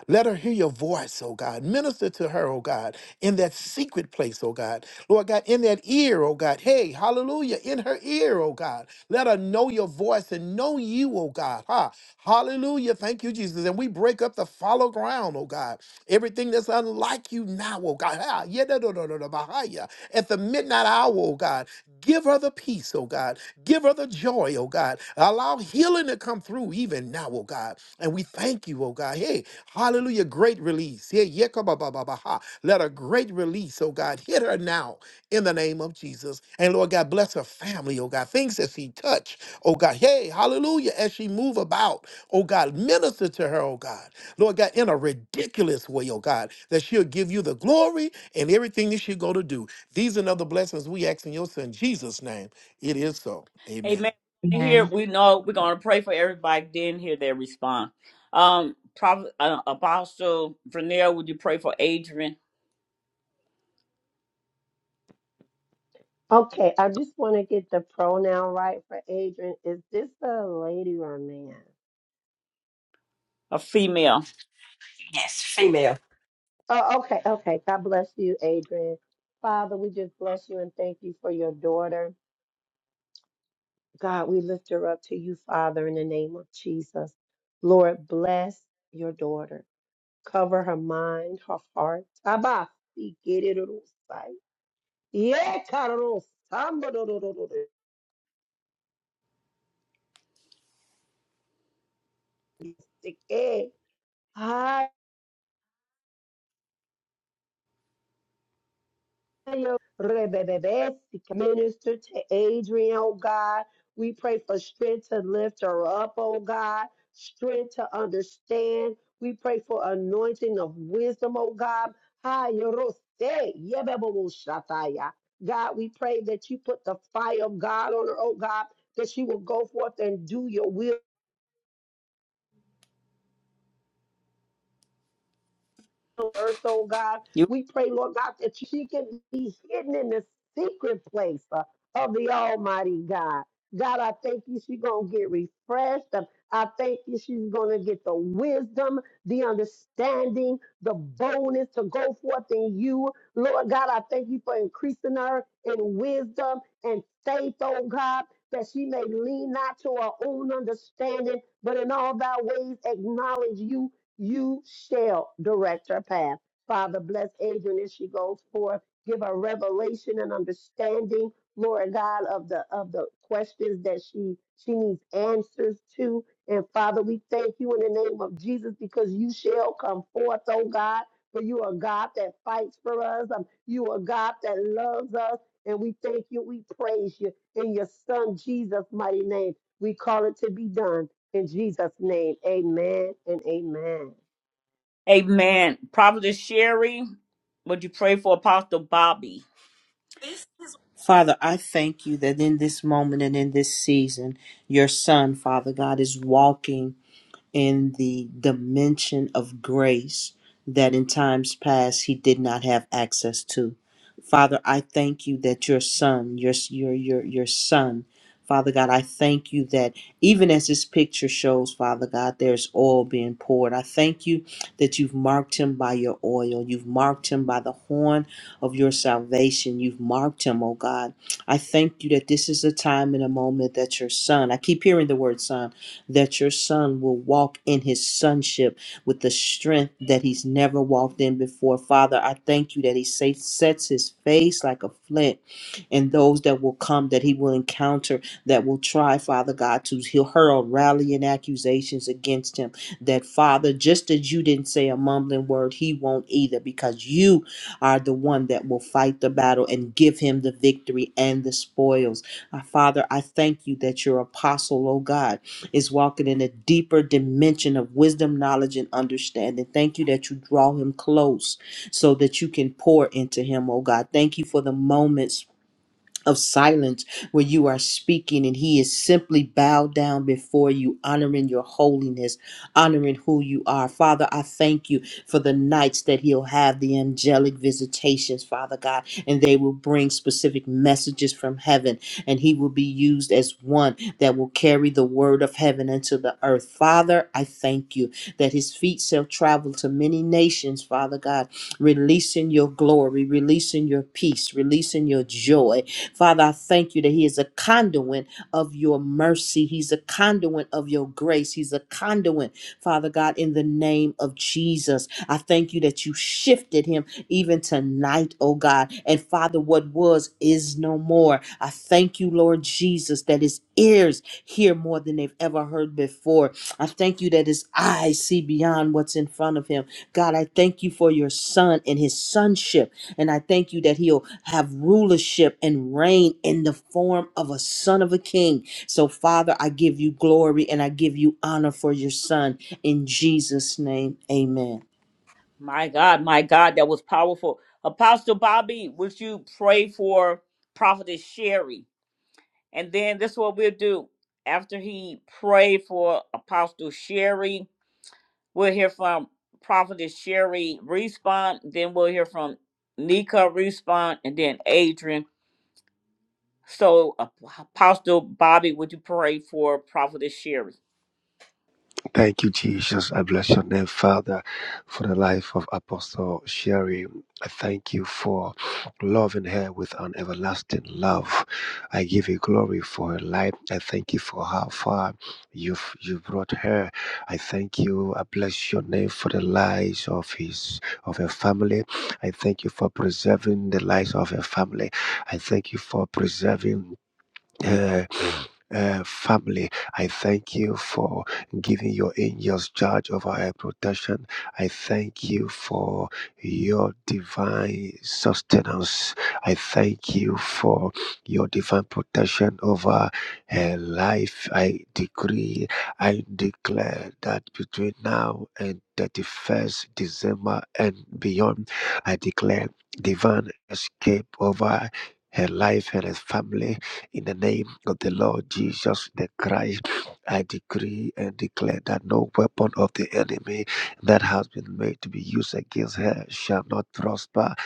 Speaker 8: Let her hear your voice, oh God. Minister to her, oh God, in that secret place, oh God. Lord God, in that ear, oh God. Hey, hallelujah, in her ear, oh God. Let her know your voice and know you, oh God. Ha. Hallelujah. Thank you, Jesus. And we break up the follow ground, oh God. Everything that's unlike you now, oh God. Ha. Yedadadadadabahaya. At the midnight hour, oh God. Give her the peace, oh God. Give her the joy, oh God. Allow healing to come through even now, oh God. And we thank you, oh God. Hey. Hallelujah. Great release. Here, yekabababaha. Let a great release, oh God, hit her now in the name of Jesus. And Lord God, bless her family, oh God. Things that she touch, oh God. Hey, hallelujah. As she move about, oh God, minister to her, oh God. Lord God, in a ridiculous way, oh God, that she'll give you the glory and everything that she's going to do. These and other blessings we ask in your son Jesus' name. It is so. Amen.
Speaker 1: Amen. Here we know we're gonna pray for everybody. Then hear their response. Um, Prophet uh, Apostle Vernell, would you pray for Adrian,
Speaker 14: Okay, I just want to get the pronoun right for Adrian. Is this a lady or a man?
Speaker 1: a female?
Speaker 14: Oh, okay, okay. God bless you, Adrian. Father, we just bless you and thank you for your daughter. God, we lift her up to you, Father, in the name of Jesus. Lord, bless your daughter. Cover her mind, her heart. Abba, Ye karo samba do do do do do. Sike. Hallelujah. Rebebebe, sike. Minister to Adrian, oh God. We pray for strength to lift her up, oh God. Strength to understand. We pray for anointing of wisdom, oh God. Hayarose, yebebo shataya. God, we pray that you put the fire of God on her, oh God, that she will go forth and do your will earth, oh God.
Speaker 1: You,
Speaker 14: We pray, Lord God, that she can be hidden in the secret place uh, of the Almighty God. God, I thank you she's going to get refreshed. Um, I thank you she's going to get the wisdom, the understanding, the boldness to go forth in you. Lord God, I thank you for increasing her in wisdom and faith, oh God, that she may lean not to her own understanding, but in all thy ways acknowledge you you shall direct her path. Father, bless Adrian as she goes forth. Give her revelation and understanding, Lord God, of the of the questions that she she needs answers to. And Father, we thank you in the name of Jesus because you shall come forth, oh God. For you are God that fights for us. Um, you are God that loves us. And we thank you. We praise you in your Son Jesus' mighty name. We call it to be done. In Jesus' name, amen and amen.
Speaker 1: Amen. Prophet Sherry, would you pray for Apostle Bobby?
Speaker 16: Father, I thank you that in this moment and in this season, your son, Father God, is walking. in the dimension of grace that in times past he did not have access to. Father, I thank you that your son, your your your your son, Father God, I thank you that even as this picture shows, Father God, there's oil being poured. I thank you that you've marked him by your oil. You've marked him by the horn of your salvation. You've marked him, oh God. I thank you that this is a time and a moment that your son, I keep hearing the word son, that your son will walk in his sonship with the strength that he's never walked in before. Father, I thank you that he sa- sets his face like a flint, and those that will come that he will encounter that will try, Father God, to he'll hurl rallying accusations against him. That Father, just as you didn't say a mumbling word, he won't either, because you are the one that will fight the battle and give him the victory and the spoils. Uh, Father, I thank you that your apostle, oh God is walking in a deeper dimension of wisdom, knowledge, and understanding. Thank you that you draw him close so that you can pour into him, oh God. Thank you for the moments of silence where you are speaking and he is simply bowed down before you, honoring your holiness, honoring who you are. Father, I thank you for the nights that he'll have the angelic visitations, Father God, and they will bring specific messages from heaven, and he will be used as one that will carry the word of heaven into the earth. Father, I thank you that his feet shall travel to many nations, Father God, releasing your glory, releasing your peace, releasing your joy Father, I thank you that He is a conduit of your mercy. He's a conduit of your grace. He's a conduit, Father God, in the name of Jesus. I thank you that you shifted Him even tonight, oh God. And Father, what was is no more. I thank you, Lord Jesus, that His ears hear more than they've ever heard before. I thank you that His eyes see beyond what's in front of Him. God, I thank you for your Son and His sonship. And I thank you that he'll have rulership and reign in the form of a son of a king. So, Father, I give you glory and I give you honor for your son. In Jesus' name, amen.
Speaker 1: My God, my God, that was powerful. Apostle Bobby, would you pray for Prophet Sherry? And then this is what we'll do after he prayed for Apostle Sherry. We'll hear from Prophetess Sherry Respond, then we'll hear from Nika Respond, and then Adrian. So, Apostle Bobby, would you pray for Prophetess Sherry?
Speaker 15: Thank you, Jesus. I bless your name, Father, for the life of Apostle Sherry. I thank you for loving her with an everlasting love. I give you glory for her life. I thank you for how far you've you brought her. I thank you. I bless your name for the lives of his of her family. I thank you for preserving the lives of her family. I thank you for preserving her uh, family. I thank you for giving your angels charge over our protection. I thank you for your divine sustenance. I thank you for your divine protection over her life. I decree, I declare that between now and 31st December and beyond, I declare divine escape over her life and her family in the name of the Lord Jesus the Christ, I decree and declare that no weapon of the enemy that has been made to be used against her shall not prosper.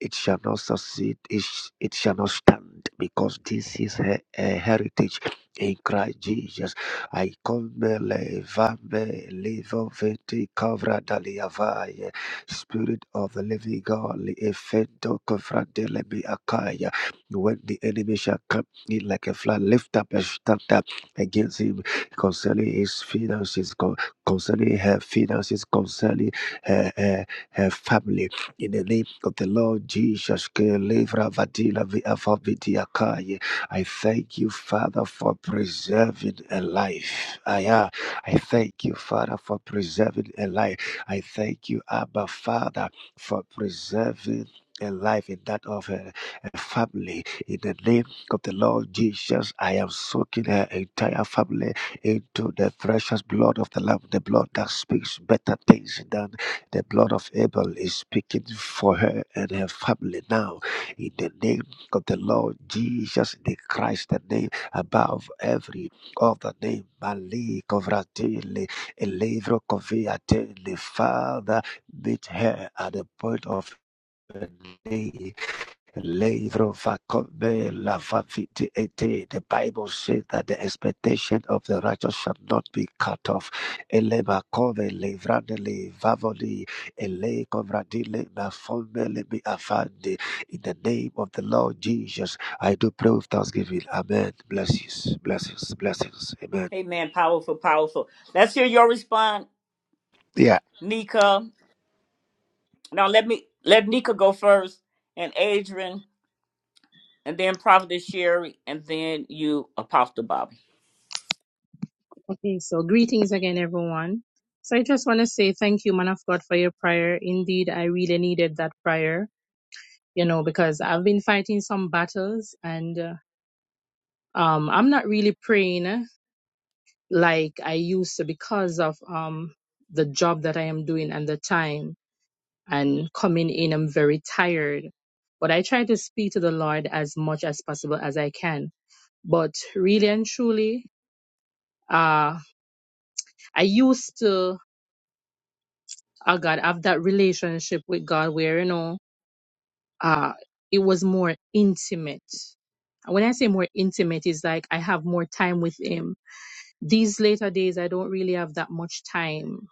Speaker 15: It shall not succeed. It, sh- it shall not stand because this is her, her heritage in Christ Jesus. I come levame levo venti kavra daliavaye. Spirit of the living God, le efento kavra delemi akaya. When the enemy shall come he like a flood lift up and stand up against him concerning his finances, con- concerning her finances, concerning her, her, her family. In the name of the Lord Jesus, Ke levra vadila vi afa vidia kai. I thank you, Father, for preserving a life. Aya, I thank you, Father, for preserving a life. I thank you, Abba, Father, for preserving a life in that of a, a family in the name of the Lord Jesus, I am soaking her entire family into the precious blood of the Lamb, the blood that speaks better things than the blood of Abel is speaking for her and her family now. In the name of the Lord Jesus, the Christ, the name above every other name, Mali Kovratili, Elevro Koviatili, Father, meet her at the point of her need Leivro Vakobe Lavaviti Ete. The Bible says that the expectation of the righteous shall not be cut off. In the name of the Lord Jesus, I do pray with thanksgiving. Amen. Blessings, blessings, blessings. Amen.
Speaker 1: Amen. Powerful, powerful. Let's hear your response,
Speaker 15: Yeah,
Speaker 1: Nika. Now, let me let Nika go first, and Adrian, and then Prophetess Sherry, and then you, Apostle Bobby.
Speaker 18: Okay, so greetings again, everyone. So I just want to say thank you, man of God, for your prayer. Indeed, I really needed that prayer, you know, because I've been fighting some battles and uh, um, I'm not really praying like I used to because of um, the job that I am doing and the time and coming in, I'm very tired. But I try to speak to the Lord as much as possible as I can. But really and truly, uh, I used to. I got to have that relationship with God where, you know, uh, it was more intimate. And When I say more intimate, it's like I have more time with Him. These later days, I don't really have that much time.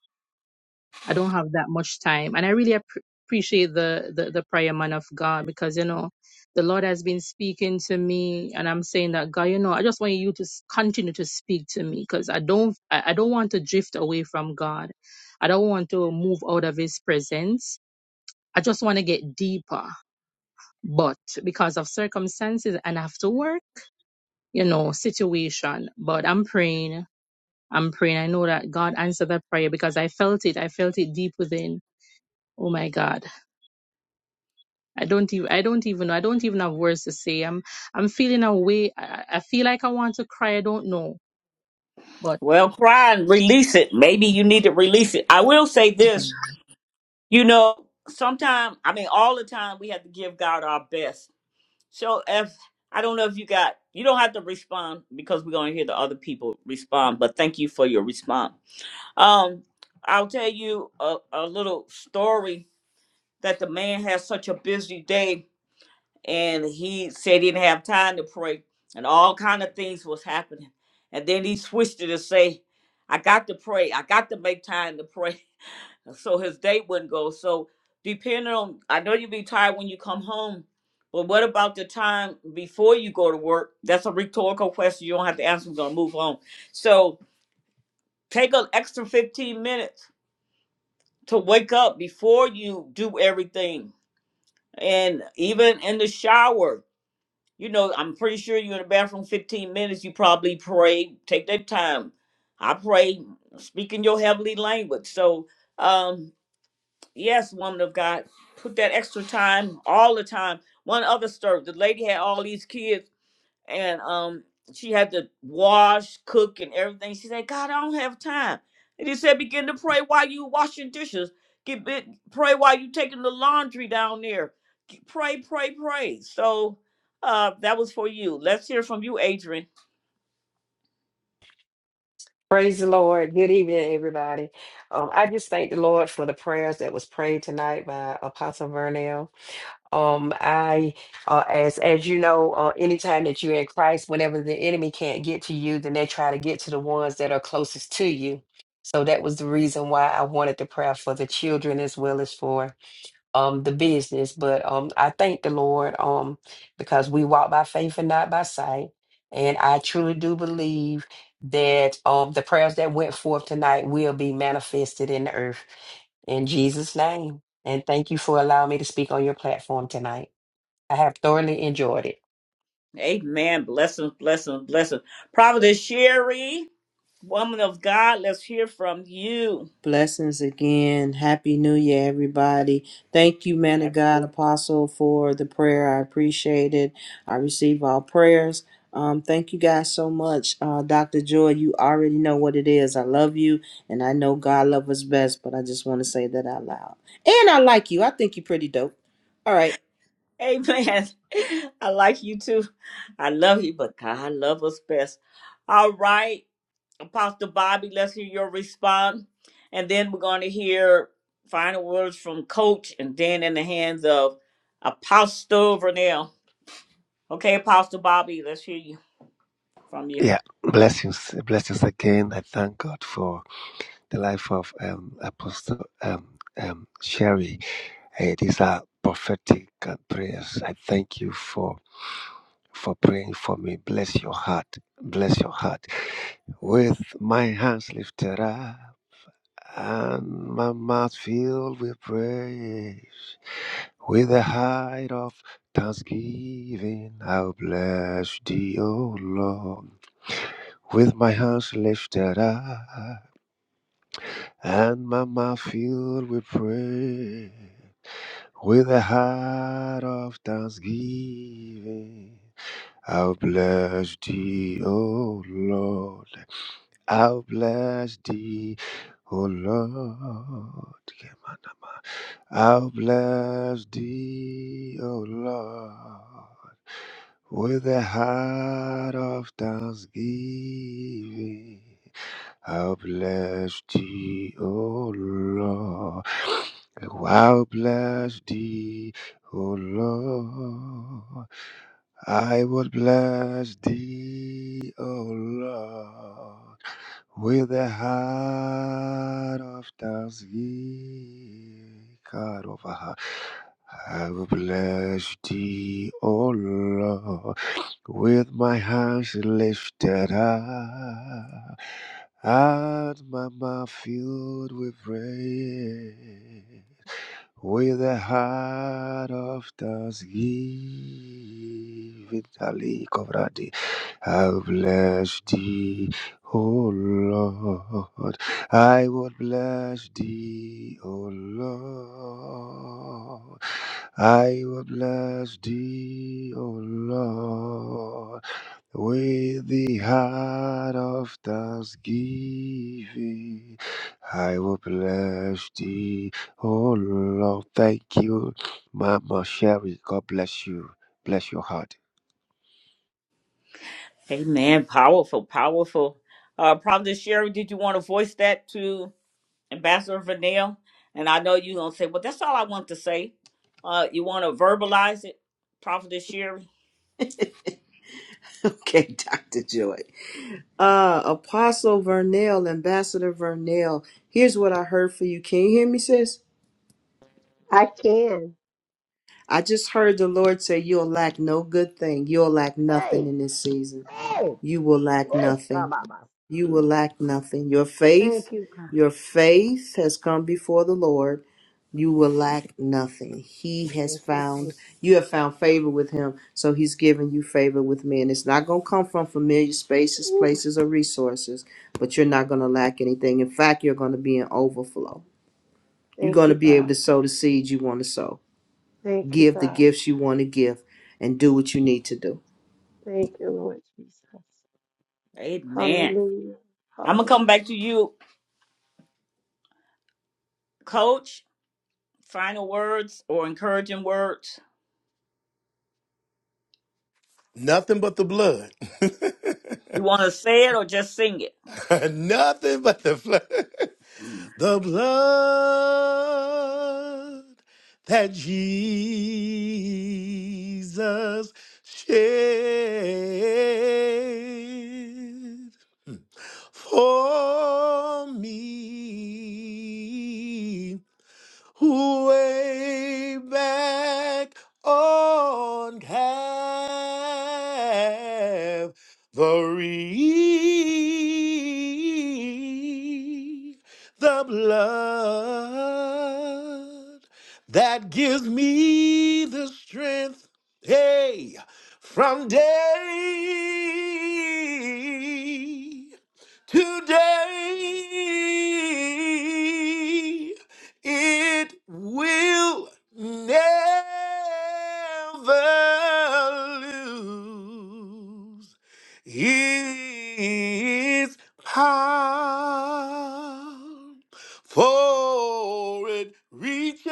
Speaker 18: I don't have that much time. And I really ap- appreciate the, the, the prayer man of God because, you know, the Lord has been speaking to me and I'm saying that, God, you know, I just want you to s- continue to speak to me because I don't, I I don't want to drift away from God. I don't want to move out of his presence I just want to get deeper, but because of circumstances and I have to work, you know, situation. But I'm praying. I'm praying. I know that God answered that prayer because I felt it. I felt it deep within. Oh my God. I don't even I don't even know. I don't even have words to say. I'm I'm feeling a way I, I feel like I want to cry. I don't know. but.
Speaker 1: Well, cry and release it. Maybe you need to release it. I will say this You know, sometimes, I mean, all the time, we have to give God our best. So if, I don't know if you got, you don't have to respond because we're going to hear the other people respond, but thank you for your response. Um, I'll tell you a, a little story that the man had such a busy day and he said he didn't have time to pray and all kind of things was happening. And then he switched it to say, I got to pray. I got to make time to pray so his date wouldn't go. So depending on, I know you be tired when you come home, but what about the time before you go to work? That's a rhetorical question. You don't have to answer. We're gonna move on. So take an extra fifteen minutes to wake up before you do everything, and even in the shower. You know, I'm pretty sure you're in the bathroom 15 minutes. You probably pray. Take that time. I pray, speaking your heavenly language. So, um, Yes, woman of God, put that extra time all the time. One other story: the lady had all these kids, and um, she had to wash, cook, and everything. She said, "God, I don't have time." And he said, "Begin to pray while you washing dishes. Get bit, pray while you taking the laundry down there. G- Pray, pray, pray." So, uh, that was for you. Let's hear from you, Adrian.
Speaker 19: Praise the Lord. Good evening, everybody. Um, I just thank the Lord for the prayers that was prayed tonight by Apostle Vernell. Um, I, uh, as as you know, uh, anytime that you're in Christ, whenever the enemy can't get to you, then they try to get to the ones that are closest to you. So that was the reason why I wanted the prayer for the children as well as for um the business but um i thank the lord um because we walk by faith and not by sight and i truly do believe that um the prayers that went forth tonight will be manifested in the earth in jesus name and thank you for allowing me to speak on your platform tonight i have thoroughly enjoyed it
Speaker 1: Amen. Blessings, blessings, blessings. Prophetess Sherry, woman of God, let's hear from you.
Speaker 16: Blessings again. Happy New Year, everybody. Thank you, man of God,
Speaker 1: Absolutely.
Speaker 16: Apostle, for the prayer. I appreciate it. I receive all prayers. Um, thank you guys so much. Uh, Dr. Joy, you already know what it is. I love you, and I know God loves us best, but I just want to say that out loud. And I like you. I think you're pretty dope. All right.
Speaker 1: Amen. I like you too. I love you, but God love us best. All right, Apostle Bobby, let's hear your response. And then we're going to hear final words from Coach and then in the hands of Apostle Vernell. Okay, Apostle Bobby, let's hear you from you.
Speaker 15: yeah. Blessings, blessings again. I thank God for the life of um, Apostle um, um, Sherry. Hey, these are prophetic uh, prayers. I thank you for for praying for me. Bless your heart. Bless your heart. With my hands lifted up and my mouth filled with praise, with a heart of thanksgiving, I'll bless thee, O Lord. With my hands lifted up and my mouth filled with praise. With a heart of thanksgiving, I'll bless thee, O Lord. I'll bless thee, O Lord. Kemanama. I'll bless thee, O Lord. With a heart of thanksgiving, I'll bless thee, O Lord. I'll bless thee, O Lord. I will bless thee, O Lord, with a heart of thanksgiving. God of a heart. I will bless thee, O Lord, with my hands lifted up. Out my mouth filled with praise, with a heart of thanksgiving, Ali Kovradi, I've blessed thee, O Lord. I would bless thee, O Lord. I will bless thee, O Lord. With the heart of thanksgiving, I will bless thee. Oh Lord, thank you, Mama Sherry. God bless you. Bless your heart.
Speaker 1: Amen. Powerful, powerful. Uh, Prophet Sherry, did you want to voice that to Ambassador Vanille? And I know you're going to say, well, that's all I want to say. Uh, you want to verbalize it, Prophet Sherry?
Speaker 16: Okay, Dr. Joy. Uh, Apostle Vernell, Ambassador Vernell, here's what I heard for you. Can you hear me, sis?
Speaker 14: I can.
Speaker 16: I just heard the Lord say, You'll lack no good thing. You'll lack nothing
Speaker 14: Hey,
Speaker 16: in this season.
Speaker 14: hey,
Speaker 16: You will lack
Speaker 14: yes,
Speaker 16: nothing.
Speaker 14: Baba.
Speaker 16: You will lack nothing. Your faith,
Speaker 14: Thank you, God.
Speaker 16: your faith has come before the Lord. You will lack nothing. He has
Speaker 14: Thank you,
Speaker 16: found,
Speaker 14: Jesus.
Speaker 16: you have found favor with him. So he's given you favor with men. It's not going to come from familiar spaces,
Speaker 14: Ooh,
Speaker 16: places, or
Speaker 14: shit.
Speaker 16: resources, but you're not going to lack anything. In fact, you're going to be in overflow. You're
Speaker 14: Thank
Speaker 16: going to
Speaker 14: you,
Speaker 16: be able
Speaker 14: God.
Speaker 16: to sow the seeds you want to sow,
Speaker 14: Thank you,
Speaker 16: give the
Speaker 14: God.
Speaker 16: gifts you want to give, and do what you need to do.
Speaker 14: Thank you, Lord Jesus.
Speaker 1: Amen.
Speaker 14: Hallelujah.
Speaker 1: I'm going to come back
Speaker 14: Hallelujah.
Speaker 1: to you, Coach. Final words or encouraging words?
Speaker 8: Nothing but the blood.
Speaker 1: You want to say it or just sing it?
Speaker 8: Nothing but the blood. The blood that Jesus shed for me way back on Calvary. The blood that gives me the strength, hey, from day to day. It will never lose its power, for it reaches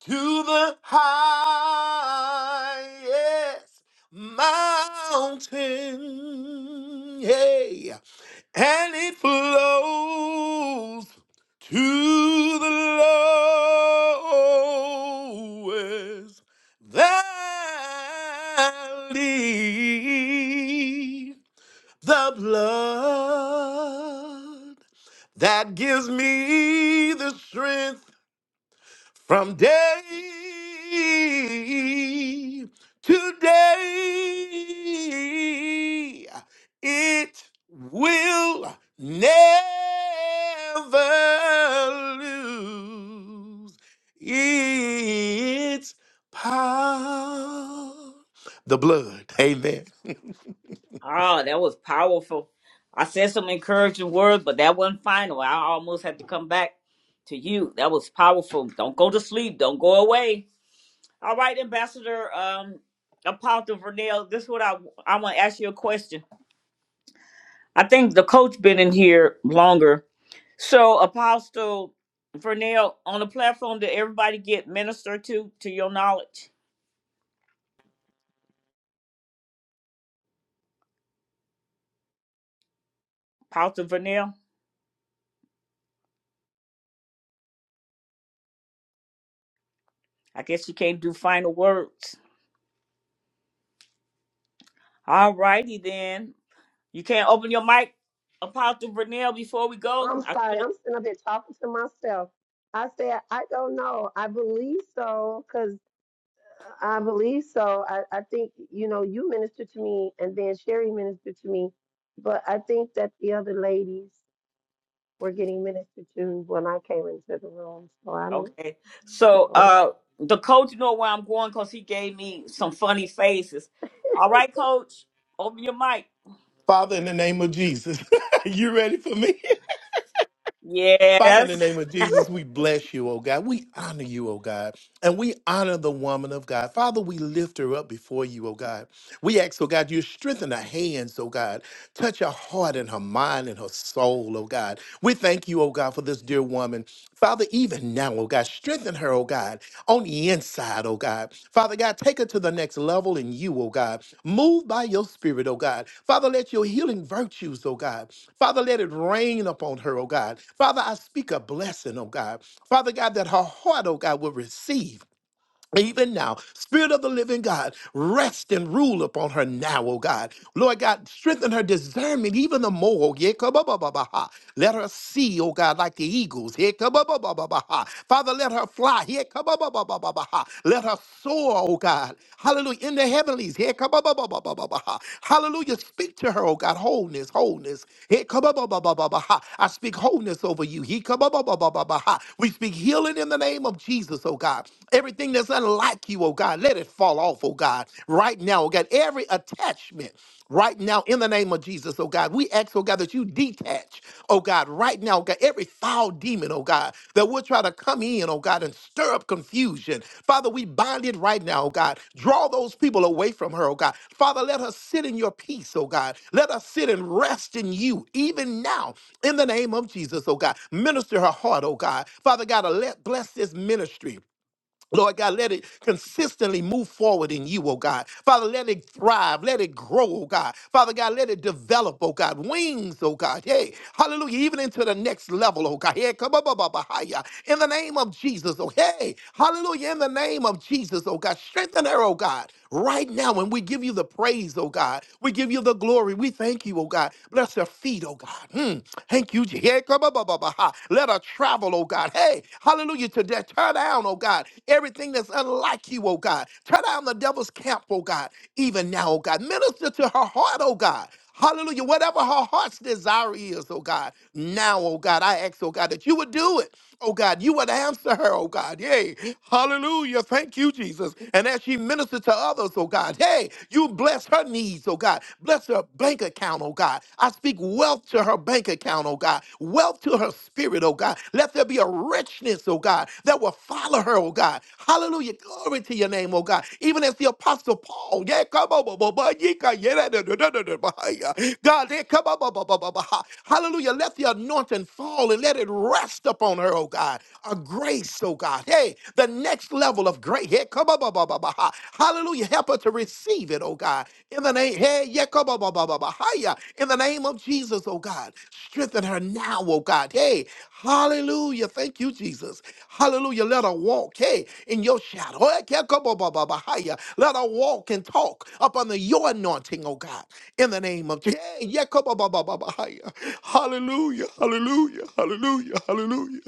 Speaker 8: to the highest mountain. Hey and it flows to the lowest valley. The blood that gives me the strength from day to day, it will never lose its power. The blood, amen.
Speaker 1: Oh, that was powerful. I said some encouraging words, but that wasn't final. I almost had to come back to you. That was powerful. Don't go to sleep. Don't go away. All right, Ambassador um, Apostle Vernell, this is what I I want to ask you a question. I think the coach been in here longer. So, Apostle Vernell, on the platform, did everybody get ministered to, to your knowledge? Apostle Vernell, I guess you can't do final words. All righty then. You can't open your mic, Apostle Vernell, before we go.
Speaker 14: I'm sorry. I'm sitting up here talking to myself. I said, I don't know. I believe so, 'cause. I believe so. I, I think, you know, you ministered to me and then Sherry ministered to me, but I think that the other ladies were getting ministered to when I came into the room. So I don't
Speaker 1: Okay. So
Speaker 14: know.
Speaker 1: uh the coach know where I'm going because he gave me some funny faces. All right, coach. Open your mic.
Speaker 8: Father, in the name of Jesus, you ready for me? Father, in the name
Speaker 1: Yes.
Speaker 8: of Jesus, we bless you, oh God. We honor you, oh God. And we honor the woman of God. Father, we lift her up before you, oh God. We ask, oh God, you strengthen her hands, oh God. Touch her heart and her mind and her soul, oh God. We thank you, oh God, for this dear woman. Father, even now, oh God, strengthen her, oh God on the inside, oh God. Father God, take her to the next level in you, oh God. Move by your spirit, oh God. Father, let your healing virtues, oh God. Father, let it rain upon her, oh God. Father, I speak a blessing, oh God. Father God, that her heart, oh God, will receive even now, Spirit of the living God, rest and rule upon her now, oh God. Lord God, strengthen her discernment even the more. oh, yeah, kababababaha. Let her see, oh God, like the eagles. yeah, kababababaha. Father, let her fly. yeah, kababababaha. Let her soar, oh God. Hallelujah. In the heavenlies. yeah, kababababaha. Hallelujah. Speak to her, oh God. Wholeness, wholeness. yeah, kababababaha. I speak wholeness over you. yeah, kababababaha. We speak healing in the name of Jesus, oh God Everything that's unlike you, oh God, let it fall off, oh God, right now, oh God. Every attachment right now in the name of Jesus, oh God. We ask, oh God, that you detach, oh God, right now, oh God, every foul demon, oh God, that will try to come in, oh God, and stir up confusion. Father, we bind it right now, oh God. Draw those people away from her, oh God. Father, let her sit in your peace, oh God. Let her sit and rest in you, even now, in the name of Jesus, oh God. Minister her heart, oh God. Father God, let bless this ministry. Lord God, let it consistently move forward in you, oh God. Father, let it thrive, let it grow, oh God. Father God, let it develop, oh God. Wings, oh God. Hey, hallelujah. Even into the next level, oh God. Hey, come up, up, up, up, higher. in the name of Jesus, oh hey, hallelujah. In the name of Jesus, oh God. Strengthen her, oh God right now. And we give you the praise, oh God. We give you the glory. We thank you, oh God. Bless their feet, oh God. Mm, Thank you, Je- yeah, come up, up, up, up, ha. Let her travel, oh God. Hey, hallelujah to that. Tear down, oh God. Everything that's unlike you, oh God. Turn down the devil's camp, oh God. Even now, oh God. Minister to her heart, oh God. Hallelujah. Whatever her heart's desire is, oh God. Now, oh God, I ask, oh God, that you would do it. Oh God, you would answer her, oh God. Yay. Hallelujah. Thank you, Jesus. And as she ministers to others, oh God, hey, you bless her needs, oh God. Bless her bank account, oh God. I speak wealth to her bank account, oh God. Wealth to her spirit, oh God. Let there be a richness, oh God, that will follow her, oh God. Hallelujah. Glory to your name, oh God. Even as the apostle Paul, yeah, come on, God, they come up, hallelujah. Let the anointing fall and let it rest upon her, oh God. A grace, oh God. Hey, the next level of grace. Hey, come up, hallelujah. Help her to receive it, oh God. In the name, hey, yeah, come up, up, in the name of Jesus, oh God. Strengthen her now, oh God. Hey, hallelujah. Thank you, Jesus. Hallelujah. Let her walk, hey, in your shadow. Hey, yeah, come up, up, Let her walk and talk up under your anointing, anointing, oh God, in the name of Jesus. Hallelujah, hallelujah, hallelujah, hallelujah.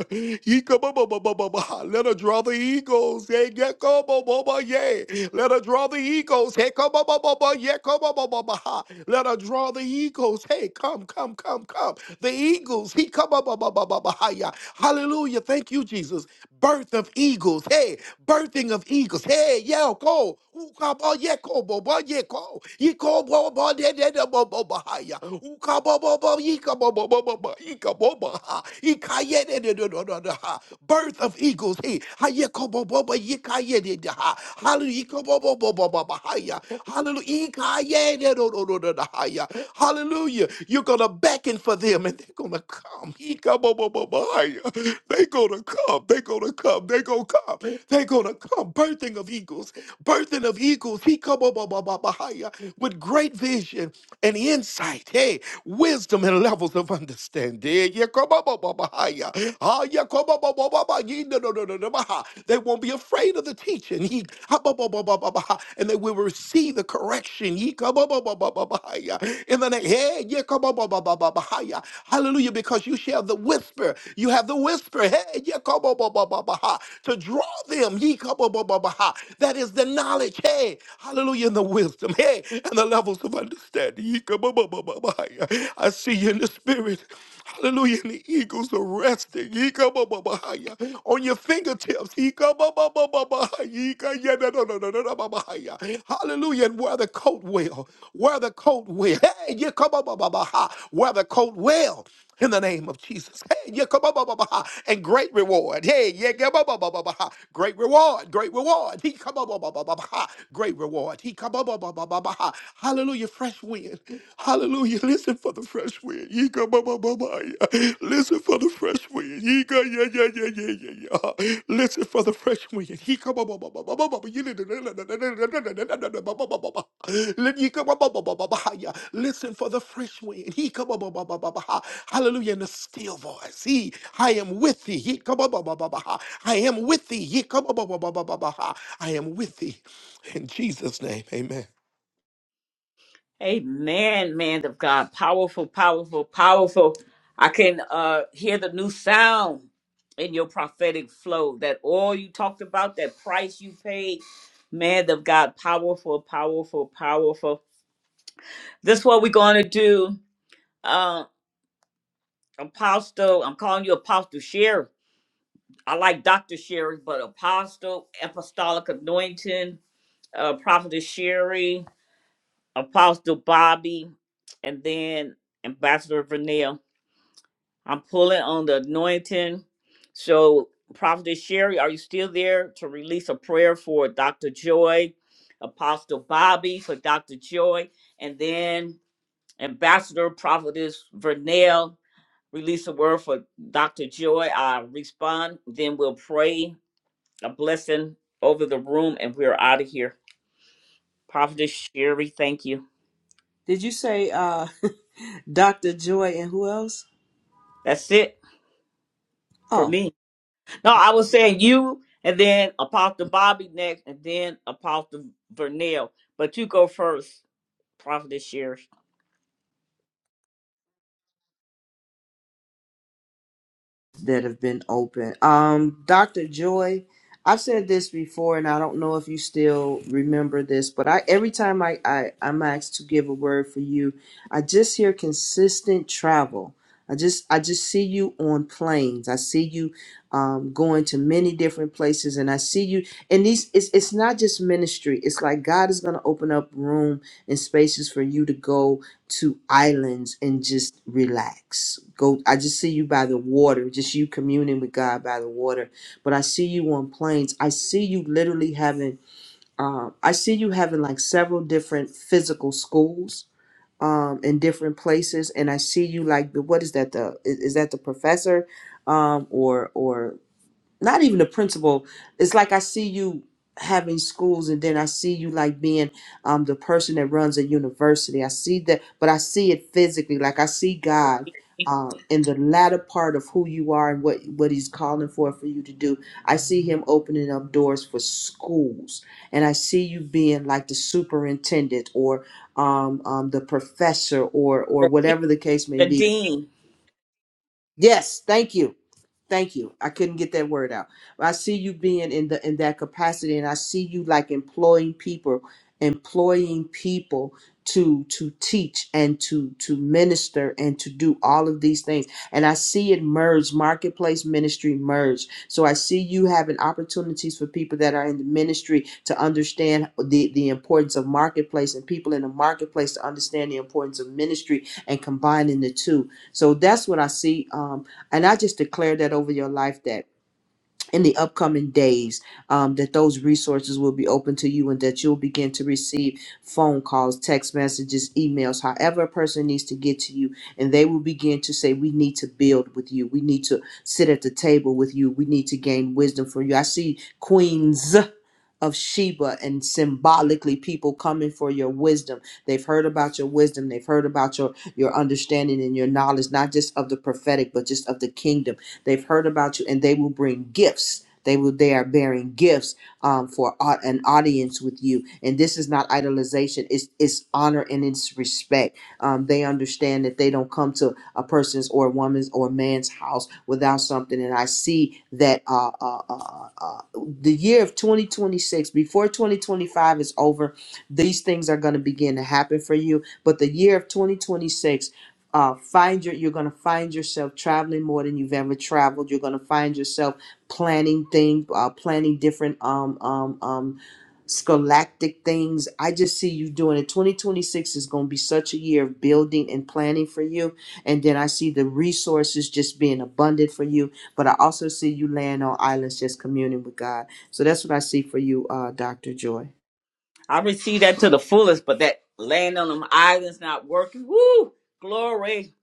Speaker 8: Yekabababababa. Let her draw the eagles. hey, Yeah, yekabababa, yeah. Let her draw the eagles. Hey, kababababa, yekababababa. Let her draw the eagles. Hey, come, come, come, come. The eagles. He kabababababa. Hallelujah. Thank you, Jesus. Birth of eagles. Hey, birthing of eagles. Hey, yeah, go. Ukabo yeko bobo yeko. Iko bobo de de de bobo bahaya. Ukabo bobo yika bobo bobo bo- yika bobo ha. Ika de de de de de ha. Birth of eagles. He, hayeko bobo bo yika ye de de ha. Hallelujah. Iko bobo bobo bo- bahaya. Hallelujah. Ika de de de de de ha haya. Hallelujah. You're gonna beckon for them and they're gonna come. Ika bobo bo- bahaya. They gonna come. They gonna come. They gonna come. They gonna come. Birthing of eagles birthing birthing of eagles. He come up higher with great vision and insight. Hey, wisdom and levels of understanding. Yeah, yeah, come up, higher. Ah, yeah, come up, up, yeah, no, no, no, no, no, bah. They won't be afraid of the teaching. He ah, and they will receive the correction. He come up, higher. In the name, hey, yeah, come up, higher. Hallelujah, because you share the whisper. You have the whisper. Hey, yeah, come up, up, ah, to draw them. He come up, up, ah. That is the knowledge knowledge, hey, hallelujah, and the wisdom, hey, and the levels of understanding. Yikababababahaya. I see you in the spirit. Hallelujah. And the eagles are resting. Yikabababahaya. On your fingertips. Yikababababahaya. Yikayadadadadadadabahaya. Hallelujah. And wear the coat well. Wear the coat well. Hey, yikababababaha. wear the coat well in the name of Jesus. Hey, yeah, come on, bah, bah, bah, ha, and great reward. Hey, yeah, yeah, bah, bah, bah, bah, bah, great reward, great reward. He come on, Great reward. He come up, Hallelujah. Fresh wind. Hallelujah. Listen for the fresh wind. He come. ba, yeah. Listen for the fresh wind. He ka, yeah, yeah, yeah, yeah, yeah, yeah. Listen for the fresh wind. He come up, Listen for the fresh wind. He come up, Hallelujah. In a still voice. He, I am with thee. He come up, I am with thee. He come up, I am with thee. In Jesus' name, amen.
Speaker 1: Amen, man of God. Powerful, powerful, powerful. I can uh hear the new sound in your prophetic flow. That all you talked about, that price you paid. Man of God, powerful, powerful, powerful. This is what we're gonna do. Uh apostle, I'm calling you apostle Sherry. I like Dr. Sherry, but Apostle, Apostolic Anointing, uh, Prophetess Sherry, Apostle Bobby, and then Ambassador Vernell. I'm pulling on the anointing. So, Prophetess Sherry, are you still there to release a prayer for Dr. Joy, Apostle Bobby for Dr. Joy, and then Ambassador Prophetess Vernell? Release a word for Dr. Joy. I respond, then we'll pray a blessing over the room, and we're out of here. Prophetess Sherry, thank you.
Speaker 16: Did you say uh, Dr. Joy and who else?
Speaker 1: That's it for me. No, I was saying you, and then Apostle Bobby next, and then Apostle Vernell. But you go first, Prophetess Sherry.
Speaker 16: that have been open. Um, Dr. Joy, I've said this before, and I don't know if you still remember this, but I every time I, I I'm asked to give a word for you, I just hear consistent travel. I just I just see you on planes. I see you um, going to many different places, and I see you. And these it's it's not just ministry. It's like God is going to open up room and spaces for you to go to islands and just relax. Go I just see you by the water, just you communing with God by the water. But I see you on planes. I see you literally having um I see you having like several different physical schools um in different places and I see you like the what is that the is, is that the professor um or or not even the principal. It's like I see you having schools, and then I see you like being um, the person that runs a university. I see that, but I see it physically. Like I see God uh, in the latter part of who you are and what what He's calling for for you to do. I see Him opening up doors for schools, and I see you being like the superintendent or um, um, the professor or or
Speaker 1: The, dean-
Speaker 16: whatever the case may
Speaker 1: the
Speaker 16: be.
Speaker 1: dean.
Speaker 16: Yes, thank you Thank you. I couldn't get that word out. I see you being in the in that capacity, and I see you like employing people, employing people to to teach and to to minister and to do all of these things. And I see it merge, marketplace ministry merge. So I see you having opportunities for people that are in the ministry to understand the the importance of marketplace, and people in the marketplace to understand the importance of ministry and combining the two. So that's what I see, um, and I just declare that over your life that in the upcoming days, um, that those resources will be open to you and that you'll begin to receive phone calls, text messages, emails, however a person needs to get to you. And they will begin to say, We need to build with you. We need to sit at the table with you. We need to gain wisdom for you. I see queens of Sheba and symbolically people coming for your wisdom. They've heard about your wisdom, they've heard about your your understanding and your knowledge not just of the prophetic but just of the kingdom. They've heard about you and they will bring gifts. They will they are bearing gifts um, for au- an audience with you. And this is not idolization, it's it's honor and it's respect. Um, they understand that they don't come to a person's or a woman's or a man's house without something. And I see that uh, uh, uh, uh, uh, the year of 2026, before 2025 is over, these things are going to begin to happen for you. But the year of 2026, uh, find your you're going to find yourself traveling more than you've ever traveled you're going to find yourself planning things uh, planning different um um um scholastic things. I just see you doing it. 2026 is going to be such a year of building and planning for you and then I see the resources just being abundant for you. But I also see you laying on islands just communing with God. So that's what I see for you, uh, Dr. Joy.
Speaker 1: I received that to the fullest, but that land on them islands not working. Woo! Glory.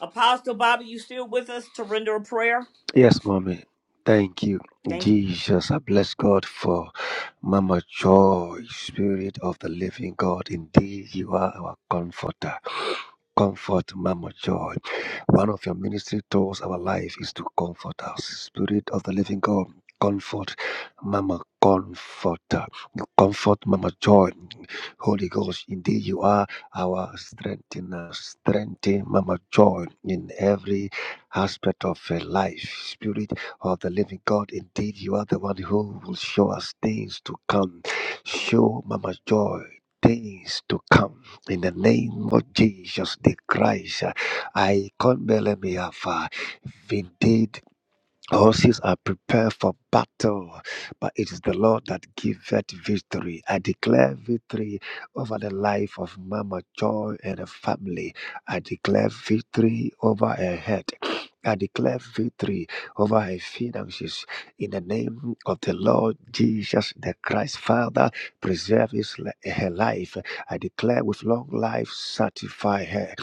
Speaker 1: Apostle Bobby, you still with us to render a prayer?
Speaker 15: Yes, Mommy. Thank you,
Speaker 1: Thank you.
Speaker 15: Jesus. I bless God for Mama Joy, Spirit of the Living God. Indeed, you are our comforter. Comfort, Mama Joy. One of your ministry tools, our life, is to comfort us. Spirit of the living God, comfort, Mama, comforter. comfort, Mama Joy. Holy Ghost, indeed you are our strengthener. Strengthen, Mama Joy, in every aspect of her life. Spirit of the living God, indeed you are the one who will show us things to come. Show, Mama Joy, things to come in the name of Jesus the Christ, I can't believe me. Have indeed. Horses are prepared for battle, but it is the Lord that giveth victory. I declare victory over the life of Mama Joy and her family. I declare victory over her head. I declare victory over her finances in the name of the Lord Jesus the Christ. Father, preserve his, her life. I declare with long life, satisfy her.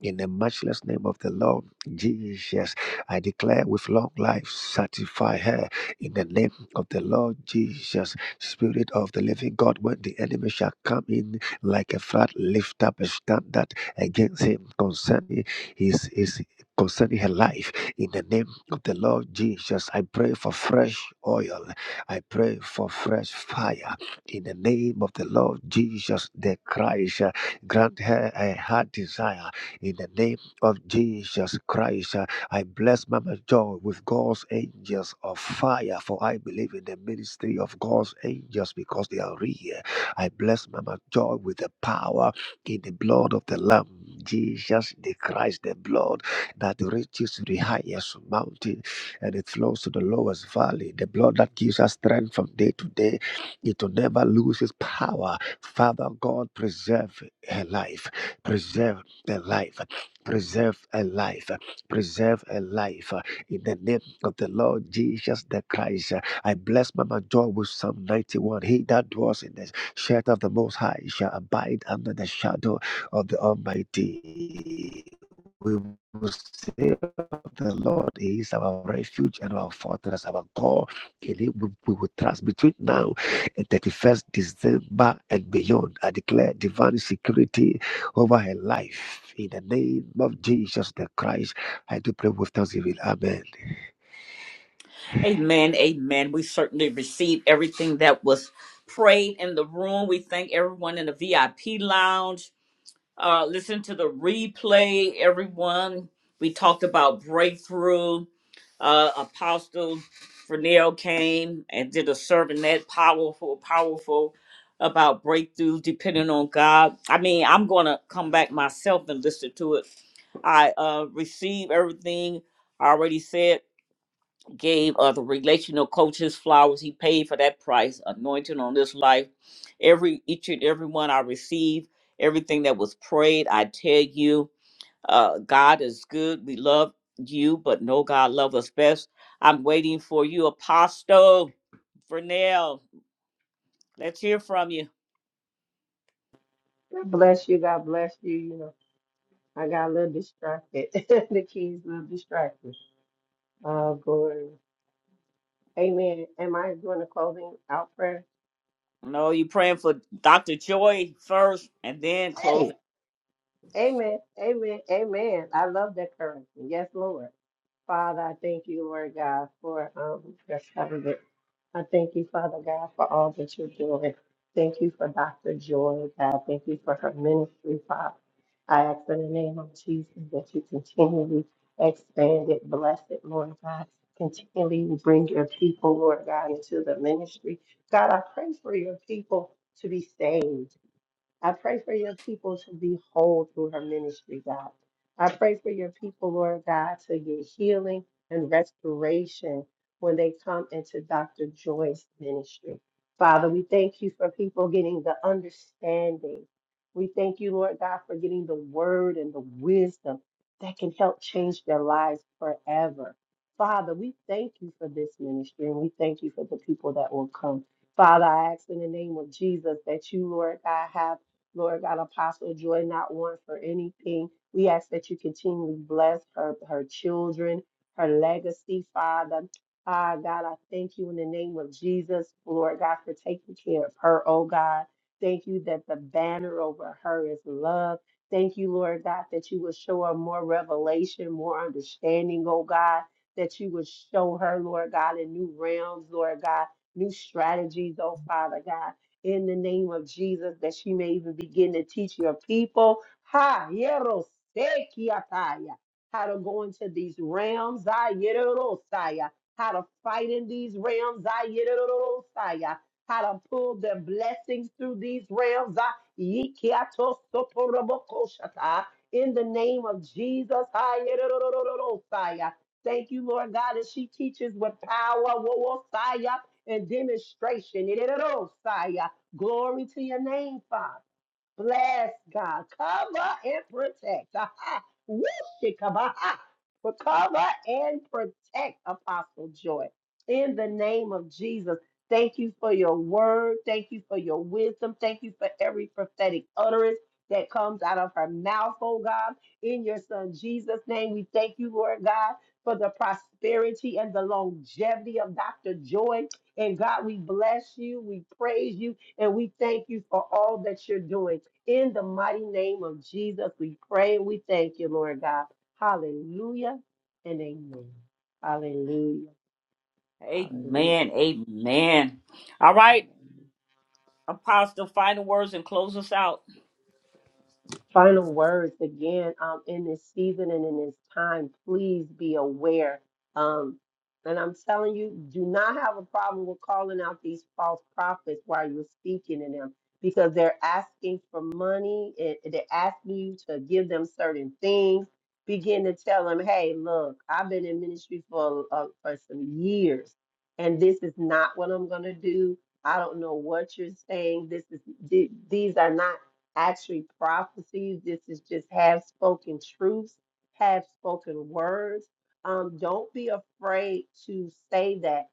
Speaker 15: In the matchless name of the Lord Jesus, I declare with long life, satisfy her. In the name of the Lord Jesus, Spirit of the living God, when the enemy shall come in like a flood, lift up a standard against him concerning his, his concerning her life. In the name of the Lord Jesus, I pray for fresh oil. I pray for fresh fire. In the name of the Lord Jesus, the Christ, grant her a heart desire in the name of Jesus Christ, uh, I bless Mama Joy with God's angels of fire, for I believe in the ministry of God's angels because they are real. I bless Mama Joy with the power in the blood of the Lamb, Jesus the Christ, the blood that reaches to the highest mountain and it flows to the lowest valley, the blood that gives us strength from day to day. It will never lose its power. Father God, preserve her life, preserve a life. Preserve a life. Preserve a life. In the name of the Lord Jesus the Christ, I bless Mama Joy with Psalm 91. He that dwells in the shelter of the Most High shall abide under the shadow of the Almighty. We will say the Lord is our refuge and our fortress, our God. we, we will trust between now and 31st December and beyond. I declare divine security over her life. In the name of Jesus the Christ, I do pray with thanksgiving. Amen.
Speaker 1: Amen. Amen. We certainly received everything that was prayed in the room. We thank everyone in the VIP lounge. Uh, listen to the replay, everyone. We talked about breakthrough. Uh, Apostle Fernell came and did a sermon that powerful, powerful about breakthrough depending on God. I mean, I'm going to come back myself and listen to it. I uh, received everything I already said gave other relational coaches flowers. He paid for that price, anointing on this life. Every each and every one I received, everything that was prayed, I tell you, uh, God is good. We love you, but no God love us best. I'm waiting for you, Apostle Vernell. Let's hear from you.
Speaker 14: God bless you. God bless you. You know, I got a little distracted. the keys a little distracted. Oh, glory. Amen. Am I doing the closing out prayer?
Speaker 1: No, you praying for Dr. Joy first and then closing.
Speaker 14: Hey, amen. Amen. Amen. I love that currency. Yes, Lord. Father, I thank you, Lord God, for um, your covenant. I thank you, Father God, for all that you're doing. Thank you for Dr. Joy, God. Thank you for her ministry, Father. I ask in the name of Jesus that you continually expand it, bless it, Lord God. Continually bring your people, Lord God, into the ministry. God, I pray for your people to be saved. I pray for your people to be whole through her ministry, God. I pray for your people, Lord God, to get healing and restoration when they come into Dr. Joy's ministry. Father, we thank you for people getting the understanding. We thank you, Lord God, for getting the word and the wisdom that can help change their lives forever. Father, we thank you for this ministry and we thank you for the people that will come. Father, I ask in the name of Jesus that you, Lord God, have Lord God, Apostle Joy, not one for anything. We ask that you continually bless her, her children, her legacy, Father. Ah, God, I thank you in the name of Jesus, Lord God, for taking care of her, oh God. Thank you that the banner over her is love. Thank you, Lord God, that you will show her more revelation, more understanding, oh God, that you will show her, Lord God, in new realms, Lord God, new strategies, oh Father God in the name of Jesus that she may even begin to teach your people ha yero how to go into these realms ah, yero, saya, how to fight in these realms ah, yero, saya, how to pull the blessings through these realms ah, yikiato soporobokoshata, in the name of Jesus ah, yero, saya. Thank you, Lord God, as she teaches with power, wo- wo- saya, and demonstration. It is Glory to your name, Father. Bless God. Cover and protect. Aha. Woo-shikabaha. Recover and protect, Apostle Joy. In the name of Jesus, thank you for your word. Thank you for your wisdom. Thank you for every prophetic utterance that comes out of her mouth, oh God. In your son Jesus' name, we thank you, Lord God, for the prosperity and the longevity of Dr. Joy. And God, we bless you. We praise you. And we thank you for all that you're doing. In the mighty name of Jesus, we pray and we thank you, Lord God. Hallelujah and amen. Hallelujah. Hallelujah.
Speaker 1: Amen. Amen. All right,
Speaker 14: Hallelujah.
Speaker 1: Apostle, final words and close us out.
Speaker 14: final words again um, in this season and in this time please be aware um, and i'm telling you do not have a problem with calling out these false prophets while you're speaking to them because they're asking for money and they're asking you to give them certain things begin to tell them hey look i've been in ministry for, uh, for some years and this is not what i'm going to do i don't know what you're saying this is th- these are not actually prophecies. This is just half spoken truths, half spoken words. Um, don't be afraid to say that.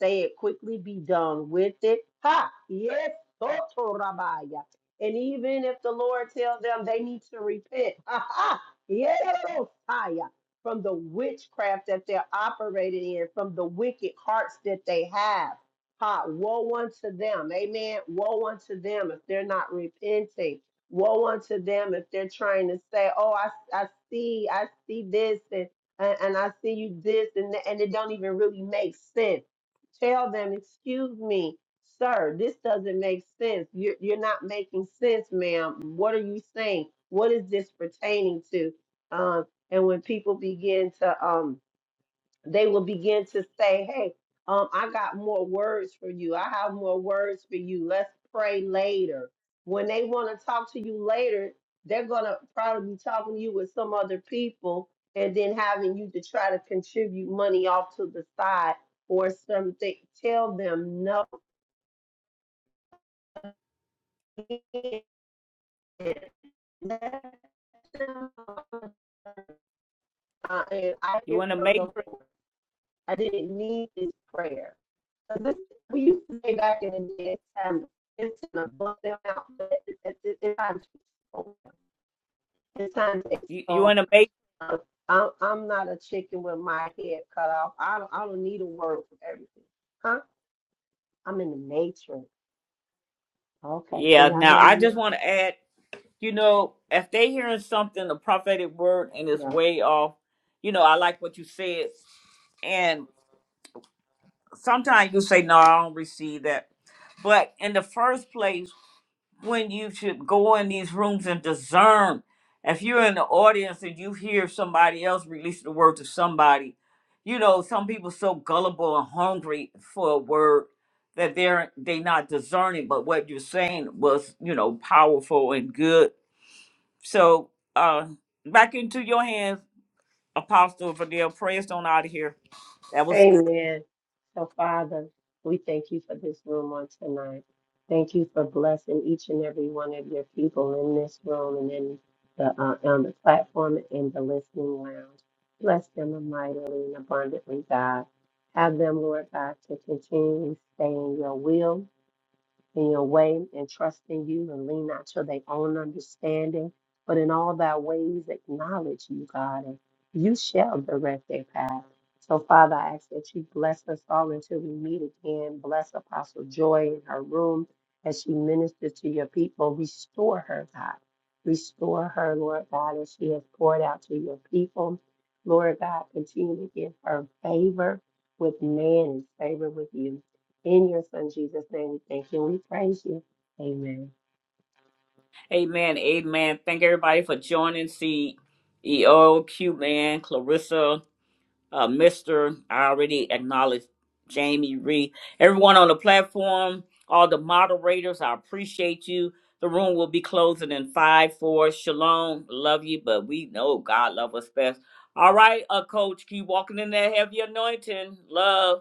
Speaker 14: Say it quickly, be done with it. Ha! Yes, Sotorabaya. And even if the Lord tells them they need to repent, ha ha! Yes, Sotaya, from the witchcraft that they're operating in, from the wicked hearts that they have. Ha, woe unto them. Amen. Woe unto them if they're not repenting woe unto them if they're trying to say, "Oh, I, I see, I see this, and and and I see you this, and that," and it don't even really make sense. Tell them, excuse me, sir, this doesn't make sense. You're you're not making sense, ma'am. What are you saying? What is this pertaining to? Um, and when people begin to um they will begin to say, Hey, um, I got more words for you. I have more words for you. Let's pray later. When they want to talk to you later, they're going to probably be talking to you with some other people and then having you to try to contribute money off to the side or something. Tell them no. Let them, uh, and I
Speaker 1: You
Speaker 14: hear
Speaker 1: in the
Speaker 14: from
Speaker 1: matrix.
Speaker 14: the Lord. I didn't need his prayer. So this we used to say back in the day, it's time to bump them out, but it's time to expose them. It's time to
Speaker 1: You you
Speaker 14: expose.
Speaker 1: in a make?
Speaker 14: them. I'm I'm not a chicken with my head cut off. I don't I don't need a word for everything, huh? I'm in the matrix. Okay, can
Speaker 1: Yeah.
Speaker 14: y'all
Speaker 1: Now
Speaker 14: hear me
Speaker 1: I just
Speaker 14: now?
Speaker 1: want to add. You know, if they hearing something, a prophetic word, and it's
Speaker 14: Yeah.
Speaker 1: way off. You know, I like what you said, and sometimes you say, "No, I don't receive that." But in the first place. when you should go in these rooms and discern. If you're in the audience and you hear somebody else release the word to somebody, you know, some people so gullible and hungry for a word that they're they not discerning, but what you're saying was, you know, powerful and good. So uh back into your hands, Apostle Fidel. Prayers don't out of here. That was good.
Speaker 14: Amen. So, Father, we thank you for this room on tonight. Thank you for blessing each and every one of your people in this room and in the uh, on the platform and the listening lounge. Bless them mightily and abundantly, God. Have them, Lord God, to continually stay in your will in your way and trust in you and lean not to their own understanding, but in all thy ways acknowledge you, God, and you shall direct their path. So, Father, I ask that you bless us all until we meet again. Bless Apostle Joy in her room as she ministers to your people. Restore her, God. Restore her, Lord God, as she has poured out to your people. Lord God, continue to give her favor with man and favor with you. In your son Jesus' name, we thank you and we praise you. Amen.
Speaker 1: Amen. Amen. Thank everybody for joining. See EO, Man, Clarissa, uh, Mr. I already acknowledged Jamie Reed. Everyone on the platform, all the moderators, I appreciate you. The room will be closing in five, four. Shalom, love you, but we know God love us best. All right, uh, Coach, keep walking in that heavy anointing. Love.